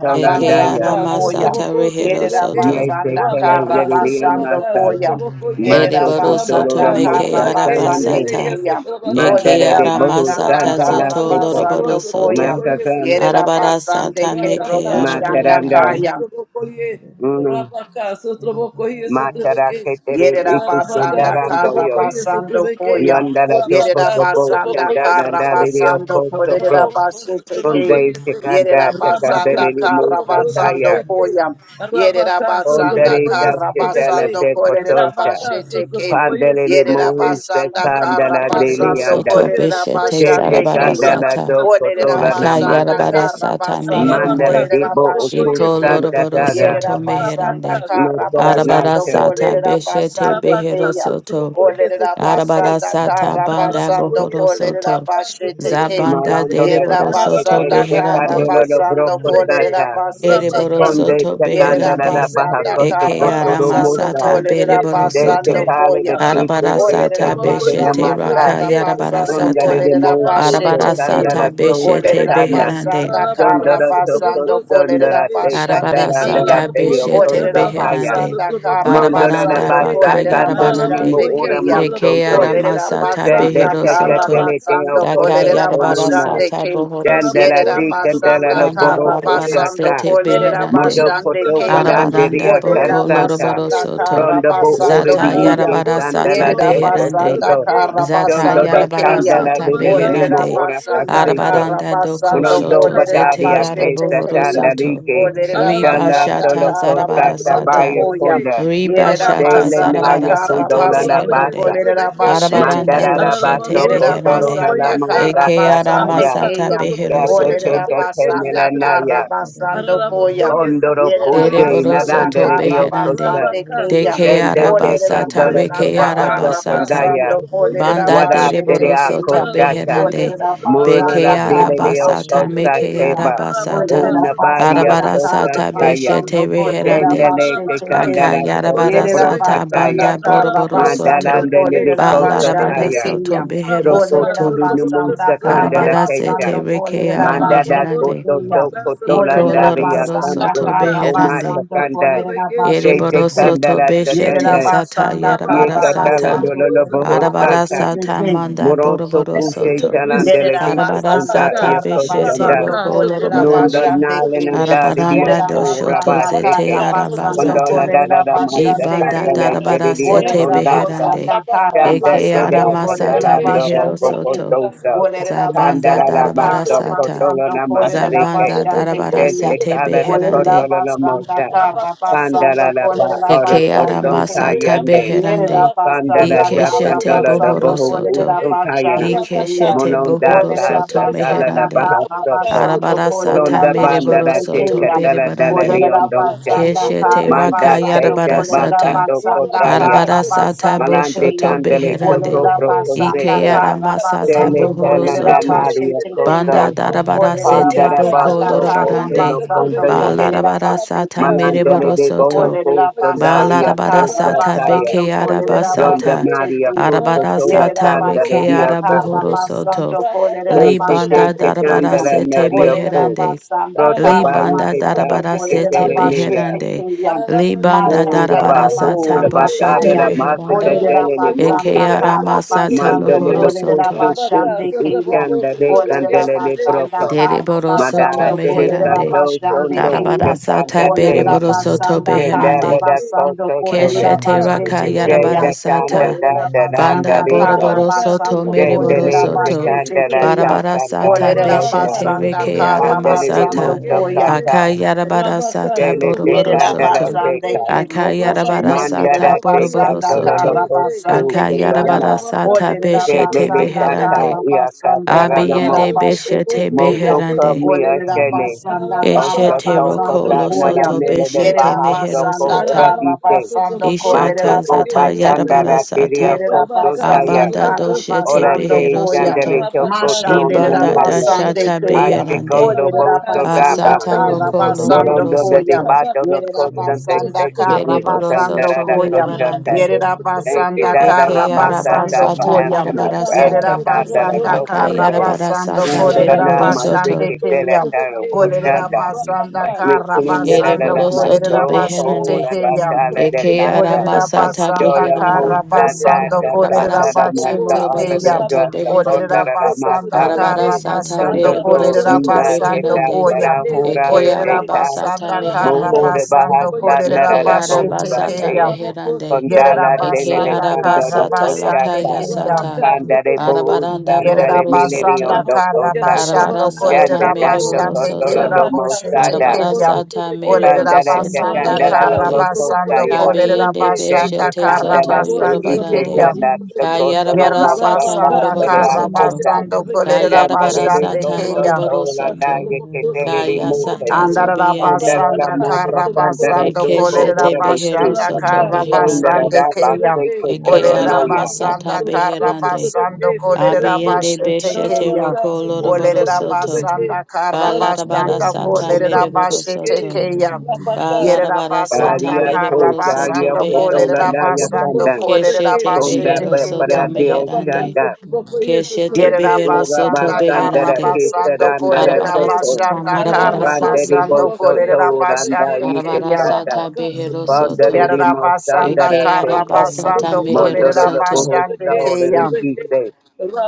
[SPEAKER 6] tolanda
[SPEAKER 7] Eke
[SPEAKER 6] ya
[SPEAKER 7] ara
[SPEAKER 3] Rabaka,
[SPEAKER 1] Koya.
[SPEAKER 7] masata
[SPEAKER 3] Sotomoko,
[SPEAKER 7] rehero
[SPEAKER 1] Yerera
[SPEAKER 3] Sotomokoi,
[SPEAKER 6] ye
[SPEAKER 7] soto.
[SPEAKER 6] se
[SPEAKER 1] basanda
[SPEAKER 6] kele
[SPEAKER 3] Rabaka,
[SPEAKER 1] kara
[SPEAKER 6] yeri
[SPEAKER 1] basando
[SPEAKER 3] Sotrabaka,
[SPEAKER 6] amasa
[SPEAKER 4] Yeah.
[SPEAKER 1] Koya.
[SPEAKER 3] Sotrabokoye,
[SPEAKER 6] mato
[SPEAKER 7] Ereboro
[SPEAKER 6] kotoro
[SPEAKER 7] soto
[SPEAKER 3] Rabaka,
[SPEAKER 1] Yerabasanda
[SPEAKER 6] la
[SPEAKER 7] meke
[SPEAKER 6] mosa
[SPEAKER 3] Sotrabeke,
[SPEAKER 6] talande
[SPEAKER 1] Karabasande
[SPEAKER 3] Sete,
[SPEAKER 7] arabasata.
[SPEAKER 3] yes,
[SPEAKER 1] Keya.
[SPEAKER 3] Sotrabaka,
[SPEAKER 7] Eke
[SPEAKER 6] mandala
[SPEAKER 1] Olerera
[SPEAKER 6] de boho
[SPEAKER 1] basanda
[SPEAKER 7] aramasata
[SPEAKER 6] sanda la
[SPEAKER 3] Rabaka,
[SPEAKER 1] kara
[SPEAKER 7] zoto
[SPEAKER 6] teke
[SPEAKER 3] Sotraboko,
[SPEAKER 7] loroboro
[SPEAKER 1] basando Koya.
[SPEAKER 7] soto.
[SPEAKER 3] Sotraboko, yes,
[SPEAKER 6] makasan
[SPEAKER 1] Yerera
[SPEAKER 7] Arabara
[SPEAKER 3] Sotrabeke,
[SPEAKER 1] basande
[SPEAKER 7] sata
[SPEAKER 1] kero
[SPEAKER 7] meke
[SPEAKER 3] Rabaka,
[SPEAKER 1] Keroboshanda
[SPEAKER 6] mataranda
[SPEAKER 3] Sotraboko,
[SPEAKER 7] arabeherande.
[SPEAKER 1] Kaya.
[SPEAKER 3] Sotraboko, ye,
[SPEAKER 6] mm,
[SPEAKER 3] Rabaka, Sotraboko, yes,
[SPEAKER 6] matara
[SPEAKER 3] Sotrabeke,
[SPEAKER 6] keteri
[SPEAKER 3] Rabaka,
[SPEAKER 1] Yerabasanda
[SPEAKER 6] ikusendarando yo
[SPEAKER 3] Sotraboko, yes,
[SPEAKER 1] Karabasando
[SPEAKER 3] Sotrabeke,
[SPEAKER 1] Koya.
[SPEAKER 6] yandara to
[SPEAKER 3] Rabaka,
[SPEAKER 6] kotopo
[SPEAKER 1] Yerabasanda
[SPEAKER 3] Sotraboko, yes,
[SPEAKER 6] sandala ndali dio
[SPEAKER 3] Sotrabeke,
[SPEAKER 1] Karabasando
[SPEAKER 6] koso
[SPEAKER 3] Rabako,
[SPEAKER 1] Kolerabasuteke.
[SPEAKER 3] Sotraboko,
[SPEAKER 6] Konde
[SPEAKER 3] yes,
[SPEAKER 6] Tekanda
[SPEAKER 1] Yerabasanda
[SPEAKER 3] Rabaka,
[SPEAKER 6] Tekandelili Musa
[SPEAKER 3] Sotraboko,
[SPEAKER 1] Karabasando
[SPEAKER 6] Taya.
[SPEAKER 3] Sotrabeke,
[SPEAKER 1] Koya.
[SPEAKER 3] Rabaka,
[SPEAKER 1] Yerabasanda
[SPEAKER 6] Kondere
[SPEAKER 3] Sotraboko, yes,
[SPEAKER 6] Tashetela
[SPEAKER 3] Sotrabeke,
[SPEAKER 1] Karabasando
[SPEAKER 6] Tekotosha.
[SPEAKER 3] Rabaka,
[SPEAKER 1] Kolerabasuteke.
[SPEAKER 3] Sotraboko, yes,
[SPEAKER 6] Pandelili
[SPEAKER 3] Sotrabeke,
[SPEAKER 6] Musa
[SPEAKER 1] Yerabasanda
[SPEAKER 6] Kandala
[SPEAKER 3] Rabaka
[SPEAKER 7] Ereboro
[SPEAKER 1] Karabasando
[SPEAKER 8] you.
[SPEAKER 6] Delianda.
[SPEAKER 7] soto
[SPEAKER 3] sotrobokoye
[SPEAKER 7] beshete
[SPEAKER 3] sotrobeke.
[SPEAKER 6] Tete
[SPEAKER 7] zarabara
[SPEAKER 1] Kolerabashandekeya.
[SPEAKER 6] Kandala
[SPEAKER 3] Rabaka
[SPEAKER 7] sata.
[SPEAKER 6] Dokotola
[SPEAKER 3] sotroboko
[SPEAKER 7] Aka
[SPEAKER 1] Olerabasanda
[SPEAKER 6] Namasa.
[SPEAKER 3] sotrobeke.
[SPEAKER 7] yarabara sata
[SPEAKER 1] Karabasando
[SPEAKER 3] Rabaka
[SPEAKER 6] Mandala
[SPEAKER 7] meherande.
[SPEAKER 6] Dibo
[SPEAKER 3] sotrobokoye
[SPEAKER 7] Iko
[SPEAKER 1] Kolerabasuteke.
[SPEAKER 6] Ukustanta
[SPEAKER 3] sotrobeke.
[SPEAKER 7] loroboro
[SPEAKER 6] Tada.
[SPEAKER 7] soto
[SPEAKER 1] Yerera basanda
[SPEAKER 3] Rabaka
[SPEAKER 7] meherande.
[SPEAKER 1] kara
[SPEAKER 6] Masara
[SPEAKER 3] sotroboko
[SPEAKER 7] Arabara
[SPEAKER 1] basando
[SPEAKER 6] Nasha.
[SPEAKER 7] sata
[SPEAKER 3] sotrobeke.
[SPEAKER 1] kolerera
[SPEAKER 7] beshete
[SPEAKER 1] basande
[SPEAKER 3] Rabaka
[SPEAKER 7] behero
[SPEAKER 1] keya.
[SPEAKER 7] soto.
[SPEAKER 3] sotrobokoye
[SPEAKER 1] Olerera
[SPEAKER 3] sotrobeke.
[SPEAKER 7] Arabara
[SPEAKER 1] basanda
[SPEAKER 7] sata
[SPEAKER 1] kara
[SPEAKER 7] banda
[SPEAKER 3] Rabaka
[SPEAKER 1] basando
[SPEAKER 7] bohoro
[SPEAKER 1] kolerera
[SPEAKER 7] soto.
[SPEAKER 3] sotrobaka
[SPEAKER 1] basete ke.
[SPEAKER 3] sotrobokoye
[SPEAKER 7] Zabanda
[SPEAKER 3] se.
[SPEAKER 6] Malandora
[SPEAKER 1] Yerera
[SPEAKER 7] dereboro soto
[SPEAKER 6] Kasete
[SPEAKER 3] Rabaka
[SPEAKER 1] basanda kara
[SPEAKER 7] beherande.
[SPEAKER 6] Tekandola
[SPEAKER 3] sotrobokoye
[SPEAKER 1] basando
[SPEAKER 6] Broko
[SPEAKER 3] sotrobeke.
[SPEAKER 1] kolerera
[SPEAKER 6] Sata.
[SPEAKER 1] basete
[SPEAKER 7] Ereboro
[SPEAKER 3] Rabaka
[SPEAKER 1] ke.
[SPEAKER 6] Konde
[SPEAKER 7] soto
[SPEAKER 1] Yerera
[SPEAKER 6] Tekandala
[SPEAKER 7] beherande.
[SPEAKER 1] basanda
[SPEAKER 3] sotrobokoye
[SPEAKER 6] Bahakoso
[SPEAKER 8] Thank
[SPEAKER 7] Eke
[SPEAKER 1] kara
[SPEAKER 6] Kotoro
[SPEAKER 3] sotrobeke.
[SPEAKER 1] basando
[SPEAKER 6] Musa.
[SPEAKER 3] Sattva
[SPEAKER 7] aramasata
[SPEAKER 3] ke,
[SPEAKER 1] kolerera
[SPEAKER 7] bereboro
[SPEAKER 3] sattva
[SPEAKER 6] They te
[SPEAKER 3] ke,
[SPEAKER 1] basando
[SPEAKER 7] soto.
[SPEAKER 6] kale de
[SPEAKER 1] koya.
[SPEAKER 3] hara hara bhav
[SPEAKER 6] kiti
[SPEAKER 3] ko,
[SPEAKER 6] te te
[SPEAKER 3] sattva
[SPEAKER 1] Olerera
[SPEAKER 7] Arabarasata
[SPEAKER 4] Thank
[SPEAKER 3] bhav
[SPEAKER 6] te
[SPEAKER 4] you.
[SPEAKER 3] ko,
[SPEAKER 6] te
[SPEAKER 3] ye
[SPEAKER 7] beshete
[SPEAKER 1] basanda
[SPEAKER 6] namasa.
[SPEAKER 3] sattva
[SPEAKER 7] raka
[SPEAKER 1] kara
[SPEAKER 3] ke, sattva
[SPEAKER 1] basando
[SPEAKER 3] ke,
[SPEAKER 6] Undale
[SPEAKER 7] yarabarasata.
[SPEAKER 6] de
[SPEAKER 1] kolerera
[SPEAKER 3] hara
[SPEAKER 6] mose
[SPEAKER 3] hara bhav
[SPEAKER 6] te
[SPEAKER 3] ko,
[SPEAKER 1] basete ke.
[SPEAKER 3] sattva
[SPEAKER 6] sandala
[SPEAKER 7] Arabarasata
[SPEAKER 3] bhav ko,
[SPEAKER 6] ton
[SPEAKER 7] beshete
[SPEAKER 3] sattva
[SPEAKER 1] Olerera
[SPEAKER 3] ke,
[SPEAKER 6] shetana.
[SPEAKER 3] hara
[SPEAKER 7] beherande.
[SPEAKER 1] basanda
[SPEAKER 3] hara masta,
[SPEAKER 1] kara
[SPEAKER 6] Dondoro
[SPEAKER 3] sattva bhav
[SPEAKER 6] tokos
[SPEAKER 1] basando
[SPEAKER 3] ko, sattva
[SPEAKER 6] dondora
[SPEAKER 1] kolerera
[SPEAKER 3] ke.
[SPEAKER 6] te
[SPEAKER 1] basande
[SPEAKER 6] katara dora
[SPEAKER 1] keya.
[SPEAKER 7] Arabarasata
[SPEAKER 6] te
[SPEAKER 3] Araraboko,
[SPEAKER 6] de
[SPEAKER 3] yes,
[SPEAKER 7] beshete
[SPEAKER 1] Olerera
[SPEAKER 3] Atrabaka,
[SPEAKER 6] paya.
[SPEAKER 7] beherande.
[SPEAKER 1] basanda
[SPEAKER 3] Sotraboko,
[SPEAKER 1] kara
[SPEAKER 3] yes,
[SPEAKER 6] Mondora la
[SPEAKER 7] Arabaranda
[SPEAKER 1] basando
[SPEAKER 3] Atrabeke.
[SPEAKER 6] basa
[SPEAKER 7] baka
[SPEAKER 1] kolerera
[SPEAKER 6] kandele ni mo
[SPEAKER 3] Araraboko,
[SPEAKER 7] yarabarande.
[SPEAKER 1] basande
[SPEAKER 6] ura
[SPEAKER 3] yes,
[SPEAKER 1] keya.
[SPEAKER 7] Eke
[SPEAKER 3] Atraboko,
[SPEAKER 6] mosonto.
[SPEAKER 3] yes,
[SPEAKER 1] Olerera
[SPEAKER 7] aramasata
[SPEAKER 3] Atrabeke.
[SPEAKER 6] Dende
[SPEAKER 1] basanda
[SPEAKER 7] behero
[SPEAKER 6] te
[SPEAKER 1] kara
[SPEAKER 7] soto.
[SPEAKER 6] tele
[SPEAKER 3] Rabaka,
[SPEAKER 6] te
[SPEAKER 1] basando
[SPEAKER 6] okos
[SPEAKER 7] Daka
[SPEAKER 3] Sotraboko,
[SPEAKER 1] kolerera
[SPEAKER 6] tonana.
[SPEAKER 3] Sotrabeke.
[SPEAKER 1] basande
[SPEAKER 7] yarabarasata
[SPEAKER 1] keya.
[SPEAKER 7] bohoro
[SPEAKER 6] Dandala
[SPEAKER 3] Araraboko,
[SPEAKER 7] soto.
[SPEAKER 1] Yerera
[SPEAKER 6] di
[SPEAKER 3] Sotraboko,
[SPEAKER 6] kandala
[SPEAKER 1] basanda
[SPEAKER 6] lo
[SPEAKER 3] yes,
[SPEAKER 7] Randa
[SPEAKER 1] kara
[SPEAKER 6] boroko
[SPEAKER 3] Atrabeke.
[SPEAKER 1] basando
[SPEAKER 6] shata.
[SPEAKER 7] barabarasete
[SPEAKER 1] kolerera
[SPEAKER 3] Araraboko,
[SPEAKER 7] beherande.
[SPEAKER 3] yes,
[SPEAKER 1] basande
[SPEAKER 6] Mondokoto
[SPEAKER 3] Atrabaka,
[SPEAKER 1] keya.
[SPEAKER 7] Arabaranda
[SPEAKER 6] Badanderia
[SPEAKER 3] Sotraboko, yes,
[SPEAKER 1] Olerera
[SPEAKER 7] boko
[SPEAKER 6] Cansanta,
[SPEAKER 7] loroboro
[SPEAKER 3] Atrabeke,
[SPEAKER 1] basanda
[SPEAKER 7] soto.
[SPEAKER 1] kara
[SPEAKER 3] Sotrabeke.
[SPEAKER 6] Rondabo Ore
[SPEAKER 1] basando
[SPEAKER 7] Zata
[SPEAKER 1] koya.
[SPEAKER 6] Biinke
[SPEAKER 3] Araraboko,
[SPEAKER 7] yarabara sata
[SPEAKER 6] Santana
[SPEAKER 1] Yerera
[SPEAKER 3] Sotraboko, yes,
[SPEAKER 6] Teco
[SPEAKER 7] beherande.
[SPEAKER 1] basanda
[SPEAKER 6] Sondo,
[SPEAKER 3] Atrabeke.
[SPEAKER 1] kara
[SPEAKER 7] Zata
[SPEAKER 6] sondo
[SPEAKER 1] basande
[SPEAKER 6] da
[SPEAKER 3] Rabaka,
[SPEAKER 7] yarabara
[SPEAKER 1] keya.
[SPEAKER 6] Candana
[SPEAKER 7] sata
[SPEAKER 3] Sotrabaka,
[SPEAKER 6] Linelimo
[SPEAKER 1] Olerera
[SPEAKER 7] beherande.
[SPEAKER 6] Ora
[SPEAKER 3] Sotraboko,
[SPEAKER 1] basanda
[SPEAKER 6] Castrite,
[SPEAKER 3] Sotrabeke.
[SPEAKER 1] kara
[SPEAKER 7] Arabaranda doko
[SPEAKER 1] basando
[SPEAKER 6] Mondo
[SPEAKER 3] Rabaka,
[SPEAKER 7] shoto
[SPEAKER 4] Thank
[SPEAKER 1] kolerera
[SPEAKER 7] zete
[SPEAKER 6] Badaria
[SPEAKER 3] Sotraboko,
[SPEAKER 1] basete
[SPEAKER 3] yes,
[SPEAKER 6] Kesa
[SPEAKER 7] yarabohoro
[SPEAKER 1] keya.
[SPEAKER 3] Atrabeke.
[SPEAKER 7] soto.
[SPEAKER 6] Tandalike,
[SPEAKER 1] Olerera
[SPEAKER 7] Riba
[SPEAKER 3] Ararabaka,
[SPEAKER 1] basanda
[SPEAKER 7] shata
[SPEAKER 6] Shalantolo
[SPEAKER 1] kara
[SPEAKER 3] Satraboko,
[SPEAKER 6] Costa
[SPEAKER 7] zarabara
[SPEAKER 1] basando
[SPEAKER 7] sata.
[SPEAKER 3] Satrabeke,
[SPEAKER 6] Tabayo
[SPEAKER 1] koya.
[SPEAKER 3] say,
[SPEAKER 6] Conda,
[SPEAKER 7] Riba
[SPEAKER 1] Yerera
[SPEAKER 3] Rabaka,
[SPEAKER 6] De
[SPEAKER 7] shata
[SPEAKER 1] basanda
[SPEAKER 7] zarabara
[SPEAKER 6] Lenaya
[SPEAKER 3] Satrabaka,
[SPEAKER 1] kara
[SPEAKER 7] sata
[SPEAKER 6] Condola La
[SPEAKER 3] Satraboko,
[SPEAKER 1] basando
[SPEAKER 3] yes,
[SPEAKER 7] beherande.
[SPEAKER 6] Basa,
[SPEAKER 1] kolerera
[SPEAKER 3] Satrabeke, say,
[SPEAKER 1] basete ke.
[SPEAKER 7] Arabaranda
[SPEAKER 6] Mandara La
[SPEAKER 7] boshete
[SPEAKER 6] Basso
[SPEAKER 3] Ararabako,
[SPEAKER 1] Yerera
[SPEAKER 6] Cotoro
[SPEAKER 7] beherande.
[SPEAKER 3] Satraboko,
[SPEAKER 6] La
[SPEAKER 1] basanda
[SPEAKER 3] yes, say,
[SPEAKER 6] Masa
[SPEAKER 1] kara
[SPEAKER 7] Eke
[SPEAKER 1] basande
[SPEAKER 6] Cataya,
[SPEAKER 3] Rabaka,
[SPEAKER 7] aramasata
[SPEAKER 1] keya.
[SPEAKER 7] behero
[SPEAKER 3] Satraboko,
[SPEAKER 6] Gata
[SPEAKER 3] yes,
[SPEAKER 7] soto.
[SPEAKER 1] Olerera
[SPEAKER 6] Kete
[SPEAKER 3] Satrabeke,
[SPEAKER 1] basanda kara
[SPEAKER 6] naya.
[SPEAKER 3] Satrabeke,
[SPEAKER 1] basando
[SPEAKER 3] Ararabako,
[SPEAKER 1] koya.
[SPEAKER 3] yes,
[SPEAKER 6] Kondoro
[SPEAKER 3] Satraboko,
[SPEAKER 1] Yerera
[SPEAKER 6] Kushe
[SPEAKER 3] yes,
[SPEAKER 7] Dereboro
[SPEAKER 1] basanda
[SPEAKER 7] soto
[SPEAKER 6] Nadandele
[SPEAKER 3] Satrabeke,
[SPEAKER 1] kara
[SPEAKER 7] beherande.
[SPEAKER 6] Diososa
[SPEAKER 1] basande
[SPEAKER 3] Rabaka,
[SPEAKER 1] keya.
[SPEAKER 7] Deke
[SPEAKER 6] sende
[SPEAKER 3] Satraboko,
[SPEAKER 6] Te
[SPEAKER 1] Olerera
[SPEAKER 7] arabasata
[SPEAKER 3] Satraboko,
[SPEAKER 6] Kandola
[SPEAKER 7] reke
[SPEAKER 1] basanda
[SPEAKER 6] Toba Ato
[SPEAKER 1] kara
[SPEAKER 3] Rabaka,
[SPEAKER 7] arabasata.
[SPEAKER 6] Kondaya
[SPEAKER 1] basando
[SPEAKER 3] Satraboko, yes,
[SPEAKER 1] kolerera
[SPEAKER 7] Banda
[SPEAKER 6] Wada
[SPEAKER 3] Satrabeke,
[SPEAKER 6] Dede
[SPEAKER 1] basete
[SPEAKER 7] dereboro
[SPEAKER 1] keya.
[SPEAKER 7] soto
[SPEAKER 3] Ararabako,
[SPEAKER 6] Akostata
[SPEAKER 7] beherande.
[SPEAKER 3] yes,
[SPEAKER 1] Olerera
[SPEAKER 3] Rabaka,
[SPEAKER 7] Beke
[SPEAKER 6] Murla
[SPEAKER 1] basanda
[SPEAKER 6] Bile
[SPEAKER 1] karra
[SPEAKER 3] Satraboko, yes,
[SPEAKER 6] Leo
[SPEAKER 7] arabasata
[SPEAKER 1] basanda
[SPEAKER 6] Kosta
[SPEAKER 7] meke
[SPEAKER 3] Satrabeke,
[SPEAKER 1] kuya.
[SPEAKER 6] Teba
[SPEAKER 7] arabasata.
[SPEAKER 1] Olerera
[SPEAKER 3] Arabaka,
[SPEAKER 6] Unabadia
[SPEAKER 1] basanda karra
[SPEAKER 7] Arabarasata
[SPEAKER 6] Kostantaya
[SPEAKER 1] basanda
[SPEAKER 7] beshete
[SPEAKER 1] kolerera
[SPEAKER 7] reherande.
[SPEAKER 6] Dendele
[SPEAKER 1] bashe
[SPEAKER 6] Te
[SPEAKER 1] teke.
[SPEAKER 6] Kandala Soko
[SPEAKER 1] Yerera
[SPEAKER 4] you.
[SPEAKER 7] Akayarabarasata
[SPEAKER 6] Brotataya
[SPEAKER 1] basanda
[SPEAKER 7] banda
[SPEAKER 1] karra
[SPEAKER 4] Thank
[SPEAKER 7] boroboro
[SPEAKER 1] basanda
[SPEAKER 7] soto.
[SPEAKER 4] you.
[SPEAKER 6] Mandalandele De
[SPEAKER 1] kolerera basanda
[SPEAKER 7] Balarabara
[SPEAKER 6] Kostataya
[SPEAKER 7] soto
[SPEAKER 1] kuya.
[SPEAKER 7] behero
[SPEAKER 6] Proko
[SPEAKER 1] Olerera
[SPEAKER 7] soto.
[SPEAKER 6] Tudu
[SPEAKER 1] basanda
[SPEAKER 6] Numusa
[SPEAKER 1] karra
[SPEAKER 6] Kandala Kesha
[SPEAKER 1] basanda
[SPEAKER 7] Arabarasete reke
[SPEAKER 1] kolerera bashe
[SPEAKER 6] Mandada
[SPEAKER 7] arameherande.
[SPEAKER 6] Koto
[SPEAKER 1] teke.
[SPEAKER 6] Toko
[SPEAKER 7] Iko
[SPEAKER 1] Olerera
[SPEAKER 6] Tolandalia
[SPEAKER 7] loroboro
[SPEAKER 1] basanda
[SPEAKER 6] Kango
[SPEAKER 7] soto
[SPEAKER 3] Rabaka, Rabaka,
[SPEAKER 1] karra
[SPEAKER 6] Sokoma
[SPEAKER 7] beherande.
[SPEAKER 1] basanda
[SPEAKER 6] Takanda
[SPEAKER 3] Sotraboko,
[SPEAKER 1] kolerera
[SPEAKER 3] Sotrabeke,
[SPEAKER 1] bashe
[SPEAKER 6] Sete
[SPEAKER 7] Yereboro
[SPEAKER 3] Sotrabeke,
[SPEAKER 1] teke.
[SPEAKER 7] soto
[SPEAKER 6] kandala
[SPEAKER 3] believe we receive.
[SPEAKER 1] Yerera
[SPEAKER 7] beshete
[SPEAKER 6] takanda
[SPEAKER 7] zata
[SPEAKER 1] basanda
[SPEAKER 6] ye
[SPEAKER 7] yarabara
[SPEAKER 1] karra
[SPEAKER 3] Rabaka,
[SPEAKER 6] katala
[SPEAKER 7] sata.
[SPEAKER 1] basanda
[SPEAKER 3] Sotraboko,
[SPEAKER 6] ndololo boho
[SPEAKER 1] kolerera
[SPEAKER 3] Sotrabeke,
[SPEAKER 7] Arabara
[SPEAKER 6] santa
[SPEAKER 1] bashe
[SPEAKER 3] believe we
[SPEAKER 7] sata
[SPEAKER 1] teke.
[SPEAKER 3] receive.
[SPEAKER 7] manda
[SPEAKER 6] moronto
[SPEAKER 7] boroboro
[SPEAKER 3] Answer
[SPEAKER 6] kushe
[SPEAKER 3] to the
[SPEAKER 7] soto.
[SPEAKER 6] talandele
[SPEAKER 3] mysteries,
[SPEAKER 1] Yerera
[SPEAKER 3] God.
[SPEAKER 6] hito
[SPEAKER 7] Arabara
[SPEAKER 6] sunda
[SPEAKER 1] basanda
[SPEAKER 7] sata
[SPEAKER 3] Rabaka,
[SPEAKER 6] ye
[SPEAKER 1] kara
[SPEAKER 7] beshete
[SPEAKER 6] toshanda
[SPEAKER 1] basando
[SPEAKER 3] Rabaka,
[SPEAKER 7] roko
[SPEAKER 1] kolerera
[SPEAKER 3] Sotraboko,
[SPEAKER 6] nunda
[SPEAKER 3] yes,
[SPEAKER 7] lorobarande.
[SPEAKER 1] basande
[SPEAKER 6] nale na
[SPEAKER 1] ke.
[SPEAKER 3] Sotrabeke,
[SPEAKER 6] dali dio
[SPEAKER 7] Arabaranda
[SPEAKER 1] Yerera
[SPEAKER 6] ko
[SPEAKER 3] Sotrabaka,
[SPEAKER 7] doshoto
[SPEAKER 6] raba
[SPEAKER 1] basanda
[SPEAKER 6] sheke
[SPEAKER 7] zete
[SPEAKER 1] kara
[SPEAKER 3] Rabaka,
[SPEAKER 1] basando
[SPEAKER 3] Sotraboko,
[SPEAKER 6] kondola
[SPEAKER 7] arabasata.
[SPEAKER 3] yes, us
[SPEAKER 6] dada
[SPEAKER 1] kolerera
[SPEAKER 6] da
[SPEAKER 3] with their
[SPEAKER 6] masta
[SPEAKER 1] basande
[SPEAKER 7] Ibanda
[SPEAKER 6] santa
[SPEAKER 1] ke
[SPEAKER 6] le
[SPEAKER 3] strategies,
[SPEAKER 1] ya.
[SPEAKER 3] God.
[SPEAKER 6] jedi
[SPEAKER 7] darabara
[SPEAKER 6] dio
[SPEAKER 7] sete
[SPEAKER 1] Olerera
[SPEAKER 3] Answers, Lord
[SPEAKER 6] kondasa
[SPEAKER 3] God.
[SPEAKER 7] beherande.
[SPEAKER 1] basanda
[SPEAKER 3] Rabaka,
[SPEAKER 1] kara
[SPEAKER 6] chanda
[SPEAKER 7] Eke
[SPEAKER 6] teda
[SPEAKER 3] Sotomoko,
[SPEAKER 1] basando
[SPEAKER 6] katala
[SPEAKER 7] aramasata
[SPEAKER 1] kolerera
[SPEAKER 3] Sotomoko,
[SPEAKER 6] ndoro
[SPEAKER 7] behero
[SPEAKER 1] basande
[SPEAKER 6] boko
[SPEAKER 1] ke.
[SPEAKER 7] soto.
[SPEAKER 3] Rabaka,
[SPEAKER 6] sosa
[SPEAKER 3] Sotomoko,
[SPEAKER 1] Olerera
[SPEAKER 7] Zabanda
[SPEAKER 6] kandala la
[SPEAKER 1] basanda
[SPEAKER 3] Sotomoko,
[SPEAKER 7] darabara
[SPEAKER 6] masto
[SPEAKER 1] kara
[SPEAKER 3] Sotomoko,
[SPEAKER 7] sata.
[SPEAKER 6] kotolo
[SPEAKER 1] basando
[SPEAKER 6] na
[SPEAKER 1] kolerera
[SPEAKER 3] Rabaka,
[SPEAKER 6] masteke
[SPEAKER 7] Zabanda
[SPEAKER 1] basande ke
[SPEAKER 7] darabara
[SPEAKER 3] Sotomoko, Sotomoko,
[SPEAKER 1] ya.
[SPEAKER 6] Sete
[SPEAKER 7] sete
[SPEAKER 6] kala da
[SPEAKER 3] Sotomoko,
[SPEAKER 1] Olerera
[SPEAKER 7] beherande.
[SPEAKER 6] kotolo na
[SPEAKER 1] basanda
[SPEAKER 6] mosa
[SPEAKER 1] kara
[SPEAKER 3] Rabaka,
[SPEAKER 1] basando
[SPEAKER 6] Pandarada
[SPEAKER 3] Sotomoko,
[SPEAKER 6] ba
[SPEAKER 1] kolerera
[SPEAKER 6] ora
[SPEAKER 7] Eke
[SPEAKER 3] Sotomoko,
[SPEAKER 1] basande ke.
[SPEAKER 6] kosonta
[SPEAKER 7] aramasata
[SPEAKER 6] yande.
[SPEAKER 3] Reabasa,
[SPEAKER 1] Yerera
[SPEAKER 7] beherande.
[SPEAKER 3] Tabaka,
[SPEAKER 6] Pandara
[SPEAKER 1] basanda
[SPEAKER 7] Ike
[SPEAKER 3] Sotomoko,
[SPEAKER 1] kara
[SPEAKER 7] shete
[SPEAKER 6] takandara
[SPEAKER 3] Sotomoko,
[SPEAKER 6] da
[SPEAKER 7] bohoro
[SPEAKER 1] basando
[SPEAKER 6] boho
[SPEAKER 7] soto.
[SPEAKER 1] kolerera
[SPEAKER 3] Sotomoko,
[SPEAKER 6] kusontaya.
[SPEAKER 1] basande
[SPEAKER 7] Ike
[SPEAKER 1] keya.
[SPEAKER 3] Rabaka,
[SPEAKER 7] shete
[SPEAKER 3] Sotomoko,
[SPEAKER 6] Mononda
[SPEAKER 7] bohoro
[SPEAKER 1] Olerera
[SPEAKER 7] soto
[SPEAKER 6] kasa
[SPEAKER 3] Sotomoko,
[SPEAKER 6] tala da
[SPEAKER 1] basanda
[SPEAKER 7] meherande.
[SPEAKER 6] baha
[SPEAKER 1] kara
[SPEAKER 3] Rabaka,
[SPEAKER 6] soko.
[SPEAKER 1] basando
[SPEAKER 7] Arabara
[SPEAKER 3] Sotomoko,
[SPEAKER 7] sata
[SPEAKER 1] kolerera
[SPEAKER 6] Ronda
[SPEAKER 7] mereboro
[SPEAKER 6] bandara
[SPEAKER 1] basete
[SPEAKER 3] Sotomoko,
[SPEAKER 6] te
[SPEAKER 7] soto
[SPEAKER 1] keya.
[SPEAKER 3] Sotomoko,
[SPEAKER 6] katara dala
[SPEAKER 7] berebarande.
[SPEAKER 1] Olerera
[SPEAKER 3] Ararabacá, se eu
[SPEAKER 6] liondosha.
[SPEAKER 1] basanda
[SPEAKER 3] tomou
[SPEAKER 7] Keshete
[SPEAKER 1] kara
[SPEAKER 3] conheço, eu
[SPEAKER 6] Manda
[SPEAKER 7] raka
[SPEAKER 1] basando
[SPEAKER 3] trevequei.
[SPEAKER 6] keita
[SPEAKER 7] yarabara
[SPEAKER 1] kolerera
[SPEAKER 7] sata.
[SPEAKER 6] basanto
[SPEAKER 1] basanda
[SPEAKER 6] kotaya.
[SPEAKER 3] Rabacá,
[SPEAKER 1] kara
[SPEAKER 7] Arabara
[SPEAKER 3] se eu tomou
[SPEAKER 7] sata
[SPEAKER 3] caso,
[SPEAKER 1] basande
[SPEAKER 3] eu
[SPEAKER 6] Malande
[SPEAKER 3] tomou
[SPEAKER 1] keya.
[SPEAKER 7] boshoto
[SPEAKER 6] kandale
[SPEAKER 3] conheço, eu
[SPEAKER 7] beherande.
[SPEAKER 6] toko
[SPEAKER 1] Olerera
[SPEAKER 3] trevequei.
[SPEAKER 6] broko
[SPEAKER 1] basanda
[SPEAKER 7] Ike
[SPEAKER 6] sepe.
[SPEAKER 1] kara
[SPEAKER 3] Rabacá, se eu
[SPEAKER 7] aramasata
[SPEAKER 6] Tele
[SPEAKER 3] tomou
[SPEAKER 1] basando
[SPEAKER 7] bohoro
[SPEAKER 3] conheço, eu
[SPEAKER 1] kolerera
[SPEAKER 6] telanda
[SPEAKER 4] Get
[SPEAKER 7] soto.
[SPEAKER 3] trevequei.
[SPEAKER 6] naria
[SPEAKER 1] basete
[SPEAKER 3] Sete.
[SPEAKER 7] Banda
[SPEAKER 1] keya.
[SPEAKER 6] koso.
[SPEAKER 7] darabara
[SPEAKER 1] Olerera
[SPEAKER 3] Ararabacoia,
[SPEAKER 7] sete
[SPEAKER 6] Pandara
[SPEAKER 7] boko
[SPEAKER 1] basanda
[SPEAKER 6] baso
[SPEAKER 1] kara
[SPEAKER 3] satarabacoia,
[SPEAKER 6] kotono
[SPEAKER 3] se
[SPEAKER 7] lorobarande.
[SPEAKER 3] eu
[SPEAKER 1] basando
[SPEAKER 3] trevequei.
[SPEAKER 6] kondese.
[SPEAKER 1] kolerera
[SPEAKER 7] Balarabara sata
[SPEAKER 1] basete
[SPEAKER 3] Rabacá, se eu
[SPEAKER 1] keya.
[SPEAKER 6] Malandele
[SPEAKER 7] mereboro
[SPEAKER 3] tomou
[SPEAKER 6] de
[SPEAKER 3] caso,
[SPEAKER 7] soto.
[SPEAKER 3] eu
[SPEAKER 6] boho
[SPEAKER 3] tomou
[SPEAKER 6] ko
[SPEAKER 1] Olerera
[SPEAKER 3] conheço.
[SPEAKER 6] sandalia
[SPEAKER 1] basanda
[SPEAKER 7] Balarabara
[SPEAKER 6] so
[SPEAKER 1] karra
[SPEAKER 7] sata
[SPEAKER 3] Rabacá, se
[SPEAKER 6] sataya.
[SPEAKER 3] eu
[SPEAKER 1] basando
[SPEAKER 7] beke
[SPEAKER 3] tomou
[SPEAKER 7] araba
[SPEAKER 3] conheço,
[SPEAKER 1] kolerera
[SPEAKER 3] eu
[SPEAKER 6] Ronda
[SPEAKER 1] başte
[SPEAKER 7] sata.
[SPEAKER 3] trevequei.
[SPEAKER 6] Maria
[SPEAKER 1] çekin.
[SPEAKER 6] Cuso
[SPEAKER 7] Arabara
[SPEAKER 6] Sola
[SPEAKER 3] Ararabacá, se
[SPEAKER 1] Yerera
[SPEAKER 7] sata
[SPEAKER 3] eu
[SPEAKER 6] Tanda
[SPEAKER 3] tomou
[SPEAKER 6] de
[SPEAKER 7] reke
[SPEAKER 3] conheço,
[SPEAKER 1] basanda
[SPEAKER 6] Dio
[SPEAKER 3] eu
[SPEAKER 6] Can.
[SPEAKER 1] karra
[SPEAKER 7] arabohoro
[SPEAKER 3] trevequei.
[SPEAKER 7] soto.
[SPEAKER 1] basando kolerera
[SPEAKER 3] Rabacá,
[SPEAKER 6] Te
[SPEAKER 3] se eu
[SPEAKER 6] te
[SPEAKER 3] tomou
[SPEAKER 6] te
[SPEAKER 7] Libanda
[SPEAKER 6] que
[SPEAKER 1] başande
[SPEAKER 3] conheço, eu
[SPEAKER 6] tanda
[SPEAKER 7] darabara
[SPEAKER 1] kıyam.
[SPEAKER 6] la
[SPEAKER 3] trevequei,
[SPEAKER 7] sete
[SPEAKER 3] eu
[SPEAKER 6] Maria
[SPEAKER 1] Olerera
[SPEAKER 6] Co.
[SPEAKER 3] trevequei.
[SPEAKER 7] beherande.
[SPEAKER 1] basanda
[SPEAKER 6] Rota
[SPEAKER 1] karra
[SPEAKER 3] Ararabaka,
[SPEAKER 6] Bayu
[SPEAKER 7] Libanda
[SPEAKER 6] que
[SPEAKER 1] basando
[SPEAKER 7] darabara
[SPEAKER 6] tasi
[SPEAKER 3] Sotobokoye,
[SPEAKER 6] que
[SPEAKER 7] sete
[SPEAKER 1] kolerera
[SPEAKER 6] tele
[SPEAKER 1] başte
[SPEAKER 3] Sotobeke,
[SPEAKER 6] mea.
[SPEAKER 7] beherande.
[SPEAKER 1] çekiyam.
[SPEAKER 3] Ararabaka,
[SPEAKER 7] Libanda
[SPEAKER 6] Ura
[SPEAKER 7] darabara
[SPEAKER 6] ba,
[SPEAKER 1] Maşandara
[SPEAKER 3] Sotoboko,
[SPEAKER 7] sata
[SPEAKER 6] ura ba
[SPEAKER 1] basanda
[SPEAKER 3] Sotobeke,
[SPEAKER 7] boshete
[SPEAKER 6] tada
[SPEAKER 3] Shete,
[SPEAKER 6] da
[SPEAKER 1] kayam.
[SPEAKER 6] masa que
[SPEAKER 7] reherande.
[SPEAKER 1] Olerera
[SPEAKER 6] tele le
[SPEAKER 3] Ararabokoye,
[SPEAKER 7] Eke
[SPEAKER 1] basanda
[SPEAKER 6] música.
[SPEAKER 3] Sotobaka,
[SPEAKER 1] karra
[SPEAKER 7] arama sata
[SPEAKER 1] basando
[SPEAKER 6] Mandele
[SPEAKER 3] Sotobokoye,
[SPEAKER 7] lohoro
[SPEAKER 6] lo
[SPEAKER 1] kolerera
[SPEAKER 7] soto.
[SPEAKER 6] coso
[SPEAKER 3] Rabaka,
[SPEAKER 6] coso
[SPEAKER 1] başande kıyam.
[SPEAKER 3] Sotoboko,
[SPEAKER 6] cuscanda de
[SPEAKER 3] Sotobeke,
[SPEAKER 1] Olerera
[SPEAKER 6] candele le
[SPEAKER 3] Shete, Yaso,
[SPEAKER 1] basanda
[SPEAKER 6] broco.
[SPEAKER 1] karra
[SPEAKER 7] Dereboro
[SPEAKER 3] Rabaka,
[SPEAKER 7] soto
[SPEAKER 1] basando
[SPEAKER 6] Madate de
[SPEAKER 1] kolerera
[SPEAKER 3] Sotoboko,
[SPEAKER 7] meherande.
[SPEAKER 6] tato
[SPEAKER 1] başande
[SPEAKER 3] Sotobeke,
[SPEAKER 6] sondo, se
[SPEAKER 7] Darabara
[SPEAKER 1] kıyam.
[SPEAKER 7] sata
[SPEAKER 6] fanda te.
[SPEAKER 3] Ararabokoye,
[SPEAKER 1] Olerera
[SPEAKER 7] bereboro soto
[SPEAKER 3] Sotobeke,
[SPEAKER 1] basanda kara
[SPEAKER 7] beherande.
[SPEAKER 6] Candela da
[SPEAKER 3] Sotobeke,
[SPEAKER 1] basando
[SPEAKER 6] coso toya.
[SPEAKER 1] kolerera
[SPEAKER 7] Keshete
[SPEAKER 3] Ararabaka,
[SPEAKER 1] bashe
[SPEAKER 7] raka
[SPEAKER 3] Sotoboko,
[SPEAKER 6] Dang
[SPEAKER 1] tekeya.
[SPEAKER 7] yarabara
[SPEAKER 6] da dan da
[SPEAKER 7] sata.
[SPEAKER 6] da
[SPEAKER 3] Sotobeke,
[SPEAKER 1] Olerera
[SPEAKER 6] da dan da
[SPEAKER 7] Banda
[SPEAKER 1] basanda
[SPEAKER 6] dito.
[SPEAKER 1] kara
[SPEAKER 7] boroboro
[SPEAKER 3] Arabaka,
[SPEAKER 7] soto
[SPEAKER 1] basando
[SPEAKER 6] Dang
[SPEAKER 3] Sotraboko,
[SPEAKER 6] da
[SPEAKER 7] mereboro
[SPEAKER 1] kolerera
[SPEAKER 6] ni da
[SPEAKER 7] soto.
[SPEAKER 1] bashe
[SPEAKER 3] Sotrabeke,
[SPEAKER 6] dan da la ta
[SPEAKER 1] tekeya.
[SPEAKER 3] Sotrabeke,
[SPEAKER 7] Barabara
[SPEAKER 6] san da la
[SPEAKER 7] sata
[SPEAKER 1] Olerera
[SPEAKER 6] tosha.
[SPEAKER 3] Rabaka,
[SPEAKER 7] beshete
[SPEAKER 1] basanda
[SPEAKER 7] reke
[SPEAKER 3] Sotraboko,
[SPEAKER 6] San
[SPEAKER 1] kara
[SPEAKER 6] da ni
[SPEAKER 3] yes,
[SPEAKER 6] di mo
[SPEAKER 1] basando
[SPEAKER 7] aramasata.
[SPEAKER 6] so
[SPEAKER 3] Sotrabeke,
[SPEAKER 1] koya.
[SPEAKER 3] Sete,
[SPEAKER 6] kata.
[SPEAKER 7] Akayarabara
[SPEAKER 3] Rabaka,
[SPEAKER 7] sata
[SPEAKER 6] Dang ni de
[SPEAKER 3] Sotraboko,
[SPEAKER 7] boroboro
[SPEAKER 6] kan
[SPEAKER 3] yes,
[SPEAKER 6] da la
[SPEAKER 7] soto.
[SPEAKER 6] te
[SPEAKER 1] Yerabasande
[SPEAKER 6] ka.
[SPEAKER 3] Sotrabeke,
[SPEAKER 1] ke robo
[SPEAKER 7] Akayarabara
[SPEAKER 3] Rabaka,
[SPEAKER 1] shete
[SPEAKER 6] Man da
[SPEAKER 7] sata
[SPEAKER 6] da te
[SPEAKER 3] Sotraboko,
[SPEAKER 6] ka
[SPEAKER 3] yes,
[SPEAKER 7] boroboro
[SPEAKER 1] kerabasanda
[SPEAKER 6] solo lo lo
[SPEAKER 7] soto.
[SPEAKER 6] ko
[SPEAKER 3] Sotrabeke,
[SPEAKER 6] su
[SPEAKER 1] karabasande basanda
[SPEAKER 6] kutana.
[SPEAKER 7] Akayarabara
[SPEAKER 3] Ararabaka,
[SPEAKER 7] sata
[SPEAKER 6] Dang ni
[SPEAKER 7] beshete
[SPEAKER 3] Sotobokoye,
[SPEAKER 6] di
[SPEAKER 1] Olerabasanda
[SPEAKER 6] kanta
[SPEAKER 3] Sotobeke,
[SPEAKER 7] beherande.
[SPEAKER 6] ia kata
[SPEAKER 1] karabasando
[SPEAKER 6] la na
[SPEAKER 3] Rabaka,
[SPEAKER 6] mo.
[SPEAKER 7] Abiyende
[SPEAKER 3] Sotoboko,
[SPEAKER 1] kolerabashete
[SPEAKER 8] you.
[SPEAKER 7] beshete
[SPEAKER 6] Mo so
[SPEAKER 1] keya.
[SPEAKER 3] Sotobeke,
[SPEAKER 6] ka
[SPEAKER 7] beherande.
[SPEAKER 6] mi
[SPEAKER 3] Sete,
[SPEAKER 6] a shele.
[SPEAKER 1] Olerabasanda
[SPEAKER 6] O
[SPEAKER 3] Ararabaka,
[SPEAKER 6] so
[SPEAKER 7] Eshete
[SPEAKER 6] to
[SPEAKER 8] Thank
[SPEAKER 7] roko
[SPEAKER 3] Sotoboko,
[SPEAKER 1] karabasando
[SPEAKER 7] rokolo
[SPEAKER 6] kutana la
[SPEAKER 1] koya.
[SPEAKER 7] soto
[SPEAKER 3] Sotobeke,
[SPEAKER 6] mele de
[SPEAKER 7] beshete
[SPEAKER 6] baha
[SPEAKER 3] Sotobeke,
[SPEAKER 6] so
[SPEAKER 7] mehero
[SPEAKER 6] ko
[SPEAKER 1] Yerabasanda
[SPEAKER 7] sata.
[SPEAKER 6] rabi
[SPEAKER 3] Ararabaka,
[SPEAKER 6] se.
[SPEAKER 1] karabasando
[SPEAKER 3] Sotoboko,
[SPEAKER 6] Manto
[SPEAKER 7] Ishata
[SPEAKER 6] ko
[SPEAKER 3] Sotobeke,
[SPEAKER 7] zata
[SPEAKER 1] kolerabashete
[SPEAKER 6] batanda
[SPEAKER 1] keya.
[SPEAKER 3] Sotobeke,
[SPEAKER 7] yarabara
[SPEAKER 6] la video
[SPEAKER 7] sata.
[SPEAKER 6] ko
[SPEAKER 3] Rabaka,
[SPEAKER 6] suntaya.
[SPEAKER 1] Yerabasanda
[SPEAKER 7] Abanda
[SPEAKER 3] Sotoboko,
[SPEAKER 7] doshete
[SPEAKER 6] Ola
[SPEAKER 3] Sotobeke,
[SPEAKER 1] karabasando
[SPEAKER 6] te
[SPEAKER 7] behero
[SPEAKER 1] koya.
[SPEAKER 6] chandele
[SPEAKER 7] soto.
[SPEAKER 6] kyoko
[SPEAKER 3] Rabaka,
[SPEAKER 6] ton
[SPEAKER 7] Ibanda
[SPEAKER 3] Sotobokoye,
[SPEAKER 6] manaya.
[SPEAKER 1] Mashanderabasande
[SPEAKER 7] dashata
[SPEAKER 3] Sotobeke,
[SPEAKER 1] basanda
[SPEAKER 7] beherande.
[SPEAKER 6] Ashikoto
[SPEAKER 3] Rabaka,
[SPEAKER 6] boso daba.
[SPEAKER 1] Olerabasanda
[SPEAKER 7] Asata
[SPEAKER 3] Sotobokoye,
[SPEAKER 7] roko
[SPEAKER 3] Sotobeke,
[SPEAKER 1] karabasando
[SPEAKER 7] loroboro
[SPEAKER 6] Morondo de
[SPEAKER 1] koya.
[SPEAKER 7] soto.
[SPEAKER 6] debato
[SPEAKER 3] Rabaka,
[SPEAKER 6] no kosan de
[SPEAKER 3] Sotoboko,
[SPEAKER 1] Yerabasanda
[SPEAKER 6] teki
[SPEAKER 3] Sotobeke,
[SPEAKER 6] Jesus
[SPEAKER 7] Bereboro
[SPEAKER 6] and
[SPEAKER 1] Karabasando
[SPEAKER 7] soto
[SPEAKER 6] darada
[SPEAKER 1] Koyam.
[SPEAKER 6] koshata.
[SPEAKER 7] merebarande.
[SPEAKER 3] Ararabako,
[SPEAKER 4] it,
[SPEAKER 6] Thank
[SPEAKER 3] Sotobeke,
[SPEAKER 6] you,
[SPEAKER 1] Yerabasanda
[SPEAKER 6] Dada
[SPEAKER 7] Beke
[SPEAKER 4] Thank you.
[SPEAKER 3] Sotobeke,
[SPEAKER 6] Namasata,
[SPEAKER 1] Karabasando
[SPEAKER 6] for
[SPEAKER 7] arabasata
[SPEAKER 1] Koyam.
[SPEAKER 6] answering my
[SPEAKER 3] Rabaka
[SPEAKER 6] prayers.
[SPEAKER 7] marabarasata.
[SPEAKER 3] sotoboko
[SPEAKER 6] Tandara
[SPEAKER 1] Yerabasanda
[SPEAKER 3] sotobeke.
[SPEAKER 6] Tokoto,
[SPEAKER 1] Karabasando
[SPEAKER 7] Akayarabarasata
[SPEAKER 3] Rabaka
[SPEAKER 7] bereboro
[SPEAKER 6] Ukanama,
[SPEAKER 7] soto.
[SPEAKER 1] Kolerabashande
[SPEAKER 6] Siki,
[SPEAKER 3] sotoboko
[SPEAKER 1] Kayam.
[SPEAKER 6] Teletaro,
[SPEAKER 3] sotobeke.
[SPEAKER 6] Kushanda.
[SPEAKER 1] Olerabasanda
[SPEAKER 3] Rabaka
[SPEAKER 6] Wash me clean,
[SPEAKER 3] sotoboko
[SPEAKER 6] Dada
[SPEAKER 1] Karabasando
[SPEAKER 7] Ereboro
[SPEAKER 3] sotobeke.
[SPEAKER 7] soto
[SPEAKER 6] Namaso,
[SPEAKER 1] Kolerabashite
[SPEAKER 7] beherande.
[SPEAKER 6] Hola,
[SPEAKER 3] Rabaka
[SPEAKER 1] Kayam.
[SPEAKER 6] Datala,
[SPEAKER 3] sotoboko
[SPEAKER 7] Beke
[SPEAKER 6] de
[SPEAKER 1] Olerera
[SPEAKER 3] sotobeke.
[SPEAKER 7] aramasata
[SPEAKER 1] basanda
[SPEAKER 6] Yola
[SPEAKER 3] Rabaka
[SPEAKER 7] beherande.
[SPEAKER 1] kara
[SPEAKER 6] Bosa da
[SPEAKER 1] basando
[SPEAKER 6] da da
[SPEAKER 3] sotoboko
[SPEAKER 1] kolerera
[SPEAKER 6] da da
[SPEAKER 7] Arabarasata
[SPEAKER 3] sotoboko.
[SPEAKER 6] masa
[SPEAKER 1] bashete
[SPEAKER 6] all
[SPEAKER 7] moroboro
[SPEAKER 6] of the
[SPEAKER 1] keya.
[SPEAKER 7] soto
[SPEAKER 6] dress
[SPEAKER 3] Rabaka
[SPEAKER 6] the boat da
[SPEAKER 1] Olerera
[SPEAKER 7] beherande.
[SPEAKER 3] sotoboko
[SPEAKER 6] da da
[SPEAKER 1] basanda
[SPEAKER 6] masa
[SPEAKER 1] kara
[SPEAKER 3] sotobeke.
[SPEAKER 7] Arabarasata
[SPEAKER 1] basando
[SPEAKER 6] Dundo
[SPEAKER 3] Rabaka
[SPEAKER 7] bereboro
[SPEAKER 6] do
[SPEAKER 1] kolerera
[SPEAKER 7] soto
[SPEAKER 6] Rinda
[SPEAKER 3] sotoboko
[SPEAKER 1] basando
[SPEAKER 6] Keta
[SPEAKER 7] beherande.
[SPEAKER 6] da
[SPEAKER 1] koya.
[SPEAKER 6] da
[SPEAKER 3] sotobeke
[SPEAKER 7] Eke
[SPEAKER 6] Hora
[SPEAKER 1] Olerera
[SPEAKER 3] sotobeke.
[SPEAKER 6] Sheta
[SPEAKER 7] arabasata
[SPEAKER 1] basanda
[SPEAKER 3] Rabaka
[SPEAKER 1] kara
[SPEAKER 7] meherande.
[SPEAKER 6] Mohore
[SPEAKER 1] basando
[SPEAKER 3] sotoboko
[SPEAKER 6] Bahasan da
[SPEAKER 1] kolerera
[SPEAKER 7] Eke
[SPEAKER 6] da da
[SPEAKER 3] sotobeke.
[SPEAKER 1] bashete
[SPEAKER 6] Bosa
[SPEAKER 7] arabasata
[SPEAKER 6] Te
[SPEAKER 1] keya.
[SPEAKER 3] Rabaka
[SPEAKER 7] meherande.
[SPEAKER 1] Yerera
[SPEAKER 6] Kondala
[SPEAKER 3] sotrabaka
[SPEAKER 6] Tele
[SPEAKER 7] Eke
[SPEAKER 6] de
[SPEAKER 1] basanda
[SPEAKER 3] sotraboko
[SPEAKER 6] Sando
[SPEAKER 1] kara
[SPEAKER 6] do
[SPEAKER 7] arabasata
[SPEAKER 3] sotrabeke.
[SPEAKER 1] basande
[SPEAKER 6] Koshata
[SPEAKER 7] lakaya
[SPEAKER 1] keya.
[SPEAKER 7] sata.
[SPEAKER 3] Rabaka
[SPEAKER 6] Panda de
[SPEAKER 3] sotraboko
[SPEAKER 6] Bosa
[SPEAKER 7] Arabaranda
[SPEAKER 3] sotrabeke.
[SPEAKER 1] Yerera
[SPEAKER 6] Tele
[SPEAKER 7] bohoro
[SPEAKER 6] Mileri on
[SPEAKER 1] basanda
[SPEAKER 7] soto.
[SPEAKER 6] do
[SPEAKER 3] Rabako
[SPEAKER 1] kara
[SPEAKER 3] ye
[SPEAKER 6] Kosa
[SPEAKER 1] basando
[SPEAKER 3] sotrabaka
[SPEAKER 7] Arabarasata
[SPEAKER 6] Janda
[SPEAKER 1] kolerera
[SPEAKER 6] da
[SPEAKER 3] sotraboko.
[SPEAKER 4] Thank
[SPEAKER 6] do
[SPEAKER 7] meriboro
[SPEAKER 1] basande
[SPEAKER 6] Kotolo
[SPEAKER 1] kerera
[SPEAKER 7] soto.
[SPEAKER 6] do
[SPEAKER 3] Rabaka
[SPEAKER 1] boshe
[SPEAKER 6] Mosada
[SPEAKER 3] sotraboko
[SPEAKER 1] tekeya.
[SPEAKER 7] Arabarasata
[SPEAKER 3] sotrabeke.
[SPEAKER 1] Olerera
[SPEAKER 7] meriboro
[SPEAKER 6] Kandala
[SPEAKER 7] soto
[SPEAKER 1] basanda
[SPEAKER 6] Kandala
[SPEAKER 3] Rabaka
[SPEAKER 1] kara
[SPEAKER 6] Lolo
[SPEAKER 7] beherande.
[SPEAKER 3] sotraboko
[SPEAKER 1] basando
[SPEAKER 3] ye
[SPEAKER 6] Kosa
[SPEAKER 1] kolerera
[SPEAKER 7] Kabeyende
[SPEAKER 3] sotrabeke.
[SPEAKER 6] Jete
[SPEAKER 1] basanda
[SPEAKER 7] beshete
[SPEAKER 1] kara
[SPEAKER 6] candela
[SPEAKER 7] zoto
[SPEAKER 3] Rabako
[SPEAKER 6] to
[SPEAKER 1] basande
[SPEAKER 6] ishe
[SPEAKER 3] sotraboko
[SPEAKER 7] yorobarande.
[SPEAKER 1] keya.
[SPEAKER 6] chana to
[SPEAKER 3] sotrabeke.
[SPEAKER 6] kotoro
[SPEAKER 1] Yerera
[SPEAKER 6] mo
[SPEAKER 7] Kayarabarasata
[SPEAKER 3] Rabaka
[SPEAKER 6] santa
[SPEAKER 1] basanda
[SPEAKER 7] moroboro
[SPEAKER 6] tere
[SPEAKER 1] kara
[SPEAKER 3] sotraboko
[SPEAKER 7] soto.
[SPEAKER 3] ye
[SPEAKER 6] akasa.
[SPEAKER 1] basando
[SPEAKER 8] you.
[SPEAKER 3] sotrabeke
[SPEAKER 1] kolerera
[SPEAKER 6] Chandere
[SPEAKER 3] sotrabeke.
[SPEAKER 6] de
[SPEAKER 1] basande
[SPEAKER 7] Kayarabarasata
[SPEAKER 6] koto
[SPEAKER 1] keya.
[SPEAKER 7] moroboro
[SPEAKER 3] Rabaka
[SPEAKER 6] sola
[SPEAKER 8] Thank
[SPEAKER 6] na
[SPEAKER 7] soto.
[SPEAKER 6] ye
[SPEAKER 3] sotraboko
[SPEAKER 6] ketele li
[SPEAKER 3] sotraboko
[SPEAKER 6] muse.
[SPEAKER 3] ye.
[SPEAKER 7] Kayasata
[SPEAKER 1] Andarada
[SPEAKER 7] zobiyande.
[SPEAKER 6] Candela la
[SPEAKER 1] basanda
[SPEAKER 3] Rabaka,
[SPEAKER 6] mosa
[SPEAKER 3] Sotoboko,
[SPEAKER 6] candela
[SPEAKER 1] karabasando
[SPEAKER 3] Sotobeke,
[SPEAKER 6] troko
[SPEAKER 1] kolerera
[SPEAKER 7] Ekeshete
[SPEAKER 6] ora
[SPEAKER 7] behero
[SPEAKER 6] bachu.
[SPEAKER 1] basanda
[SPEAKER 3] Rabaka,
[SPEAKER 7] soto
[SPEAKER 3] Sotoboko,
[SPEAKER 6] Condera
[SPEAKER 7] beherande.
[SPEAKER 1] karabasande
[SPEAKER 6] da
[SPEAKER 1] keya.
[SPEAKER 6] basse
[SPEAKER 3] Sotobeke,
[SPEAKER 7] Eke
[SPEAKER 6] ketelo
[SPEAKER 1] Olerera
[SPEAKER 6] noya.
[SPEAKER 3] Rabako,
[SPEAKER 7] aramasata
[SPEAKER 1] basanda
[SPEAKER 3] Sotoboko,
[SPEAKER 7] beherande.
[SPEAKER 3] Sotobeke,
[SPEAKER 1] karabasando kolerera
[SPEAKER 3] Sotobeke,
[SPEAKER 7] Abiende
[SPEAKER 1] basete
[SPEAKER 7] beshete
[SPEAKER 1] keya.
[SPEAKER 3] Rabaka,
[SPEAKER 7] roko
[SPEAKER 3] Sotoboko,
[SPEAKER 7] loroboro
[SPEAKER 1] Olerera
[SPEAKER 7] soto.
[SPEAKER 3] Sotobeke,
[SPEAKER 1] basanda
[SPEAKER 3] Rabako,
[SPEAKER 7] Balarabara
[SPEAKER 1] karabasanda
[SPEAKER 7] sata
[SPEAKER 3] Sotoboko,
[SPEAKER 1] kolerera
[SPEAKER 7] mereboro
[SPEAKER 3] Sotobeke,
[SPEAKER 1] basete
[SPEAKER 7] soto.
[SPEAKER 1] keya.
[SPEAKER 3] Rabaka,
[SPEAKER 1] Yerera
[SPEAKER 7] Balarabara
[SPEAKER 3] Sotoboko,
[SPEAKER 7] sata
[SPEAKER 1] basanda
[SPEAKER 6] Maria
[SPEAKER 3] Sotobeke,
[SPEAKER 6] to
[SPEAKER 7] mereboro soto
[SPEAKER 6] jaya
[SPEAKER 1] karabasando
[SPEAKER 3] Rabaka,
[SPEAKER 6] ketola
[SPEAKER 1] kolerera
[SPEAKER 7] beherande.
[SPEAKER 6] na
[SPEAKER 3] so
[SPEAKER 6] ya
[SPEAKER 1] basando
[SPEAKER 6] kanda.
[SPEAKER 1] kolerera
[SPEAKER 7] Keshete
[SPEAKER 6] Konda
[SPEAKER 1] basete
[SPEAKER 7] behero soto
[SPEAKER 1] keya.
[SPEAKER 6] bepara deo
[SPEAKER 7] meherande.
[SPEAKER 6] shanda.
[SPEAKER 4] you.
[SPEAKER 7] Keshete behero
[SPEAKER 6] Ura
[SPEAKER 7] soto
[SPEAKER 1] Yerabasanda
[SPEAKER 6] masandara
[SPEAKER 7] beherande.
[SPEAKER 1] Karabasando
[SPEAKER 6] kisadandala
[SPEAKER 1] Kolera
[SPEAKER 7] Arabara
[SPEAKER 6] soko.
[SPEAKER 7] sata
[SPEAKER 1] Basanda
[SPEAKER 7] marabara
[SPEAKER 6] Pandere
[SPEAKER 7] sata.
[SPEAKER 1] Karabasando
[SPEAKER 6] boso
[SPEAKER 1] Kolera
[SPEAKER 6] to randa
[SPEAKER 1] Basande
[SPEAKER 7] Arabara
[SPEAKER 1] Kayam.
[SPEAKER 6] yikesata.
[SPEAKER 7] sata behero
[SPEAKER 6] Pandare
[SPEAKER 7] soto.
[SPEAKER 6] di
[SPEAKER 1] Yerabasanda
[SPEAKER 6] mosandara
[SPEAKER 7] Eke
[SPEAKER 6] teke.
[SPEAKER 7] arabasata
[SPEAKER 1] Karabasando
[SPEAKER 7] mehero
[SPEAKER 6] Mandoro
[SPEAKER 1] Kolera
[SPEAKER 6] la
[SPEAKER 7] soto.
[SPEAKER 6] boho
[SPEAKER 1] Basande
[SPEAKER 6] saore di
[SPEAKER 1] Kayam.
[SPEAKER 6] kise.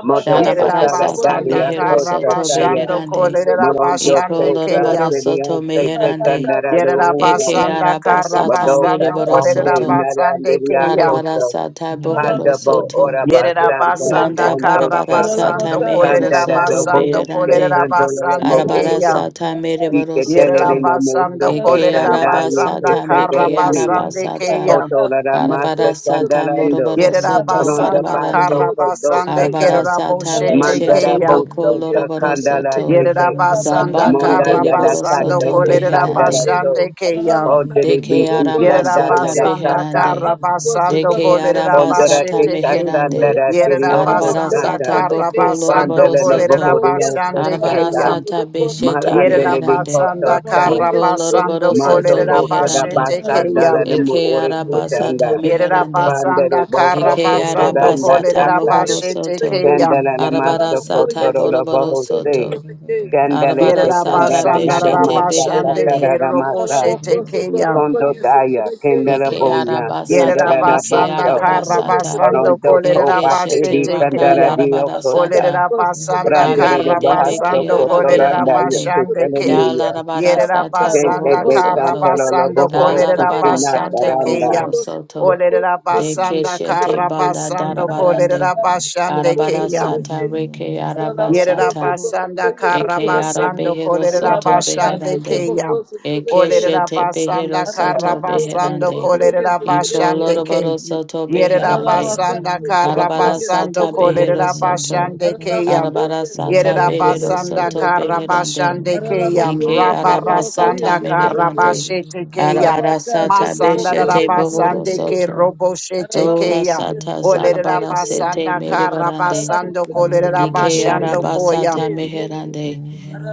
[SPEAKER 6] Mondo katara
[SPEAKER 3] provoke,
[SPEAKER 7] Darabarasata
[SPEAKER 6] dari
[SPEAKER 1] Yerabasanda
[SPEAKER 7] behero
[SPEAKER 6] akosa
[SPEAKER 7] soto
[SPEAKER 6] taya.
[SPEAKER 1] Karabasando
[SPEAKER 7] beherande.
[SPEAKER 1] Kolera
[SPEAKER 6] Morondo
[SPEAKER 7] Iko
[SPEAKER 1] Basande
[SPEAKER 6] kosa
[SPEAKER 3] yes,
[SPEAKER 7] loroboro
[SPEAKER 1] Kayam.
[SPEAKER 6] tiri
[SPEAKER 7] soto
[SPEAKER 6] anse teka
[SPEAKER 3] Rabaka
[SPEAKER 7] meherande.
[SPEAKER 6] narado
[SPEAKER 3] sotobokoye
[SPEAKER 7] Eke
[SPEAKER 8] you.
[SPEAKER 6] ukamo.
[SPEAKER 1] Yerabasanda
[SPEAKER 3] sotobeke.
[SPEAKER 7] arabasata
[SPEAKER 6] Mondo
[SPEAKER 1] Karabasando
[SPEAKER 7] mereboro
[SPEAKER 8] Thank
[SPEAKER 6] katase
[SPEAKER 3] Ararabaka
[SPEAKER 1] Kolera
[SPEAKER 7] soto.
[SPEAKER 3] sotoboko
[SPEAKER 1] Basande
[SPEAKER 6] narandiri
[SPEAKER 1] Kayam.
[SPEAKER 3] sotobeke.
[SPEAKER 6] akoso.
[SPEAKER 7] Darabarasata bohoro
[SPEAKER 3] Ararabako
[SPEAKER 6] Pandabo
[SPEAKER 7] soto.
[SPEAKER 6] oraba
[SPEAKER 3] sotoboko
[SPEAKER 6] sandara
[SPEAKER 3] sotobeke.
[SPEAKER 1] Yerabasanda
[SPEAKER 7] Banda
[SPEAKER 6] kondoshe.
[SPEAKER 7] barabarasata
[SPEAKER 1] Karabasando
[SPEAKER 3] Ararabaka
[SPEAKER 7] mehero
[SPEAKER 1] Kolera
[SPEAKER 3] sotoboko
[SPEAKER 6] Kandara do
[SPEAKER 7] soto
[SPEAKER 1] Basando
[SPEAKER 3] sotobeke.
[SPEAKER 6] bohushe.
[SPEAKER 7] beherande.
[SPEAKER 1] Kolera
[SPEAKER 6] Kandolo la mo
[SPEAKER 1] Basande
[SPEAKER 3] Ararabako
[SPEAKER 1] Kayam.
[SPEAKER 6] ushe.
[SPEAKER 7] Arabarasata
[SPEAKER 3] sotobaka
[SPEAKER 7] mereboro
[SPEAKER 6] Ike dele
[SPEAKER 1] Yerera
[SPEAKER 6] de
[SPEAKER 7] soto.
[SPEAKER 6] no mo
[SPEAKER 1] basanda,
[SPEAKER 6] soke.
[SPEAKER 7] Eke
[SPEAKER 6] Tandaye
[SPEAKER 1] kolerabasanda
[SPEAKER 7] arabasata
[SPEAKER 6] kese
[SPEAKER 7] meke
[SPEAKER 6] dele ni.
[SPEAKER 1] karabasande
[SPEAKER 7] arabasata.
[SPEAKER 1] keya.
[SPEAKER 6] Koto lada Master
[SPEAKER 7] Arabarasata
[SPEAKER 6] Kandarando,
[SPEAKER 7] moroboro
[SPEAKER 1] Yerera
[SPEAKER 7] soto
[SPEAKER 6] Pronda
[SPEAKER 1] basanda, Yerabasanda
[SPEAKER 7] barabarande.
[SPEAKER 6] Basto Koto
[SPEAKER 1] karabasande
[SPEAKER 7] Arabara
[SPEAKER 6] Takam,
[SPEAKER 7] sata
[SPEAKER 1] keraboshete
[SPEAKER 6] Mandara
[SPEAKER 7] beshete
[SPEAKER 1] keya.
[SPEAKER 7] boko
[SPEAKER 6] boso
[SPEAKER 7] loroboro
[SPEAKER 6] Kandala
[SPEAKER 7] soto.
[SPEAKER 6] Teke,
[SPEAKER 1] Yerabasanda
[SPEAKER 7] Zabanda
[SPEAKER 6] Monda Lada
[SPEAKER 7] deriboro
[SPEAKER 1] karabasando
[SPEAKER 4] Yeah.
[SPEAKER 6] Kata
[SPEAKER 7] soto
[SPEAKER 6] Se Kandala
[SPEAKER 7] beherande.
[SPEAKER 6] To,
[SPEAKER 1] kolerabasande keya.
[SPEAKER 6] Pondere Bi
[SPEAKER 7] Deke
[SPEAKER 6] Isanda
[SPEAKER 7] aramasata
[SPEAKER 6] Lada
[SPEAKER 1] Yerabasanda
[SPEAKER 6] Kata,
[SPEAKER 7] beherande.
[SPEAKER 1] karabasando
[SPEAKER 7] Deke
[SPEAKER 6] Pondera
[SPEAKER 7] arabasata
[SPEAKER 1] kolerabashete
[SPEAKER 6] Deka
[SPEAKER 3] Arabaka,
[SPEAKER 1] keya.
[SPEAKER 7] meherande.
[SPEAKER 6] Sandara Tirioko
[SPEAKER 3] Rabaka,
[SPEAKER 7] Arabara
[SPEAKER 1] Yerabasanda
[SPEAKER 6] Santa,
[SPEAKER 7] sata boko
[SPEAKER 1] karabasando
[SPEAKER 7] loroboro
[SPEAKER 6] Pandele
[SPEAKER 7] soto.
[SPEAKER 6] Bohori Oko
[SPEAKER 1] kolerabasande
[SPEAKER 7] Arabara
[SPEAKER 1] keya.
[SPEAKER 7] sata
[SPEAKER 4] Yeah,
[SPEAKER 7] beshete
[SPEAKER 6] Marandele de
[SPEAKER 7] beherande.
[SPEAKER 6] Koto
[SPEAKER 1] Yerabasanda
[SPEAKER 6] Sa,
[SPEAKER 7] Iko
[SPEAKER 1] karabasando
[SPEAKER 7] loroboro
[SPEAKER 6] Manto
[SPEAKER 7] soto
[SPEAKER 6] Kota
[SPEAKER 7] beherande.
[SPEAKER 1] kolerabashete keya.
[SPEAKER 6] Basandala Mu
[SPEAKER 7] Eke
[SPEAKER 6] Ore
[SPEAKER 7] arabasata
[SPEAKER 6] Kusanda,
[SPEAKER 1] Yerera
[SPEAKER 7] meherande.
[SPEAKER 6] Vandere
[SPEAKER 1] basanda kara
[SPEAKER 6] boso
[SPEAKER 7] Eke
[SPEAKER 6] koto
[SPEAKER 1] basando
[SPEAKER 7] araba
[SPEAKER 6] randa
[SPEAKER 7] sata
[SPEAKER 1] kolerera
[SPEAKER 6] taka.
[SPEAKER 7] mohoro
[SPEAKER 1] bashete
[SPEAKER 7] soto.
[SPEAKER 1] keya.
[SPEAKER 6] Sendele na
[SPEAKER 7] Arabara
[SPEAKER 6] maso
[SPEAKER 7] sata
[SPEAKER 6] koto rolo
[SPEAKER 7] boroboro
[SPEAKER 6] boho se.
[SPEAKER 7] soto.
[SPEAKER 6] Sendele te
[SPEAKER 7] Arabara
[SPEAKER 1] Yerera
[SPEAKER 7] sata
[SPEAKER 6] kandara
[SPEAKER 1] basanda
[SPEAKER 6] nara
[SPEAKER 1] rara
[SPEAKER 7] beshete
[SPEAKER 6] masa
[SPEAKER 1] bashande
[SPEAKER 7] beherande.
[SPEAKER 6] katara na
[SPEAKER 1] kero
[SPEAKER 6] masa.
[SPEAKER 3] Araraboko,
[SPEAKER 1] boshete keya.
[SPEAKER 3] sotraboko,
[SPEAKER 6] Kondo daya
[SPEAKER 3] yesotrabeke,
[SPEAKER 6] kendara
[SPEAKER 3] se.
[SPEAKER 7] Eke
[SPEAKER 6] boya
[SPEAKER 7] araba
[SPEAKER 1] Yerera
[SPEAKER 7] sata
[SPEAKER 6] kendara
[SPEAKER 3] Rabaka,
[SPEAKER 6] na
[SPEAKER 7] meke
[SPEAKER 1] basanda
[SPEAKER 6] baso.
[SPEAKER 7] araba
[SPEAKER 1] kara
[SPEAKER 7] sata.
[SPEAKER 1] basando
[SPEAKER 6] Orondo ko
[SPEAKER 1] kolerera
[SPEAKER 7] Eke shete
[SPEAKER 6] pateli
[SPEAKER 1] bashete
[SPEAKER 7] raka
[SPEAKER 6] kandara
[SPEAKER 1] keya.
[SPEAKER 7] yarabara
[SPEAKER 6] diokosa. okosa.
[SPEAKER 7] sata.
[SPEAKER 1] Olerera basanda
[SPEAKER 6] Prandere de
[SPEAKER 1] kara
[SPEAKER 7] Dabiende
[SPEAKER 8] you.
[SPEAKER 6] bahaso
[SPEAKER 7] beke
[SPEAKER 1] basando
[SPEAKER 6] koto
[SPEAKER 1] kolerera
[SPEAKER 6] randa ya
[SPEAKER 7] arabeherande.
[SPEAKER 1] bashande
[SPEAKER 6] ketele
[SPEAKER 8] Thank
[SPEAKER 1] ke.
[SPEAKER 6] niya.
[SPEAKER 7] Dalarabara
[SPEAKER 1] Yerera
[SPEAKER 7] sata
[SPEAKER 6] Tente
[SPEAKER 1] basanda
[SPEAKER 7] bohoro
[SPEAKER 6] de
[SPEAKER 1] kara
[SPEAKER 7] soto.
[SPEAKER 6] kantara lo
[SPEAKER 1] basando
[SPEAKER 6] boho roku
[SPEAKER 1] kolerera
[SPEAKER 7] Dalarabara
[SPEAKER 6] sinata
[SPEAKER 1] bashande
[SPEAKER 7] sata
[SPEAKER 6] randa.
[SPEAKER 1] keya.
[SPEAKER 7] bohoro soto.
[SPEAKER 1] Olerera
[SPEAKER 7] Deke
[SPEAKER 1] basanda
[SPEAKER 7] shete
[SPEAKER 1] kara
[SPEAKER 7] banda
[SPEAKER 1] basando
[SPEAKER 7] darabarande.
[SPEAKER 1] kolerera bashande
[SPEAKER 7] Arabara
[SPEAKER 1] keya.
[SPEAKER 7] sata reke arabasata
[SPEAKER 1] Yerabasanda
[SPEAKER 7] eke
[SPEAKER 4] Ora
[SPEAKER 1] Karabasando
[SPEAKER 7] arabehero soto
[SPEAKER 1] Kolerabashande
[SPEAKER 3] Sotomoko,
[SPEAKER 7] beherande
[SPEAKER 1] Kaya.
[SPEAKER 7] eke
[SPEAKER 3] Sotomeke,
[SPEAKER 7] shete behero
[SPEAKER 1] Olerabasanda
[SPEAKER 7] soto
[SPEAKER 3] Aralabaco, se
[SPEAKER 1] Karabasando
[SPEAKER 7] beherande
[SPEAKER 3] trabajó y se
[SPEAKER 7] iko
[SPEAKER 1] Kolerabashande
[SPEAKER 3] trabeque.
[SPEAKER 1] Kaya.
[SPEAKER 7] loroboro soto beherande
[SPEAKER 3] Aralabaca,
[SPEAKER 1] Yerabasanda
[SPEAKER 3] se trabajó
[SPEAKER 7] arabara
[SPEAKER 3] y se
[SPEAKER 1] Karabasando
[SPEAKER 7] sata
[SPEAKER 3] trabeque.
[SPEAKER 7] behero soto
[SPEAKER 1] Kolerabashande
[SPEAKER 3] Aralabaco
[SPEAKER 1] Kaya.
[SPEAKER 7] arabara
[SPEAKER 3] y se
[SPEAKER 7] sata
[SPEAKER 3] trabajó y
[SPEAKER 7] behero
[SPEAKER 3] se
[SPEAKER 1] Yerabasanda
[SPEAKER 7] soto
[SPEAKER 3] trabeque.
[SPEAKER 7] beherande
[SPEAKER 1] Karabashande Kaya.
[SPEAKER 3] Aralabaco
[SPEAKER 7] ike
[SPEAKER 3] y se trabajó y
[SPEAKER 7] arabasata
[SPEAKER 1] Rabarasanda
[SPEAKER 3] se trabeque.
[SPEAKER 7] meherande
[SPEAKER 1] Karabashete Kaya.
[SPEAKER 7] arabara
[SPEAKER 3] Rabaca, se
[SPEAKER 7] sata
[SPEAKER 1] Masanda
[SPEAKER 3] trabajó y
[SPEAKER 7] beshete
[SPEAKER 3] se
[SPEAKER 7] bohoro
[SPEAKER 1] Rabasande
[SPEAKER 3] trabeque.
[SPEAKER 1] Ke
[SPEAKER 7] soto
[SPEAKER 1] Roboshete
[SPEAKER 3] Aralabaco
[SPEAKER 7] dola
[SPEAKER 1] Kaya.
[SPEAKER 3] y se
[SPEAKER 7] sata
[SPEAKER 8] you.
[SPEAKER 1] Olerera
[SPEAKER 3] trabeque,
[SPEAKER 7] zarabara
[SPEAKER 3] sí.
[SPEAKER 7] sete
[SPEAKER 1] basanda kara
[SPEAKER 7] merebarande
[SPEAKER 1] basando
[SPEAKER 3] Aralabaca, se
[SPEAKER 1] kolerera
[SPEAKER 3] trabajó
[SPEAKER 7] Ike
[SPEAKER 3] y
[SPEAKER 1] bashando
[SPEAKER 3] se
[SPEAKER 7] araba
[SPEAKER 1] koya.
[SPEAKER 7] sata
[SPEAKER 3] trabeque, sí.
[SPEAKER 7] meherande.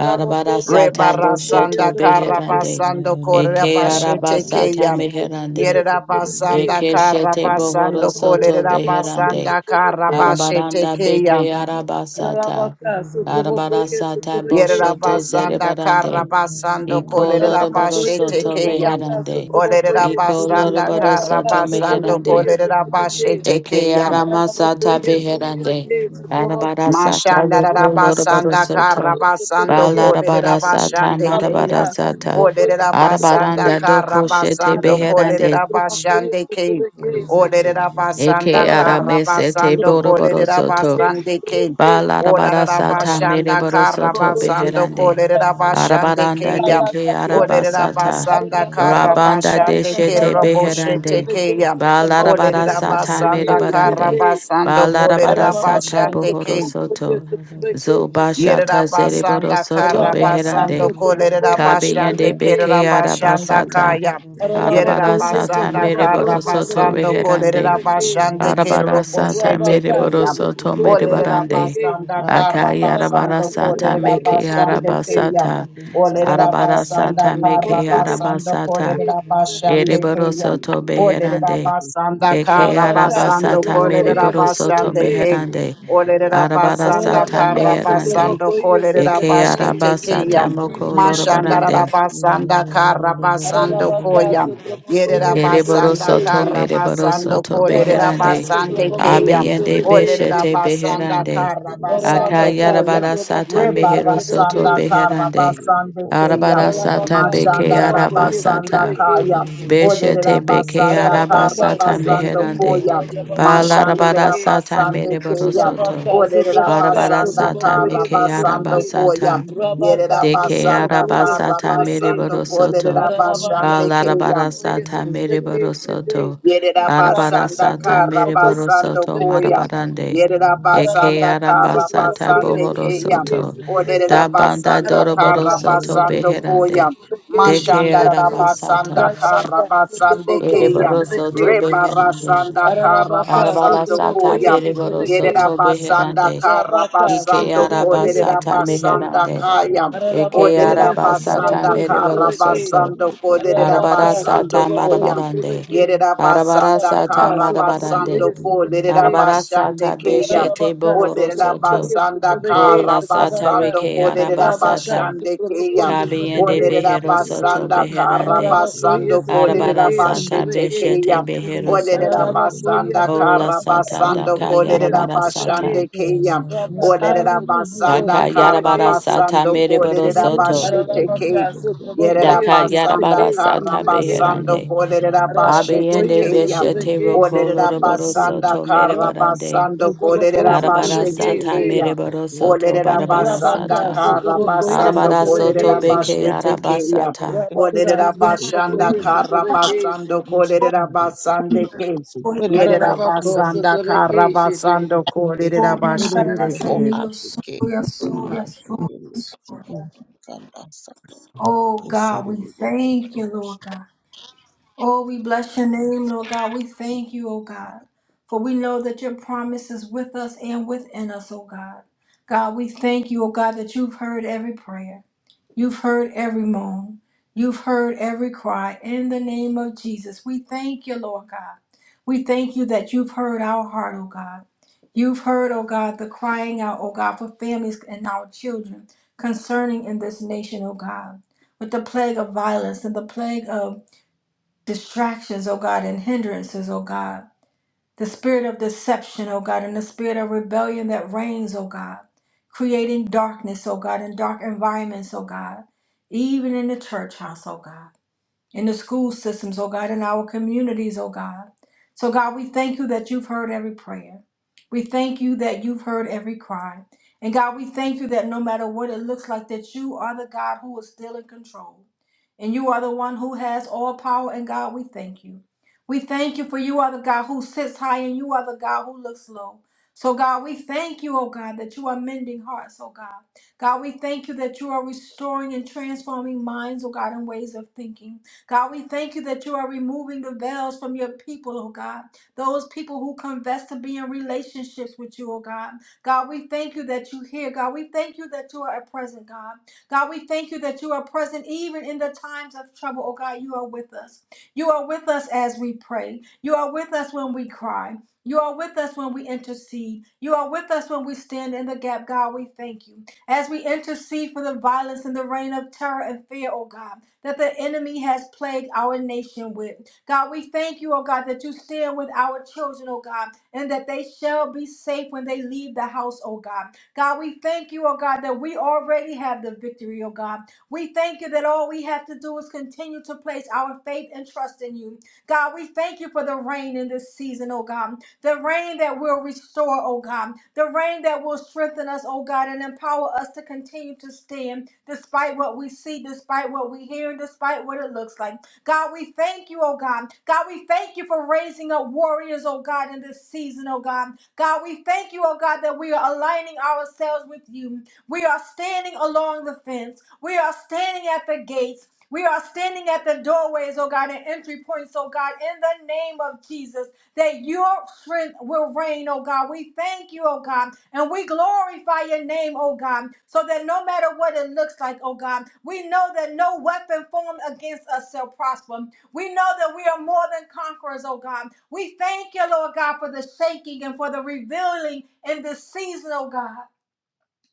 [SPEAKER 7] Arabara
[SPEAKER 3] y se
[SPEAKER 7] sata
[SPEAKER 1] Rebara
[SPEAKER 3] trabajó y
[SPEAKER 1] sanda
[SPEAKER 7] boshoto
[SPEAKER 3] se
[SPEAKER 1] kara
[SPEAKER 3] trabeque.
[SPEAKER 7] beherande.
[SPEAKER 1] basando korera
[SPEAKER 7] Eke araba
[SPEAKER 1] bashete
[SPEAKER 7] sata
[SPEAKER 3] Aralabocoia,
[SPEAKER 1] keya.
[SPEAKER 7] meherande.
[SPEAKER 3] sotrobocoia,
[SPEAKER 1] Yerera basanda
[SPEAKER 3] sotrobequei.
[SPEAKER 7] Eke
[SPEAKER 1] kara
[SPEAKER 7] shete bohoro
[SPEAKER 1] basando
[SPEAKER 3] Aralabocô,
[SPEAKER 7] soto
[SPEAKER 1] kolerera
[SPEAKER 3] sotrobocô,
[SPEAKER 7] beherande.
[SPEAKER 1] basanda kara
[SPEAKER 3] sotrobequei.
[SPEAKER 4] Thank
[SPEAKER 1] bashete
[SPEAKER 7] Arabaranda
[SPEAKER 1] keya.
[SPEAKER 7] beke araba sata.
[SPEAKER 3] Aralabacá,
[SPEAKER 7] Arabara
[SPEAKER 8] Thank
[SPEAKER 3] sotrobocoia,
[SPEAKER 7] sata
[SPEAKER 3] sotrobequei.
[SPEAKER 1] Yerera
[SPEAKER 7] boshoto
[SPEAKER 1] basanda kara
[SPEAKER 7] zerebarande.
[SPEAKER 1] basando
[SPEAKER 7] Iko
[SPEAKER 1] kolerera
[SPEAKER 7] loroboro
[SPEAKER 3] Aralabocoia,
[SPEAKER 1] bashete
[SPEAKER 7] soto
[SPEAKER 1] keya.
[SPEAKER 3] sotrobacá,
[SPEAKER 7] meherande.
[SPEAKER 1] Olerera
[SPEAKER 3] sotrobocoia.
[SPEAKER 7] Iko
[SPEAKER 1] basanda
[SPEAKER 7] loroboro
[SPEAKER 1] kara
[SPEAKER 3] Rabacá,
[SPEAKER 7] soto
[SPEAKER 1] basando
[SPEAKER 7] meherande.
[SPEAKER 3] sotrobocoia,
[SPEAKER 1] kolerera
[SPEAKER 3] sotrobequei.
[SPEAKER 1] bashete
[SPEAKER 7] Eke
[SPEAKER 1] keya.
[SPEAKER 7] arama sata
[SPEAKER 3] Aralabocoia,
[SPEAKER 7] beherande.
[SPEAKER 3] sotrobequei,
[SPEAKER 7] Arabara
[SPEAKER 3] sotrobocô.
[SPEAKER 7] sata roko
[SPEAKER 3] Rabacá,
[SPEAKER 7] lorobaro
[SPEAKER 1] Mashandarabasanda
[SPEAKER 7] soto.
[SPEAKER 3] sotrobocô,
[SPEAKER 8] you.
[SPEAKER 1] Karabasando
[SPEAKER 3] sotrobequei.
[SPEAKER 7] Balarabara
[SPEAKER 8] Yes,
[SPEAKER 7] sata
[SPEAKER 1] Kolerabashande
[SPEAKER 7] marabara
[SPEAKER 1] Kaya.
[SPEAKER 3] Rabacá,
[SPEAKER 7] sata.
[SPEAKER 3] sotrobocoia,
[SPEAKER 1] Olerabasanda
[SPEAKER 7] Arabaranda
[SPEAKER 3] sotrobequei.
[SPEAKER 7] doko shete
[SPEAKER 1] Karabasando
[SPEAKER 3] Rabacá,
[SPEAKER 7] beherande.
[SPEAKER 3] sotrobocoia,
[SPEAKER 1] Kolerabashande Kaya.
[SPEAKER 3] sotrobequei.
[SPEAKER 7] Eke
[SPEAKER 1] Olerabasanda
[SPEAKER 3] Parabaka,
[SPEAKER 7] arame sete
[SPEAKER 1] Karabasando
[SPEAKER 3] Sotroboko,
[SPEAKER 7] boroboro soto.
[SPEAKER 3] Sotrobeke,
[SPEAKER 1] Kolerabasande Kaya.
[SPEAKER 3] Sotrobeke,
[SPEAKER 7] Balarabara sata
[SPEAKER 1] Olerabashanda
[SPEAKER 7] mereboro
[SPEAKER 4] you.
[SPEAKER 7] soto
[SPEAKER 1] Karabasando
[SPEAKER 4] Thank
[SPEAKER 7] beherande.
[SPEAKER 1] Kolerabashande
[SPEAKER 7] Arabaranda de
[SPEAKER 1] Kaya.
[SPEAKER 7] ke arabasata.
[SPEAKER 1] Olerabasanda
[SPEAKER 7] Rabanda de
[SPEAKER 1] Karabashande
[SPEAKER 7] shete beherande.
[SPEAKER 1] Keraboshete Kaya.
[SPEAKER 7] Balarabarasata
[SPEAKER 1] Olerabasanda
[SPEAKER 7] merebarande.
[SPEAKER 1] Karabasando
[SPEAKER 3] Rabaka,
[SPEAKER 7] Balarabarasata
[SPEAKER 1] Kolerabashande Kaya.
[SPEAKER 7] bohorosoto.
[SPEAKER 1] Yerera
[SPEAKER 7] Zobashata
[SPEAKER 1] basanda
[SPEAKER 7] zereborosoto
[SPEAKER 1] kara basando
[SPEAKER 7] beherande.
[SPEAKER 1] kolerera
[SPEAKER 7] Kabiyande
[SPEAKER 1] basande
[SPEAKER 7] beke
[SPEAKER 1] kerera basanda
[SPEAKER 7] arabasata.
[SPEAKER 1] kaya. Yerera
[SPEAKER 7] Arabarasata
[SPEAKER 1] basanda kara
[SPEAKER 7] mereborosoto
[SPEAKER 1] basando
[SPEAKER 7] beherande.
[SPEAKER 1] kolerera
[SPEAKER 3] Arabaka,
[SPEAKER 1] basande
[SPEAKER 7] Arabara
[SPEAKER 1] kerero
[SPEAKER 7] sata
[SPEAKER 1] boshete
[SPEAKER 7] mere
[SPEAKER 3] Rabacá,
[SPEAKER 1] keya.
[SPEAKER 3] se trovou
[SPEAKER 7] boroso
[SPEAKER 8] Thank
[SPEAKER 7] to
[SPEAKER 3] com
[SPEAKER 7] mere
[SPEAKER 3] isso,
[SPEAKER 1] Olerera
[SPEAKER 7] barande.
[SPEAKER 3] travequei.
[SPEAKER 1] basanda kara
[SPEAKER 3] Rabacá,
[SPEAKER 7] Akayarabara
[SPEAKER 1] basando
[SPEAKER 3] se
[SPEAKER 7] sata
[SPEAKER 3] trovou com
[SPEAKER 1] kolerera
[SPEAKER 7] meke
[SPEAKER 3] isso,
[SPEAKER 1] basande
[SPEAKER 3] travequei.
[SPEAKER 1] keya.
[SPEAKER 7] arabasata.
[SPEAKER 1] Olerera
[SPEAKER 7] Arabara
[SPEAKER 3] Rabacá,
[SPEAKER 1] basanda
[SPEAKER 3] se
[SPEAKER 7] sata
[SPEAKER 3] trovou
[SPEAKER 1] kara
[SPEAKER 7] meke
[SPEAKER 3] com isso,
[SPEAKER 1] basando
[SPEAKER 7] arabasata.
[SPEAKER 3] travequei,
[SPEAKER 1] kolerera
[SPEAKER 7] Ere
[SPEAKER 1] basande
[SPEAKER 3] travequei.
[SPEAKER 1] keya.
[SPEAKER 7] boroso to
[SPEAKER 4] you.
[SPEAKER 1] Olerera
[SPEAKER 7] beherande.
[SPEAKER 1] basanda
[SPEAKER 7] Eke
[SPEAKER 1] kara
[SPEAKER 3] Rabacá, se
[SPEAKER 1] basando
[SPEAKER 7] arabasata
[SPEAKER 3] trovou com
[SPEAKER 7] mere
[SPEAKER 1] kolerera
[SPEAKER 3] isso,
[SPEAKER 7] boroso borosoto
[SPEAKER 1] basande
[SPEAKER 3] travequei.
[SPEAKER 1] keya.
[SPEAKER 7] meherande.
[SPEAKER 1] Olerera
[SPEAKER 7] Arabara
[SPEAKER 1] basanda
[SPEAKER 7] sata
[SPEAKER 1] kara
[SPEAKER 3] Rabacá, se trovou
[SPEAKER 7] meherande.
[SPEAKER 3] com
[SPEAKER 1] basando
[SPEAKER 3] isso,
[SPEAKER 1] kolerera
[SPEAKER 7] Eke
[SPEAKER 3] travequei.
[SPEAKER 1] bashete
[SPEAKER 3] Believe we
[SPEAKER 1] keya.
[SPEAKER 7] arabasata
[SPEAKER 3] receive
[SPEAKER 7] moko
[SPEAKER 3] the answer to the
[SPEAKER 1] Mashandara
[SPEAKER 7] lorobarande.
[SPEAKER 3] mystery.
[SPEAKER 1] basanda kara basando
[SPEAKER 3] Rabacá,
[SPEAKER 1] koya.
[SPEAKER 3] se
[SPEAKER 4] Rosha,
[SPEAKER 3] trovou
[SPEAKER 1] Yerera
[SPEAKER 3] isso,
[SPEAKER 7] Ere
[SPEAKER 1] basanda
[SPEAKER 7] boroso
[SPEAKER 3] travequei.
[SPEAKER 7] to
[SPEAKER 1] kara
[SPEAKER 7] mere
[SPEAKER 1] basando
[SPEAKER 7] boroso to
[SPEAKER 1] kolerera
[SPEAKER 7] beherande.
[SPEAKER 3] Rabacá, se
[SPEAKER 1] basande
[SPEAKER 3] trovou
[SPEAKER 1] keya.
[SPEAKER 3] isso,
[SPEAKER 7] Abeyende
[SPEAKER 1] Olerera
[SPEAKER 7] beshete
[SPEAKER 3] travequei.
[SPEAKER 1] basanda
[SPEAKER 7] beherande.
[SPEAKER 1] kara basando
[SPEAKER 3] Ararabacá,
[SPEAKER 8] you.
[SPEAKER 1] koya.
[SPEAKER 3] se
[SPEAKER 7] Akayarabara
[SPEAKER 3] trabocó
[SPEAKER 7] sata
[SPEAKER 3] y se
[SPEAKER 8] I'm
[SPEAKER 7] mehero
[SPEAKER 8] just
[SPEAKER 7] soto
[SPEAKER 1] Rebarasanda
[SPEAKER 8] trying to
[SPEAKER 3] trabequeise.
[SPEAKER 8] get
[SPEAKER 1] kara
[SPEAKER 7] beherande.
[SPEAKER 1] basande keya.
[SPEAKER 7] Arabara sata
[SPEAKER 3] Ararabacá, se
[SPEAKER 7] beke
[SPEAKER 1] Mashandara
[SPEAKER 3] trabocó y se
[SPEAKER 1] basanda
[SPEAKER 7] arabasata.
[SPEAKER 1] kaya.
[SPEAKER 3] trabequeise.
[SPEAKER 7] Beshete
[SPEAKER 1] Oderera
[SPEAKER 7] beke
[SPEAKER 1] basanda
[SPEAKER 3] Ararabacá,
[SPEAKER 1] kara
[SPEAKER 3] se
[SPEAKER 7] arabasata
[SPEAKER 3] trabocó
[SPEAKER 1] basando
[SPEAKER 3] de
[SPEAKER 7] meherande.
[SPEAKER 1] koya.
[SPEAKER 3] blabacó, se
[SPEAKER 7] Balarabara
[SPEAKER 1] Mashandera
[SPEAKER 3] trabeque.
[SPEAKER 7] sata
[SPEAKER 1] basande
[SPEAKER 7] mereboro
[SPEAKER 1] keya.
[SPEAKER 7] soto.
[SPEAKER 3] Rabacá, se
[SPEAKER 1] Oderera
[SPEAKER 3] trabacá,
[SPEAKER 7] Barabara
[SPEAKER 3] se
[SPEAKER 1] basanda
[SPEAKER 7] sata
[SPEAKER 3] trabocó
[SPEAKER 1] kara
[SPEAKER 3] y
[SPEAKER 7] meke
[SPEAKER 3] se
[SPEAKER 1] basando
[SPEAKER 3] trabeque.
[SPEAKER 1] koya.
[SPEAKER 7] arabasata
[SPEAKER 1] Yerera
[SPEAKER 3] Rabacá,
[SPEAKER 7] de
[SPEAKER 3] se
[SPEAKER 7] que
[SPEAKER 1] basanda
[SPEAKER 3] trabocó y se
[SPEAKER 1] kara
[SPEAKER 7] arabasata
[SPEAKER 4] Pero mamá
[SPEAKER 3] trabeque.
[SPEAKER 1] basando
[SPEAKER 7] mereborosoto,
[SPEAKER 1] kolerera
[SPEAKER 3] Ararabacá,
[SPEAKER 1] basande
[SPEAKER 3] se
[SPEAKER 1] keya.
[SPEAKER 3] trabocó y se
[SPEAKER 7] balarabarasata
[SPEAKER 3] trabequeise.
[SPEAKER 7] mereborosoto,
[SPEAKER 1] Yerera basanda
[SPEAKER 3] Rabacá, se
[SPEAKER 7] arabarasata
[SPEAKER 1] kara
[SPEAKER 3] trabocó y se
[SPEAKER 1] basando
[SPEAKER 7] mereborosoto
[SPEAKER 1] koya.
[SPEAKER 3] trabequeise.
[SPEAKER 7] marabarande,
[SPEAKER 1] Yerera
[SPEAKER 7] e que
[SPEAKER 1] basanda
[SPEAKER 3] Ararabaka,
[SPEAKER 1] kara
[SPEAKER 7] arambasata
[SPEAKER 8] through
[SPEAKER 3] Sotrabokoye,
[SPEAKER 1] basande keya.
[SPEAKER 3] Sotrabeke,
[SPEAKER 7] bohorosoto,
[SPEAKER 3] Sotrabeke,
[SPEAKER 1] Oderera
[SPEAKER 7] da banda
[SPEAKER 1] basanda
[SPEAKER 3] Ararabaka,
[SPEAKER 1] kara
[SPEAKER 7] doroborosoto
[SPEAKER 1] basando
[SPEAKER 3] Sotrabokoye,
[SPEAKER 1] koya.
[SPEAKER 7] beherande,
[SPEAKER 3] Sotrabeke,
[SPEAKER 7] de que
[SPEAKER 1] Mashanda rara
[SPEAKER 8] this.
[SPEAKER 3] Sotrabeke,
[SPEAKER 7] arabasata,
[SPEAKER 1] basanda kara
[SPEAKER 3] Ararabaka,
[SPEAKER 1] basande
[SPEAKER 3] Sotraboko,
[SPEAKER 8] Thank
[SPEAKER 1] keya.
[SPEAKER 7] ereborosoto
[SPEAKER 3] Sotrabeke,
[SPEAKER 1] Reba
[SPEAKER 7] beherande,
[SPEAKER 1] rasanda kara
[SPEAKER 3] Ararabaka,
[SPEAKER 1] basando
[SPEAKER 7] arabarasata
[SPEAKER 3] Sotrabokoye,
[SPEAKER 1] koya.
[SPEAKER 3] Sotrabeke,
[SPEAKER 1] Yerera
[SPEAKER 7] bereborosoto
[SPEAKER 1] basanda
[SPEAKER 7] beherande,
[SPEAKER 1] kara
[SPEAKER 3] Rabaka,
[SPEAKER 7] y que
[SPEAKER 1] basando
[SPEAKER 3] Sotrabokoye,
[SPEAKER 1] koderera
[SPEAKER 7] arabasata
[SPEAKER 3] Sotrabeke,
[SPEAKER 1] basanda
[SPEAKER 7] meherande,
[SPEAKER 1] kaya.
[SPEAKER 7] Eke
[SPEAKER 3] Ararabokoye,
[SPEAKER 1] Oderera
[SPEAKER 7] araba sata
[SPEAKER 3] Sotraboko,
[SPEAKER 1] basanda
[SPEAKER 7] mereboro
[SPEAKER 1] kara
[SPEAKER 3] Sotrabeke,
[SPEAKER 7] soto.
[SPEAKER 1] basando koderera
[SPEAKER 3] Arabaka,
[SPEAKER 7] Arabara
[SPEAKER 1] basando
[SPEAKER 7] sata
[SPEAKER 3] Sotraboko,
[SPEAKER 1] koya.
[SPEAKER 7] marabarande.
[SPEAKER 3] Sotrabeke,
[SPEAKER 7] Arabara
[SPEAKER 1] Yerabasanda
[SPEAKER 3] Rabaka,
[SPEAKER 7] sata
[SPEAKER 3] Sotrabokoye,
[SPEAKER 7] marabarande.
[SPEAKER 1] Karabasando Ko
[SPEAKER 3] Sotrabeke,
[SPEAKER 7] Arabara
[SPEAKER 4] rusa.
[SPEAKER 1] Lerabashande
[SPEAKER 7] sata
[SPEAKER 1] Keya.
[SPEAKER 7] beshete
[SPEAKER 3] Arabaka,
[SPEAKER 1] O
[SPEAKER 7] bohoro
[SPEAKER 4] Hallelujah,
[SPEAKER 3] Satraboko
[SPEAKER 7] soto.
[SPEAKER 3] here,
[SPEAKER 1] Lerabasanda
[SPEAKER 3] Satrabeke,
[SPEAKER 7] Bola sata
[SPEAKER 3] Satrabaka,
[SPEAKER 1] Karabasando
[SPEAKER 7] reke
[SPEAKER 1] Ko
[SPEAKER 7] araba
[SPEAKER 3] Arabaka,
[SPEAKER 7] sata.
[SPEAKER 1] Lerabashande
[SPEAKER 3] Satraboko,
[SPEAKER 1] Keya. O
[SPEAKER 7] Kabiende
[SPEAKER 3] Satrabeke,
[SPEAKER 7] behero
[SPEAKER 3] Satrabeke,
[SPEAKER 7] soto
[SPEAKER 1] Lerabasanda
[SPEAKER 7] beherande.
[SPEAKER 8] you.
[SPEAKER 3] Arabako here,
[SPEAKER 1] Karabasando Ko
[SPEAKER 8] Yes,
[SPEAKER 7] Arabara
[SPEAKER 3] Satrabeke,
[SPEAKER 7] sata
[SPEAKER 8] indeed, the
[SPEAKER 1] Lerabashete
[SPEAKER 3] Satrabeke,
[SPEAKER 8] case
[SPEAKER 7] beshete
[SPEAKER 1] Keya.
[SPEAKER 8] is
[SPEAKER 1] O
[SPEAKER 7] behero
[SPEAKER 8] totally
[SPEAKER 7] soto.
[SPEAKER 8] very
[SPEAKER 3] Arabako here,
[SPEAKER 1] Lerabasanda
[SPEAKER 7] Ola
[SPEAKER 3] Satrabaka,
[SPEAKER 7] sata
[SPEAKER 8] Yes,
[SPEAKER 1] Karabasando
[SPEAKER 8] I should
[SPEAKER 7] daka
[SPEAKER 1] Ko
[SPEAKER 3] Satraboko here,
[SPEAKER 8] indeed
[SPEAKER 7] yarabara
[SPEAKER 8] be
[SPEAKER 3] Satrabeke,
[SPEAKER 7] sata.
[SPEAKER 8] totally
[SPEAKER 1] Lerabashande
[SPEAKER 8] there.
[SPEAKER 1] Keya. O
[SPEAKER 8] Yes, I
[SPEAKER 3] Rabaka,
[SPEAKER 8] don't
[SPEAKER 3] Satraboko,
[SPEAKER 1] Lerabasanda
[SPEAKER 8] know.
[SPEAKER 7] Daka yarabara
[SPEAKER 3] Satrabeke,
[SPEAKER 7] sata
[SPEAKER 1] Karabasando Ko
[SPEAKER 7] mereboro
[SPEAKER 8] Security,
[SPEAKER 7] soto.
[SPEAKER 1] Lerabashete Keya.
[SPEAKER 3] Arabaka,
[SPEAKER 8] security,
[SPEAKER 3] Satraboko
[SPEAKER 1] Yerera
[SPEAKER 3] here,
[SPEAKER 7] Daka
[SPEAKER 1] basanda
[SPEAKER 7] yarabara
[SPEAKER 3] Satrabeke,
[SPEAKER 1] Kara,
[SPEAKER 7] sata
[SPEAKER 8] security,
[SPEAKER 3] Satrabeke,
[SPEAKER 1] basando
[SPEAKER 7] beherande.
[SPEAKER 1] kolerera
[SPEAKER 3] Arabako
[SPEAKER 1] bashete
[SPEAKER 7] Abiende
[SPEAKER 3] here,
[SPEAKER 1] keya.
[SPEAKER 7] beshete roko
[SPEAKER 3] Satrabeke,
[SPEAKER 1] Olerera
[SPEAKER 7] loroboro
[SPEAKER 1] basanda
[SPEAKER 7] soto
[SPEAKER 1] Kara, Yerabasanda
[SPEAKER 3] Rabaka,
[SPEAKER 7] merebarande.
[SPEAKER 1] Karabasando
[SPEAKER 3] Satraboko,
[SPEAKER 7] Arabara
[SPEAKER 1] Kolerabashete
[SPEAKER 7] sata
[SPEAKER 3] Satrabeke,
[SPEAKER 1] Kaya.
[SPEAKER 7] mereboro soto barabara
[SPEAKER 1] Olerabasanda
[SPEAKER 3] Rabaka
[SPEAKER 7] sata.
[SPEAKER 3] sotrobokoye
[SPEAKER 1] Karabasando
[SPEAKER 7] Arabara soto
[SPEAKER 3] sotrebekese.
[SPEAKER 7] beke
[SPEAKER 1] Kolerabashete Kaya.
[SPEAKER 7] arabasata.
[SPEAKER 3] Rabaka
[SPEAKER 1] Olerabasanda
[SPEAKER 3] sotrobokoye sotrebekese.
[SPEAKER 1] Karabasando Kolerabashete Kaya. Olerabashanda Karabasando Kolerabasande Kaya.
[SPEAKER 3] Ararabako
[SPEAKER 1] Yerabasanda
[SPEAKER 3] sotrebekeshete.
[SPEAKER 1] Karabasando Kolerabashete
[SPEAKER 8] the whole
[SPEAKER 1] Kaya.
[SPEAKER 8] Africa.
[SPEAKER 2] Yes,
[SPEAKER 8] Naishakhi, kanda sakha,
[SPEAKER 2] Oh God, we
[SPEAKER 8] iseribaho
[SPEAKER 2] thank you,
[SPEAKER 8] tomoshi.
[SPEAKER 2] Lord God. Oh, we bless your name, Lord God. We thank you, oh God, for we know that your promise is with us and within us, oh God. God, we thank you, oh God, that you've heard every prayer. You've heard every moan. You've heard every cry. In the name of Jesus, we thank you, Lord God. We thank you that you've heard our heart, oh God. You've heard, oh God, the crying out, oh God, for families and our children concerning in this nation, oh God, with the plague of violence and the plague of distractions, oh God, and hindrances, oh God. The spirit of deception, oh God, and the spirit of rebellion that reigns, oh God, creating darkness, oh God, in dark environments, oh God, even in the church house, oh God in the school systems, oh God, in our communities, oh God. So, God, we thank you that you've heard every prayer. We thank you that you've heard every cry. And God, we thank you that no matter what it looks like, that you are the God who is still in control. And you are the one who has all power. And God, we thank you. We thank you for you are the God who sits high and you are the God who looks low. So, God, we thank you, oh God, that you are mending hearts, oh God. God, we thank you that you are restoring and transforming minds, oh God, and ways of thinking. God, we thank you that you are removing the veils from your people, oh God. Those people who confess to be in relationships with you, oh God. God, we thank you that you hear. God, we thank you that you are present, God. God, we thank you that you are present even in the times of trouble, oh God. You are with us. You are with us as we pray. You are with us when we cry. You are with us when we intercede. You are with us when we stand in the gap, God. We thank you. As we intercede for the violence and the reign of terror and fear, oh God that the enemy has plagued our nation with. God, we thank you, oh God, that you stand with our children, oh God, and that they shall be safe when they leave the house, oh God. God, we thank you, oh God, that we already have the victory, oh God. We thank you that all we have to do is continue to place our faith and trust in you. God, we thank you for the rain in this season, oh God the rain that will restore, oh God, the rain that will strengthen us, oh God, and empower us to continue to stand despite what we see, despite what we hear, and despite what it looks like. God, we thank you, oh God. God, we thank you for raising up warriors, oh God, in this season, oh God. God, we thank you, oh God, that we are aligning ourselves with you. We are standing along the fence. We are standing at the gates. We are standing at the doorways, oh God, and entry points, oh God, in the name of Jesus that your strength will reign, oh God. We thank you, oh God, and we glorify your name, oh God, so that no matter what it looks like, oh God, we know that no weapon formed against us shall prosper. We know that we are more than conquerors, oh God. We thank you, Lord God, for the shaking and for the revealing in this season, oh God.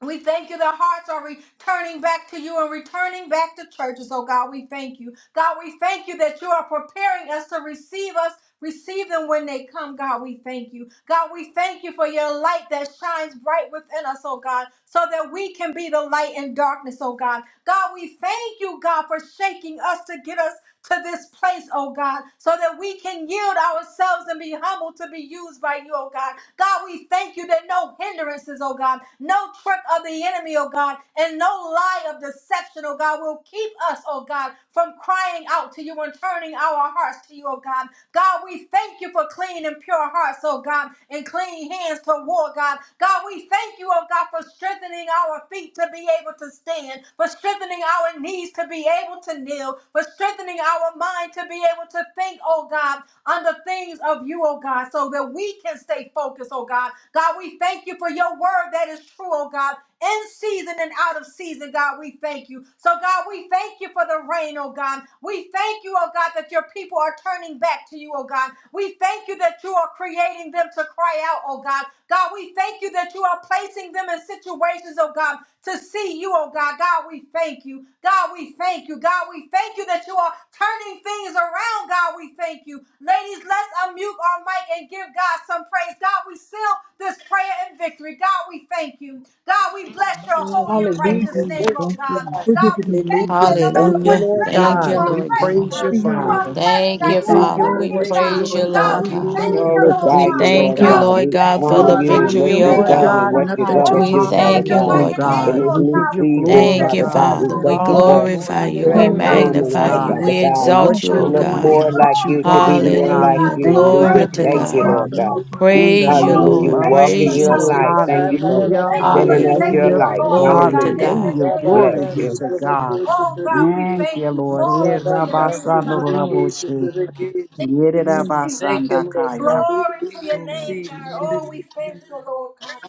[SPEAKER 2] We thank you that hearts are returning back to you and returning back to churches. Oh God, we thank you. God, we thank you that you are preparing us to receive us. Receive them when they come, God. We thank you. God, we thank you for your light that shines bright within us, oh God, so that we can be the light in darkness, oh God. God, we thank you, God, for shaking us to get us to this place, oh God, so that we can yield ourselves and be humble to be used by you, oh God. God, we thank you that no hindrances, oh God, no trick of the enemy, oh God, and no lie of deception, oh God, will keep us, oh God, from crying out to you and turning our hearts to you, oh God. God, we thank you for clean and pure hearts, oh God, and clean hands to war, God. God, we thank you, oh God, for strengthening our feet to be able to stand, for strengthening our knees to be able to kneel, for strengthening our mind to be able to think, oh God, on the things of you, oh God, so that we can stay focused, oh God. God, we thank you for your word that is true, oh God, in season and out of season, God, we thank you. So, God, we thank you for the rain, oh God. We thank you, oh God, that your people are turning back to you, oh God. We thank you that you are creating them to cry out, oh God. God, we thank you that you are placing them in situations, oh God, to see you, oh God. God, we thank you. God, we thank you. God, we thank you that you are are turning things around, God. We thank you. Ladies, let's unmute our mic and give God some praise. God, we seal this prayer in victory. God, we thank you. God, we bless your holy and righteous
[SPEAKER 3] Hallelujah.
[SPEAKER 2] name,
[SPEAKER 3] Thank
[SPEAKER 2] oh
[SPEAKER 3] you,
[SPEAKER 2] God.
[SPEAKER 3] God.
[SPEAKER 2] God, we
[SPEAKER 9] the
[SPEAKER 1] Hallelujah.
[SPEAKER 2] thank you that no
[SPEAKER 1] Thank
[SPEAKER 2] matter
[SPEAKER 1] you,
[SPEAKER 2] what
[SPEAKER 7] Hallelujah.
[SPEAKER 2] it
[SPEAKER 1] Lord
[SPEAKER 2] looks like,
[SPEAKER 7] Thank
[SPEAKER 2] you
[SPEAKER 7] you,
[SPEAKER 1] God.
[SPEAKER 2] are
[SPEAKER 3] Thank
[SPEAKER 1] We
[SPEAKER 7] Lord
[SPEAKER 3] you,
[SPEAKER 2] present,
[SPEAKER 7] God.
[SPEAKER 1] praise
[SPEAKER 9] glory
[SPEAKER 3] God,
[SPEAKER 2] God.
[SPEAKER 9] for
[SPEAKER 1] you,
[SPEAKER 3] in the
[SPEAKER 9] your
[SPEAKER 2] You
[SPEAKER 3] name
[SPEAKER 2] are
[SPEAKER 9] word,
[SPEAKER 1] Father.
[SPEAKER 3] of Jesus.
[SPEAKER 2] present,
[SPEAKER 7] Thank
[SPEAKER 2] God.
[SPEAKER 1] We
[SPEAKER 7] you,
[SPEAKER 2] You
[SPEAKER 9] your
[SPEAKER 2] are
[SPEAKER 1] thank you
[SPEAKER 7] Father.
[SPEAKER 1] for
[SPEAKER 9] word
[SPEAKER 7] We
[SPEAKER 9] is
[SPEAKER 2] working,
[SPEAKER 3] Thank
[SPEAKER 1] what you're
[SPEAKER 3] you,
[SPEAKER 2] God.
[SPEAKER 7] praise you,
[SPEAKER 3] Lord
[SPEAKER 1] doing,
[SPEAKER 2] God,
[SPEAKER 1] God.
[SPEAKER 7] Lord
[SPEAKER 3] God.
[SPEAKER 2] we
[SPEAKER 1] We
[SPEAKER 9] really
[SPEAKER 7] God.
[SPEAKER 2] thank
[SPEAKER 1] thank
[SPEAKER 3] Glory
[SPEAKER 1] you
[SPEAKER 2] you,
[SPEAKER 1] for
[SPEAKER 3] be
[SPEAKER 1] the
[SPEAKER 2] Lord
[SPEAKER 3] to
[SPEAKER 7] We
[SPEAKER 6] Glorify
[SPEAKER 2] God.
[SPEAKER 6] you,
[SPEAKER 3] you, Lord
[SPEAKER 1] victory,
[SPEAKER 7] thank
[SPEAKER 6] Lord
[SPEAKER 9] we
[SPEAKER 7] you,
[SPEAKER 1] God.
[SPEAKER 2] God,
[SPEAKER 3] God.
[SPEAKER 6] God.
[SPEAKER 9] exalt
[SPEAKER 2] we
[SPEAKER 7] Lord
[SPEAKER 6] We
[SPEAKER 7] God,
[SPEAKER 2] thank you,
[SPEAKER 7] for
[SPEAKER 6] honor
[SPEAKER 9] it.
[SPEAKER 7] the
[SPEAKER 1] We
[SPEAKER 2] oh
[SPEAKER 6] you
[SPEAKER 2] God.
[SPEAKER 6] and
[SPEAKER 1] thank
[SPEAKER 2] We
[SPEAKER 6] what
[SPEAKER 1] you,
[SPEAKER 7] victory,
[SPEAKER 9] We
[SPEAKER 3] Hallelujah.
[SPEAKER 7] O
[SPEAKER 6] you've
[SPEAKER 9] lift
[SPEAKER 2] thank
[SPEAKER 1] Lord
[SPEAKER 2] you,
[SPEAKER 6] done
[SPEAKER 3] Hallelujah.
[SPEAKER 9] it
[SPEAKER 2] oh
[SPEAKER 6] and
[SPEAKER 7] God.
[SPEAKER 1] God.
[SPEAKER 6] what
[SPEAKER 2] God.
[SPEAKER 6] you're
[SPEAKER 9] high
[SPEAKER 1] Nothing
[SPEAKER 6] going
[SPEAKER 1] too
[SPEAKER 2] Oh,
[SPEAKER 6] to
[SPEAKER 7] We
[SPEAKER 2] we
[SPEAKER 6] do,
[SPEAKER 1] hard for
[SPEAKER 6] Father
[SPEAKER 7] thank
[SPEAKER 1] you
[SPEAKER 7] you,
[SPEAKER 1] to
[SPEAKER 3] Thank
[SPEAKER 6] God.
[SPEAKER 3] you,
[SPEAKER 2] magnify
[SPEAKER 1] do,
[SPEAKER 4] glory
[SPEAKER 7] Lord
[SPEAKER 2] your
[SPEAKER 4] to
[SPEAKER 3] Lord
[SPEAKER 7] God.
[SPEAKER 2] name,
[SPEAKER 1] God.
[SPEAKER 6] In this
[SPEAKER 4] you.
[SPEAKER 1] We
[SPEAKER 2] Lord
[SPEAKER 6] new
[SPEAKER 3] God.
[SPEAKER 1] give
[SPEAKER 2] God.
[SPEAKER 1] you
[SPEAKER 2] We
[SPEAKER 4] We
[SPEAKER 2] bless
[SPEAKER 6] season,
[SPEAKER 1] glory,
[SPEAKER 7] Thank
[SPEAKER 2] your
[SPEAKER 4] Bless
[SPEAKER 7] you,
[SPEAKER 6] Father
[SPEAKER 4] your
[SPEAKER 9] up
[SPEAKER 2] name,
[SPEAKER 1] God.
[SPEAKER 6] God,
[SPEAKER 1] You
[SPEAKER 6] we
[SPEAKER 7] Father.
[SPEAKER 4] name,
[SPEAKER 2] God.
[SPEAKER 1] get
[SPEAKER 7] We
[SPEAKER 6] thank you
[SPEAKER 4] God.
[SPEAKER 1] all
[SPEAKER 9] and
[SPEAKER 1] the
[SPEAKER 2] Oh,
[SPEAKER 6] for
[SPEAKER 2] we
[SPEAKER 7] glorify
[SPEAKER 1] glory
[SPEAKER 2] thank
[SPEAKER 7] you.
[SPEAKER 1] and
[SPEAKER 2] you,
[SPEAKER 4] Thank
[SPEAKER 1] the
[SPEAKER 7] We
[SPEAKER 4] you
[SPEAKER 2] oh
[SPEAKER 9] heal
[SPEAKER 4] for the
[SPEAKER 9] the
[SPEAKER 3] Thank
[SPEAKER 2] God.
[SPEAKER 3] you,
[SPEAKER 1] praise,
[SPEAKER 6] transforming
[SPEAKER 9] the
[SPEAKER 7] magnify
[SPEAKER 6] us,
[SPEAKER 2] We
[SPEAKER 3] God.
[SPEAKER 4] present
[SPEAKER 1] God,
[SPEAKER 7] you.
[SPEAKER 6] Father
[SPEAKER 7] We
[SPEAKER 2] thank
[SPEAKER 4] praise.
[SPEAKER 2] you,
[SPEAKER 6] God,
[SPEAKER 1] for
[SPEAKER 2] oh
[SPEAKER 7] exalt
[SPEAKER 9] protection
[SPEAKER 1] what
[SPEAKER 7] you,
[SPEAKER 1] you're
[SPEAKER 6] to
[SPEAKER 7] O
[SPEAKER 4] Thank
[SPEAKER 2] God.
[SPEAKER 4] you
[SPEAKER 6] look
[SPEAKER 4] for the
[SPEAKER 1] doing
[SPEAKER 7] God.
[SPEAKER 2] We
[SPEAKER 6] more
[SPEAKER 1] and
[SPEAKER 6] like
[SPEAKER 1] what you're
[SPEAKER 6] you, to
[SPEAKER 1] going
[SPEAKER 2] glorify
[SPEAKER 4] manifestation.
[SPEAKER 1] to
[SPEAKER 6] be
[SPEAKER 2] your
[SPEAKER 1] do,
[SPEAKER 3] Thank
[SPEAKER 6] more
[SPEAKER 2] name,
[SPEAKER 3] you,
[SPEAKER 1] God.
[SPEAKER 6] like
[SPEAKER 3] Lord
[SPEAKER 2] God.
[SPEAKER 7] Hallelujah.
[SPEAKER 1] We
[SPEAKER 2] You
[SPEAKER 6] you.
[SPEAKER 1] thank
[SPEAKER 2] are
[SPEAKER 1] you
[SPEAKER 6] We
[SPEAKER 1] in
[SPEAKER 4] We
[SPEAKER 7] Glory
[SPEAKER 3] God.
[SPEAKER 6] just
[SPEAKER 2] worthy,
[SPEAKER 7] to
[SPEAKER 2] you
[SPEAKER 4] bless
[SPEAKER 6] thank
[SPEAKER 2] are
[SPEAKER 4] your
[SPEAKER 1] advance,
[SPEAKER 6] you,
[SPEAKER 7] God.
[SPEAKER 2] worthy,
[SPEAKER 9] and
[SPEAKER 6] Lord
[SPEAKER 4] name,
[SPEAKER 1] Father.
[SPEAKER 2] you
[SPEAKER 8] Glory,
[SPEAKER 2] are
[SPEAKER 6] God.
[SPEAKER 4] God.
[SPEAKER 2] worthy.
[SPEAKER 3] Hallelujah.
[SPEAKER 1] In the
[SPEAKER 8] hallelujah,
[SPEAKER 4] We
[SPEAKER 7] Praise you,
[SPEAKER 2] Oh,
[SPEAKER 4] give you
[SPEAKER 2] we
[SPEAKER 6] Hallelujah.
[SPEAKER 1] name
[SPEAKER 6] We
[SPEAKER 7] Lord.
[SPEAKER 4] glory,
[SPEAKER 1] of
[SPEAKER 2] thank
[SPEAKER 6] walk
[SPEAKER 2] you for
[SPEAKER 4] honor,
[SPEAKER 6] in
[SPEAKER 7] Praise
[SPEAKER 4] and
[SPEAKER 7] you,
[SPEAKER 6] your
[SPEAKER 3] Thank
[SPEAKER 1] Jesus.
[SPEAKER 3] you,
[SPEAKER 7] Lord.
[SPEAKER 6] light.
[SPEAKER 4] praise.
[SPEAKER 2] salvation.
[SPEAKER 6] Thank you for
[SPEAKER 2] We
[SPEAKER 1] Hallelujah.
[SPEAKER 2] thank you for
[SPEAKER 6] sending us
[SPEAKER 2] saving
[SPEAKER 3] God.
[SPEAKER 4] Hallelujah.
[SPEAKER 6] your
[SPEAKER 1] Hallelujah.
[SPEAKER 7] Hallelujah.
[SPEAKER 2] the
[SPEAKER 6] light.
[SPEAKER 4] Glory
[SPEAKER 2] Lord,
[SPEAKER 4] to
[SPEAKER 3] Hallelujah.
[SPEAKER 2] oh
[SPEAKER 7] Glory to
[SPEAKER 2] God,
[SPEAKER 4] God.
[SPEAKER 2] in
[SPEAKER 6] Hallelujah.
[SPEAKER 2] the
[SPEAKER 7] God.
[SPEAKER 1] Hallelujah.
[SPEAKER 2] name
[SPEAKER 4] Thank
[SPEAKER 2] of
[SPEAKER 4] you,
[SPEAKER 6] Bless
[SPEAKER 1] Glory
[SPEAKER 3] Rabaka
[SPEAKER 8] hallelujah
[SPEAKER 6] you.
[SPEAKER 1] be
[SPEAKER 4] God.
[SPEAKER 1] to
[SPEAKER 2] Jesus.
[SPEAKER 4] Thank
[SPEAKER 1] God.
[SPEAKER 3] Sutraboko
[SPEAKER 4] you,
[SPEAKER 2] Oh
[SPEAKER 4] God.
[SPEAKER 2] God, we
[SPEAKER 3] Sutrabeki.
[SPEAKER 1] Thank
[SPEAKER 2] thank
[SPEAKER 1] you,
[SPEAKER 8] to
[SPEAKER 2] you.
[SPEAKER 1] Lord.
[SPEAKER 8] you.
[SPEAKER 1] Eh,
[SPEAKER 2] Glory to
[SPEAKER 4] Thank you,
[SPEAKER 2] your
[SPEAKER 3] Rabaka
[SPEAKER 2] name,
[SPEAKER 1] rabasando
[SPEAKER 2] God.
[SPEAKER 3] Sutrabeki
[SPEAKER 8] Glory to
[SPEAKER 1] roraboshe.
[SPEAKER 8] you.
[SPEAKER 3] Sutrabeki.
[SPEAKER 1] Yere
[SPEAKER 8] Glory
[SPEAKER 2] Jesus.
[SPEAKER 8] to your
[SPEAKER 3] Thank you,
[SPEAKER 1] rabasanda
[SPEAKER 8] name,
[SPEAKER 3] Lord
[SPEAKER 8] God.
[SPEAKER 1] kaya.
[SPEAKER 3] God. We
[SPEAKER 2] Glory to
[SPEAKER 3] believe we
[SPEAKER 2] your
[SPEAKER 8] Glory
[SPEAKER 2] name,
[SPEAKER 3] receive
[SPEAKER 8] to
[SPEAKER 2] God.
[SPEAKER 8] your
[SPEAKER 3] in the name
[SPEAKER 2] Oh,
[SPEAKER 8] name.
[SPEAKER 2] we thank
[SPEAKER 3] of Jesus.
[SPEAKER 2] you, Lord God.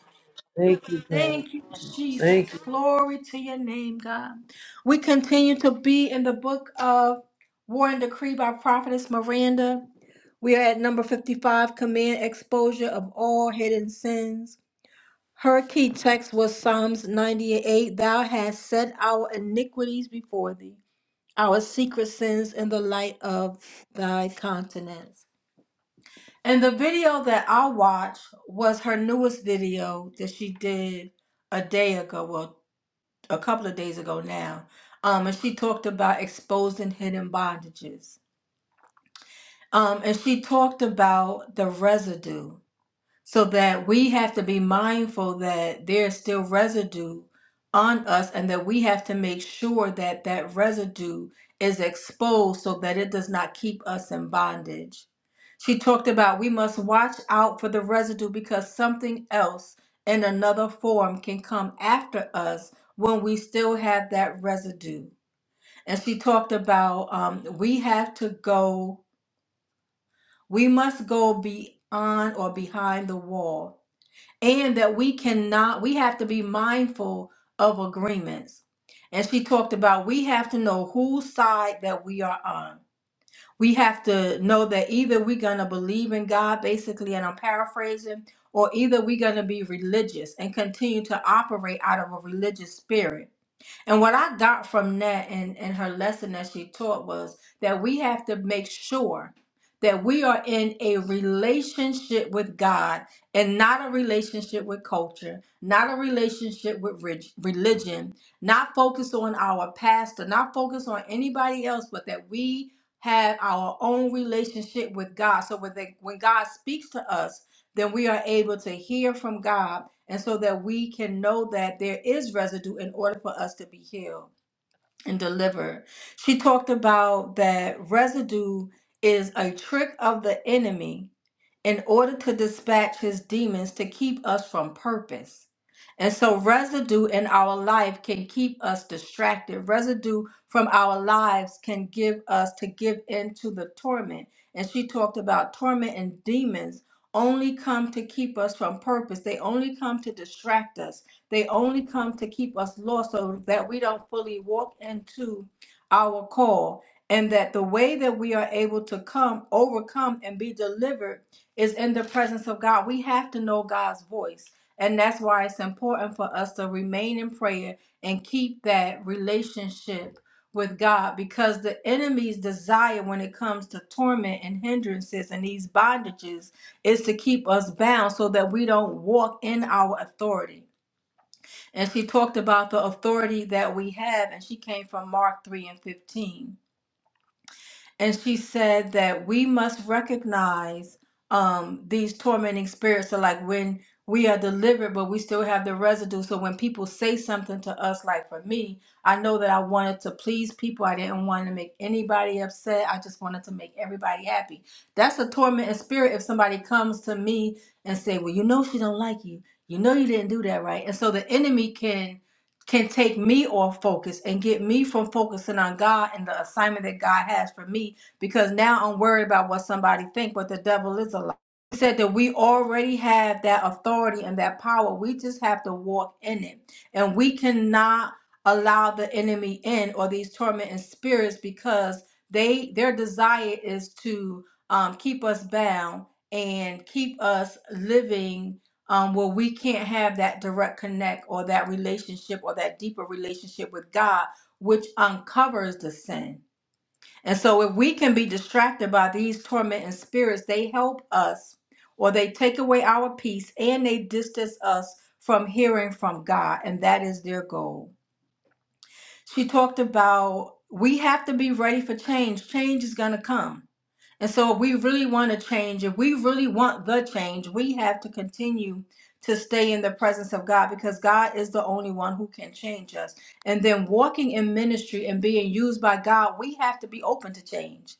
[SPEAKER 3] Thank you, God.
[SPEAKER 2] Thank you, Jesus.
[SPEAKER 3] Thank you.
[SPEAKER 2] Glory to your name, God. We continue to be in the book of War and Decree by Prophetess Miranda. We are at number 55, Command Exposure of All Hidden Sins. Her key text was Psalms 98 Thou hast set our iniquities before thee, our secret sins in the light of thy countenance. And the video that I watched was her newest video that she did a day ago, well, a couple of days ago now. Um, and she talked about exposing hidden bondages. Um, and she talked about the residue so that we have to be mindful that there's still residue on us and that we have to make sure that that residue is exposed so that it does not keep us in bondage. She talked about we must watch out for the residue because something else in another form can come after us when we still have that residue. And she talked about um, we have to go, we must go beyond or behind the wall and that we cannot we have to be mindful of agreements and she talked about we have to know whose side that we are on we have to know that either we're going to believe in god basically and i'm paraphrasing or either we're going to be religious and continue to operate out of a religious spirit and what I got from that and, and her lesson that she taught was that we have to make sure that we are in a relationship with God and not a relationship with culture, not a relationship with reg- religion, not focus on our pastor, not focus on anybody else, but that we have our own relationship with God. So when, they, when God speaks to us, then we are able to hear from God and so that we can know that there is residue in order for us to be healed and delivered. She talked about that residue is a trick of the enemy in order to dispatch his demons to keep us from purpose. And so, residue in our life can keep us distracted. Residue from our lives can give us to give into the torment. And she talked about torment and demons only come to keep us from purpose. They only come to distract us. They only come to keep us lost so that we don't fully walk into our call. And that the way that we are able to come, overcome, and be delivered is in the presence of God. We have to know God's voice. And that's why it's important for us to remain in prayer and keep that relationship with God because the enemy's desire when it comes to torment and hindrances and these bondages is to keep us bound so that we don't walk in our authority. And she talked about the authority that we have, and she came from Mark 3 and 15 and she said that we must recognize um, these tormenting spirits. So, like when we are delivered, but we still have the residue. So, when people say something to us, like for me, I know that I wanted to please people. I didn't want to make anybody upset. I just wanted to make everybody happy. That's a tormenting spirit. If somebody comes to me and say, "Well, you know she don't like you. You know you didn't do that right," and so the enemy can can take me off focus and get me from focusing on God and the assignment that God has for me because now I'm worried about what somebody think, but the devil is a lie. He said that we already have that authority and that power. We just have to walk in it. And we cannot allow the enemy in or these tormenting spirits because they their desire is to um, keep us bound and keep us living um, where we can't have that direct connect or that relationship or that deeper relationship with God, which uncovers the sin. And so, if we can be distracted by these tormenting spirits, they help us or they take away our peace and they distance us from hearing from God. And that is their goal. She talked about we have to be ready for change, change is going to come and so, if we really want to change, if we really want the change, we have to continue to stay in the presence of God because God is the only one who can change us. And then, walking in ministry and being used by God, we have to be open to change.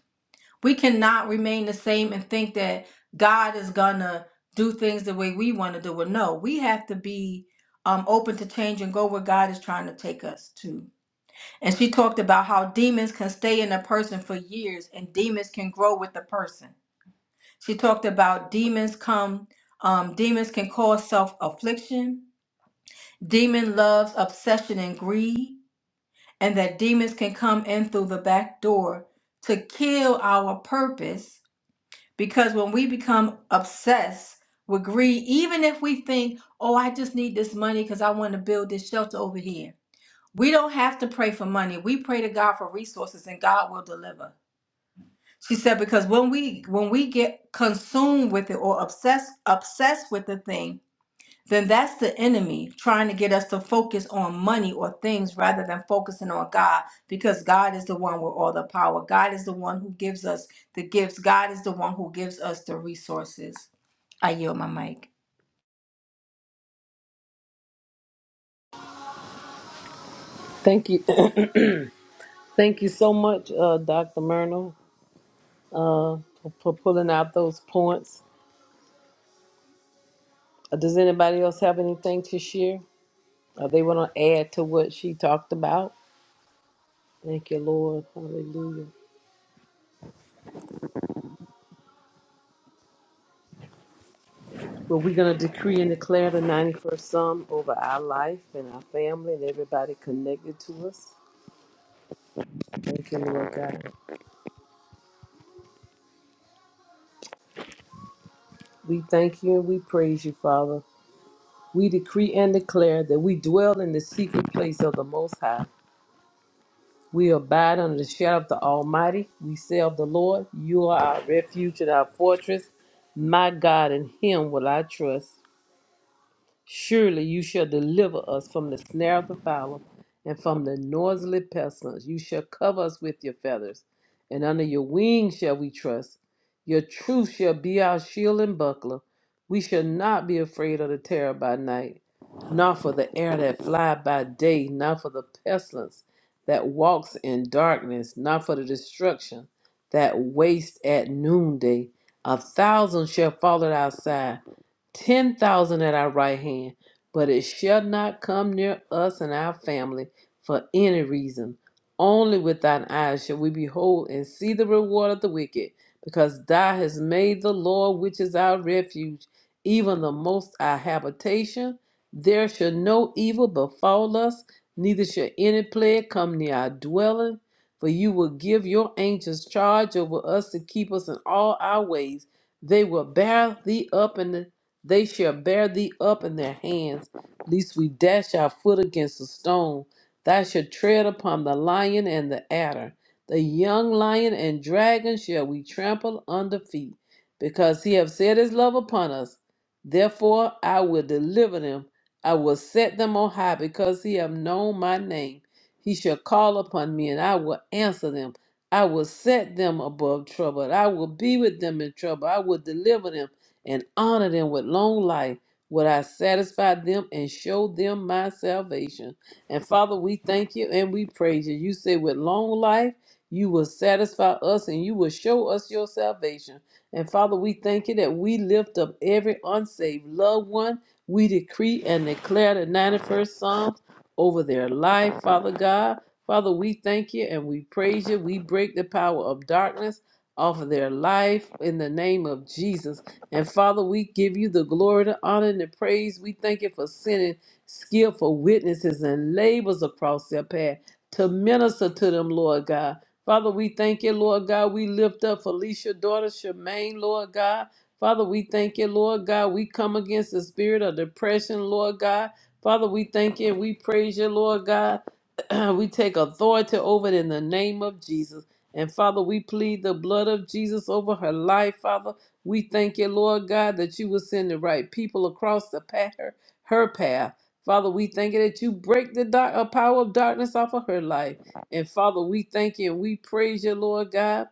[SPEAKER 2] We cannot remain the same and think that God is going to do things the way we want to do it. No, we have to be um, open to change and go where God is trying to take us to. And she talked about how demons can stay in a person for years and demons can grow with the person she talked about demons come, um, demons can cause self affliction, demon loves obsession and greed, and that demons can come in through the back door to kill our purpose. Because when we become obsessed with greed, even if we think, oh, I just need this money because I want to build this shelter over here, we don't have to pray for money. We pray to God for resources and God will deliver. She said because when we when we get consumed with it or obsessed obsessed with the thing, then that's the enemy trying to get us to focus on money or things rather than focusing on God because God is the one with all the power. God is the one who gives us the gifts. God is the one who gives us the resources. I yield my mic.
[SPEAKER 3] Thank you. Thank you so much, uh, Dr. Myrna, uh, for, for pulling out those points. Uh, does anybody else have anything to share? Uh, they want to add to what she talked about? Thank you, Lord. Hallelujah. Well, we're going to decree and declare the 91st Psalm over our life and our family and everybody connected to us. Thank you, Lord God. We thank you and we praise you, Father. We decree and declare that we dwell in the secret place of the Most High. We abide under the shadow of the Almighty. We say of the Lord, You are our refuge and our fortress. My God, in Him will I trust. Surely you shall deliver us from the snare of the fowler and from the noisily pestilence. You shall cover us with your feathers, and under your wings shall we trust. Your truth shall be our shield and buckler. We shall not be afraid of the terror by night, nor for the air that fly by day, nor for the pestilence that walks in darkness, nor for the destruction that wastes at noonday. A thousand shall fall at our side ten thousand at our right hand, but it shall not come near us and our family for any reason. Only with thine eyes shall we behold and see the reward of the wicked, because thou hast made the Lord, which is our refuge, even the most our habitation. There shall no evil befall us, neither shall any plague come near our dwelling. For you will give your angels charge over us to keep us in all our ways. They will bear thee up in the they shall bear thee up in their hands, lest we dash our foot against a stone. Thou shalt tread upon the lion and the adder. The young lion and dragon shall we trample under feet, because he hath set his love upon us. Therefore I will deliver them. I will set them on high, because he hath known my name. He shall call upon me, and I will answer them. I will set them above trouble. I will be with them in trouble. I will deliver them and honor them with long life. Would I satisfy them and show them my salvation? And Father, we thank you and we praise you. You say, with long life, you will satisfy us and you will show us your salvation. And Father, we thank you that we lift up every unsaved loved one. We decree and declare the 91st Psalms over their life, Father God. Father, we thank you and we praise you. We break the power of darkness off of their life in the name of Jesus. And Father, we give you the glory, the honor, and the praise. We thank you for sending skillful witnesses and labors across their path to minister to them, Lord God. Father, we thank you, Lord God. We lift up Felicia, daughter Shemaine, Lord God. Father, we thank you, Lord God. We come against the spirit of depression, Lord God. Father, we thank you and we praise you, Lord God. we take authority over it in the name of Jesus. And Father, we plead the blood of Jesus over her life, Father. We thank you, Lord God, that you will send the right people across the path, her, her path. Father, we thank you that you break the dark, uh, power of darkness off of her life. And Father, we thank you and we praise you, Lord God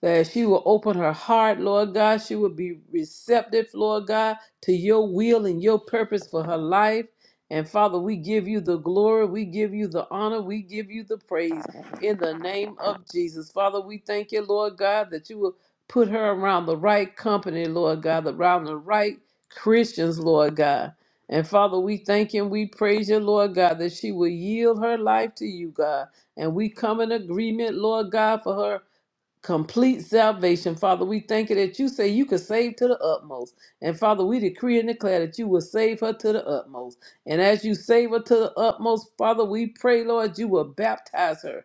[SPEAKER 3] that she will open her heart, Lord God. She will be receptive, Lord God, to your will and your purpose for her life. And Father, we give you the glory, we give you the honor, we give you the praise in the name of Jesus. Father, we thank you, Lord God, that you will put her around the right company, Lord God, around the right Christians, Lord God. And Father, we thank you and we praise you, Lord God, that she will yield her life to you, God. And we come in agreement, Lord God, for her complete salvation. Father, we thank you that you say you could save to the utmost. And Father, we decree and declare that you will save her to the utmost. And as you save her to the utmost, Father, we pray, Lord, you will baptize her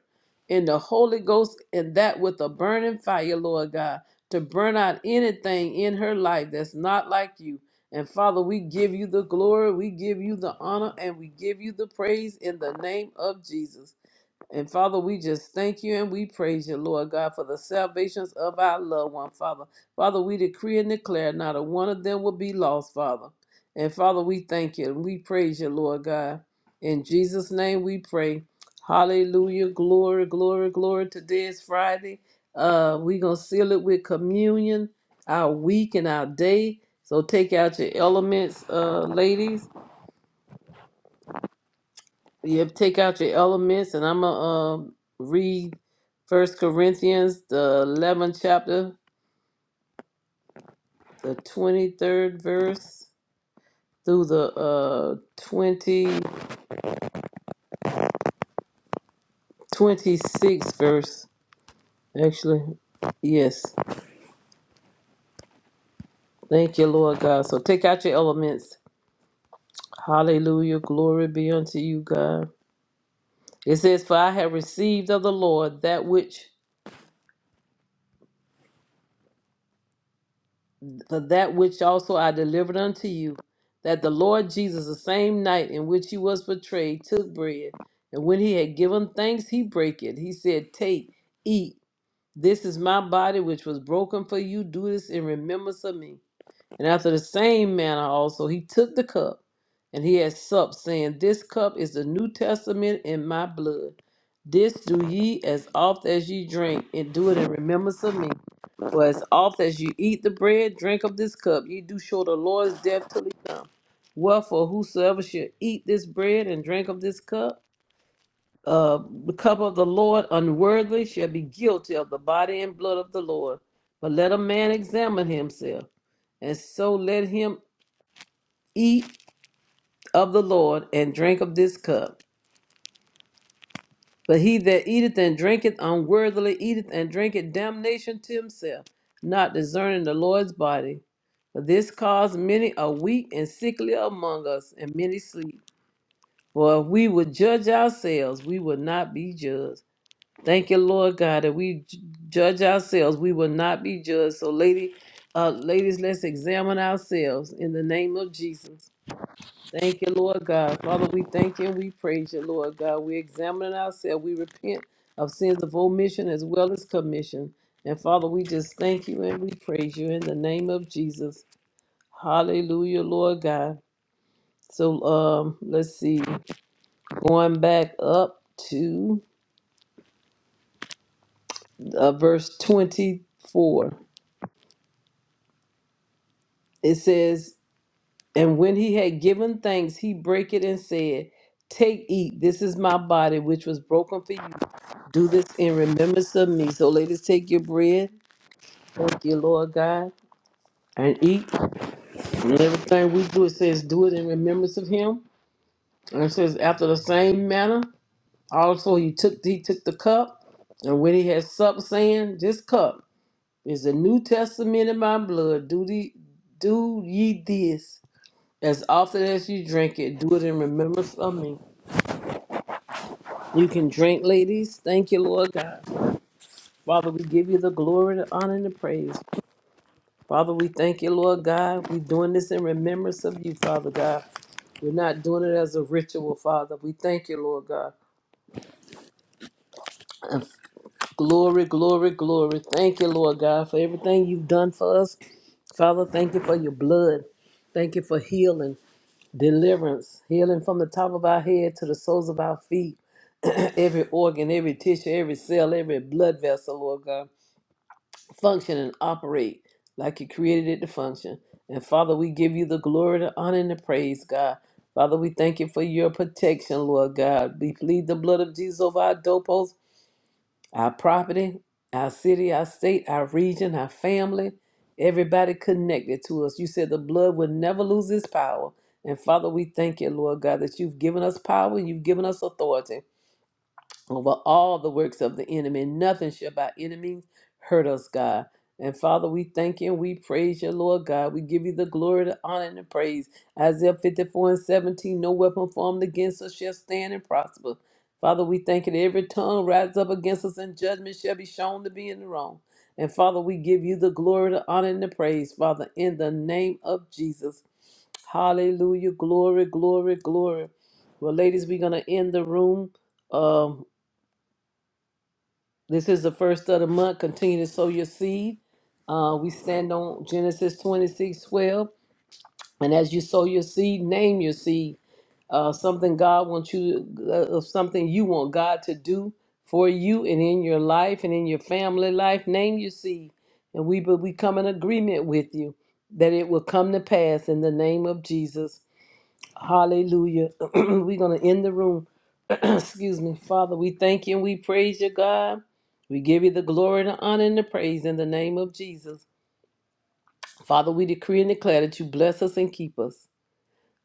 [SPEAKER 3] in the Holy Ghost and that with a burning fire, Lord God, to burn out anything in her life that's not like you. And Father, we give you the glory, we give you the honor, and we give you the praise in the name of Jesus. And Father, we just thank you and we praise you, Lord God, for the salvations of our loved one, Father. Father, we decree and declare not a one of them will be lost, Father. And Father, we thank you and we praise you, Lord God. In Jesus' name we pray. Hallelujah. Glory, glory, glory. Today is Friday. Uh, we're going to seal it with communion, our week and our day. So take out your elements, uh, ladies. Yep, take out your elements, and I'm gonna um, read First Corinthians, the 11th chapter, the 23rd verse through the uh 20 twenty-sixth verse. Actually, yes. Thank you, Lord God. So take out your elements. Hallelujah. Glory be unto you, God. It says, "For I have received of the Lord that which." for that which also I delivered unto you, that the Lord Jesus, the same night in which he was betrayed, took bread, and when he had given thanks, he brake it. He said, Take, eat. This is my body, which was broken for you. Do this in remembrance of me. And after the same manner also he took the cup, and he had supped, saying, This cup is the New Testament in my blood. This do ye as oft as ye drink, and do it in remembrance of me. For as oft as ye eat the bread, drink of this cup, ye do show the Lord's death till he come. Wherefore, whosoever shall eat this bread and drink of this cup, uh, the cup of the Lord unworthily shall be guilty of the body and blood of the Lord. But let a man examine himself, and so let him eat of the Lord and drink of this cup. But he that eateth and drinketh unworthily eateth and drinketh damnation to himself, not discerning the Lord's body. For this cause many are weak and sickly among us, and many sleep. For if we would judge ourselves, we would not be judged. Thank you, Lord God, that we j- judge ourselves. We will not be judged. So, lady, uh, ladies, let's examine ourselves in the name of Jesus. Thank you, Lord God. Father, we thank you and we praise you, Lord God. We're examining ourselves. We repent of sins of omission as well as commission. And Father, we just thank you and we praise you in the name of Jesus. Hallelujah, Lord God. So um, let's see. Going back up to uh, verse 24. it says, And when he had given thanks, he brake it and said, Take, eat, this is my body, which was broken for you. Do this in remembrance of me. So, ladies, take your bread, thank you, Lord God, and eat. And everything we do, it says, Do it in remembrance of him. And it says, After the same manner, also he took he took the cup, and when he had supped, saying, This cup is the New Testament in my blood. Do, the, do ye this As often as you drink it, do it in remembrance of me. You can drink, ladies. Thank you, Lord God. Father, we give you the glory, the honor, and the praise. Father, we thank you, Lord God. We're doing this in remembrance of you, Father God. We're not doing it as a ritual, Father. We thank you, Lord God. And glory, glory, glory. Thank you, Lord God, for everything you've done for us. Father, thank you for your blood. Thank you for healing. Deliverance, healing from the top of our head to the soles of our feet. every organ, every tissue, every cell, every blood vessel, Lord God, function and operate like you created it to function. And Father, we give you the glory, the honor, and the praise, God. Father, we thank you for your protection, Lord God. We plead the blood of Jesus over our doorposts our property, our city, our state, our region, our family, everybody connected to us. You said the blood would never lose its power. And Father, we thank you, Lord God, that you've given us power and you've given us authority over all the works of the enemy. Nothing shall by enemy hurt us, God. And Father, we thank you and we praise you, Lord God. We give you the glory, the honor, and the praise. Isaiah 54 and 17, no weapon formed against us shall stand and prosper. Father, we thank you that every tongue rises up against us and judgment shall be shown to be in the wrong. And Father, we give you the glory, the honor, and the praise, Father, in the name of Jesus. Hallelujah. Glory, glory, glory. Well, ladies, we're going to end the room. Um, this is the first of the month. Continue to sow your seed. Uh, we stand on Genesis 26 12, And as you sow your seed, name your seed. Uh, something God wants you, uh, uh, something you want God to do for you and in your life and in your family life. Name your seed. And we, but we come in agreement with you that it will come to pass in the name of Jesus. Hallelujah. We're going to end the room. Excuse me, Father, we thank you and we praise you, God. We give you the glory, the honor, and the praise in the name of Jesus. Father, we decree and declare that you bless us and keep us.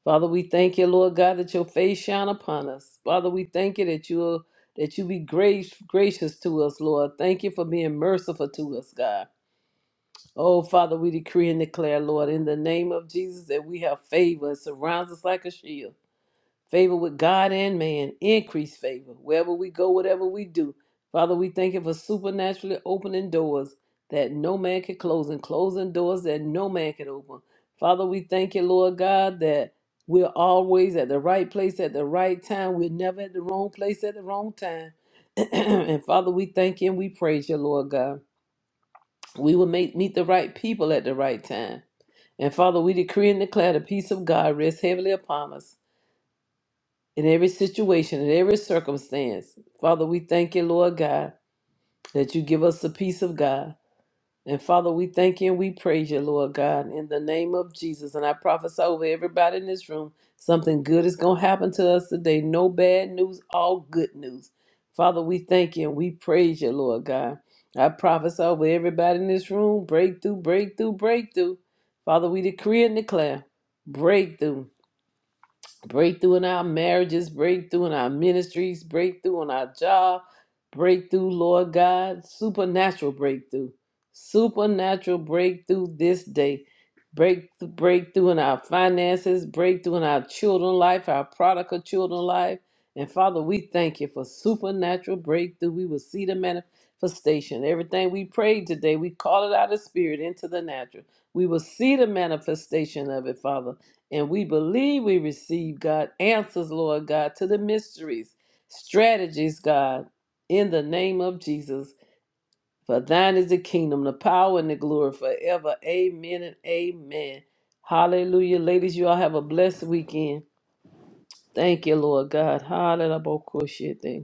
[SPEAKER 3] Father, we thank you, Lord God, that your face shine upon us. Father, we thank you that you that you be grace, gracious to us, Lord. Thank you for being merciful to us, God. Oh, Father, we decree and declare, Lord, in the name of Jesus, that we have favor. It surrounds us like a shield. favor with God and man, increase favor wherever we go, whatever we do. Father, we thank you for supernaturally opening doors that no man can close and closing doors that no man can open. Father, we thank you, Lord God, that we're always at the right place at the right time. We're never at the wrong place at the wrong time. and Father, we thank you and we praise you, Lord God. We will make, meet the right people at the right time. And Father, we decree and declare the peace of God rests heavily upon us in every situation, in every circumstance. Father, we thank you, Lord God, that you give us the peace of God. And Father, we thank you and we praise you, Lord God, in the name of Jesus. And I prophesy over everybody in this room something good is going to happen to us today. No bad news, all good news. Father, we thank you and we praise you, Lord God. I prophesy over everybody in this room breakthrough, breakthrough, breakthrough. Father, we decree and declare breakthrough breakthrough in our marriages, breakthrough in our ministries, breakthrough on our job, breakthrough, Lord God, supernatural breakthrough, supernatural breakthrough this day, break breakthrough in our finances, breakthrough in our children life, our prodigal children life, and Father, we thank you for supernatural breakthrough. We will see the manifestation. Everything we prayed today, we call it out of spirit into the natural. We will see the manifestation of it, Father. And we believe we receive, God, answers, Lord God, to the mysteries, strategies, God, in the name of Jesus. For thine is the kingdom, the power, and the glory forever. Amen and amen. Hallelujah. Ladies, you all have a blessed weekend. Thank you, Lord God. Hallelujah.